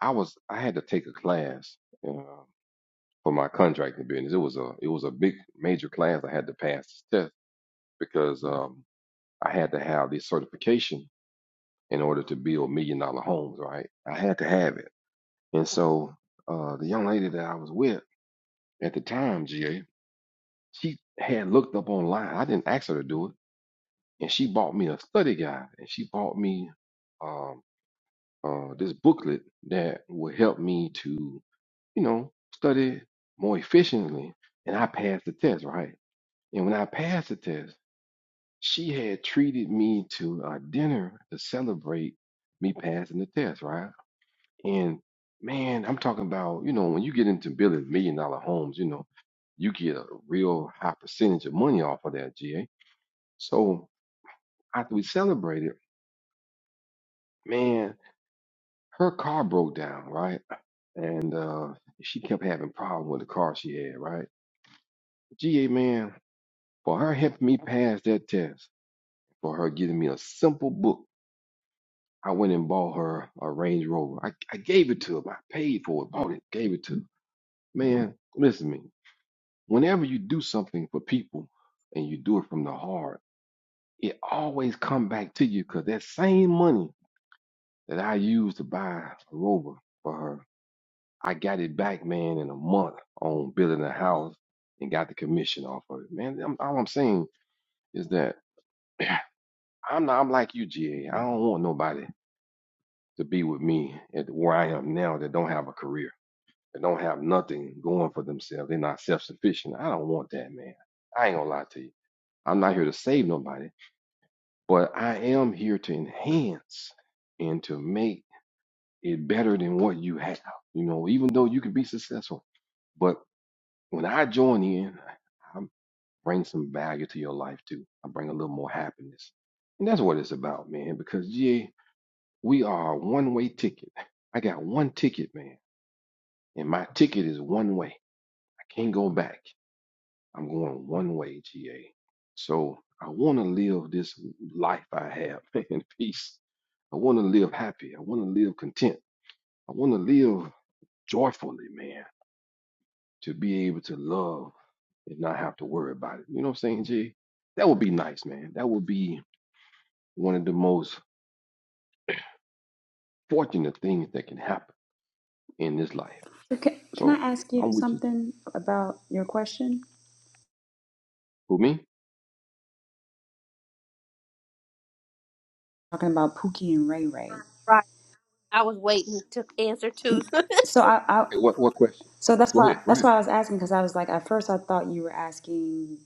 S9: I was I had to take a class uh, for my contracting business. It was a it was a big major class. I had to pass this test because um, I had to have this certification in order to build million dollar homes, right? I had to have it. And so uh, the young lady that I was with at the time, GA, she had looked up online. I didn't ask her to do it and she bought me a study guide and she bought me um, uh, this booklet that would help me to you know study more efficiently and i passed the test right and when i passed the test she had treated me to a dinner to celebrate me passing the test right and man i'm talking about you know when you get into building million dollar homes you know you get a real high percentage of money off of that ga so after we celebrated man her car broke down, right? And uh, she kept having problems with the car she had, right? GA man, for her helping me pass that test, for her giving me a simple book, I went and bought her a Range Rover. I, I gave it to her. I paid for it, bought it, gave it to her. Man, listen to me. Whenever you do something for people and you do it from the heart, it always come back to you because that same money that I used to buy a Rover for her I got it back, man, in a month on building a house and got the commission off of it, man. I'm, all I'm saying is that (clears throat) I'm not, I'm like you, GA. I don't want nobody to be with me at where I am now that don't have a career, that don't have nothing going for themselves. They're not self sufficient. I don't want that, man. I ain't gonna lie to you. I'm not here to save nobody, but I am here to enhance and to make it better than what you have. You know, even though you can be successful. but When I join in, I bring some value to your life too. I bring a little more happiness. And that's what it's about, man, because yeah, we are a one way ticket. I got one ticket, man. And my ticket is one way. I can't go back. I'm going one way, GA. So I want to live this life I have (laughs) in peace. I want to live happy. I want to live content. I want to live joyfully, man. to be able to love and not have to worry about it. You know what I'm saying, G? That would be nice, man. That would be one of the most fortunate things that can happen in this life.
S7: okay can i
S9: So
S7: ask you
S9: I'm with you, G.
S7: something about your question
S9: Who me? Okay,
S7: talking about pookie and ray ray
S10: right. I was waiting to answer too. (laughs)
S7: so i, I
S9: what what question?
S7: so that's
S9: Go
S7: why
S9: ahead, go
S7: that's
S9: ahead.
S7: why i was asking because i was like at first i thought you were asking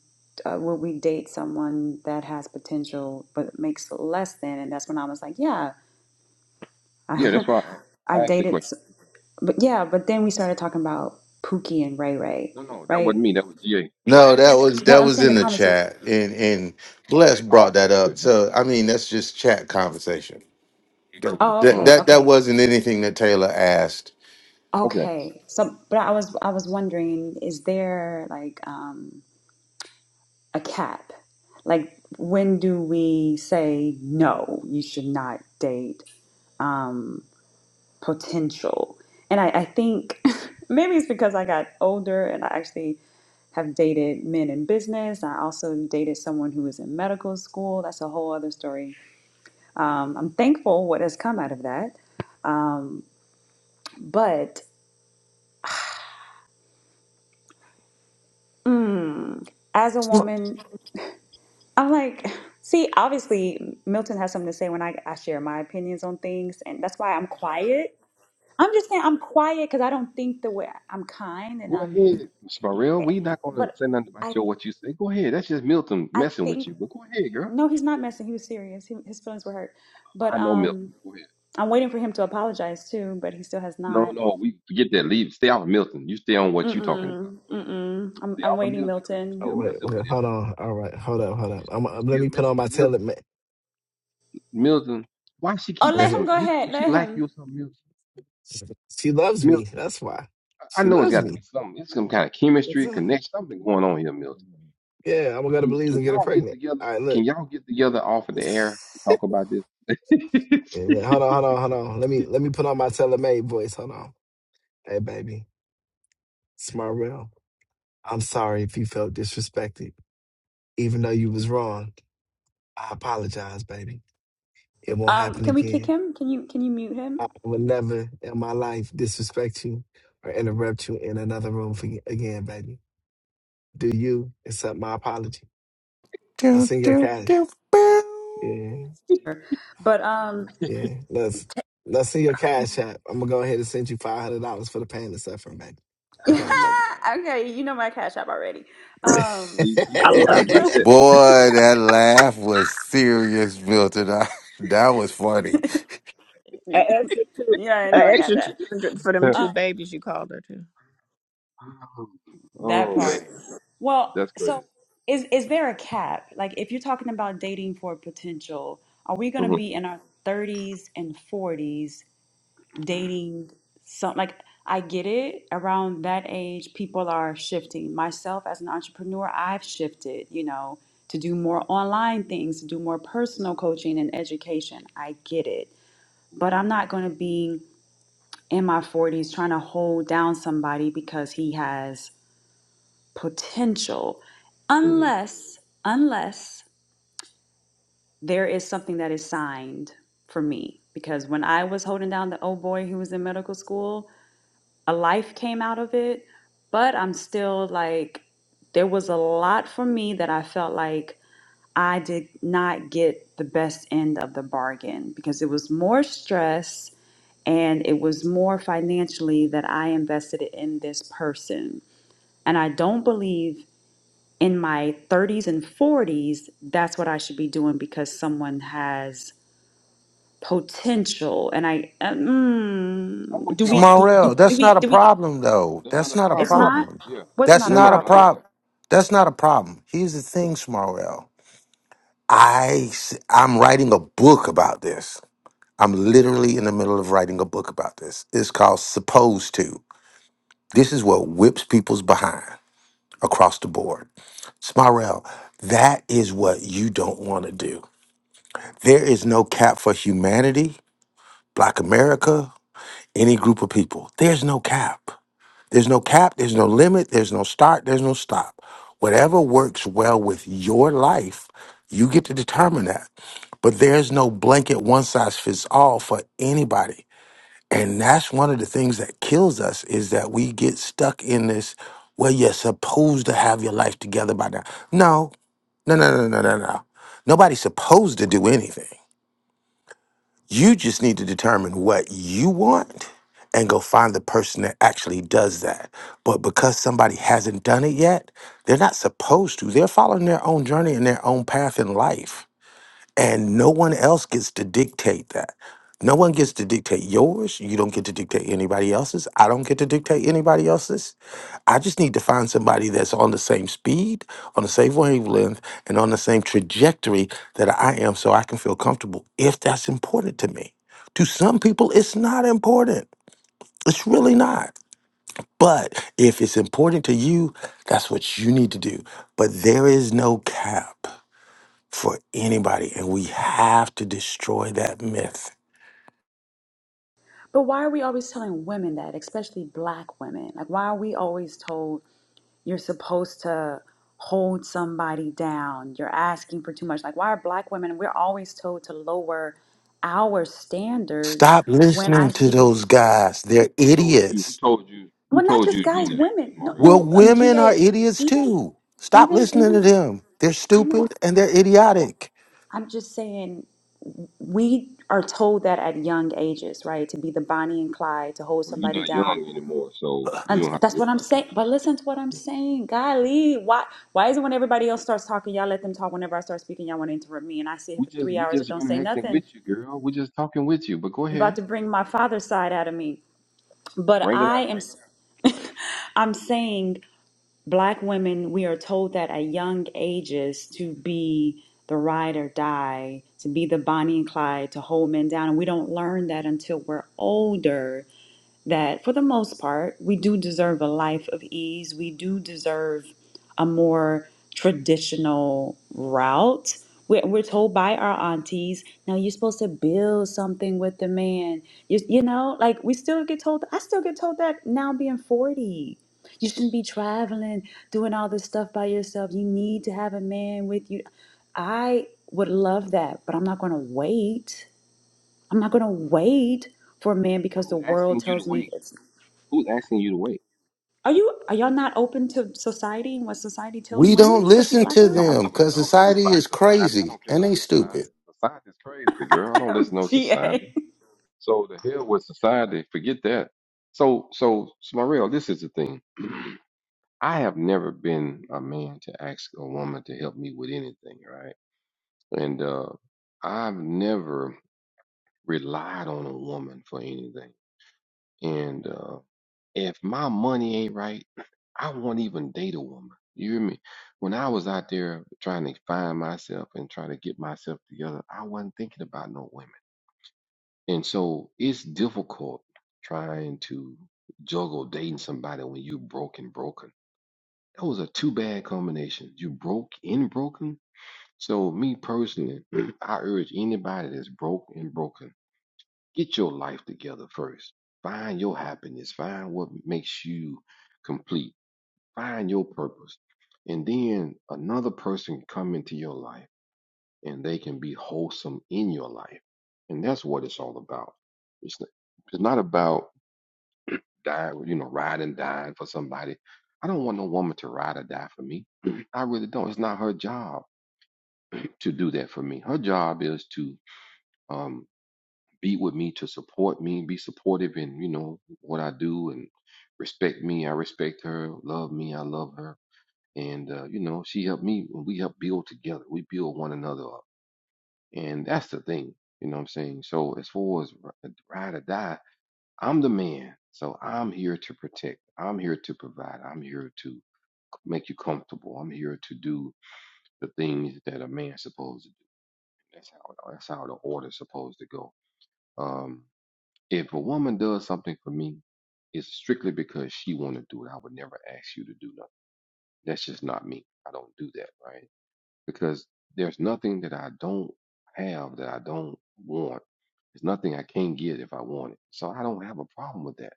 S7: uh, would we date someone that has potential but makes less than and that's when i was like yeah (laughs)
S9: Yeah,
S7: I,
S9: that's why I asked. I
S7: I
S9: asked the
S7: dated
S9: question.
S7: But yeah, but then we started talking about Pookie and Ray Ray,
S9: No, no, that
S7: right?
S9: wasn't me. That was GA.
S2: No, that was
S7: Well,
S2: that
S7: I'm
S2: was
S7: saying the
S2: in the
S9: Go ahead.
S7: conversation.
S2: chat, and and Bless
S9: Oh,
S2: brought
S9: okay,
S2: that
S9: okay,
S2: up. So
S9: okay.
S2: I mean, that's just chat conversation. That
S7: Oh,
S9: Mm-hmm.
S2: that
S7: okay,
S9: mm-hmm.
S2: that, that
S7: okay,
S2: wasn't anything that Taylor asked.
S9: Okay.
S7: okay. So, but I was I was wondering, is there like um a cap? Like, when do we say no? You should not date um potential. And I, I think (laughs) maybe it's because I got older and I actually have dated men in business. I also dated someone who was in medical school. That's a whole other story Um, I'm thankful what has come out of that. Um, but mm, as a woman, I'm like, (laughs) see, obviously, Milton has something to say when I, I share my opinions on things, and that's why I'm quiet. I'm just saying I'm quiet because I don't think the way I'm kind and
S9: Go
S7: I'm,
S9: ahead, Miss Burrell. We not gonna
S7: but
S9: say nothing about
S7: I
S9: your what you say. Go ahead. That's just Milton
S7: I
S9: messing with
S7: think
S9: you. But go ahead, girl.
S7: no, he's not messing. He was serious. He, his feelings were hurt, but
S9: I know
S7: um,
S9: Milton. Go ahead.
S7: I'm waiting for him to apologize too, but he still has
S9: No,
S7: not.
S9: no, we forget that. Leave. Stay off of Milton. You stay on what you talking about.
S7: Mm-mm,
S9: Come on,
S7: mm-mm. I'm
S9: stay
S7: I'm
S9: off of
S7: waiting,
S9: Milton because you
S7: Milton.
S5: Oh
S9: still
S5: wait,
S9: messing
S5: wait,
S9: with him.
S5: hold on. All right, hold up, hold
S9: You
S5: up. I'm,
S9: you
S5: I'm- let
S9: still
S5: me put
S9: messing
S5: on my
S9: with
S5: tailor
S9: Milton.
S5: man.
S9: Milton, why she
S7: Oh,
S9: keep
S7: let
S5: What's
S9: messing
S5: up?
S7: him
S9: with
S7: go
S9: you? She-
S7: ahead.
S9: Do she
S7: Let
S9: like
S7: him.
S9: you or something, Milton?
S5: She loves me.
S9: Milton,
S5: That's why.
S9: I I
S5: She
S9: know it's
S5: loves
S9: got to be
S5: me.
S9: something. It's some kind of
S5: What's
S9: chemistry,
S5: up?
S9: connection, something going on here, Milton.
S5: Yeah, I'm gonna go to
S9: Can
S5: Belize
S9: can
S5: and get her
S9: y'all get
S5: pregnant.
S9: together?
S5: All right,
S9: Can
S5: look.
S9: y'all get together off of the
S5: (laughs)
S9: air and talk about this? (laughs)
S5: Yeah, yeah, Hold on, hold on, hold on. Let me let me put on my May voice. Hold on. Hey baby, it's I'm sorry if you felt disrespected. Even though you was wrong. I apologize, baby. It won't
S7: Um,
S5: happen
S7: can we kick
S5: again.
S7: him? Can you can you mute him?
S5: I will never in my life disrespect you or interrupt you in another room for, again, baby. Do you accept my apology? I
S2: Do,
S5: send your
S2: do,
S5: cash.
S2: do, bow.
S5: Yeah.
S7: Sure. But um,
S5: Yeah. Let's let's see your cash
S9: oh,
S5: app. I'm gonna go ahead and send you five hundred dollars for the pain and suffering, baby.
S7: (laughs)
S5: I
S9: oh
S5: got
S9: my God,
S7: okay, you know my cash app already. Um,
S9: see, she she happy
S13: love
S5: you.
S13: you.
S9: about
S5: (laughs)
S9: that.
S2: Boy, that laugh was serious, Milton. (laughs) that was funny.
S7: (laughs)
S13: An extra two,
S7: yeah, I
S13: an
S7: know my cash
S13: extra two
S7: app.
S13: hundred for them two
S7: Um,
S13: babies you called her to.
S9: (laughs)
S7: that
S9: oh man,
S7: part. Well,
S9: that's crazy.
S7: so is is there a cap? Like, if you're talking about dating for potential, are we gonna
S9: Mhm.
S7: be in our 30s and 40s dating some like I get it around that age people are shifting myself as an entrepreneur I've shifted you know to do more online things to do more personal coaching and education I get it but I'm not going to be in my 40s trying to hold down somebody because he has potential
S9: Mhm.
S7: unless unless there is something that is signed for me because when I was holding down the old boy who was in medical school a life came out of it, but I'm still like, there was a lot for me that I felt like I did not get the best end of the bargain because it was more stress and it was more financially that I invested in this person. And I don't believe in my 30s and 40s that's what I should be doing because someone has potential and I uh,
S9: I'm
S7: mm,
S9: with
S7: do
S9: you
S7: we
S9: on that.
S7: do,
S9: I'm,
S7: do,
S2: Smarell,
S9: I'm
S7: do
S2: that's
S9: with you.
S7: we
S2: not a
S7: do we
S2: problem though.
S9: That's not
S2: That's
S9: a
S2: not a
S7: It's
S9: problem though.
S7: not?
S2: problem.
S9: Yeah.
S7: What's
S2: That's
S7: not
S9: No,
S7: a
S2: not
S9: no,
S2: a
S9: not at
S7: problem?
S2: problem.
S9: all.
S2: That's not a problem. Here's the thing,
S9: Mhm.
S2: Smarell. I s- I'm writing a book about this. I'm literally in the middle of writing a book about this. It's called Supposed to. This is what whips people's behind across the board. Smarell, that is what you don't want to do. There is no cap for humanity, Black America, any group of people. There's no cap. There's no cap, there's no limit, there's no start, there's no stop. Whatever works well with your life, you get to determine that. But there's no blanket one size fits all for anybody. And that's one of the things that kills us is that we get stuck in this, well, you're supposed to have your life together by now. No, no, no, no, no, no, no. Nobody's supposed to do anything. You just need to determine what you want and go find the person that actually does that. But because somebody hasn't done it yet, they're not supposed to. They're following their own journey and their own path in life and no one else gets to dictate that. No one gets to dictate yours. You don't get to dictate anybody else's. I don't get to dictate anybody else's. I just need to find somebody that's on the same speed, on the same wavelength, and on the same trajectory that I am so I can feel comfortable if that's important to me. To some people, it's not important. It's really not. But if it's important to you, that's what you need to do. But there is no cap for anybody. And we have to destroy that myth.
S7: But why are we always telling women that, especially black women? Like, why are we always told you're supposed to hold somebody down? You're asking for too much. Like, why are black women, we're always told to lower our standards
S2: Stop
S7: when I
S2: listening to
S7: see,
S2: those guys. They're
S9: Who told you? Who
S2: idiots.
S9: told you? Who
S7: well, not
S9: told you
S7: just
S9: to do
S7: guys,
S9: that,
S7: women. No,
S9: Mario?
S2: Well,
S7: no, um,
S2: women are
S7: GA,
S2: idiots
S7: even,
S2: too. Stop
S7: even,
S2: listening to
S7: even,
S2: them. They're
S7: I know,
S2: stupid and they're
S7: well,
S2: idiotic.
S7: I'm just saying, we are told that at young ages, right? To be the Bonnie and Clyde, to hold
S9: Well, you're
S7: somebody
S9: not
S7: down
S9: young anymore, so you
S7: And
S9: don't have to
S7: that's
S9: worry
S7: what I'm
S9: about that.
S7: saying. But listen to what I'm
S9: Yeah.
S7: saying. Golly, why why is it when everybody else starts talking, y'all let them talk. Whenever I start speaking, y'all want to interrupt me, and I sit here
S9: We
S7: for
S9: just
S7: three
S9: we
S7: hours and
S9: just
S7: don't say
S9: interacting
S7: nothing.
S9: with you, girl. We're just talking with you. But go
S7: You're about
S9: ahead,
S7: to bring my father's side out of me. But
S9: bring it
S7: I
S9: out.
S7: am, (laughs) I'm saying, black women, we are told that at young ages to be the ride or die, to be the Bonnie and Clyde, to hold men down, and we don't learn that until we're older. that for the most part, we do deserve a life of ease. We do deserve a more traditional route. We're, we're told by our aunties, now you're supposed to build something with the man. You, you know, like we still get told, I still get told that now being 40. You shouldn't be traveling, doing all this stuff by yourself. You need to have a man with you. I would love that, but I'm not going to wait. I'm not going to wait for a man
S9: But
S7: because the
S9: who
S7: world
S9: asking you to
S7: tells me
S9: wait?
S7: it's
S9: Who's asking you to wait?
S7: are you are y'all not open to society and what society tells
S2: We
S7: women,
S2: don't
S7: especially
S2: listen
S7: black
S2: to
S9: I
S7: women? Are-
S9: don't
S2: them
S7: are-
S9: give a
S2: because
S9: doggone
S2: society
S9: about
S2: is
S9: society. I
S2: crazy
S9: don't care
S2: and
S9: about
S2: they stupid.
S9: society. Society's crazy, girl. I don't listen to no society.
S7: GA
S9: So the hell with society, forget that. So so Smarell, this is the thing. (clears throat) I have never been a man to ask a woman to help me with anything, right? And uh I've never relied on a woman for anything. And uh if my money ain't right, I won't even date a woman. You hear me? When I was out there trying to find myself and trying to get myself together, I wasn't thinking about no women. And so it's difficult trying to juggle dating somebody when you broke and broken. That was a too bad combination. You broke and broken. So me personally, (clears throat) I urge anybody that's broke and broken, get your life together first. Find your happiness. Find what makes you complete. Find your purpose. And then another person come into your life and they can be wholesome in your life. And that's what it's all about. It's, n- it's not about dying, you know, ride and dying for somebody. I don't want no woman to ride or die for me. (clears throat) I really don't. It's not her job to do that for me. Her job is to um, be with me, to support me, be supportive in, you know, what I do and respect me. I respect her, love me. I love her. And, uh, you know, she helped me. We help build together. We build one another up And that's the thing, you know what I'm saying? So as far as r- uh, ride or die, I'm the man. So I'm here to protect. I'm here to provide. I'm here to make you comfortable. I'm here to do the things that a man's supposed to do. That's how that's how the order's supposed to go. Um, if a woman does something for me, it's strictly because she want to do it. I would never ask you to do nothing. That's just not me. I don't do that, right? because there's nothing that I don't have that I don't want. There's nothing I can't get if I want it. So I don't have a problem with that.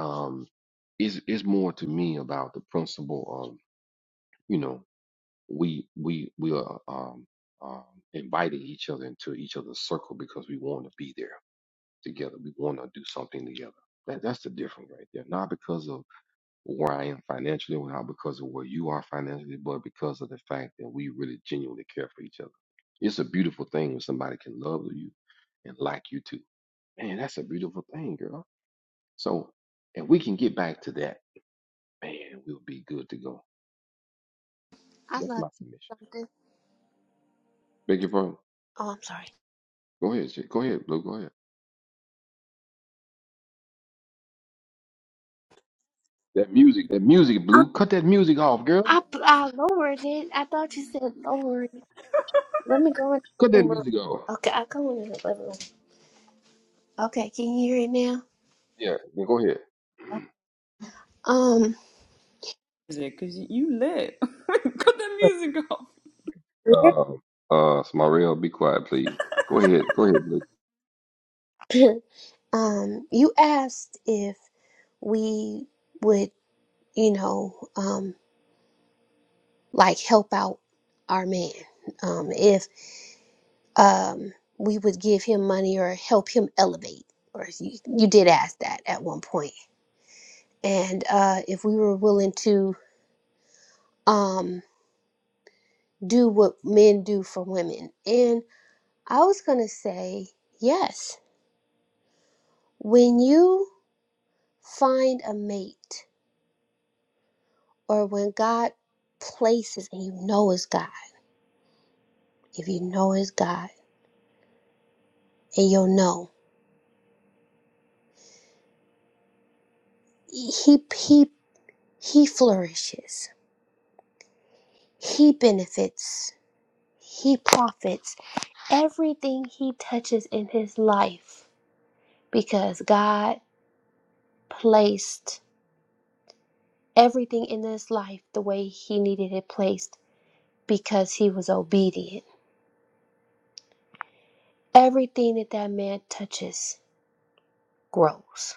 S9: Um, it's it's more to me about the principle of you know we we we are um, um, inviting each other into each other's circle because we want to be there together. We want to do something together. That that's the difference right there. Not because of where I am financially, or not because of where you are financially, but because of the fact that we really genuinely care for each other. It's a beautiful thing when somebody can love you and like you too. Man, that's a beautiful thing, girl. So if we can get back to that, man, we'll be good to go.
S10: I
S9: That's
S10: love
S9: my submission.
S10: something.
S9: Beg your pardon.
S10: Oh, I'm sorry.
S9: Go ahead, Jay. Go ahead, Blue. Go ahead. That music, that music,
S10: I,
S9: Blue. Cut that music off, girl.
S10: I I lowered it. I thought you said lower. Let me go in
S9: Cut
S10: the
S9: that
S10: living room.
S9: music off.
S10: Okay, I'll go in the living room. Okay, can you hear it now?
S9: Yeah, go ahead. (clears throat)
S10: Oh,
S7: music because you lit. (laughs) Cut that music off.
S9: Um, uh, Smarell, be quiet, please. Go ahead. Go ahead, Blue.
S10: Um, (laughs) um, you asked if we would, you know, um, like help out our man. Um, if. um, we would give him money or help him elevate. Or you, you did ask that at one point. And uh, if we were willing to um, do what men do for women. And I was going to say, yes, when you find a mate or when God places and you know it's God, if you know it's God and you'll know, he, he, he flourishes, he benefits, he profits everything he touches in his life because God placed everything in his life the way he needed it placed because he was obedient. Everything that that man touches grows.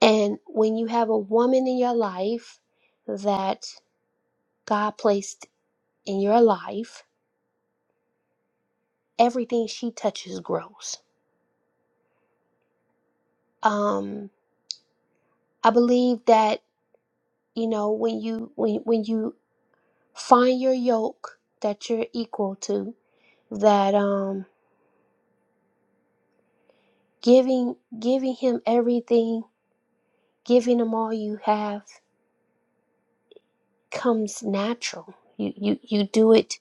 S10: And when you have a woman in your life that God placed in your life, everything she touches grows. Um I believe that you know when you when when you find your yoke that you're equal to that um giving giving him everything giving him all you have comes natural you you you do it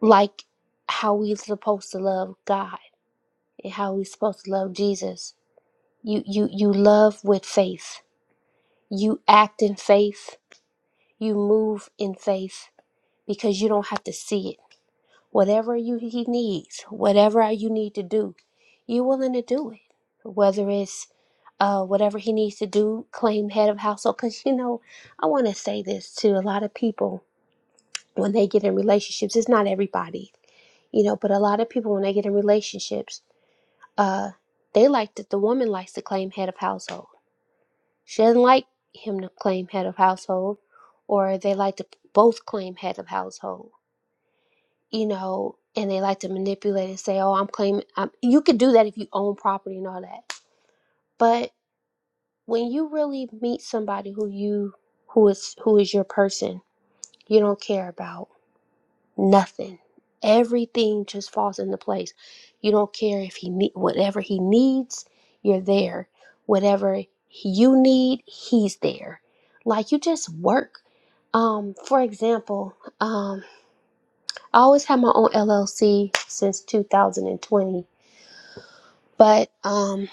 S10: like how we are supposed to love god and how we are supposed to love jesus you you you love with faith you act in faith you move in faith because you don't have to see it whatever you he needs, whatever you need to do, you're willing to do it. Whether it's uh, whatever he needs to do, claim head of household. Because you know, I want to say this to a lot of people when they get in relationships. It's not everybody, you know, but a lot of people when they get in relationships, uh, they like that the woman likes to claim head of household. She doesn't like him to claim head of household, or they like to both claim head of household you know, and they like to manipulate and say, "Oh, I'm claiming." I'm, you could do that if you own property and all that, but when you really meet somebody who you who is who is your person, you don't care about nothing. Everything just falls into place. You don't care if he need whatever he needs, you're there. Whatever you need, he's there. Like you just work. Um, for example, um, I always had my own LLC since 2020 but um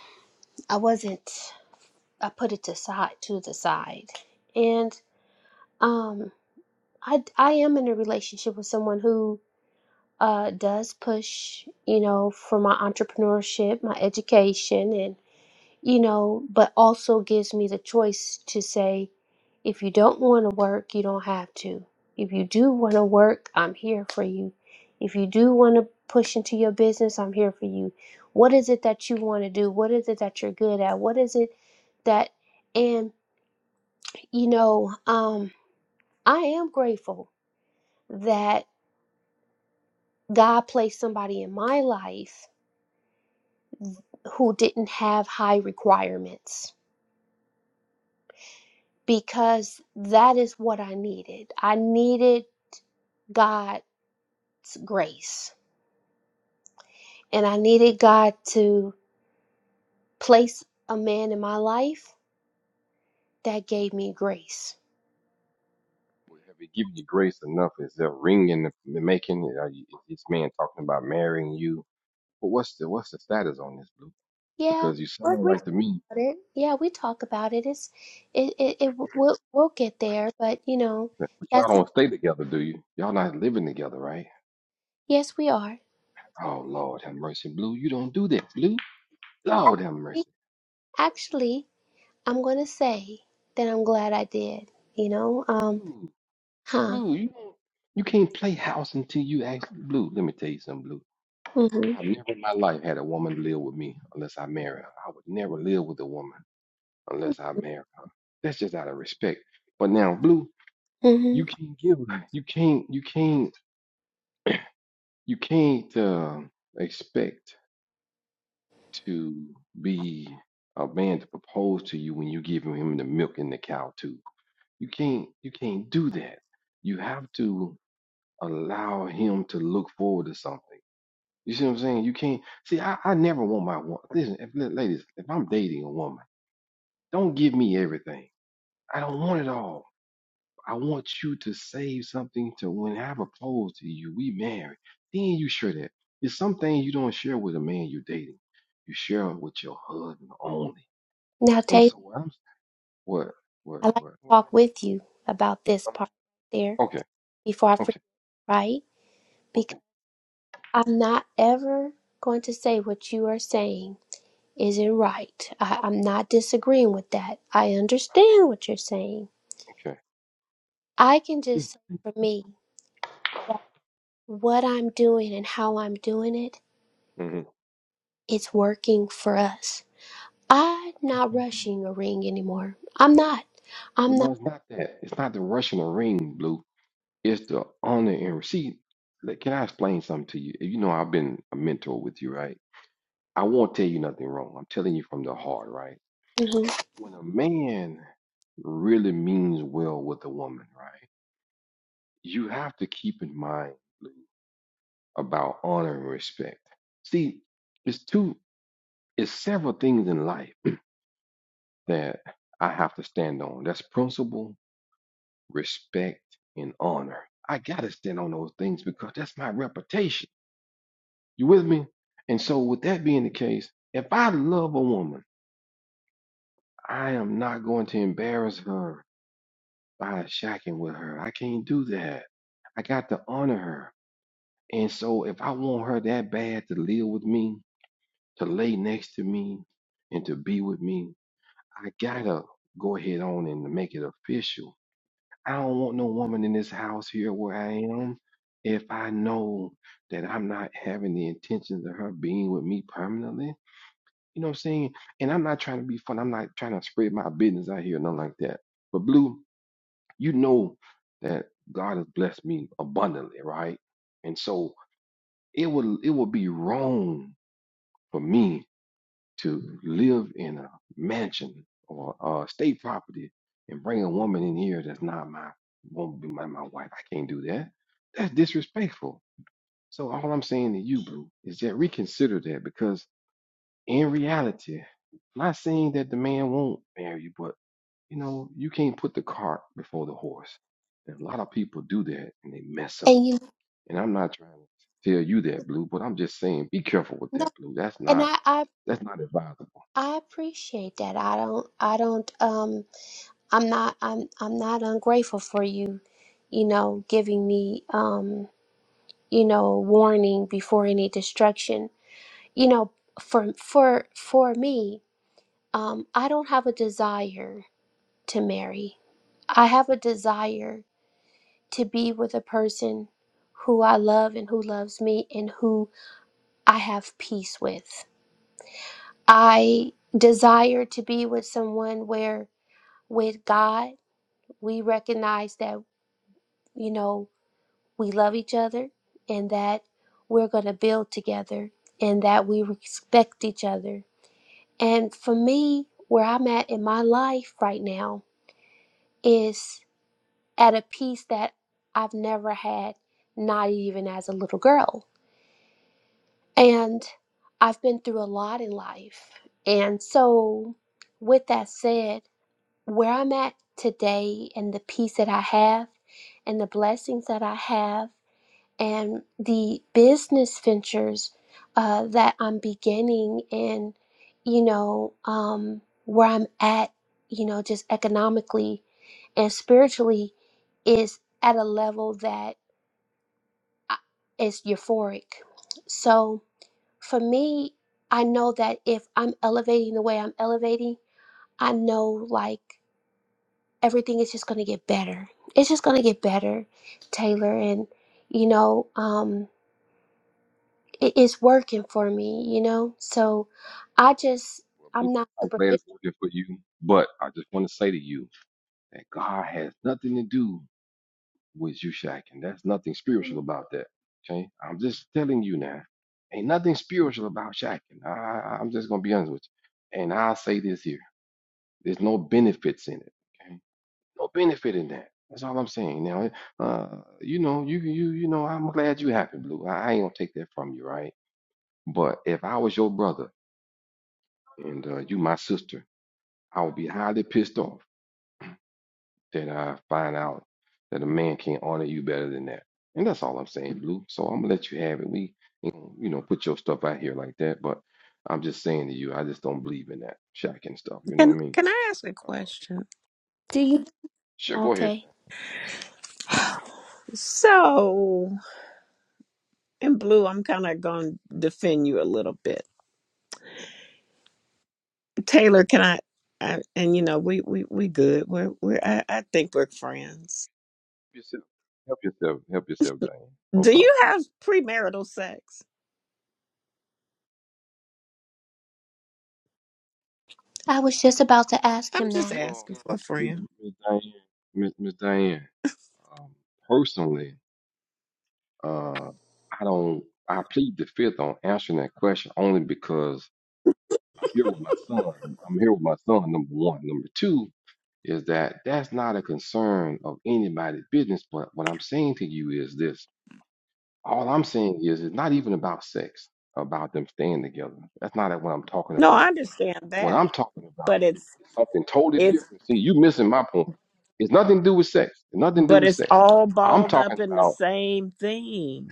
S10: i wasn't i put it to side to the side and um i i am in a relationship with someone who uh does push you know for my entrepreneurship my education and you know, but also gives me the choice to say, if you don't want to work, you don't have to. If you do want to work, I'm here for you. If you do want to push into your business, I'm here for you. What is it that you want to do? What is it that you're good at? What is it that, and, you know, um, I am grateful that God placed somebody in my life who didn't have high requirements because that is what I needed. I needed God's grace. And I needed God to place a man in my life that gave me grace.
S9: Well, have it given you grace enough? Is there ring in the making? Are you, is this man talking about marrying you? But what's the what's the status on this, Blue?
S10: Yeah,
S9: Because you
S10: we
S9: sound
S10: we talk
S9: like to me,
S10: about it. Yeah, we talk about it. It's it it, it we'll, we'll get there, but you know,
S9: eh, but y'all
S10: that's
S9: don't stay together, do you? Y'all not living together, right?
S10: yes, we are.
S9: Oh Lord, have mercy, Blue. You don't do that, Blue. Lord, have mercy,
S10: Actually, I'm going to say that I'm glad I did, you know. Um
S9: Blue.
S10: huh.
S9: Blue, you don't, you can't play house until you actually Blue. Let me tell you something, Blue.
S10: Mhm.
S9: I've never in my life had a woman live with me unless I marry her. I would never live with a woman. unless I marry her. That's just out of respect. But now, Blue, you
S10: Mhm.
S9: can't give, you can't, you can't, you can't uh, expect to be a man to propose to you when you giving him the milk and the cow too. You can't, you can't do that. You have to allow him to look forward to something. You see what I'm saying? You can't see. I, I never want my woman. Listen, if, ladies, if I'm dating a woman, don't give me everything. I don't want it all. I want you to save something to when I propose to you, we married. Then you share that. It's something you don't share with a man you're dating. You share it with your husband only.
S10: Now,
S9: And
S10: Tay,
S9: so what I'm what what
S10: I like to
S9: what, what
S10: talk with you about this
S9: uh,
S10: part right there
S9: okay,
S10: before I forget,
S9: okay,
S10: right?
S9: okay,
S10: I'm not ever going to say what you are saying isn't right. I, I'm not disagreeing with that. I understand what you're saying.
S9: okay.
S10: I can just say for me, what I'm doing and how I'm doing it,
S9: Mm-hmm.
S10: it's working for us. I'm not rushing a ring anymore. I'm not. I'm
S9: Well no,
S10: not.
S9: it's not that. It's not the rushing the ring, Blue. It's the honor and see, like, can I explain something to you? You know I've been a mentor with you, right? I won't tell you nothing wrong. I'm telling you from the heart, right?
S10: mhm.
S9: when a man really means well with a woman, right? You have to keep in mind about honor and respect. See, it's two, it's several things in life (clears throat) that I have to stand on. That's principle, respect, and honor. I gotta stand on those things because that's my reputation. You with me? And so, with that being the case, if I love a woman, I am not going to embarrass her by shacking with her. I can't do that. I got to honor her. And so if I want her that bad to live with me, to lay next to me, and to be with me, I gotta go ahead on and make it official. I don't want no woman in this house here where I am if I know that I'm not having the intentions of her being with me permanently. You know what I'm saying? And I'm not trying to be fun. I'm not trying to spread my business out here, nothing like that. But Blue, you know that God has blessed me abundantly, right? And so it would it would be wrong for me to live in a mansion or a state property and bring a woman in here that's not my won't be my, my wife. I can't do that. That's disrespectful. So all I'm saying to you, Blue, is that reconsider that because in reality, not saying that the man won't marry you, you know, you can't put the cart before the horse. And a lot of people do that and they mess up.
S10: And you
S9: And I'm not trying to tell you that, Blue, but I'm just saying be careful with
S10: know,
S9: that, Blue. That's
S10: and
S9: not
S10: I, I,
S9: that's not advisable.
S10: I appreciate that. I don't, I don't, um, I'm not, I'm, I'm not ungrateful for you, you know, giving me, um, you know, warning before any destruction. You know, for for for me, um, I don't have a desire to marry. I have a desire to be with a person who I love and who loves me and who I have peace with. I desire to be with someone where with God we recognize that, you know, we love each other and that we're going to build together and that we respect each other And for me, where I'm at in my life right now is at a peace that I've never had, not even as a little girl. And I've been through a lot in life. And so, with that said, where I'm at today and the peace that I have and the blessings that I have. and the business ventures uh, that I'm beginning and, you know, um, where I'm at, you know, just economically and spiritually is at a level that I- is euphoric. So for me, I know that if I'm elevating the way I'm elevating, I know like everything is just going to get better. It's just going to get better, Taylor. And, you know, um, it is working for me, you know? So I just,
S9: Well, Blue,
S10: I'm not
S9: I'm glad
S10: superficial.
S9: it's working for you. But I just want to say to you that God has nothing to do with you shacking. That's nothing spiritual about that. Okay? I'm just telling you now. Ain't nothing spiritual about shacking. I, I- I'm just gonna be honest with you. And I'll say this here. There's no benefits in it. Okay. no benefit in that. That's all I'm saying. Now, uh, you know, you you you know, I'm glad you happy, Blue. I, I ain't gonna take that from you, right? But if I was your brother and uh, you my sister, I would be highly pissed off that I find out that a man can't honor you better than that. And that's all I'm saying, Blue. So I'm gonna let you have it. We, ain't gonna, you know, put your stuff out here like that. But I'm just saying to you, I just don't believe in that shacking stuff. You know what
S13: Can
S9: I mean?
S13: Can I ask a
S9: Uh,
S13: question?
S10: Do you?
S9: sure, go ahead.
S10: Okay.
S13: So, in blue, I'm kind of going to defend you a little bit, Taylor. Can I? I and you know, we we we good. We're we're. I, I think we're friends.
S9: Help yourself. Help yourself. Help yourself, Diane. No
S13: Do
S9: problem.
S13: you have premarital sex?
S10: I was just about to ask
S13: I'm
S10: him
S13: just
S10: that.
S9: Well,
S13: asking for a
S9: Miss
S13: friend.
S9: Miss Diane, Miss Miss Diane, um, personally, uh, I don't. I plead the fifth on answering that question only because I'm here with my son. I'm here with my son. Number one, number two is that that's not a concern of anybody's business. But what I'm saying to you is this: all I'm saying is it's not even about sex, about them staying together. That's not what I'm talking
S13: No,
S9: about.
S13: I understand
S9: What
S13: that,
S9: I'm talking about
S13: but it's
S9: is something totally
S13: It's
S9: different. See, you missing my point. It's nothing to do with sex. It's nothing to do
S13: but
S9: with
S13: it's
S9: sex.
S13: all
S9: I'm
S13: balled up
S9: talking
S13: in the
S9: about
S13: same thing.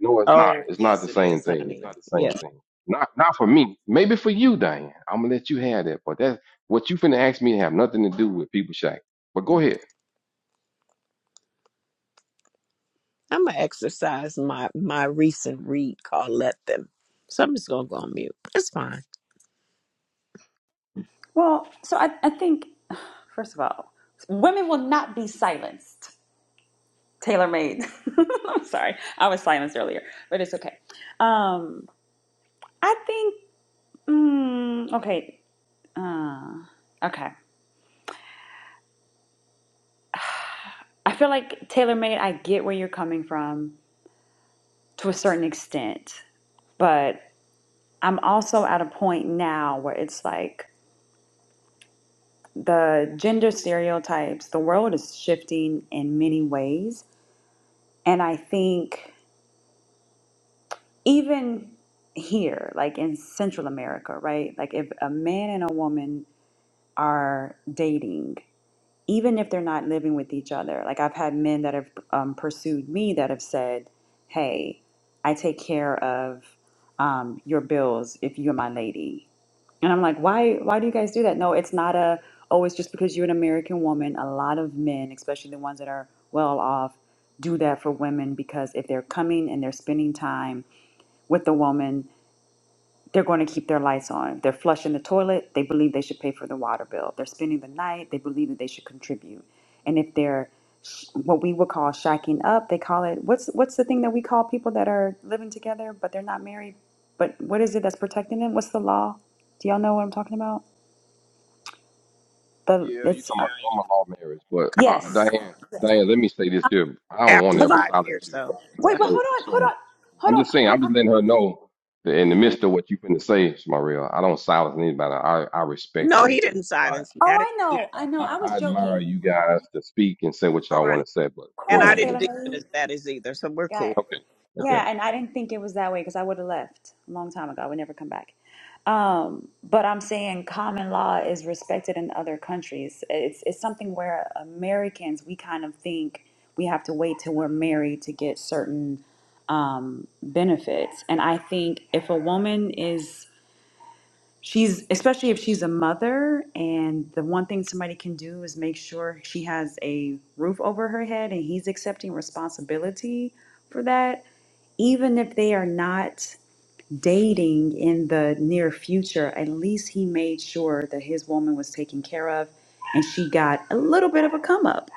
S9: no, it's not.
S13: Oh
S9: It's not
S13: yes,
S9: the
S13: it
S9: same
S13: is,
S9: thing.
S13: honey.
S9: It's not the same
S13: Yes,
S9: thing. Not not for me. Maybe for you, Diane. I'm gonna let you have that. But that's what you finna ask me to have nothing to do with people shack. But go ahead.
S13: I'm gonna exercise my my recent read called "Let Them." So I'm just gonna go on mute. It's fine.
S7: Well, so I, I think first of all, women will not be silenced. Tailor made. (laughs) I'm sorry, I was silenced earlier, but it's okay. Um, I think mm, okay, uh, okay. I feel like tailor made. I get where you're coming from to a certain extent, but. I'm also at a point now where it's like the gender stereotypes, the world is shifting in many ways. And I think even here, like in Central America, right? Like if a man and a woman are dating, even if they're not living with each other, like I've had men that have um, pursued me that have said, hey, I take care of um, your bills if you're my lady And I'm like, why why do you guys do that? No, it's not a oh, it's just because you're an American woman. A lot of men, especially the ones that are well off, do that for women because if they're coming and they're spending time with the woman, they're going to keep their lights on. If they're flushing the toilet, they believe they should pay for the water bill. If they're spending the night, they believe that they should contribute. And if they're sh- what we would call shacking up, they call it what's what's the thing that we call people that are living together but they're not married? But what is it that's protecting them? What's the law? Do y'all know what I'm talking about? but
S9: Yeah, you
S7: it's
S9: talking
S7: uh,
S9: about common law marriage, but uh,
S7: yes.
S9: Diane, Diane, let me say this here. I don't want
S13: After
S9: to
S7: But no,
S9: ever
S13: five
S9: silence
S13: years,
S9: you.
S13: though, it's
S7: wait,
S13: after.
S7: but hold
S9: So,
S7: on, hold
S9: so
S7: on, hold
S9: I'm
S7: on.
S9: just saying, I'm
S7: I,
S9: just letting her know that in the
S7: I, okay.
S9: midst of what you finna say, Shmarel, I don't silence anybody. I, I respect
S13: No,
S9: and
S13: he didn't
S9: I,
S13: silence me. I
S7: Oh,
S13: didn't.
S7: I
S13: Even,
S7: know, I know.
S9: I,
S7: I
S9: I
S7: was
S9: admire
S7: joking.
S9: you guys to speak and say what
S13: oh,
S9: y'all
S13: I know.
S9: want to say. But
S7: Of
S9: go
S13: and
S7: course,
S13: I
S9: ahead.
S13: didn't
S7: Taylor
S13: deem it
S7: Made.
S13: as that is either. So we're
S7: Got it.
S13: cool.
S9: Okay,
S13: No.
S9: okay.
S7: Yeah, and I didn't think it was that way because I would have left a long time ago. I would never come back. Um, but I'm saying common law is respected in other countries. It's it's something where Americans we kind of think we have to wait till we're married to get certain um, benefits. And I think if a woman is she's especially if she's a mother and the one thing somebody can do is make sure she has a roof over her head and he's accepting responsibility for that even if they are not dating in the near future at least he made sure that his woman was taken care of and she got a little bit of a come up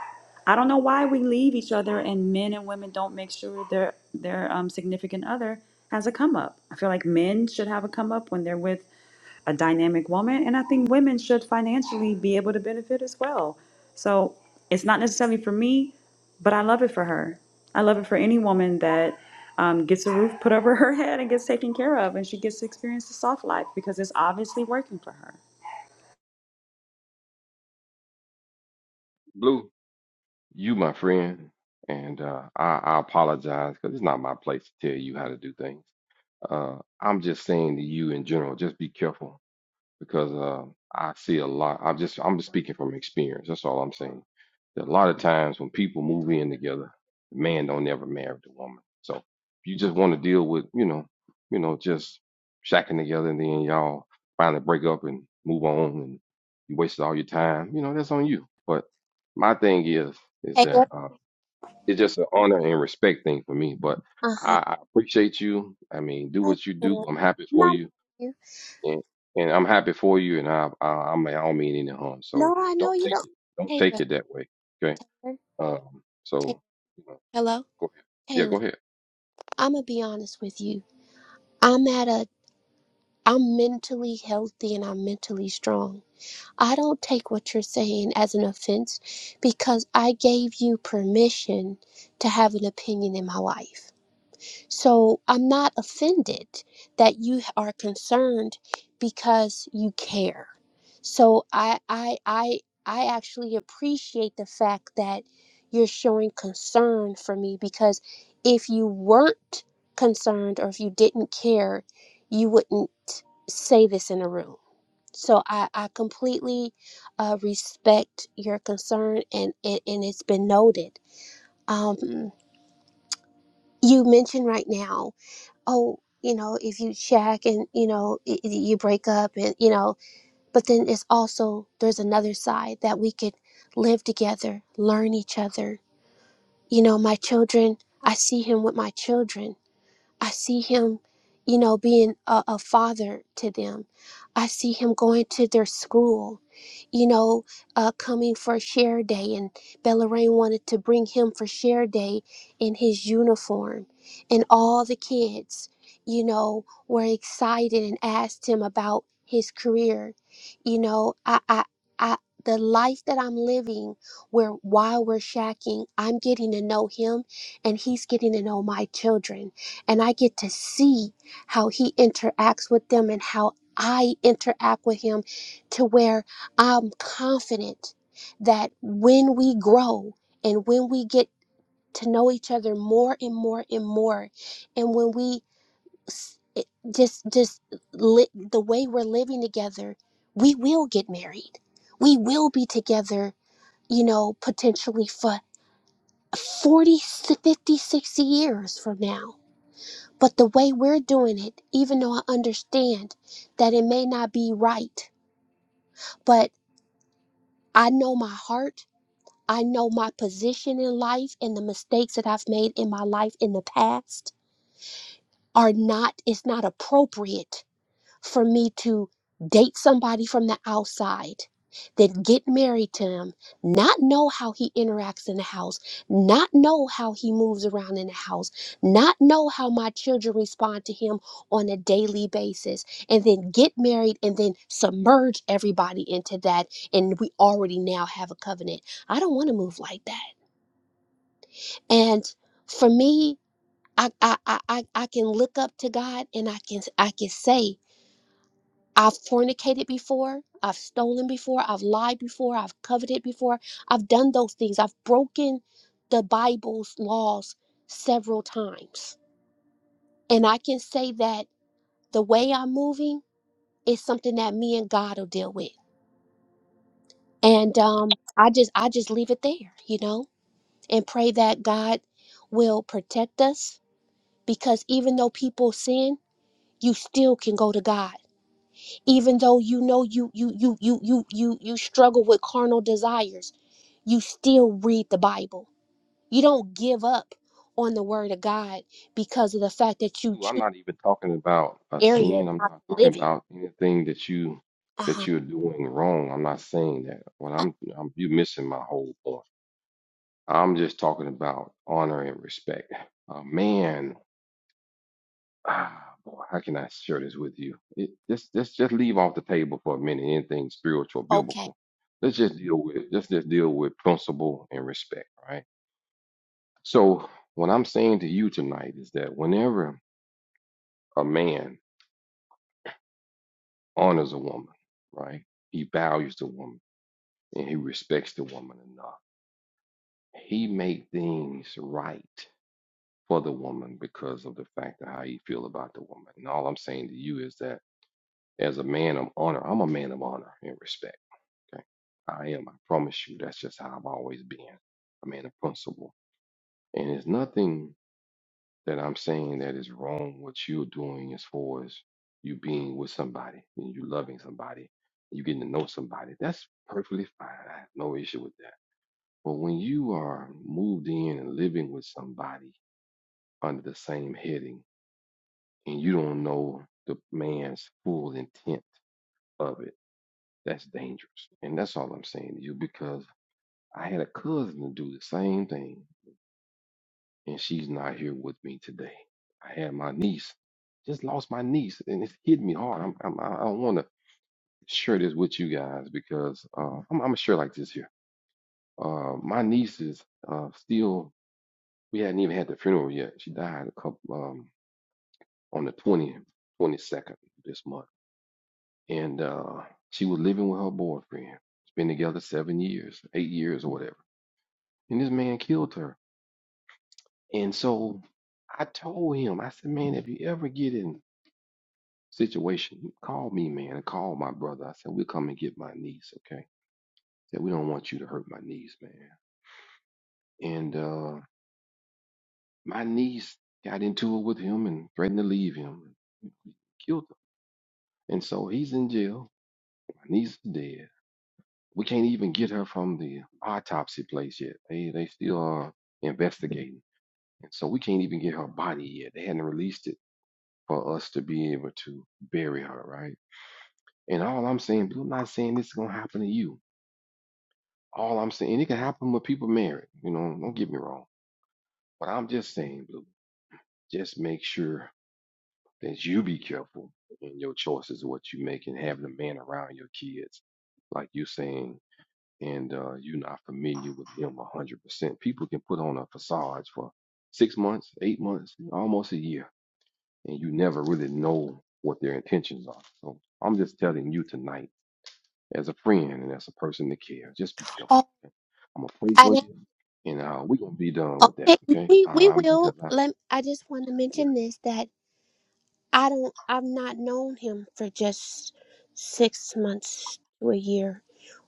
S7: i don't know why we leave each other and men and women don't make sure their their um, significant other has a come up i feel like men should have a come up when they're with a dynamic woman. And I think women should financially be able to benefit as well. So it's not necessarily for me, but I love it for her. I love it for any woman that um, gets a roof put over her (laughs) head and gets taken care of, and she gets to experience the soft life because it's obviously working for her.
S9: Blue, you my friend, and uh, I, I apologize because it's not my place to tell you how to do things. Uh, I'm just saying to you in general, just be careful because uh, I see a lot. I'm just I'm just speaking from experience. That's all I'm saying. That a lot of times when people move in together, the man don't ever marry the woman. So if you just want to deal with you know you know just shacking together and then y'all finally break up and move on and you wasted all your time, you know that's on you. But my thing is is
S10: Taylor?
S9: that uh, it's just an honor and respect thing for me. But
S10: Uh huh.
S9: I, I appreciate you. I mean, do what you do. I'm happy for
S10: Not
S9: you
S10: you.
S9: and, and I'm happy for you, and I, I I'm I don't mean any harm. So
S10: No, I know
S9: don't
S10: you
S9: take
S10: don't.
S9: it don't take
S10: Taylor.
S9: it that way. Okay. Um.
S10: Taylor.
S9: So you know,
S10: Hello?
S9: go ahead. Yeah,
S10: Taylor.
S9: go ahead.
S10: I'm going to be honest with you. I'm at a, I'm mentally healthy and I'm mentally strong. I don't take what you're saying as an offense because I gave you permission to have an opinion in my life. So I'm not offended that you are concerned because you care. So I I I I actually appreciate the fact that you're showing concern for me because if you weren't concerned or if you didn't care, you wouldn't say this in a room. So I, I completely uh, respect your concern and, and, and it's been noted. Um, you mentioned right now oh, you know, if you check, and, you know, i- i- you break up and, you know, but then it's also, there's another side that we could live together, learn each other. You know, my children, I see him with my children I see him, you know, being a, a father to them. I see him going to their school, you know, uh, coming for share day. And Bellarine wanted to bring him for share day in his uniform. And all the kids, you know, were excited and asked him about his career. You know, I, I, I, the life that I'm living, where while we're shacking, I'm getting to know him and he's getting to know my children and I get to see how he interacts with them and how I interact with him to where I'm confident that when we grow and when we get to know each other more and more and more and when we s- it- just just li- the way we're living together we will get married we will be together you know potentially for 40, 50, sixty years from now but the way we're doing it, even though I understand that it may not be right, but I know my heart, I know my position in life, and the mistakes that I've made in my life in the past are not, it's not appropriate for me to date somebody from the outside, then get married to him, not know how he interacts in the house, not know how he moves around in the house, not know how my children respond to him on a daily basis, and then get married and then submerge everybody into that. And we already now have a covenant. I don't want to move like that. And for me, I, I, I, I I can look up to God and I can I can say I've fornicated before. I've stolen before. I've lied before. I've coveted before. I've done those things. I've broken the Bible's laws several times. And I can say that the way I'm moving is something that me and God will deal with. And um, I just I just leave it there, you know, and pray that God will protect us because even though people sin, you still can go to God even though you know you you you you you you you struggle with carnal desires you still read the bible you don't give up on the word of god because of the fact that you
S9: Lou, I'm
S10: choose
S9: not even talking about a
S10: areas
S9: sin. I'm
S10: not
S9: not
S10: to
S9: talking
S10: live it
S9: about anything that you that
S10: uh-huh
S9: you're doing wrong. I'm not saying that. What
S10: Ah,
S9: I'm, I'm you missing my whole point. I'm just talking about honor and respect. A man ah, boy, how can I share this with you? It, just, just, just leave off the table for a minute. Anything spiritual,
S10: okay
S9: biblical. Let's just deal with, let's just deal with principle and respect, right? So, what I'm saying to you tonight is that whenever a man honors a woman, right, he values the woman and he respects the woman enough. He make things right for the woman because of the fact of how he feel about the woman. And all I'm saying to you is that as a man of honor, I'm a man of honor and respect. Okay. I am. I promise you. That's just how I've always been. a man of principle. And it's nothing that I'm saying that is wrong what you're doing as far as you being with somebody and you loving somebody, you getting to know somebody. That's perfectly fine. I have no issue with that. But when you are moved in and living with somebody under the same heading and you don't know the man's full intent of it, that's dangerous. And that's all I'm saying to you because I had a cousin to do the same thing, and she's not here with me today. I had my niece, just lost my niece, and it's hit me hard. I'm, I'm, I I don't want to share this with you guys because uh, I'm, I'm gonna share like this here. Uh, my niece is uh, still. We hadn't even had the funeral yet. She died a couple um, on the 20th, 22nd this month, and uh, she was living with her boyfriend. It's been together seven years, eight years or whatever. And this man killed her And so I told him, I said, man, if you ever get in situation, call me, man, and call my brother. I said, we'll come and get my niece, okay? I Said we don't want you to hurt my niece, man. And uh my niece got into it with him and threatened to leave him. Killed him. And so he's in jail. My niece is dead. We can't even get her from the autopsy place yet. They they still are investigating. And so we can't even get her body yet. They hadn't released it for us to be able to bury her, right? And all I'm saying, but I'm not saying this is gonna happen to you. All I'm saying, and it can happen with people married, you know, don't get me wrong. But I'm just saying, Blue, just make sure that you be careful in your choices of what you make and having a man around your kids, like you saying, and uh, you're not familiar with them 100%. People can put on a facade for six months, eight months, almost a year, and you never really know what their intentions are. So I'm just telling you tonight as a friend and as a person that cares. Just be careful.
S10: oh
S9: Okay? I'm gonna pray
S10: I,
S9: for
S10: didn't-
S9: you, and uh, we're gonna be done with
S10: okay
S9: that. Okay?
S10: we
S9: Uh,
S10: we
S9: I mean, cause
S10: will
S9: I,
S10: let i just want to
S9: yeah,
S10: mention this that I don't I've not known him for just six months to a year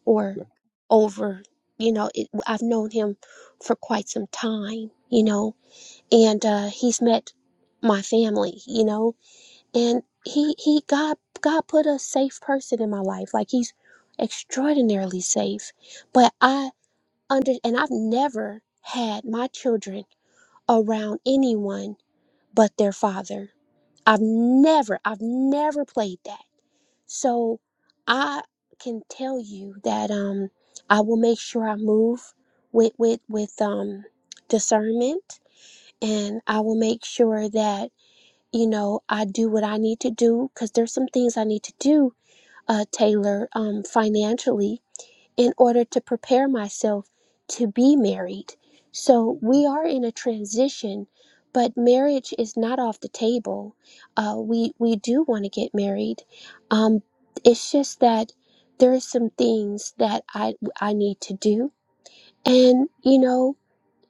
S10: or
S9: okay,
S10: over you know it, I've known him for quite some time you know and uh he's met my family you know and he he God God put a safe person in my life like he's extraordinarily safe but I under and I've never had my children around anyone but their father I've never, I've never played that. So I can tell you that um I will make sure I move with with with um discernment and I will make sure that you know I do what I need to do because there's some things I need to do uh Taylor um financially in order to prepare myself to be married. So
S9: Mhm.
S10: we are in a transition, but marriage is not off the table. Uh, we we do want to get married. Um, it's just that there are some things that I I need to do, and you know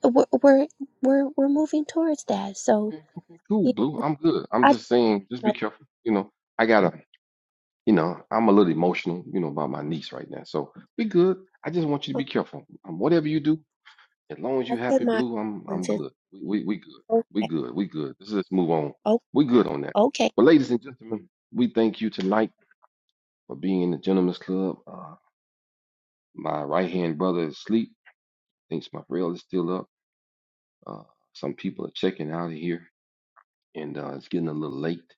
S10: we're we're we're, we're moving towards that. So
S9: okay, okay, cool,
S10: you know,
S9: blue. I'm good. I'm
S10: I
S9: just saying, just be
S10: don't
S9: careful. You know, I gotta, you know, I'm a little emotional, you know, about my niece right now. So be good. I just want you to
S10: know. Um,
S9: be careful. Um, whatever you do, as long as
S10: I
S9: you happy,
S10: send my
S9: blue, I'm, I'm
S10: condolences.
S9: good. We, we, we good. We
S10: Okay.
S9: good. We good. Let's just move on.
S10: Oh,
S9: We good on that.
S10: okay.
S9: Well, ladies and gentlemen, we thank you tonight for being in the Gentlemen's Club. Uh, My right hand brother is asleep. Thinks my rail is still up. Uh, some people are checking out of here, and uh, it's getting a little late.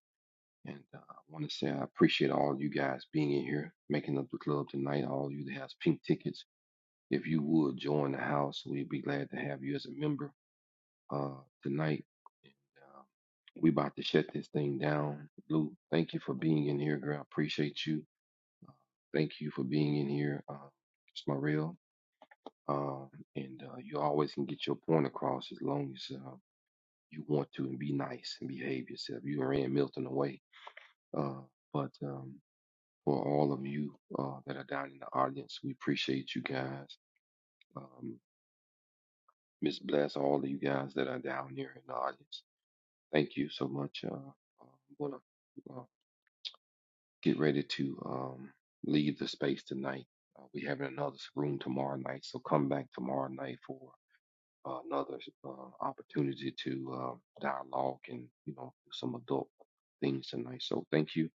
S9: And uh, I want to say I appreciate all you guys being in here, making up the club tonight. All you that has pink tickets, if you would join the house, we'd be glad to have you as a member uh, tonight. And, uh, we about to shut this thing down. Blue, thank you for being in here, girl. I appreciate you. Thank you for being in here, uh, Smurrell. Um, and uh, you always can get your point across as long as uh, you want to and be nice and behave yourself. You are in Milton away. Uh, but um, for all of you uh, that are down in the audience, we appreciate you guys. Um, Miss Bless, all of you guys that are down here in the audience, thank you so much. Uh, I'm going to uh, get ready to um, leave the space tonight. Uh, we having another room tomorrow night, so come back tomorrow night for uh, another uh, opportunity to uh, dialogue and you know do some adult things tonight. So thank you.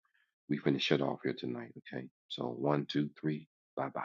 S9: We finish it off here tonight. Okay. So one, two, three. Bye bye.